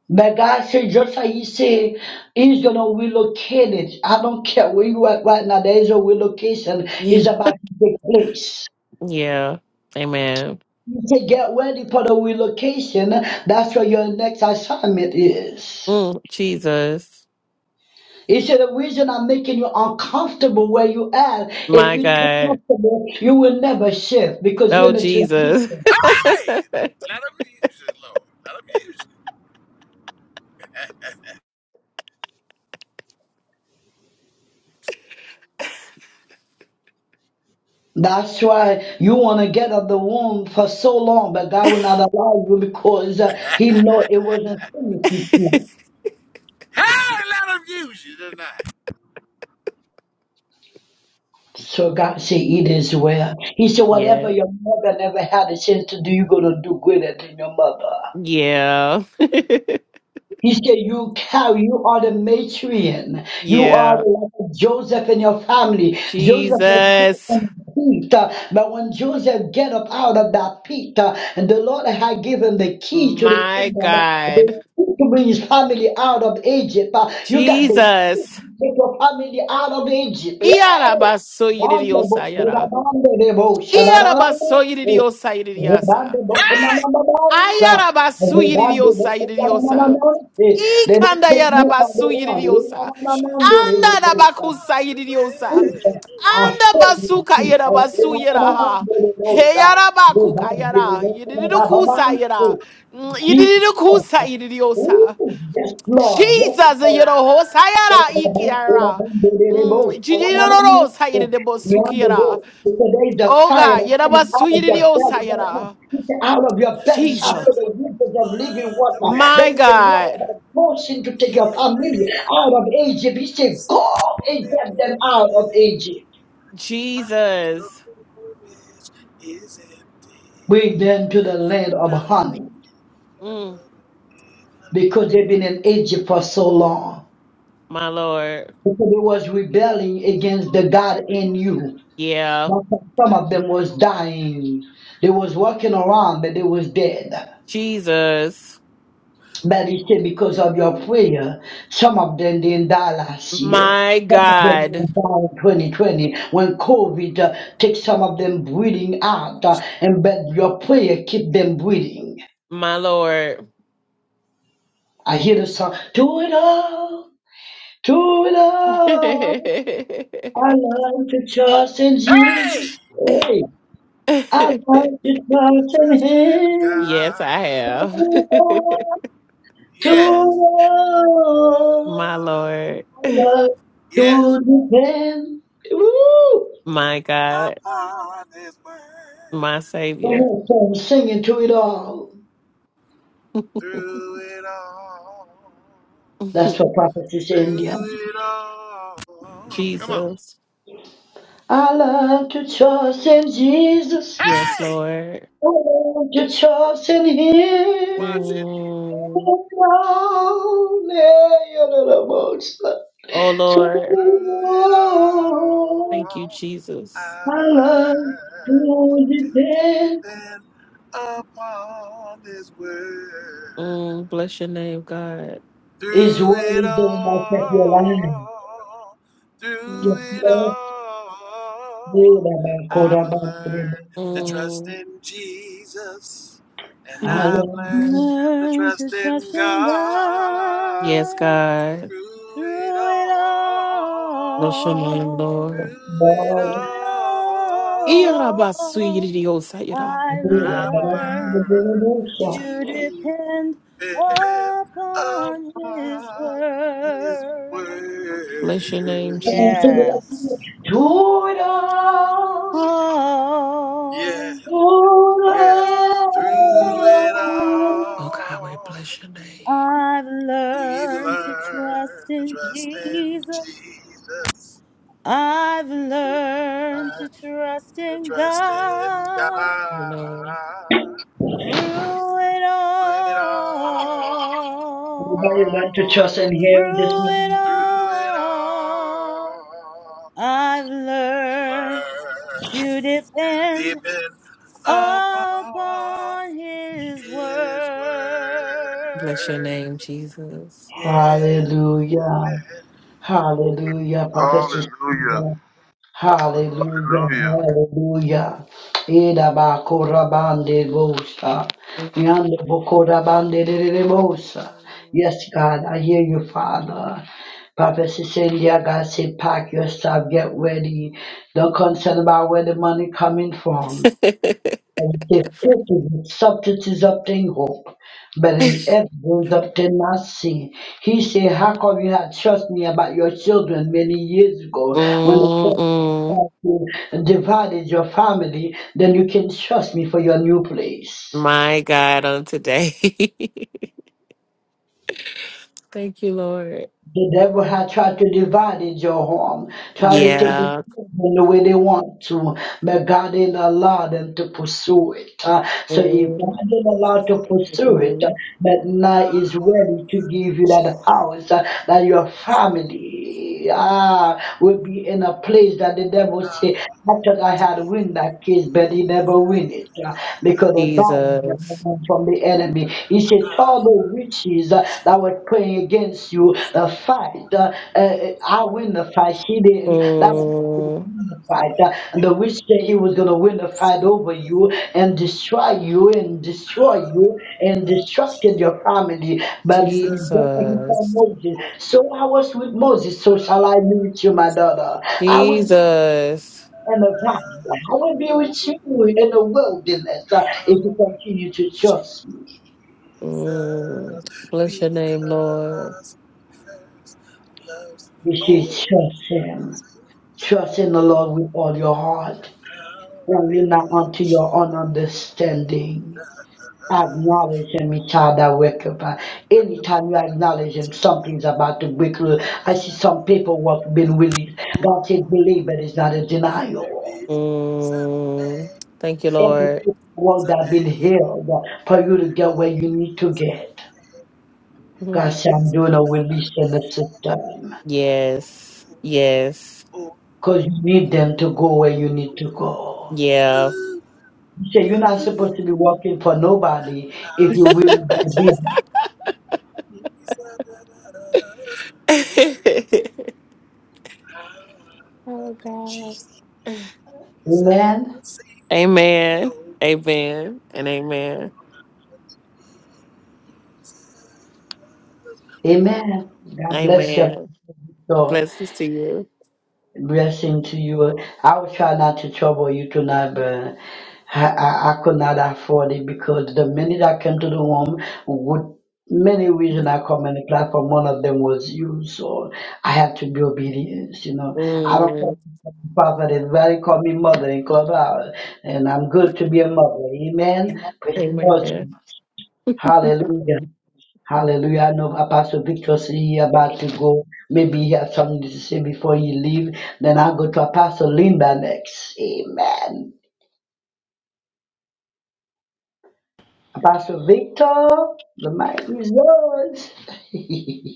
Speaker 15: But God said, just like He said, He's gonna relocate it. I don't care where you are right now. There is a relocation.
Speaker 5: yeah,
Speaker 15: It's about to take place.
Speaker 5: yeah. Amen.
Speaker 15: You say, get ready for the relocation. That's where your next assignment is.
Speaker 5: Mm, Jesus.
Speaker 15: He said, the reason I'm making you uncomfortable where you are, if
Speaker 5: My
Speaker 15: you're too
Speaker 5: God.
Speaker 15: comfortable, you will never shift because you're
Speaker 5: Oh,
Speaker 15: in a transition.
Speaker 5: Jesus.
Speaker 14: Hey, let him use you, Lord. Let him use you.
Speaker 15: That's why you want to get out the womb for so long, but God will not allow you because uh, He know it wasn't finished with you.
Speaker 14: Hey, let him use you tonight.
Speaker 15: So God said, It is well. He said, Whatever
Speaker 5: yeah,
Speaker 15: your mother never had a chance to do, you're going to do greater than your mother.
Speaker 5: yeah,
Speaker 15: He said, You carry, you are the matrion. You are
Speaker 5: yeah.
Speaker 15: like Joseph and your family. Joseph was put
Speaker 5: Jesus.
Speaker 15: in the pit, uh, but when Joseph get up out of that pit, uh, and the Lord had given the key to the
Speaker 5: My
Speaker 15: kingdom, uh,
Speaker 5: God.
Speaker 15: the key to bring his family out of Egypt. uh, you got the key to
Speaker 5: Jesus.
Speaker 15: take your family out of Egypt.
Speaker 5: Iyarabasoyiridiosayara.
Speaker 15: Yeah.
Speaker 5: Iyarabasoyiridiosayiridiasa.
Speaker 15: Rebande bokunamamamansa.
Speaker 14: Glory to you.
Speaker 5: Ayarabasu
Speaker 15: Rebande
Speaker 5: yiridiosa yiridiosa.
Speaker 15: bokunamamamanse. They don't
Speaker 5: Ikanda
Speaker 15: take you for the
Speaker 5: yarabasu
Speaker 15: one.
Speaker 5: yiridiosa.
Speaker 15: Enamamamande
Speaker 5: Anda
Speaker 15: reyosa.
Speaker 5: rabakusa yiridiosa.
Speaker 15: Uja. I
Speaker 5: Anda
Speaker 15: feel you,
Speaker 5: basuka
Speaker 15: Jesus.
Speaker 5: yarabasu yaraha.
Speaker 15: Enamamamande
Speaker 5: He
Speaker 15: reyosa.
Speaker 5: yarabakuka
Speaker 15: Rebande
Speaker 5: yara. Yididukusa
Speaker 15: bokunamamamanse.
Speaker 5: yara. Yididukusa
Speaker 15: Jesus.
Speaker 5: yiridiosa.
Speaker 15: Ooh, yes, Lord. Yes,
Speaker 5: Jesus
Speaker 15: Lord.
Speaker 5: yarahosa yara
Speaker 15: Beyond
Speaker 5: ikiara. Jididorosa yiridibosuki
Speaker 15: the
Speaker 5: yara.
Speaker 15: boat, because there is a fire
Speaker 5: Oga
Speaker 15: that's coming
Speaker 5: yarabasu
Speaker 15: out of your
Speaker 5: yiridiosa
Speaker 15: belly right now.
Speaker 5: yara.
Speaker 15: He said, Out of your belly
Speaker 14: It
Speaker 15: shall
Speaker 5: Jesus.
Speaker 15: flow
Speaker 14: shall
Speaker 15: the rivers of living
Speaker 14: find the
Speaker 15: water. There
Speaker 5: My
Speaker 15: is a
Speaker 14: way
Speaker 5: God.
Speaker 15: water that motion to take your
Speaker 14: in
Speaker 15: family out of Egypt. He said, Go and get them out of
Speaker 14: everything.
Speaker 15: Egypt.
Speaker 14: My
Speaker 5: Jesus.
Speaker 14: soul is empty.
Speaker 15: Bring them to the land of honey
Speaker 5: Mm,
Speaker 15: because they've been in Egypt for so long.
Speaker 5: my Lord.
Speaker 15: Because it was rebelling against the God in you.
Speaker 5: Yeah.
Speaker 15: But some of them was dying. They was walking around, but they was dead.
Speaker 5: Jesus.
Speaker 15: But he said, because of your prayer, some of them didn't die last year.
Speaker 5: My
Speaker 15: Some of them
Speaker 5: God.
Speaker 15: didn't die in 2020 when COVID uh, took some of them breathing out, uh, and but your prayer keep them breathing.
Speaker 5: My Lord.
Speaker 15: I hear the song, do it all, do it all. I love to trust in
Speaker 14: Hey!
Speaker 15: Jesus. Hey, I love
Speaker 5: yes,
Speaker 15: to
Speaker 14: The
Speaker 15: trust in
Speaker 14: trust in
Speaker 15: Him.
Speaker 5: I
Speaker 14: God.
Speaker 5: have.
Speaker 15: to
Speaker 14: Yes.
Speaker 5: my Lord.
Speaker 15: love, to
Speaker 14: Yes.
Speaker 15: depend. Woo!
Speaker 5: My God.
Speaker 14: Upon His
Speaker 5: My
Speaker 14: word.
Speaker 15: Go
Speaker 5: Savior.
Speaker 15: ahead, sing, sing to it all.
Speaker 14: Through it all.
Speaker 15: That's what prophecies India.
Speaker 14: Through it all. Come on.
Speaker 5: Jesus.
Speaker 15: I love to trust in Jesus.
Speaker 5: Yes,
Speaker 14: Hey!
Speaker 5: Lord.
Speaker 15: I love to trust in Him.
Speaker 14: Watch it.
Speaker 5: Mm.
Speaker 15: Oh, yeah, you're the most.
Speaker 5: Oh,
Speaker 15: To
Speaker 5: Lord.
Speaker 14: Through it
Speaker 15: love,
Speaker 5: Thank you,
Speaker 14: all,
Speaker 5: Jesus.
Speaker 14: I've
Speaker 15: I love
Speaker 14: learned
Speaker 15: to
Speaker 14: to
Speaker 15: depend.
Speaker 14: depend upon His word.
Speaker 5: Mm, bless your name, God.
Speaker 14: Through
Speaker 15: Israel
Speaker 14: it
Speaker 15: is the one that kept your line.
Speaker 14: all,
Speaker 5: Mm.
Speaker 14: through
Speaker 15: Yes,
Speaker 14: it
Speaker 15: Lord. We
Speaker 14: all,
Speaker 15: are about
Speaker 14: I've
Speaker 15: quarter back to the
Speaker 14: learned to
Speaker 15: bush.
Speaker 14: trust in Jesus, and
Speaker 5: Mm.
Speaker 14: I've learned
Speaker 15: Hallelujah.
Speaker 14: to
Speaker 10: Learn to
Speaker 14: trust
Speaker 10: trust
Speaker 14: in
Speaker 10: in
Speaker 14: God.
Speaker 5: Yes,
Speaker 10: God
Speaker 5: God.
Speaker 14: Through it
Speaker 10: through it
Speaker 5: Bless your
Speaker 14: all.
Speaker 5: name, Lord.
Speaker 10: all.
Speaker 14: Through it
Speaker 10: Through
Speaker 15: Lord,
Speaker 10: it
Speaker 14: all,
Speaker 10: all,
Speaker 5: Iyarabasuyiridiosayira.
Speaker 10: I
Speaker 15: we are
Speaker 14: I've
Speaker 15: about
Speaker 10: learned.
Speaker 15: to the
Speaker 14: learned
Speaker 15: bush.
Speaker 14: to
Speaker 10: to depend
Speaker 14: depend
Speaker 10: upon his
Speaker 14: upon His
Speaker 10: word.
Speaker 5: Bless your name,
Speaker 14: word.
Speaker 15: Come on, sing it like
Speaker 5: Jesus.
Speaker 10: Yes.
Speaker 15: To it all,
Speaker 10: Oh,
Speaker 14: Yes,
Speaker 15: to
Speaker 14: yes.
Speaker 10: in
Speaker 15: it
Speaker 14: Through it
Speaker 15: all.
Speaker 5: Oh God,
Speaker 10: all,
Speaker 5: we
Speaker 14: all,
Speaker 5: bless your name.
Speaker 10: I've
Speaker 14: we've
Speaker 10: learned to trust
Speaker 14: learned to
Speaker 10: in
Speaker 14: trust in
Speaker 10: Jesus.
Speaker 14: Jesus,
Speaker 10: I've learned to
Speaker 14: learned
Speaker 10: trust
Speaker 14: to
Speaker 10: in
Speaker 14: trust in God.
Speaker 10: God
Speaker 5: Lord.
Speaker 10: through it
Speaker 14: Through it
Speaker 10: all.
Speaker 15: Everybody learn to
Speaker 14: all.
Speaker 15: trust in Him this
Speaker 10: Through it
Speaker 15: morning.
Speaker 14: Through it
Speaker 10: all,
Speaker 14: all,
Speaker 10: I've
Speaker 14: you
Speaker 10: learned
Speaker 14: learn
Speaker 10: to depend
Speaker 14: depend upon
Speaker 10: upon His
Speaker 14: His
Speaker 5: Bless your
Speaker 10: word.
Speaker 14: word.
Speaker 5: name, Jesus.
Speaker 14: Yeah,
Speaker 15: Hallelujah. Hallelujah. Prophet
Speaker 8: Hallelujah.
Speaker 15: Sister. Hallelujah,
Speaker 8: Hallelujah.
Speaker 15: hallelujah. Eda ba korabande bosa. Yande bo korabande de de de bosa. Yes, God, I hear you, Father. Prophet Cecilia, God said, pack your stuff, get ready. Don't concern about where the money coming from. They think the subject is the subtlety obtain hope, but in evidence obtain not seen. He said, How come you had trust me about your children many years ago when the
Speaker 5: Mm-mm.
Speaker 15: prophet divided your family? Then you can trust me for your new place.
Speaker 5: My God, on today. Thank you, Lord.
Speaker 15: The devil has tried to divide your home, try to take the
Speaker 5: Yeah.
Speaker 15: children the way they want to, but God didn't allow them to pursue it. Uh, so if
Speaker 5: Mm-mm.
Speaker 15: God didn't allow to pursue it, uh, but now is ready to give you that house, uh, that your family ah, will be in a place that the devil say, I thought I had win that case, but he never win it uh, because the Bible
Speaker 5: Jesus.
Speaker 15: from the enemy. He said, all the witches uh, that were praying against you, the fight, uh, uh, I win the fight. She didn't. That was
Speaker 5: Mm,
Speaker 15: the fight. Uh, and the witch said he was going to win the fight over you and destroy you and destroy you and destructed your family. But just
Speaker 14: counsel,
Speaker 15: like you told
Speaker 5: Jesus.
Speaker 15: Moses,
Speaker 14: oh,
Speaker 15: so I was with Moses, so shall I be with you, my daughter. I will
Speaker 5: Jesus.
Speaker 15: and the vine. I will be
Speaker 14: oh,
Speaker 15: with you in the wilderness uh, if
Speaker 14: counsel,
Speaker 15: you continue to trust me.
Speaker 5: Mm. Bless your name, Lord.
Speaker 14: because first loves me.
Speaker 15: You
Speaker 14: Oh,
Speaker 15: should trust him. Trust in the
Speaker 14: oh,
Speaker 15: Lord with all your heart
Speaker 14: how I
Speaker 15: and lean not
Speaker 14: love.
Speaker 15: unto your own understanding.
Speaker 14: her.
Speaker 15: Acknowledge him, he shall direct your path. Anytime you acknowledge him, something's about to break through. I see some people who have been released.
Speaker 14: Oh,
Speaker 15: God said, believe it is not a
Speaker 14: there
Speaker 15: denial.
Speaker 14: is a
Speaker 5: Mm.
Speaker 14: name,
Speaker 5: Thank you,
Speaker 15: Every
Speaker 14: there is
Speaker 5: Lord.
Speaker 14: a
Speaker 15: word that has been
Speaker 14: name,
Speaker 15: healed for you to get where you need
Speaker 14: there
Speaker 15: to
Speaker 14: is a
Speaker 15: get.
Speaker 14: name.
Speaker 5: Mhm.
Speaker 15: Guys, I'm
Speaker 14: is
Speaker 15: doing a
Speaker 14: not the
Speaker 15: release in the system
Speaker 5: Yes. Yes.
Speaker 14: Oh,
Speaker 15: because you need them to go where you need to go.
Speaker 5: Yeah.
Speaker 14: ooh,
Speaker 15: You say you're not
Speaker 14: ooh,
Speaker 15: supposed to be working for nobody
Speaker 14: how
Speaker 15: if you
Speaker 14: I
Speaker 15: really
Speaker 14: love
Speaker 15: believe.
Speaker 14: Jesus. Oh, how
Speaker 5: oh, God.
Speaker 14: he set
Speaker 15: Amen.
Speaker 14: sea.
Speaker 5: Amen.
Speaker 14: Oh,
Speaker 5: Amen. And amen.
Speaker 14: oh,
Speaker 15: Amen. God bless you.
Speaker 5: Amen.
Speaker 15: So,
Speaker 5: Blessings to you.
Speaker 15: Blessing to you. I will try not to trouble you tonight, but I, I, I could not afford it because the minute I came to the home with many reasons I come on the platform, one of them was you, so I had to be obedient. You know, I don't call
Speaker 5: Mm.
Speaker 15: myself a prophet, everybody call me mother in clubhouse, and I'm good to be a mother. Amen. Praise the Lord.
Speaker 5: Amen.
Speaker 15: Hallelujah. Hallelujah. I know Apostle Victor said he about to go. Maybe he has something to say before he leave. Then I'll go to Apostle Linda next. Amen. Apostle Victor, the mic is yours.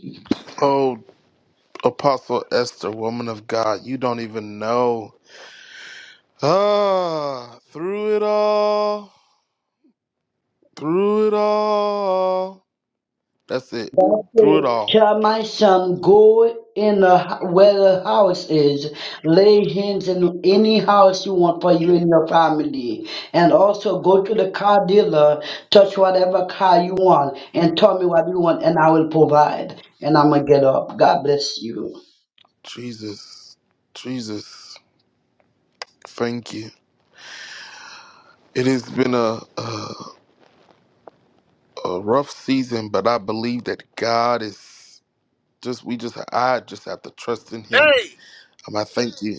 Speaker 8: Oh, Apostle Esther, woman of God, you don't even know. Ah, through it all, through it all. That's it.
Speaker 15: God
Speaker 8: Through it
Speaker 15: said,
Speaker 8: all.
Speaker 15: Shall my son go in the, h- where the house is, lay hands in any house you want for you and your family, and also go to the car dealer, touch whatever car you want, and tell me what you want, and I will provide. And I'm gonna get up. God bless you.
Speaker 8: Jesus. Jesus. Thank you. It has been a, a a rough season, but I believe that God is just we just I just have to trust in Him.
Speaker 14: Hey,
Speaker 8: Um, I thank you,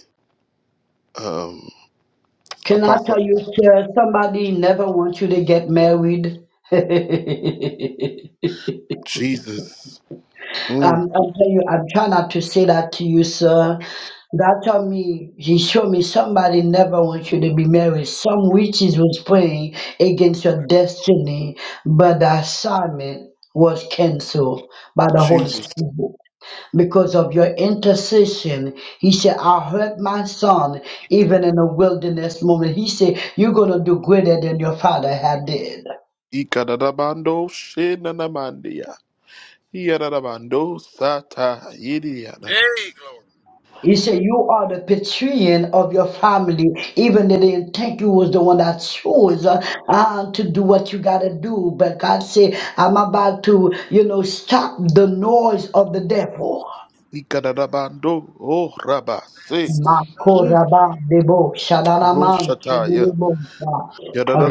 Speaker 8: um,
Speaker 15: Can I
Speaker 8: Apostle
Speaker 15: tell you, sir, somebody never wants you to get married?
Speaker 8: Jesus,
Speaker 15: I'm,
Speaker 8: mm,
Speaker 15: I'm telling you, I'm trying not to say that to you, sir. God told me, He showed me somebody never wants you to be married. Some witches was praying against your destiny, but the assignment was canceled by the Holy
Speaker 8: Jesus.
Speaker 15: Spirit because of your intercession. He said, I heard my son even in a wilderness moment. He said, You're going to do greater than your father had did.
Speaker 8: Ikadadabando shenanamandia. Iyadadabando sata yidiyadaba.
Speaker 14: hey, glory.
Speaker 15: He said, You are the patrician of your family, even they didn't think you was the one that chose uh, uh, to do what you gotta do. But God said, I'm about to, you know, stop the noise of the devil.
Speaker 8: Ikadadabando oh rabase.
Speaker 14: that's love
Speaker 8: Mm,
Speaker 15: Makoraba
Speaker 14: in
Speaker 15: debo
Speaker 14: the
Speaker 15: shadanaman
Speaker 8: Roshataya.
Speaker 15: sibilibosa.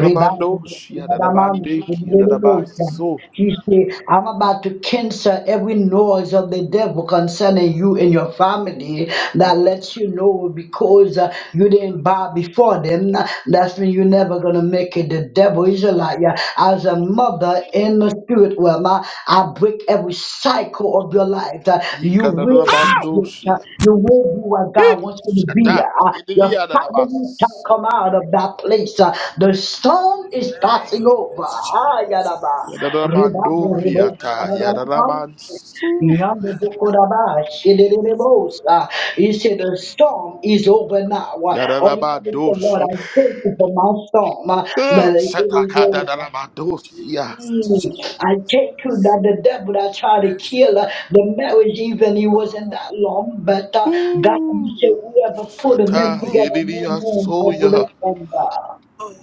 Speaker 15: Riba shadanaman
Speaker 8: shiadadabande
Speaker 15: sibilibosa.
Speaker 8: kiyadadabaso.
Speaker 15: You see, I'm about to cancel every noise of the devil concerning you and your family that lets you know because uh, you didn't bow before them. That's when you're never going to make it. The devil is a liar. As a mother in the spirit realm, I I break every cycle of your life. Uh, You will be
Speaker 14: How?
Speaker 15: great.
Speaker 8: Yikadadabandoshia.
Speaker 15: Uh, You will be what
Speaker 8: Eh,
Speaker 15: God wants you to be.
Speaker 8: Shata.
Speaker 15: Uh, uh, Your family shall
Speaker 8: Yididiyadadabaso.
Speaker 15: come out of that place. Uh, The storm is passing
Speaker 14: name of
Speaker 15: over. Ah, yadaba.
Speaker 14: Jesus.
Speaker 15: Rebaba, rebo,
Speaker 14: Love
Speaker 8: Yadadabandoriata.
Speaker 15: shababa.
Speaker 8: Yadadabansu.
Speaker 14: and
Speaker 15: Yonder
Speaker 14: I know
Speaker 15: Bokodaba, Shedebosa. He said, The storm is over now. All you can say, Lord,
Speaker 8: Yadadabadoshi.
Speaker 15: I thank you for my storm, uh,
Speaker 8: Ah,
Speaker 15: but it is over.
Speaker 8: Shatakadadadabadosia.
Speaker 14: Jesus,
Speaker 15: Mm, I
Speaker 14: Jesus.
Speaker 15: take you that the devil that tried to
Speaker 14: That's
Speaker 15: kill uh,
Speaker 14: what
Speaker 15: the marriage, even it wasn't
Speaker 14: all.
Speaker 15: that long, but uh, God,
Speaker 8: Ooh,
Speaker 15: you said, whoever
Speaker 14: Oh,
Speaker 15: put a man
Speaker 8: Shata.
Speaker 14: oh,
Speaker 15: together, no man will put
Speaker 8: Yididiyasoya.
Speaker 15: it on God.
Speaker 14: oh,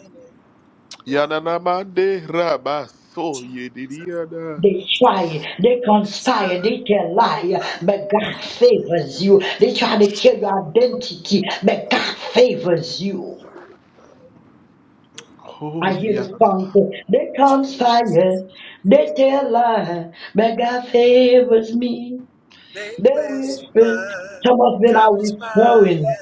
Speaker 14: oh.
Speaker 8: Yadadamande rabaso.
Speaker 14: Jesus, is
Speaker 8: Yididiyada.
Speaker 15: They
Speaker 14: the
Speaker 15: try, they
Speaker 14: Son
Speaker 15: conspire, they can lie,
Speaker 14: of
Speaker 15: but God
Speaker 14: God.
Speaker 15: favors you. They try to kill your identity, but God favors you.
Speaker 8: Oh,
Speaker 15: I hear the
Speaker 8: yadadaba.
Speaker 15: song say, they
Speaker 14: Jesus,
Speaker 15: conspire, they
Speaker 14: is the
Speaker 15: tell lie, but God favors me.
Speaker 14: They
Speaker 15: They will spend
Speaker 14: whispered,
Speaker 15: some of them are
Speaker 14: conspired,
Speaker 15: withdrawing.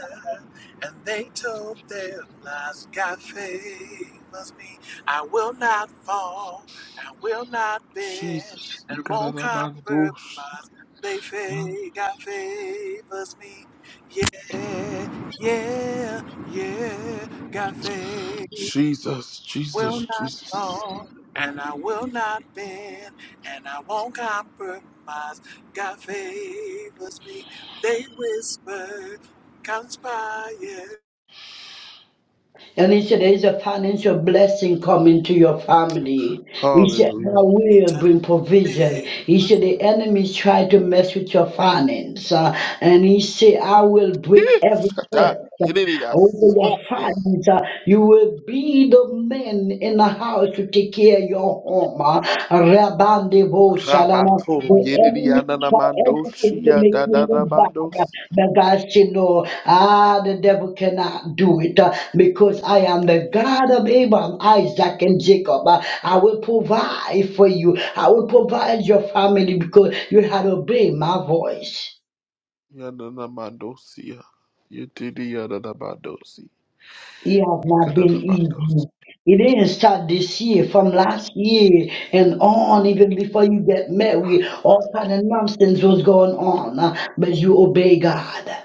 Speaker 14: and they told their lies. God favors me. I will not fall, I will not bend,
Speaker 8: Jesus.
Speaker 14: and won't compromise.
Speaker 8: Yikadadabandoshi.
Speaker 14: They say God favors me. Yeah, yeah, yeah, God favors
Speaker 8: Jesus,
Speaker 14: will
Speaker 8: Jesus,
Speaker 14: not
Speaker 8: Jesus.
Speaker 14: fall, and I will not bend, and I won't compromise. God favors me. They whisper, conspire,
Speaker 15: And he said, There is a financial blessing coming to your family. He said,
Speaker 8: Hallelujah.
Speaker 15: I
Speaker 14: they
Speaker 15: will
Speaker 14: touch
Speaker 15: bring provision.
Speaker 14: me.
Speaker 15: He said, The enemy tried to mess with your finance. Uh, and he said, I will break every curse
Speaker 8: Shata, yedidi
Speaker 15: uh,
Speaker 8: ya
Speaker 15: over your
Speaker 8: so,
Speaker 15: finance. Uh, you will be the man in the house to take care of your home. Uh, Rabande bo shalala
Speaker 8: rabato,
Speaker 15: The
Speaker 8: yedidi
Speaker 15: enemy
Speaker 8: ya
Speaker 15: try
Speaker 8: nanamando,
Speaker 15: everything to
Speaker 8: shia,
Speaker 15: make
Speaker 8: da da
Speaker 15: you
Speaker 8: da
Speaker 15: look
Speaker 8: mando,
Speaker 15: bad.
Speaker 8: sia,
Speaker 15: But God said, No, ah, the devil cannot do it uh, because I am the God of Abraham, Isaac, and Jacob. Uh, I will provide for you. I will provide your family because you have obeyed my voice.
Speaker 8: ya nanamando, sia, yedidi ya nanamando, si,
Speaker 15: It has not
Speaker 8: ikada
Speaker 15: been
Speaker 8: da mando, si.
Speaker 15: easy. It didn't start this year, from last year and on, even before you get married, all kind of nonsense was going on. uh, But you obey God.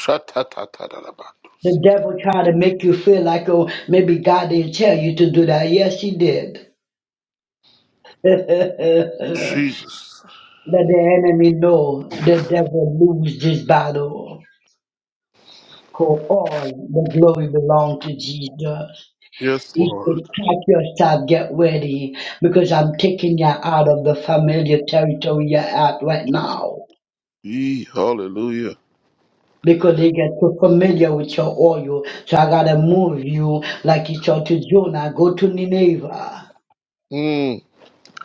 Speaker 8: Shata ta ta da da mando,
Speaker 15: The
Speaker 8: si.
Speaker 15: devil tried to make you feel like, oh, maybe God didn't tell you to do that. Yes, he did. Let
Speaker 8: Jesus,
Speaker 15: the enemy know the devil lose this battle. For all the glory belong to Jesus.
Speaker 8: yes,
Speaker 15: He
Speaker 8: Lord,
Speaker 15: said, pack yourself, get ready, because I'm taking you out of the familiar territory you're at right now.
Speaker 8: Yee, hallelujah.
Speaker 15: Because they get too familiar with your oil. So I gotta move you like he told to Jonah, go to Nineveh.
Speaker 8: Mm.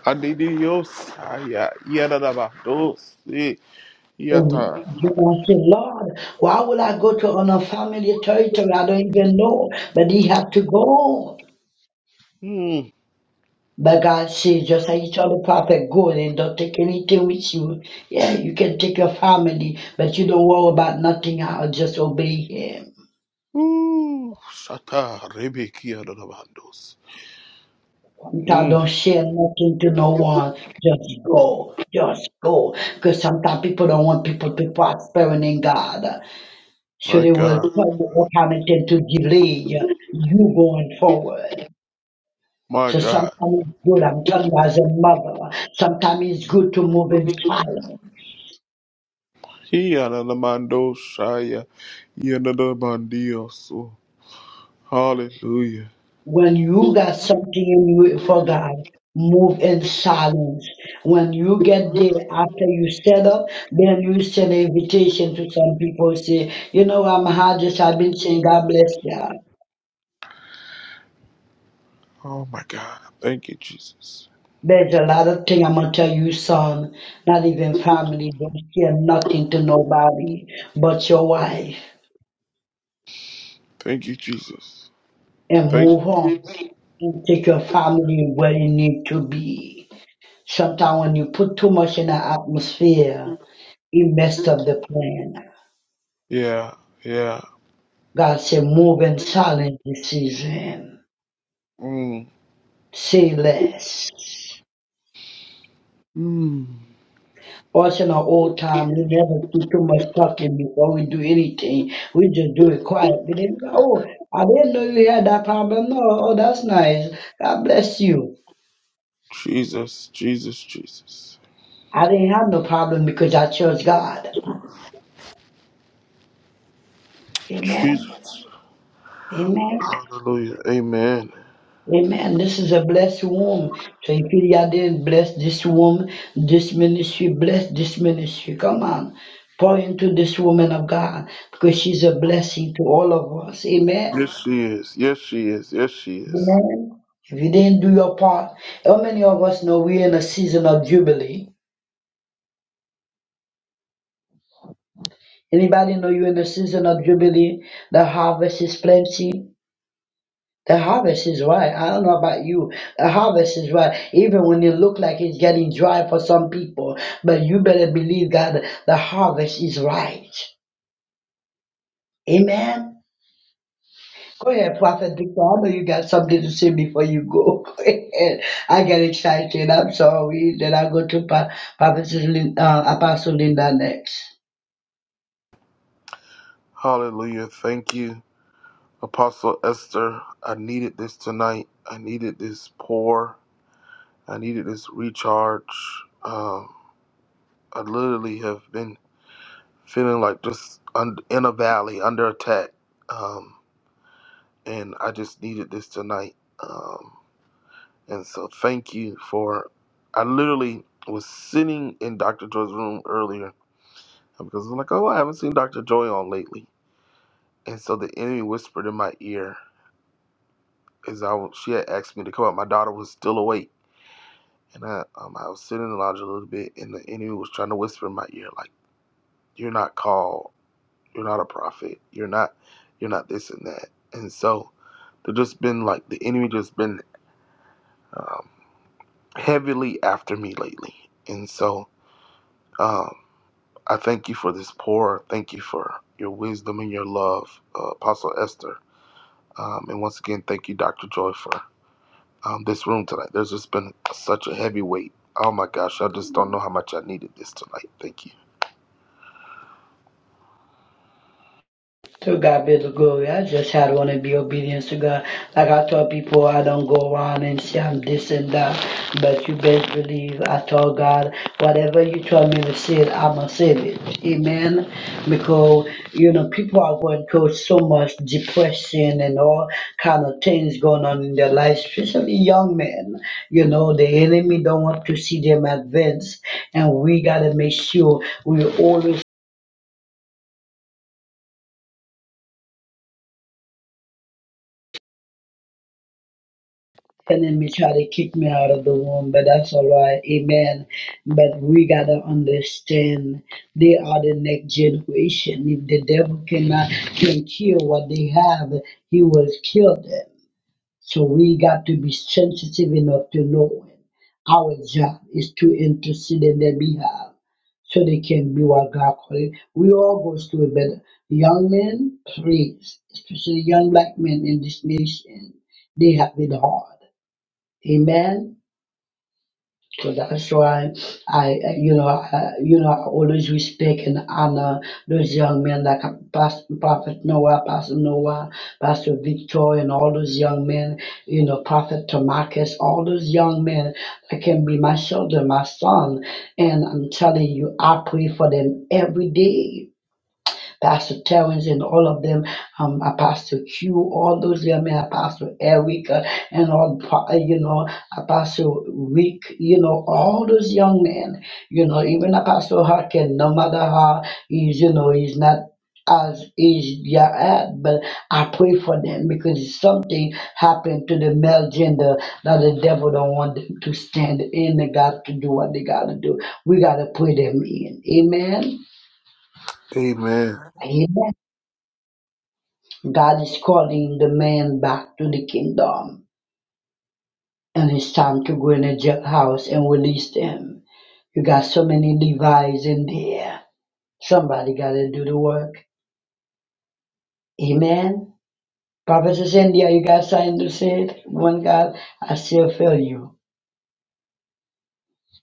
Speaker 8: Adidi yo saya, ya nanamando, si,
Speaker 15: And
Speaker 8: yata.
Speaker 15: I said, Lord, why will I go to an unfamiliar territory? I don't even know. But he had to go.
Speaker 8: Mm.
Speaker 15: But God says, just like you tell the prophet, go and don't take anything with you. Yeah, you can take your family, but you don't worry about nothing. I'll just obey him.
Speaker 8: Ooh, shata, rebeki ya nanamando,
Speaker 15: Sometimes
Speaker 8: si.
Speaker 15: don't share nothing to no one. Just go. Just go. Because sometimes people don't want people to prosper in God. So
Speaker 8: My
Speaker 15: they will
Speaker 8: God.
Speaker 15: tell you all kind of thing to delay you going forward.
Speaker 8: My
Speaker 15: So sometimes
Speaker 8: God.
Speaker 15: it's good, I'm telling you, as a mother, sometimes it's good to move in silence.
Speaker 8: He anamando shaya. Yanadabandios. Hallelujah.
Speaker 15: When you got something in you for God, move in silence. When you get there, after you set up, then you send an invitation to some people, say, you know, I'm hard, just I've been saying, God bless you.
Speaker 8: Oh my God. Thank you, Jesus.
Speaker 15: There's a lot of things I'm gonna tell you, son. Not even family don't care nothing to nobody but your wife,
Speaker 8: Thank you, Jesus.
Speaker 15: and
Speaker 8: Thank you.
Speaker 15: move on. You take your family where you need to be. Sometimes when you put too much in the atmosphere, it messed up the plan.
Speaker 8: Yeah. Yeah.
Speaker 15: God said, move in silence this season.
Speaker 8: Mm.
Speaker 15: Say less.
Speaker 8: Mm.
Speaker 15: Us in our old time, we never do too much talking before we do anything. We just do it quietly. They be like, Oh, I didn't know you had that problem. No, oh, that's nice. God bless you.
Speaker 8: Jesus. Jesus. Jesus.
Speaker 15: I didn't have no problem because I chose God. Amen.
Speaker 8: Jesus.
Speaker 15: Amen.
Speaker 8: Hallelujah. Amen.
Speaker 15: Amen. This is a blessed womb. So if y'all didn't bless this womb, this ministry, bless this ministry. Come on. Pour into this woman of God because she's a blessing to all of us.
Speaker 8: Yes,
Speaker 15: Amen.
Speaker 8: she is. Yes, she is. Yes, she is.
Speaker 15: Amen. If you didn't do your part, how many of us know we're in a season of jubilee? Anybody know you're in a season of jubilee? The harvest is plenty. The harvest is right. I don't know about you. The harvest is right. Even when it look like it's getting dry for some people, but you better believe God, the harvest is right. Amen. Go ahead, Prophet Victor. I know you got something to say before you go. Go ahead. I get excited. I'm sorry. Then I go to Pa- Prophet Lin- uh, Apostle Linda next.
Speaker 8: Hallelujah. Thank you, Apostle Esther. I needed this tonight. I needed this pour. I needed this recharge. Uh, I literally have been feeling like just un- in a valley, under attack, um, and I just needed this tonight. Um, and so, thank you for. I literally was sitting in Dr. Joy's room earlier uh, because I'm like, oh, I haven't seen Dr. Joy on lately, and so the enemy whispered in my ear as I was, she had asked me to come out. My daughter was still awake, and I um, I was sitting in the lounge a little bit, and the enemy was trying to whisper in my ear like, "You're not called." You're not a prophet. You're not. You're not this and that. And so, they just been like the enemy just been um, heavily after me lately. And so, um, I thank you for this pour. Thank you for your wisdom and your love, uh, Apostle Esther. Um, and once again, thank you, Dr. Joy, for um, this room tonight. There's just been such a heavy weight. Oh my gosh, I just don't know how much I needed this tonight. Thank you.
Speaker 15: To God be the glory. I just had want to be obedient to God. Like I told people, I don't go around and say I'm this and that. But you best believe I told God, whatever you told me to say, it, I'm going to say it. Amen. Because, you know, people are going through so much depression and all kind of things going on in their lives, especially young men. You know, the enemy don't want to see them advance. And we got to make sure we always The enemy try to kick me out of the womb, but that's all right. Amen. But we gotta understand they are the next generation. If the devil cannot can kill what they have, he will kill them. So we got to be sensitive enough to know it. Our job is to intercede in their behalf so they can be what God called it. We all go through it, but young men, please, especially young black men in this nation, they have it hard. Amen. So that's why I, uh, you know, I, you know, I always respect and honor those young men like Pastor, Prophet Noah, Pastor Noah, Pastor Victor, and all those young men. You know, Prophet Tamarcus, all those young men that can be my children, my son. And I'm telling you, I pray for them every day. Pastor Terrence and all of them, um, Apostle Q, all those there, I mean, Apostle Eric, uh, and all, pro- uh, you know, Apostle Rick, you know, all those young men, you know, even Apostle Harkin, no matter how he's, you know, he's not as is yeah at, but I pray for them because something happened to the male gender that the devil don't want them to stand in. They got to do what they gotta do. We gotta put them in. Amen.
Speaker 8: Amen.
Speaker 15: Amen. God is calling the man back to the kingdom. And it's time to go in a jailhouse and release them. You got so many Levi's in there. Somebody got to do the work. Amen. Prophetess India, you got something to say? One God, I still feel you.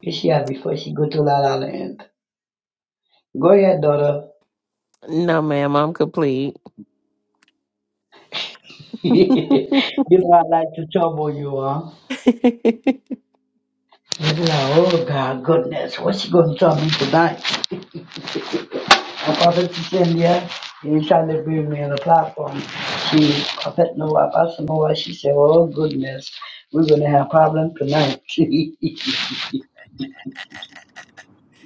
Speaker 15: It's here before she go to La La Land. Go ahead, daughter.
Speaker 5: No, ma'am. I'm complete.
Speaker 15: you know I like to trouble you, huh? You're like, oh God, goodness, what's she gonna tell me tonight? And Prophet Cynthia, you trying to bring me on the platform. She, Prophet Noah, Pastor Noah, she said, oh goodness, we're going to have problem tonight.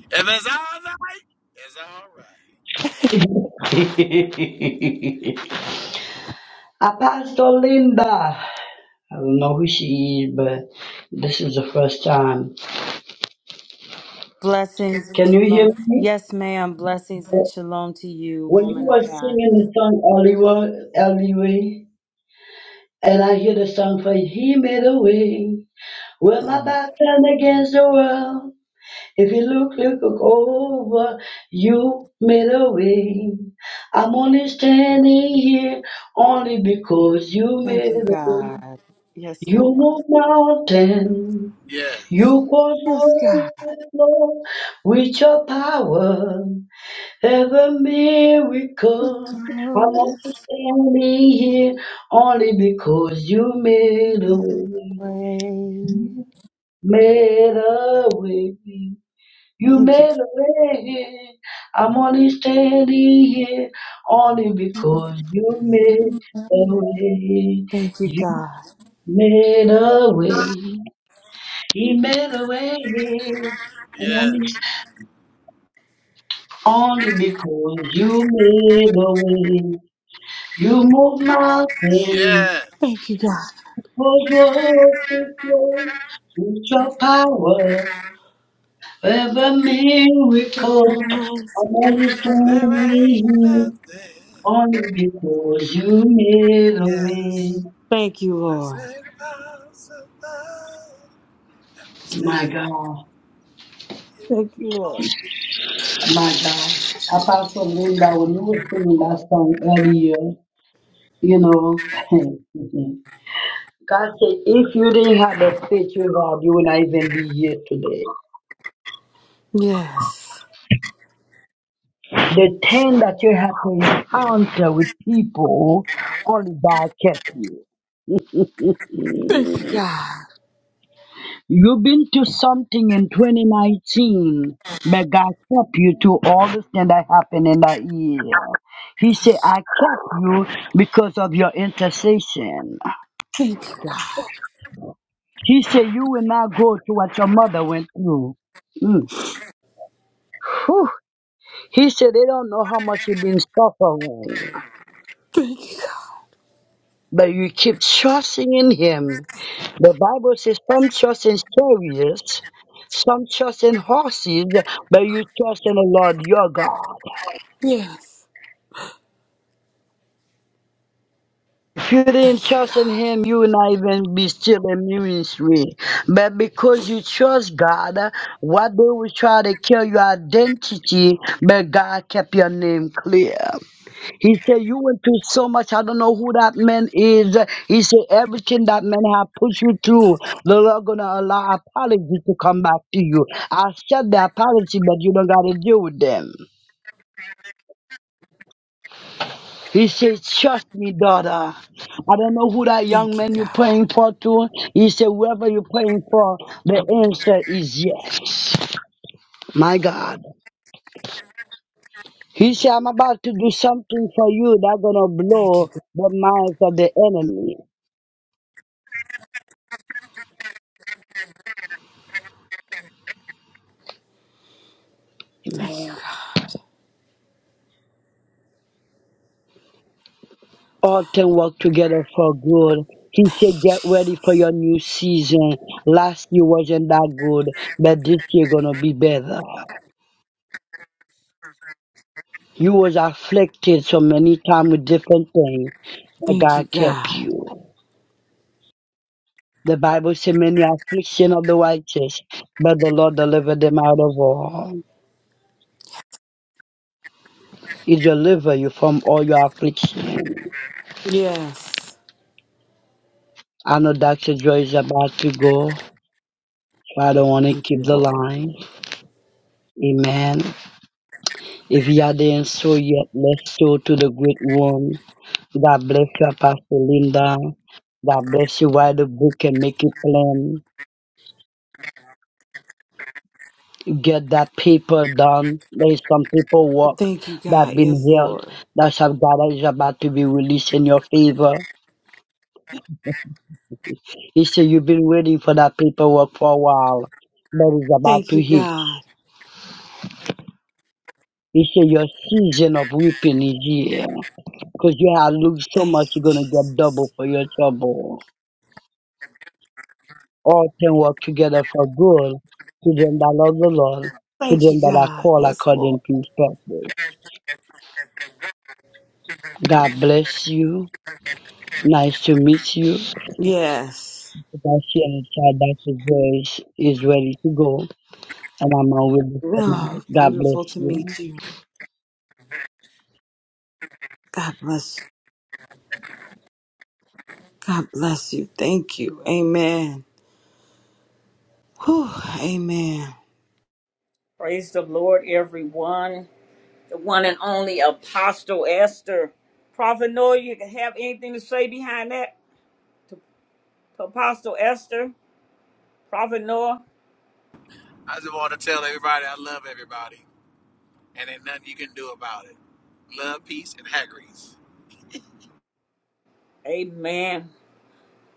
Speaker 14: If it's all right, it's all right.
Speaker 15: Apostle Linda, I don't know who she is, but this is the first time.
Speaker 10: Blessings and
Speaker 15: Can you hear
Speaker 10: shalom.
Speaker 15: me?
Speaker 10: Yes, ma'am. Blessings and shalom to you,
Speaker 15: When you
Speaker 10: woman
Speaker 15: were
Speaker 10: of God.
Speaker 15: singing the song Oliver, Eliway, and I hear the song for He Made a Way, where my
Speaker 10: Mm.
Speaker 15: back turned against the world. If you look, look, look over, you made a way. I'm only standing here only because you
Speaker 10: Thank
Speaker 15: made
Speaker 10: you,
Speaker 15: a way.
Speaker 10: God. Yes,
Speaker 15: You
Speaker 10: Lord.
Speaker 15: move mountains, you
Speaker 14: Yes,
Speaker 15: cause
Speaker 10: Yes,
Speaker 15: water
Speaker 10: God.
Speaker 15: to flow with your power. Every
Speaker 10: The
Speaker 15: miracle, I'm only
Speaker 10: girls
Speaker 15: standing here only because you made a way,
Speaker 10: away.
Speaker 15: made a way. You
Speaker 10: Thank you.
Speaker 15: made a way. I'm only standing here only because you made a way. You made a way. He made a way.
Speaker 14: yes,
Speaker 15: Only, only because you made a way. You move mountains.
Speaker 14: yes.
Speaker 15: Cause what is love? With your power, every miracle. I'm only
Speaker 14: And there
Speaker 15: standing
Speaker 14: ain't
Speaker 15: here.
Speaker 14: nothing.
Speaker 15: Only because you made a way.
Speaker 14: Yes,
Speaker 10: Thank you,
Speaker 14: that's
Speaker 10: Lord.
Speaker 14: it. Impossible. And we stand
Speaker 15: My God,
Speaker 14: here
Speaker 10: Thank you, Lord.
Speaker 14: only.
Speaker 15: my God. Apostle Linda, when you were singing that song earlier, you know, God said, if you didn't have the faith you have, you would not even be here today.
Speaker 10: Yes.
Speaker 15: The thing that you had to encounter with people, only God kept you.
Speaker 10: God.
Speaker 15: You've been to something in 2019, but God kept you to all the things that happened in that year. He said, I kept you because of your intercession.
Speaker 10: Thank you, God.
Speaker 15: He said, You will not go to what your mother went through. Mm. Whew. He said, They don't know how much you've been suffering,
Speaker 10: Thank you, God.
Speaker 15: but you keep trusting in Him. The Bible says, Some trust in chariots, some trust in horses, but you trust in the Lord your God.
Speaker 10: Yes.
Speaker 15: If you didn't
Speaker 10: Thank you,
Speaker 15: trust in
Speaker 10: God.
Speaker 15: him, you would not even be still in ministry. But because you trust God, what they will try to kill your identity, but God kept your name clear. He said, You went through so much. I don't know who that man is. He said, Everything that man have put you through, the Lord gonna allow apology to come back to you. I said the apology, but you don't gotta deal with them. He said, Trust me, daughter. I don't know who that young
Speaker 10: Thank you,
Speaker 15: man you're
Speaker 10: God.
Speaker 15: praying for to. He said, Whoever you're praying for, the answer is yes. My God. He said, I'm about to do something for you that's going to
Speaker 10: Thank you,
Speaker 15: blow
Speaker 10: God.
Speaker 15: the minds of the enemy.
Speaker 10: Thank you,
Speaker 15: Amen.
Speaker 10: God.
Speaker 15: All things work together for good. He
Speaker 10: Thank
Speaker 15: said,
Speaker 10: you,
Speaker 15: Get ready for
Speaker 10: Jesus.
Speaker 15: your new season. Last year wasn't that good, but this year going to be better. You was afflicted so many times with different things, but
Speaker 10: Thank you,
Speaker 15: God kept
Speaker 10: God.
Speaker 15: you. The Bible says many affliction of the righteous, but the Lord delivered them out of all. He delivered you from all your affliction.
Speaker 10: Yes.
Speaker 15: I know Dr. Joy is about to go, but I don't want to
Speaker 10: Thank
Speaker 15: keep
Speaker 10: you,
Speaker 15: the
Speaker 10: Lord.
Speaker 15: line. Amen. If you didn't sow yet, let's sow to the great one. God bless you, Pastor Linda. God bless you. Write the book and make it plain. get that paper done. There is some paperwork
Speaker 10: Thank you,
Speaker 15: that
Speaker 10: God.
Speaker 15: been
Speaker 10: Yes,
Speaker 15: held
Speaker 10: Lord.
Speaker 15: that shall God is about to be released in your favor. He said you've been waiting for that paperwork for a while, but it's about
Speaker 10: Thank
Speaker 15: to
Speaker 10: you,
Speaker 15: hit.
Speaker 10: God.
Speaker 15: He said your season of weeping is here. Because you have looked so
Speaker 10: Thank
Speaker 15: much
Speaker 10: you,
Speaker 15: you're gonna get double
Speaker 10: Jesus.
Speaker 15: for your trouble. All things work together for good to them that love the Lord, to
Speaker 10: Thank
Speaker 15: them
Speaker 10: you,
Speaker 15: that are
Speaker 10: God.
Speaker 15: called
Speaker 10: Yes, Lord.
Speaker 15: according to his purpose. God bless you. Nice to meet you.
Speaker 10: Yes.
Speaker 15: because she had said that it was Israeli to go, and I'm always with my
Speaker 10: Oh,
Speaker 15: God bless
Speaker 10: beautiful to
Speaker 15: you.
Speaker 10: meet you. God bless you. God bless you. Thank you. Amen. Whew. Amen.
Speaker 1: Praise the Lord, everyone. The one and only Apostle Esther. Prophet Noah, you have anything to say behind that? To to Apostle Esther, Prophet Noah,
Speaker 14: I just want to tell everybody I love everybody. and ain't nothing you can do about it. Love, peace, and haggries.
Speaker 1: amen.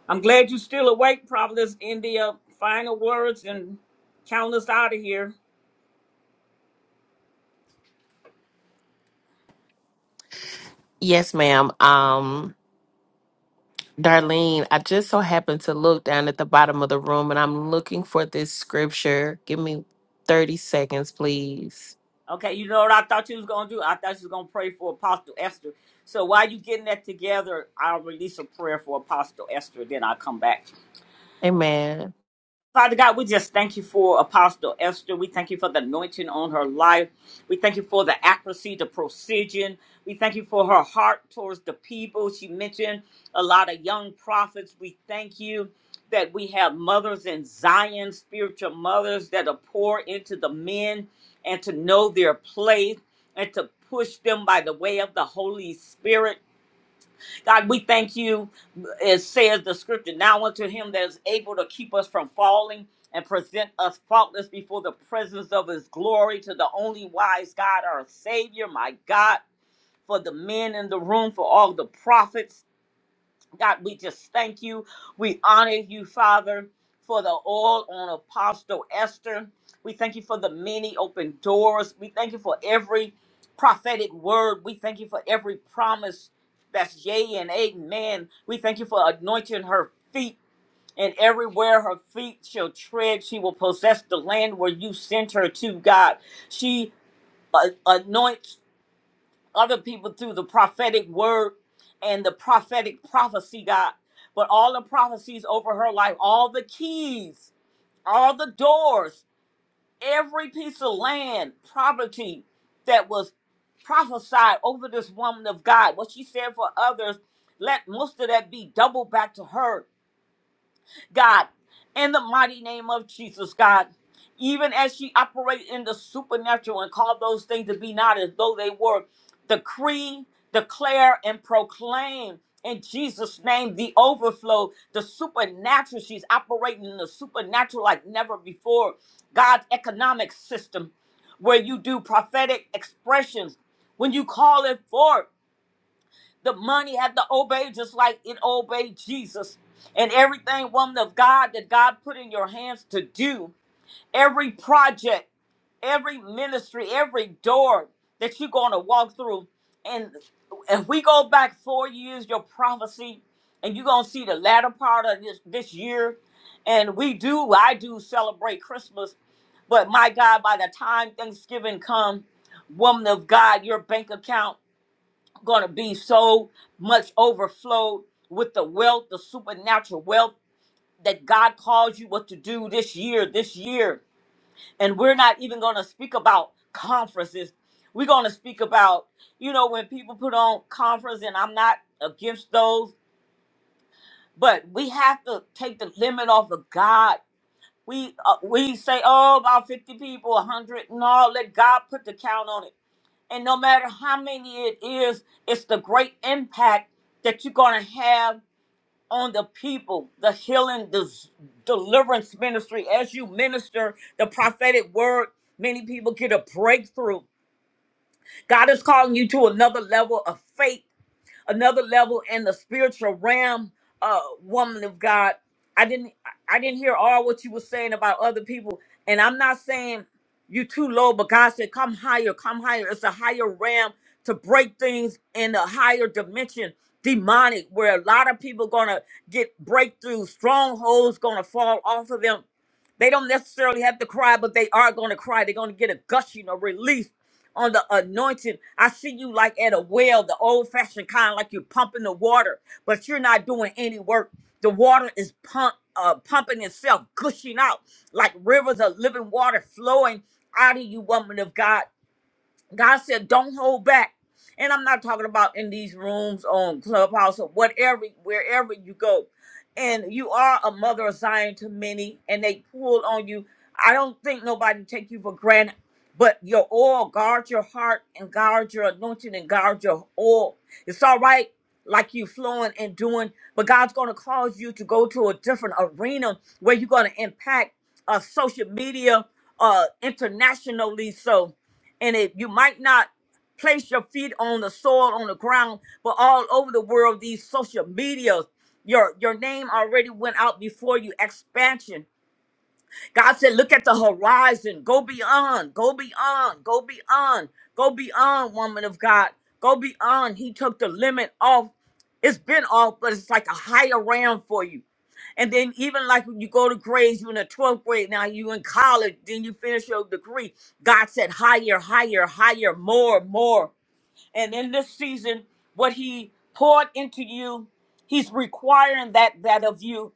Speaker 1: I'm glad you're still awake, Prophetess India. Final words and count us out of here.
Speaker 5: yes, ma'am. Um. Darlene, I just so happened to look down at the bottom of the room and I'm looking for this scripture. Give me 30 seconds, please.
Speaker 1: Okay, you know what I thought you was gonna do? I thought you was gonna pray for Apostle Esther. So while you getting that together, I'll release a prayer for Apostle Esther, then I'll come back.
Speaker 5: Amen.
Speaker 1: Father God, we just thank you for Apostle Esther. We thank you for the anointing on her life. We thank you for the accuracy, the precision. We thank you for her heart towards the people. She mentioned a lot of young prophets. We thank you that we have mothers in Zion, spiritual mothers that are pour into the men and to know their place and to push them by the way of the Holy Spirit. God, we thank you. It says the scripture now unto him that is able to keep us from falling and present us faultless before the presence of his glory to the only wise God, our Savior, my God, for the men in the room, for all the prophets. God, we just thank you. We honor you, Father, for the oil on Apostle Esther. We thank you for the many open doors. We thank you for every prophetic word. We thank you for every promise that's yea and amen. We thank you for anointing her feet. And everywhere her feet shall tread, she will possess the land where you sent her to, God. She uh, anoints other people through the prophetic word and the prophetic prophecy, God. But all the prophecies over her life, all the keys, all the doors, every piece of land, property that was prophesied over this woman of God, what she said for others, let most of that be doubled back to her God, in the mighty name of Jesus, God. Even as she operated in the supernatural and called those things to be not as though they were, decree, declare, and proclaim in Jesus' name the overflow, the supernatural. She's operating in the supernatural like never before. God's economic system, where you do prophetic expressions, when you call it forth. The money had to obey just like it obeyed Jesus. And everything, woman of God, that God put in your hands to do, every project, every ministry, every door that you're going to walk through. And if we go back four years, your prophecy, and you're going to see the latter part of this, this year. And we do, I do celebrate Christmas. But my God, by the time Thanksgiving come, woman of God, your bank account going to be so much overflowed with the wealth, the supernatural wealth that God calls you what to do this year, this year. And we're not even going to speak about conferences. We're going to speak about, you know, when people put on conference, and I'm not against those, but we have to take the limit off of God. We uh, we say, oh, about 50 people, 100. No, let God put the count on it and no matter how many it is, it's the great impact that you're going to have on the people, the healing, the s- deliverance ministry. As you minister the prophetic word, many people get a breakthrough. God is calling you to another level of faith another level in the spiritual realm, uh, woman of God. I didn't I didn't hear all what you were saying about other people. And I'm not saying you too low, but God said, come higher, come higher. It's a higher realm to break things in a higher dimension, demonic, where a lot of people gonna get breakthrough, strongholds gonna fall off of them. They don't necessarily have to cry, but they are gonna cry. They're gonna get a gushing, a release on the anointing. I see you like at a well, the old fashioned kind, like you're pumping the water, but you're not doing any work. The water is pump, uh, pumping itself, gushing out like rivers of living water flowing out of you, woman of God. God said, don't hold back. And I'm not talking about in these rooms on Clubhouse or whatever, wherever you go. And you are a mother of Zion to many, and they pull on you. I don't think nobody take you for granted, but your oil, guard your heart and guard your anointing and guard your oil. It's all right, like you flowing and doing, but God's going to cause you to go to a different arena where you're going to impact uh, social media uh, internationally. So, and it you might not place your feet on the soil on the ground but all over the world these social media your your name already went out before you expansion God said, look at the horizon. Go beyond. Go beyond. Go beyond. Go beyond, woman of God. Go beyond. He took the limit off. It's been off, but it's like a higher realm for you. And then even like when you go to grades, you're in the 12th grade, now you in college, then you finish your degree. God said higher, higher, higher, more, more. And in this season, what he poured into you, he's requiring that that of you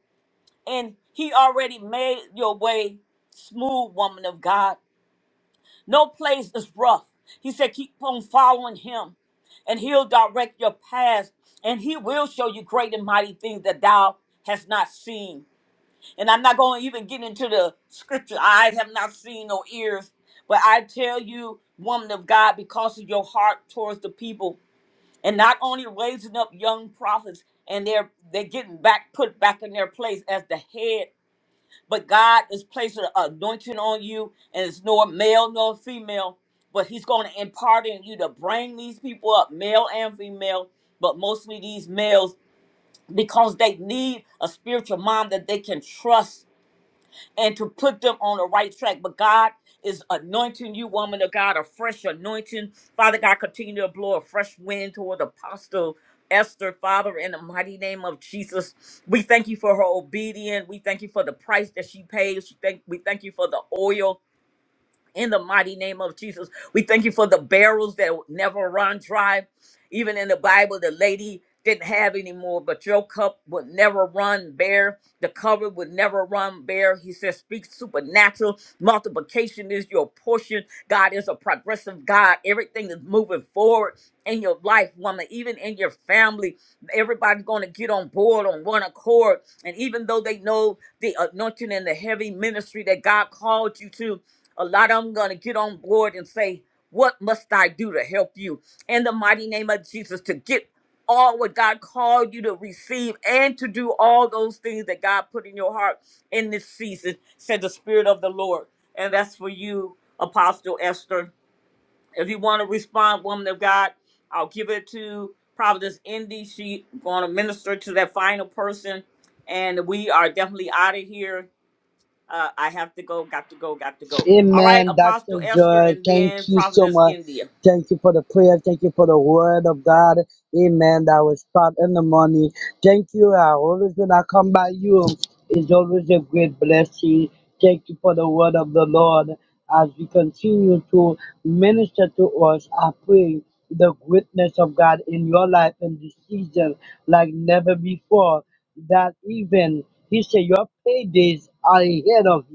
Speaker 1: and he already made your way smooth, woman of God. No place is rough. He said, keep on following him, and he'll direct your path, and he will show you great and mighty things that thou hast not seen. And I'm not going to even get into the scripture. Eyes have not seen, no ears. But I tell you, woman of God, because of your heart towards the people, and not only raising up young prophets, and they're they're getting back put back in their place as the head but God is placing an anointing on you, and it's nor male nor female, but He's going to impart in you to bring these people up, male and female, but mostly these males, because they need a spiritual mom that they can trust and to put them on the right track. But God is anointing you, woman of God, a fresh anointing. Father God, continue to blow a fresh wind toward Apostle Esther, Father, in the mighty name of Jesus. We thank you for her obedience. We thank you for the price that she paid. She thank, we thank you for the oil in the mighty name of Jesus. We thank you for the barrels that never run dry. Even in the Bible, the lady didn't have any more, but your cup would never run bare. The cover would never run bare. He says, Speak supernatural. Multiplication is your portion. God is a progressive God. Everything is moving forward in your life, woman, even in your family. Everybody's going to get on board on one accord. And even though they know the anointing and the heavy ministry that God called you to, a lot of them going to get on board and say, What must I do to help you? In the mighty name of Jesus, to get all what God called you to receive and to do all those things that God put in your heart in this season, said the Spirit of the Lord. And that's for you, Apostle Esther. If you want to respond, woman of God, I'll give it to Providence Indy. She going to minister to that final person. And we are definitely out of here. Uh, I have to go, got to go, got to go. All right,
Speaker 15: Amen,
Speaker 1: Apostle
Speaker 15: Dr.
Speaker 1: Esther
Speaker 15: Joy.
Speaker 1: and
Speaker 15: Thank
Speaker 1: then
Speaker 15: you so
Speaker 1: Prophetess
Speaker 15: much.
Speaker 1: India.
Speaker 15: Thank you for the prayer. Thank you for the word of God. Amen. That was part in the morning. Thank you. I always when I come by you, it's always a great blessing. Thank you for the word of the Lord. As we continue to minister to us, I pray the greatness of God in your life in this season like never before. That even he said your paydays are ahead of you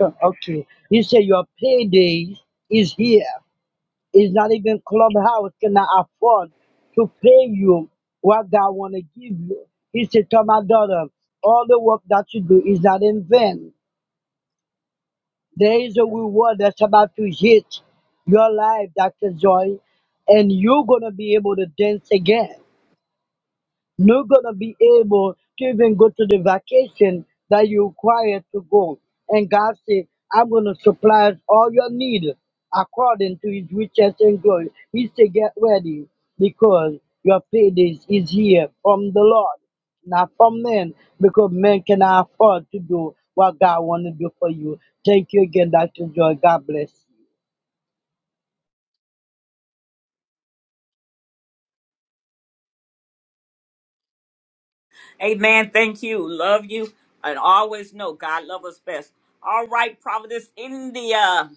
Speaker 15: Okay. You say your payday is here. It's not even clubhouse cannot afford to pay you what God wanna give you. He said, Tell my daughter, all the work that you do is not in vain. There is a reward that's about to hit your life, Dr. Joy, and you're gonna be able to dance again. not gonna be able to even go to the vacation that you require to go. And God said, I'm gonna supply all your need according to his riches and glory. He said, Get ready because your payday is here from the Lord, not from men, because men cannot afford to do what God wanna do for you. Thank you again, Dr. Joy. God bless.
Speaker 1: Amen. Thank you. Love you. And always know God love us best. All right, Prophetess India.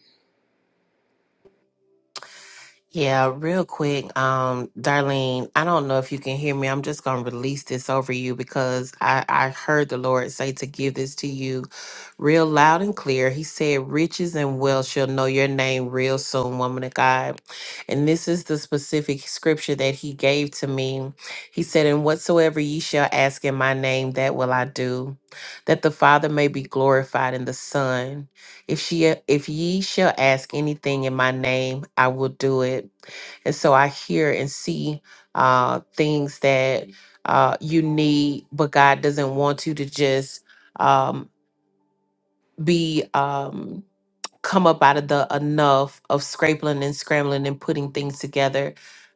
Speaker 5: Yeah, real quick, um, Darlene, I don't know if you can hear me. I'm just gonna release this over you because I, I heard the Lord say to give this to you real loud and clear. He said, Riches and wealth shall know your name real soon, woman of God. And this is the specific scripture that he gave to me. He said, And whatsoever ye shall ask in my name, that will I do, that the Father may be glorified in the Son. If she if ye shall ask anything in my name, I will do it. And so I hear and see uh things that uh you need, but God doesn't want you to just um, be um come up out of the enough of scraping and scrambling and putting things together.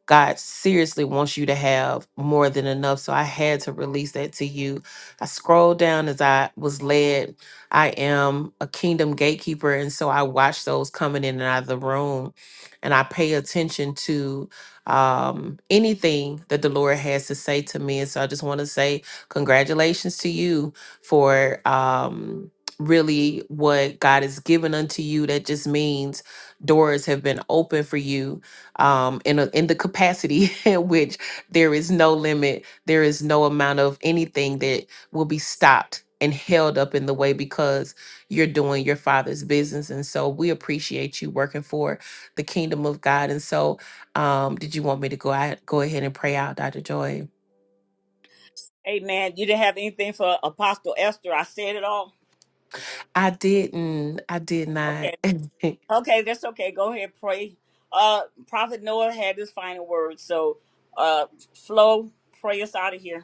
Speaker 5: God seriously wants you to have more than enough. So I had to release that to you. I scrolled down as I was led. I am a kingdom gatekeeper. And so I watch those coming in and out of the room. And I pay attention to um, anything that the Lord has to say to me. And so I just want to say congratulations to you for. Um, really what God has given unto you. That just means doors have been open for you um, in a, in the capacity in which there is no limit, there is no amount of anything that will be stopped and held up in the way because you're doing your father's business and so we appreciate you working for the kingdom of god and so um did you want me to go out go ahead and pray out dr joy
Speaker 1: Amen. You didn't have anything for Apostle Esther. I said it all.
Speaker 5: i didn't i did not
Speaker 1: Okay. Okay, that's okay. Go ahead, pray. Uh Prophet Noah had his final word. So uh Flo, pray us out of here.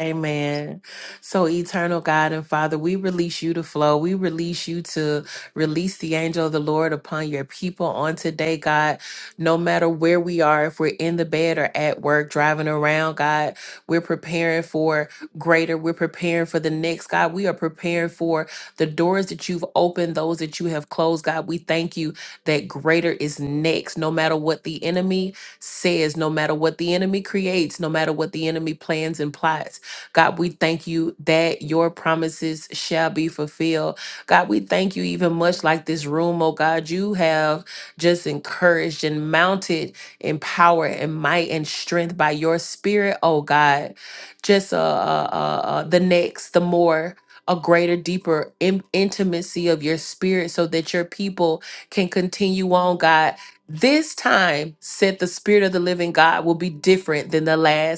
Speaker 5: Amen. So, eternal God and Father, we release you to flow. We release you to release the angel of the Lord upon your people on today, God. No matter where we are, if we're in the bed or at work, driving around, God, we're preparing for greater. We're preparing for the next, God. We are preparing for the doors that you've opened, those that you have closed, God. We thank you that greater is next, no matter what the enemy says, no matter what the enemy creates, no matter what the enemy plans and plots. God, we thank you that your promises shall be fulfilled. God, we thank you even much like this room, oh God, you have just encouraged and mounted in power and might and strength by your spirit, oh God. Just uh, uh, uh, uh, the next, the more. A greater, deeper in- intimacy of your spirit so that your people can continue on, God. This time, said the Spirit of the living God, will be different than the last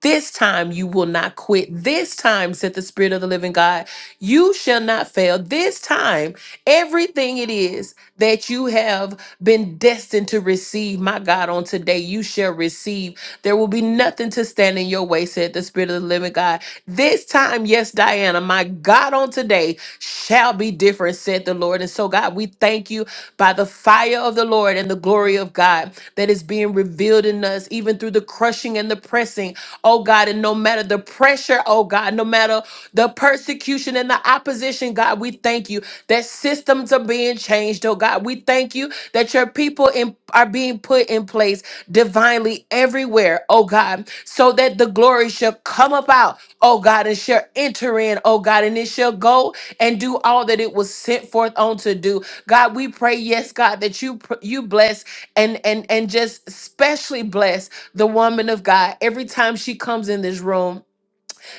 Speaker 5: this time you will not quit. This time, said the Spirit of the living God, you shall not fail. This time Everything it is that you have been destined to receive, my God, on today, you shall receive. There will be nothing to stand in your way, said the Spirit of the living God. This time, yes, Diana, my God, on today shall be different, said the Lord. And so, God, we thank you by the fire of the Lord and the glory of God that is being revealed in us, even through the crushing and the pressing, oh God. And no matter the pressure, oh God, no matter the persecution and the opposition, God, we thank you that systems are being changed, oh God. We thank you that your people in, are being put in place divinely everywhere, oh God, so that the glory shall come about, oh God, and shall enter in, oh God, and it shall go and do all that it was sent forth on to do. God, we pray, yes, God, that you pr- you bless and and and just specially bless the woman of God every time she comes in this room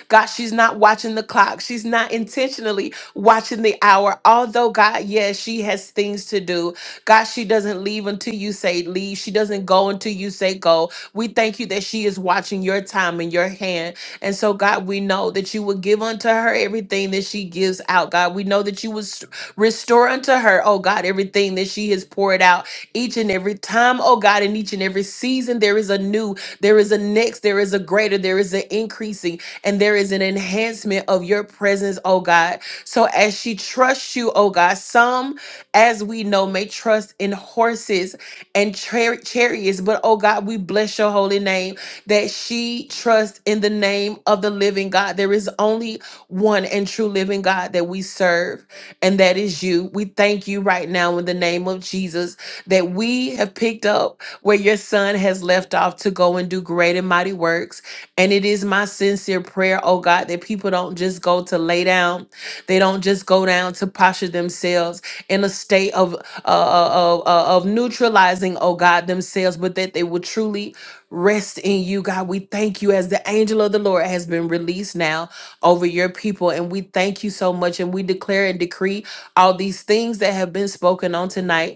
Speaker 5: God, she's not watching the clock. She's not intentionally watching the hour. Although, God, yes, she has things to do. God, she doesn't leave until you say leave. She doesn't go until you say go. We thank you that she is watching your time and your hand. And so, God, we know that you will give unto her everything that she gives out. God, we know that you will s- restore unto her, oh God, everything that she has poured out each and every time, oh God, in each and every season, there is a new, there is a next, there is a greater, there is an increasing and there is an enhancement of your presence, oh God. So as she trusts you, oh God, some, as we know, may trust in horses and char- chariots, but oh God, we bless your holy name that she trusts in the name of the living God. There is only one and true living God that we serve, and that is you. We thank you right now in the name of Jesus that we have picked up where your son has left off to go and do great and mighty works. And it is my sincere prayer, oh God, that people don't just go to lay down. They don't just go down to posture themselves in a state of uh, uh, uh, uh, of neutralizing, oh God, themselves, but that they will truly rest in you, God. We thank you as the angel of the Lord has been released now over your people. And we thank you so much. And we declare and decree all these things that have been spoken on tonight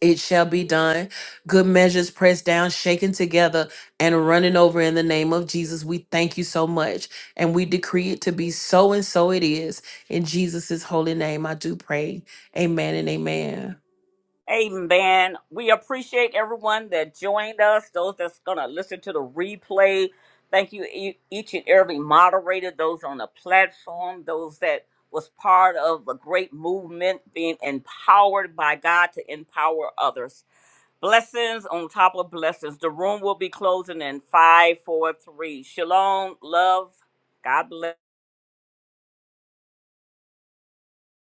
Speaker 5: it shall be done. Good measures pressed down, shaken together, and running over in the name of Jesus. We thank you so much. And we decree it to be so, and so it is. In Jesus' holy name, I do pray. Amen and amen.
Speaker 1: Amen. We appreciate everyone that joined us, those that's going to listen to the replay. Thank you, e- each and every moderator, those on the platform, those that was part of a great movement being empowered by God to empower others. Blessings on top of blessings. The room will be closing in five, four, three. Shalom, love. God bless.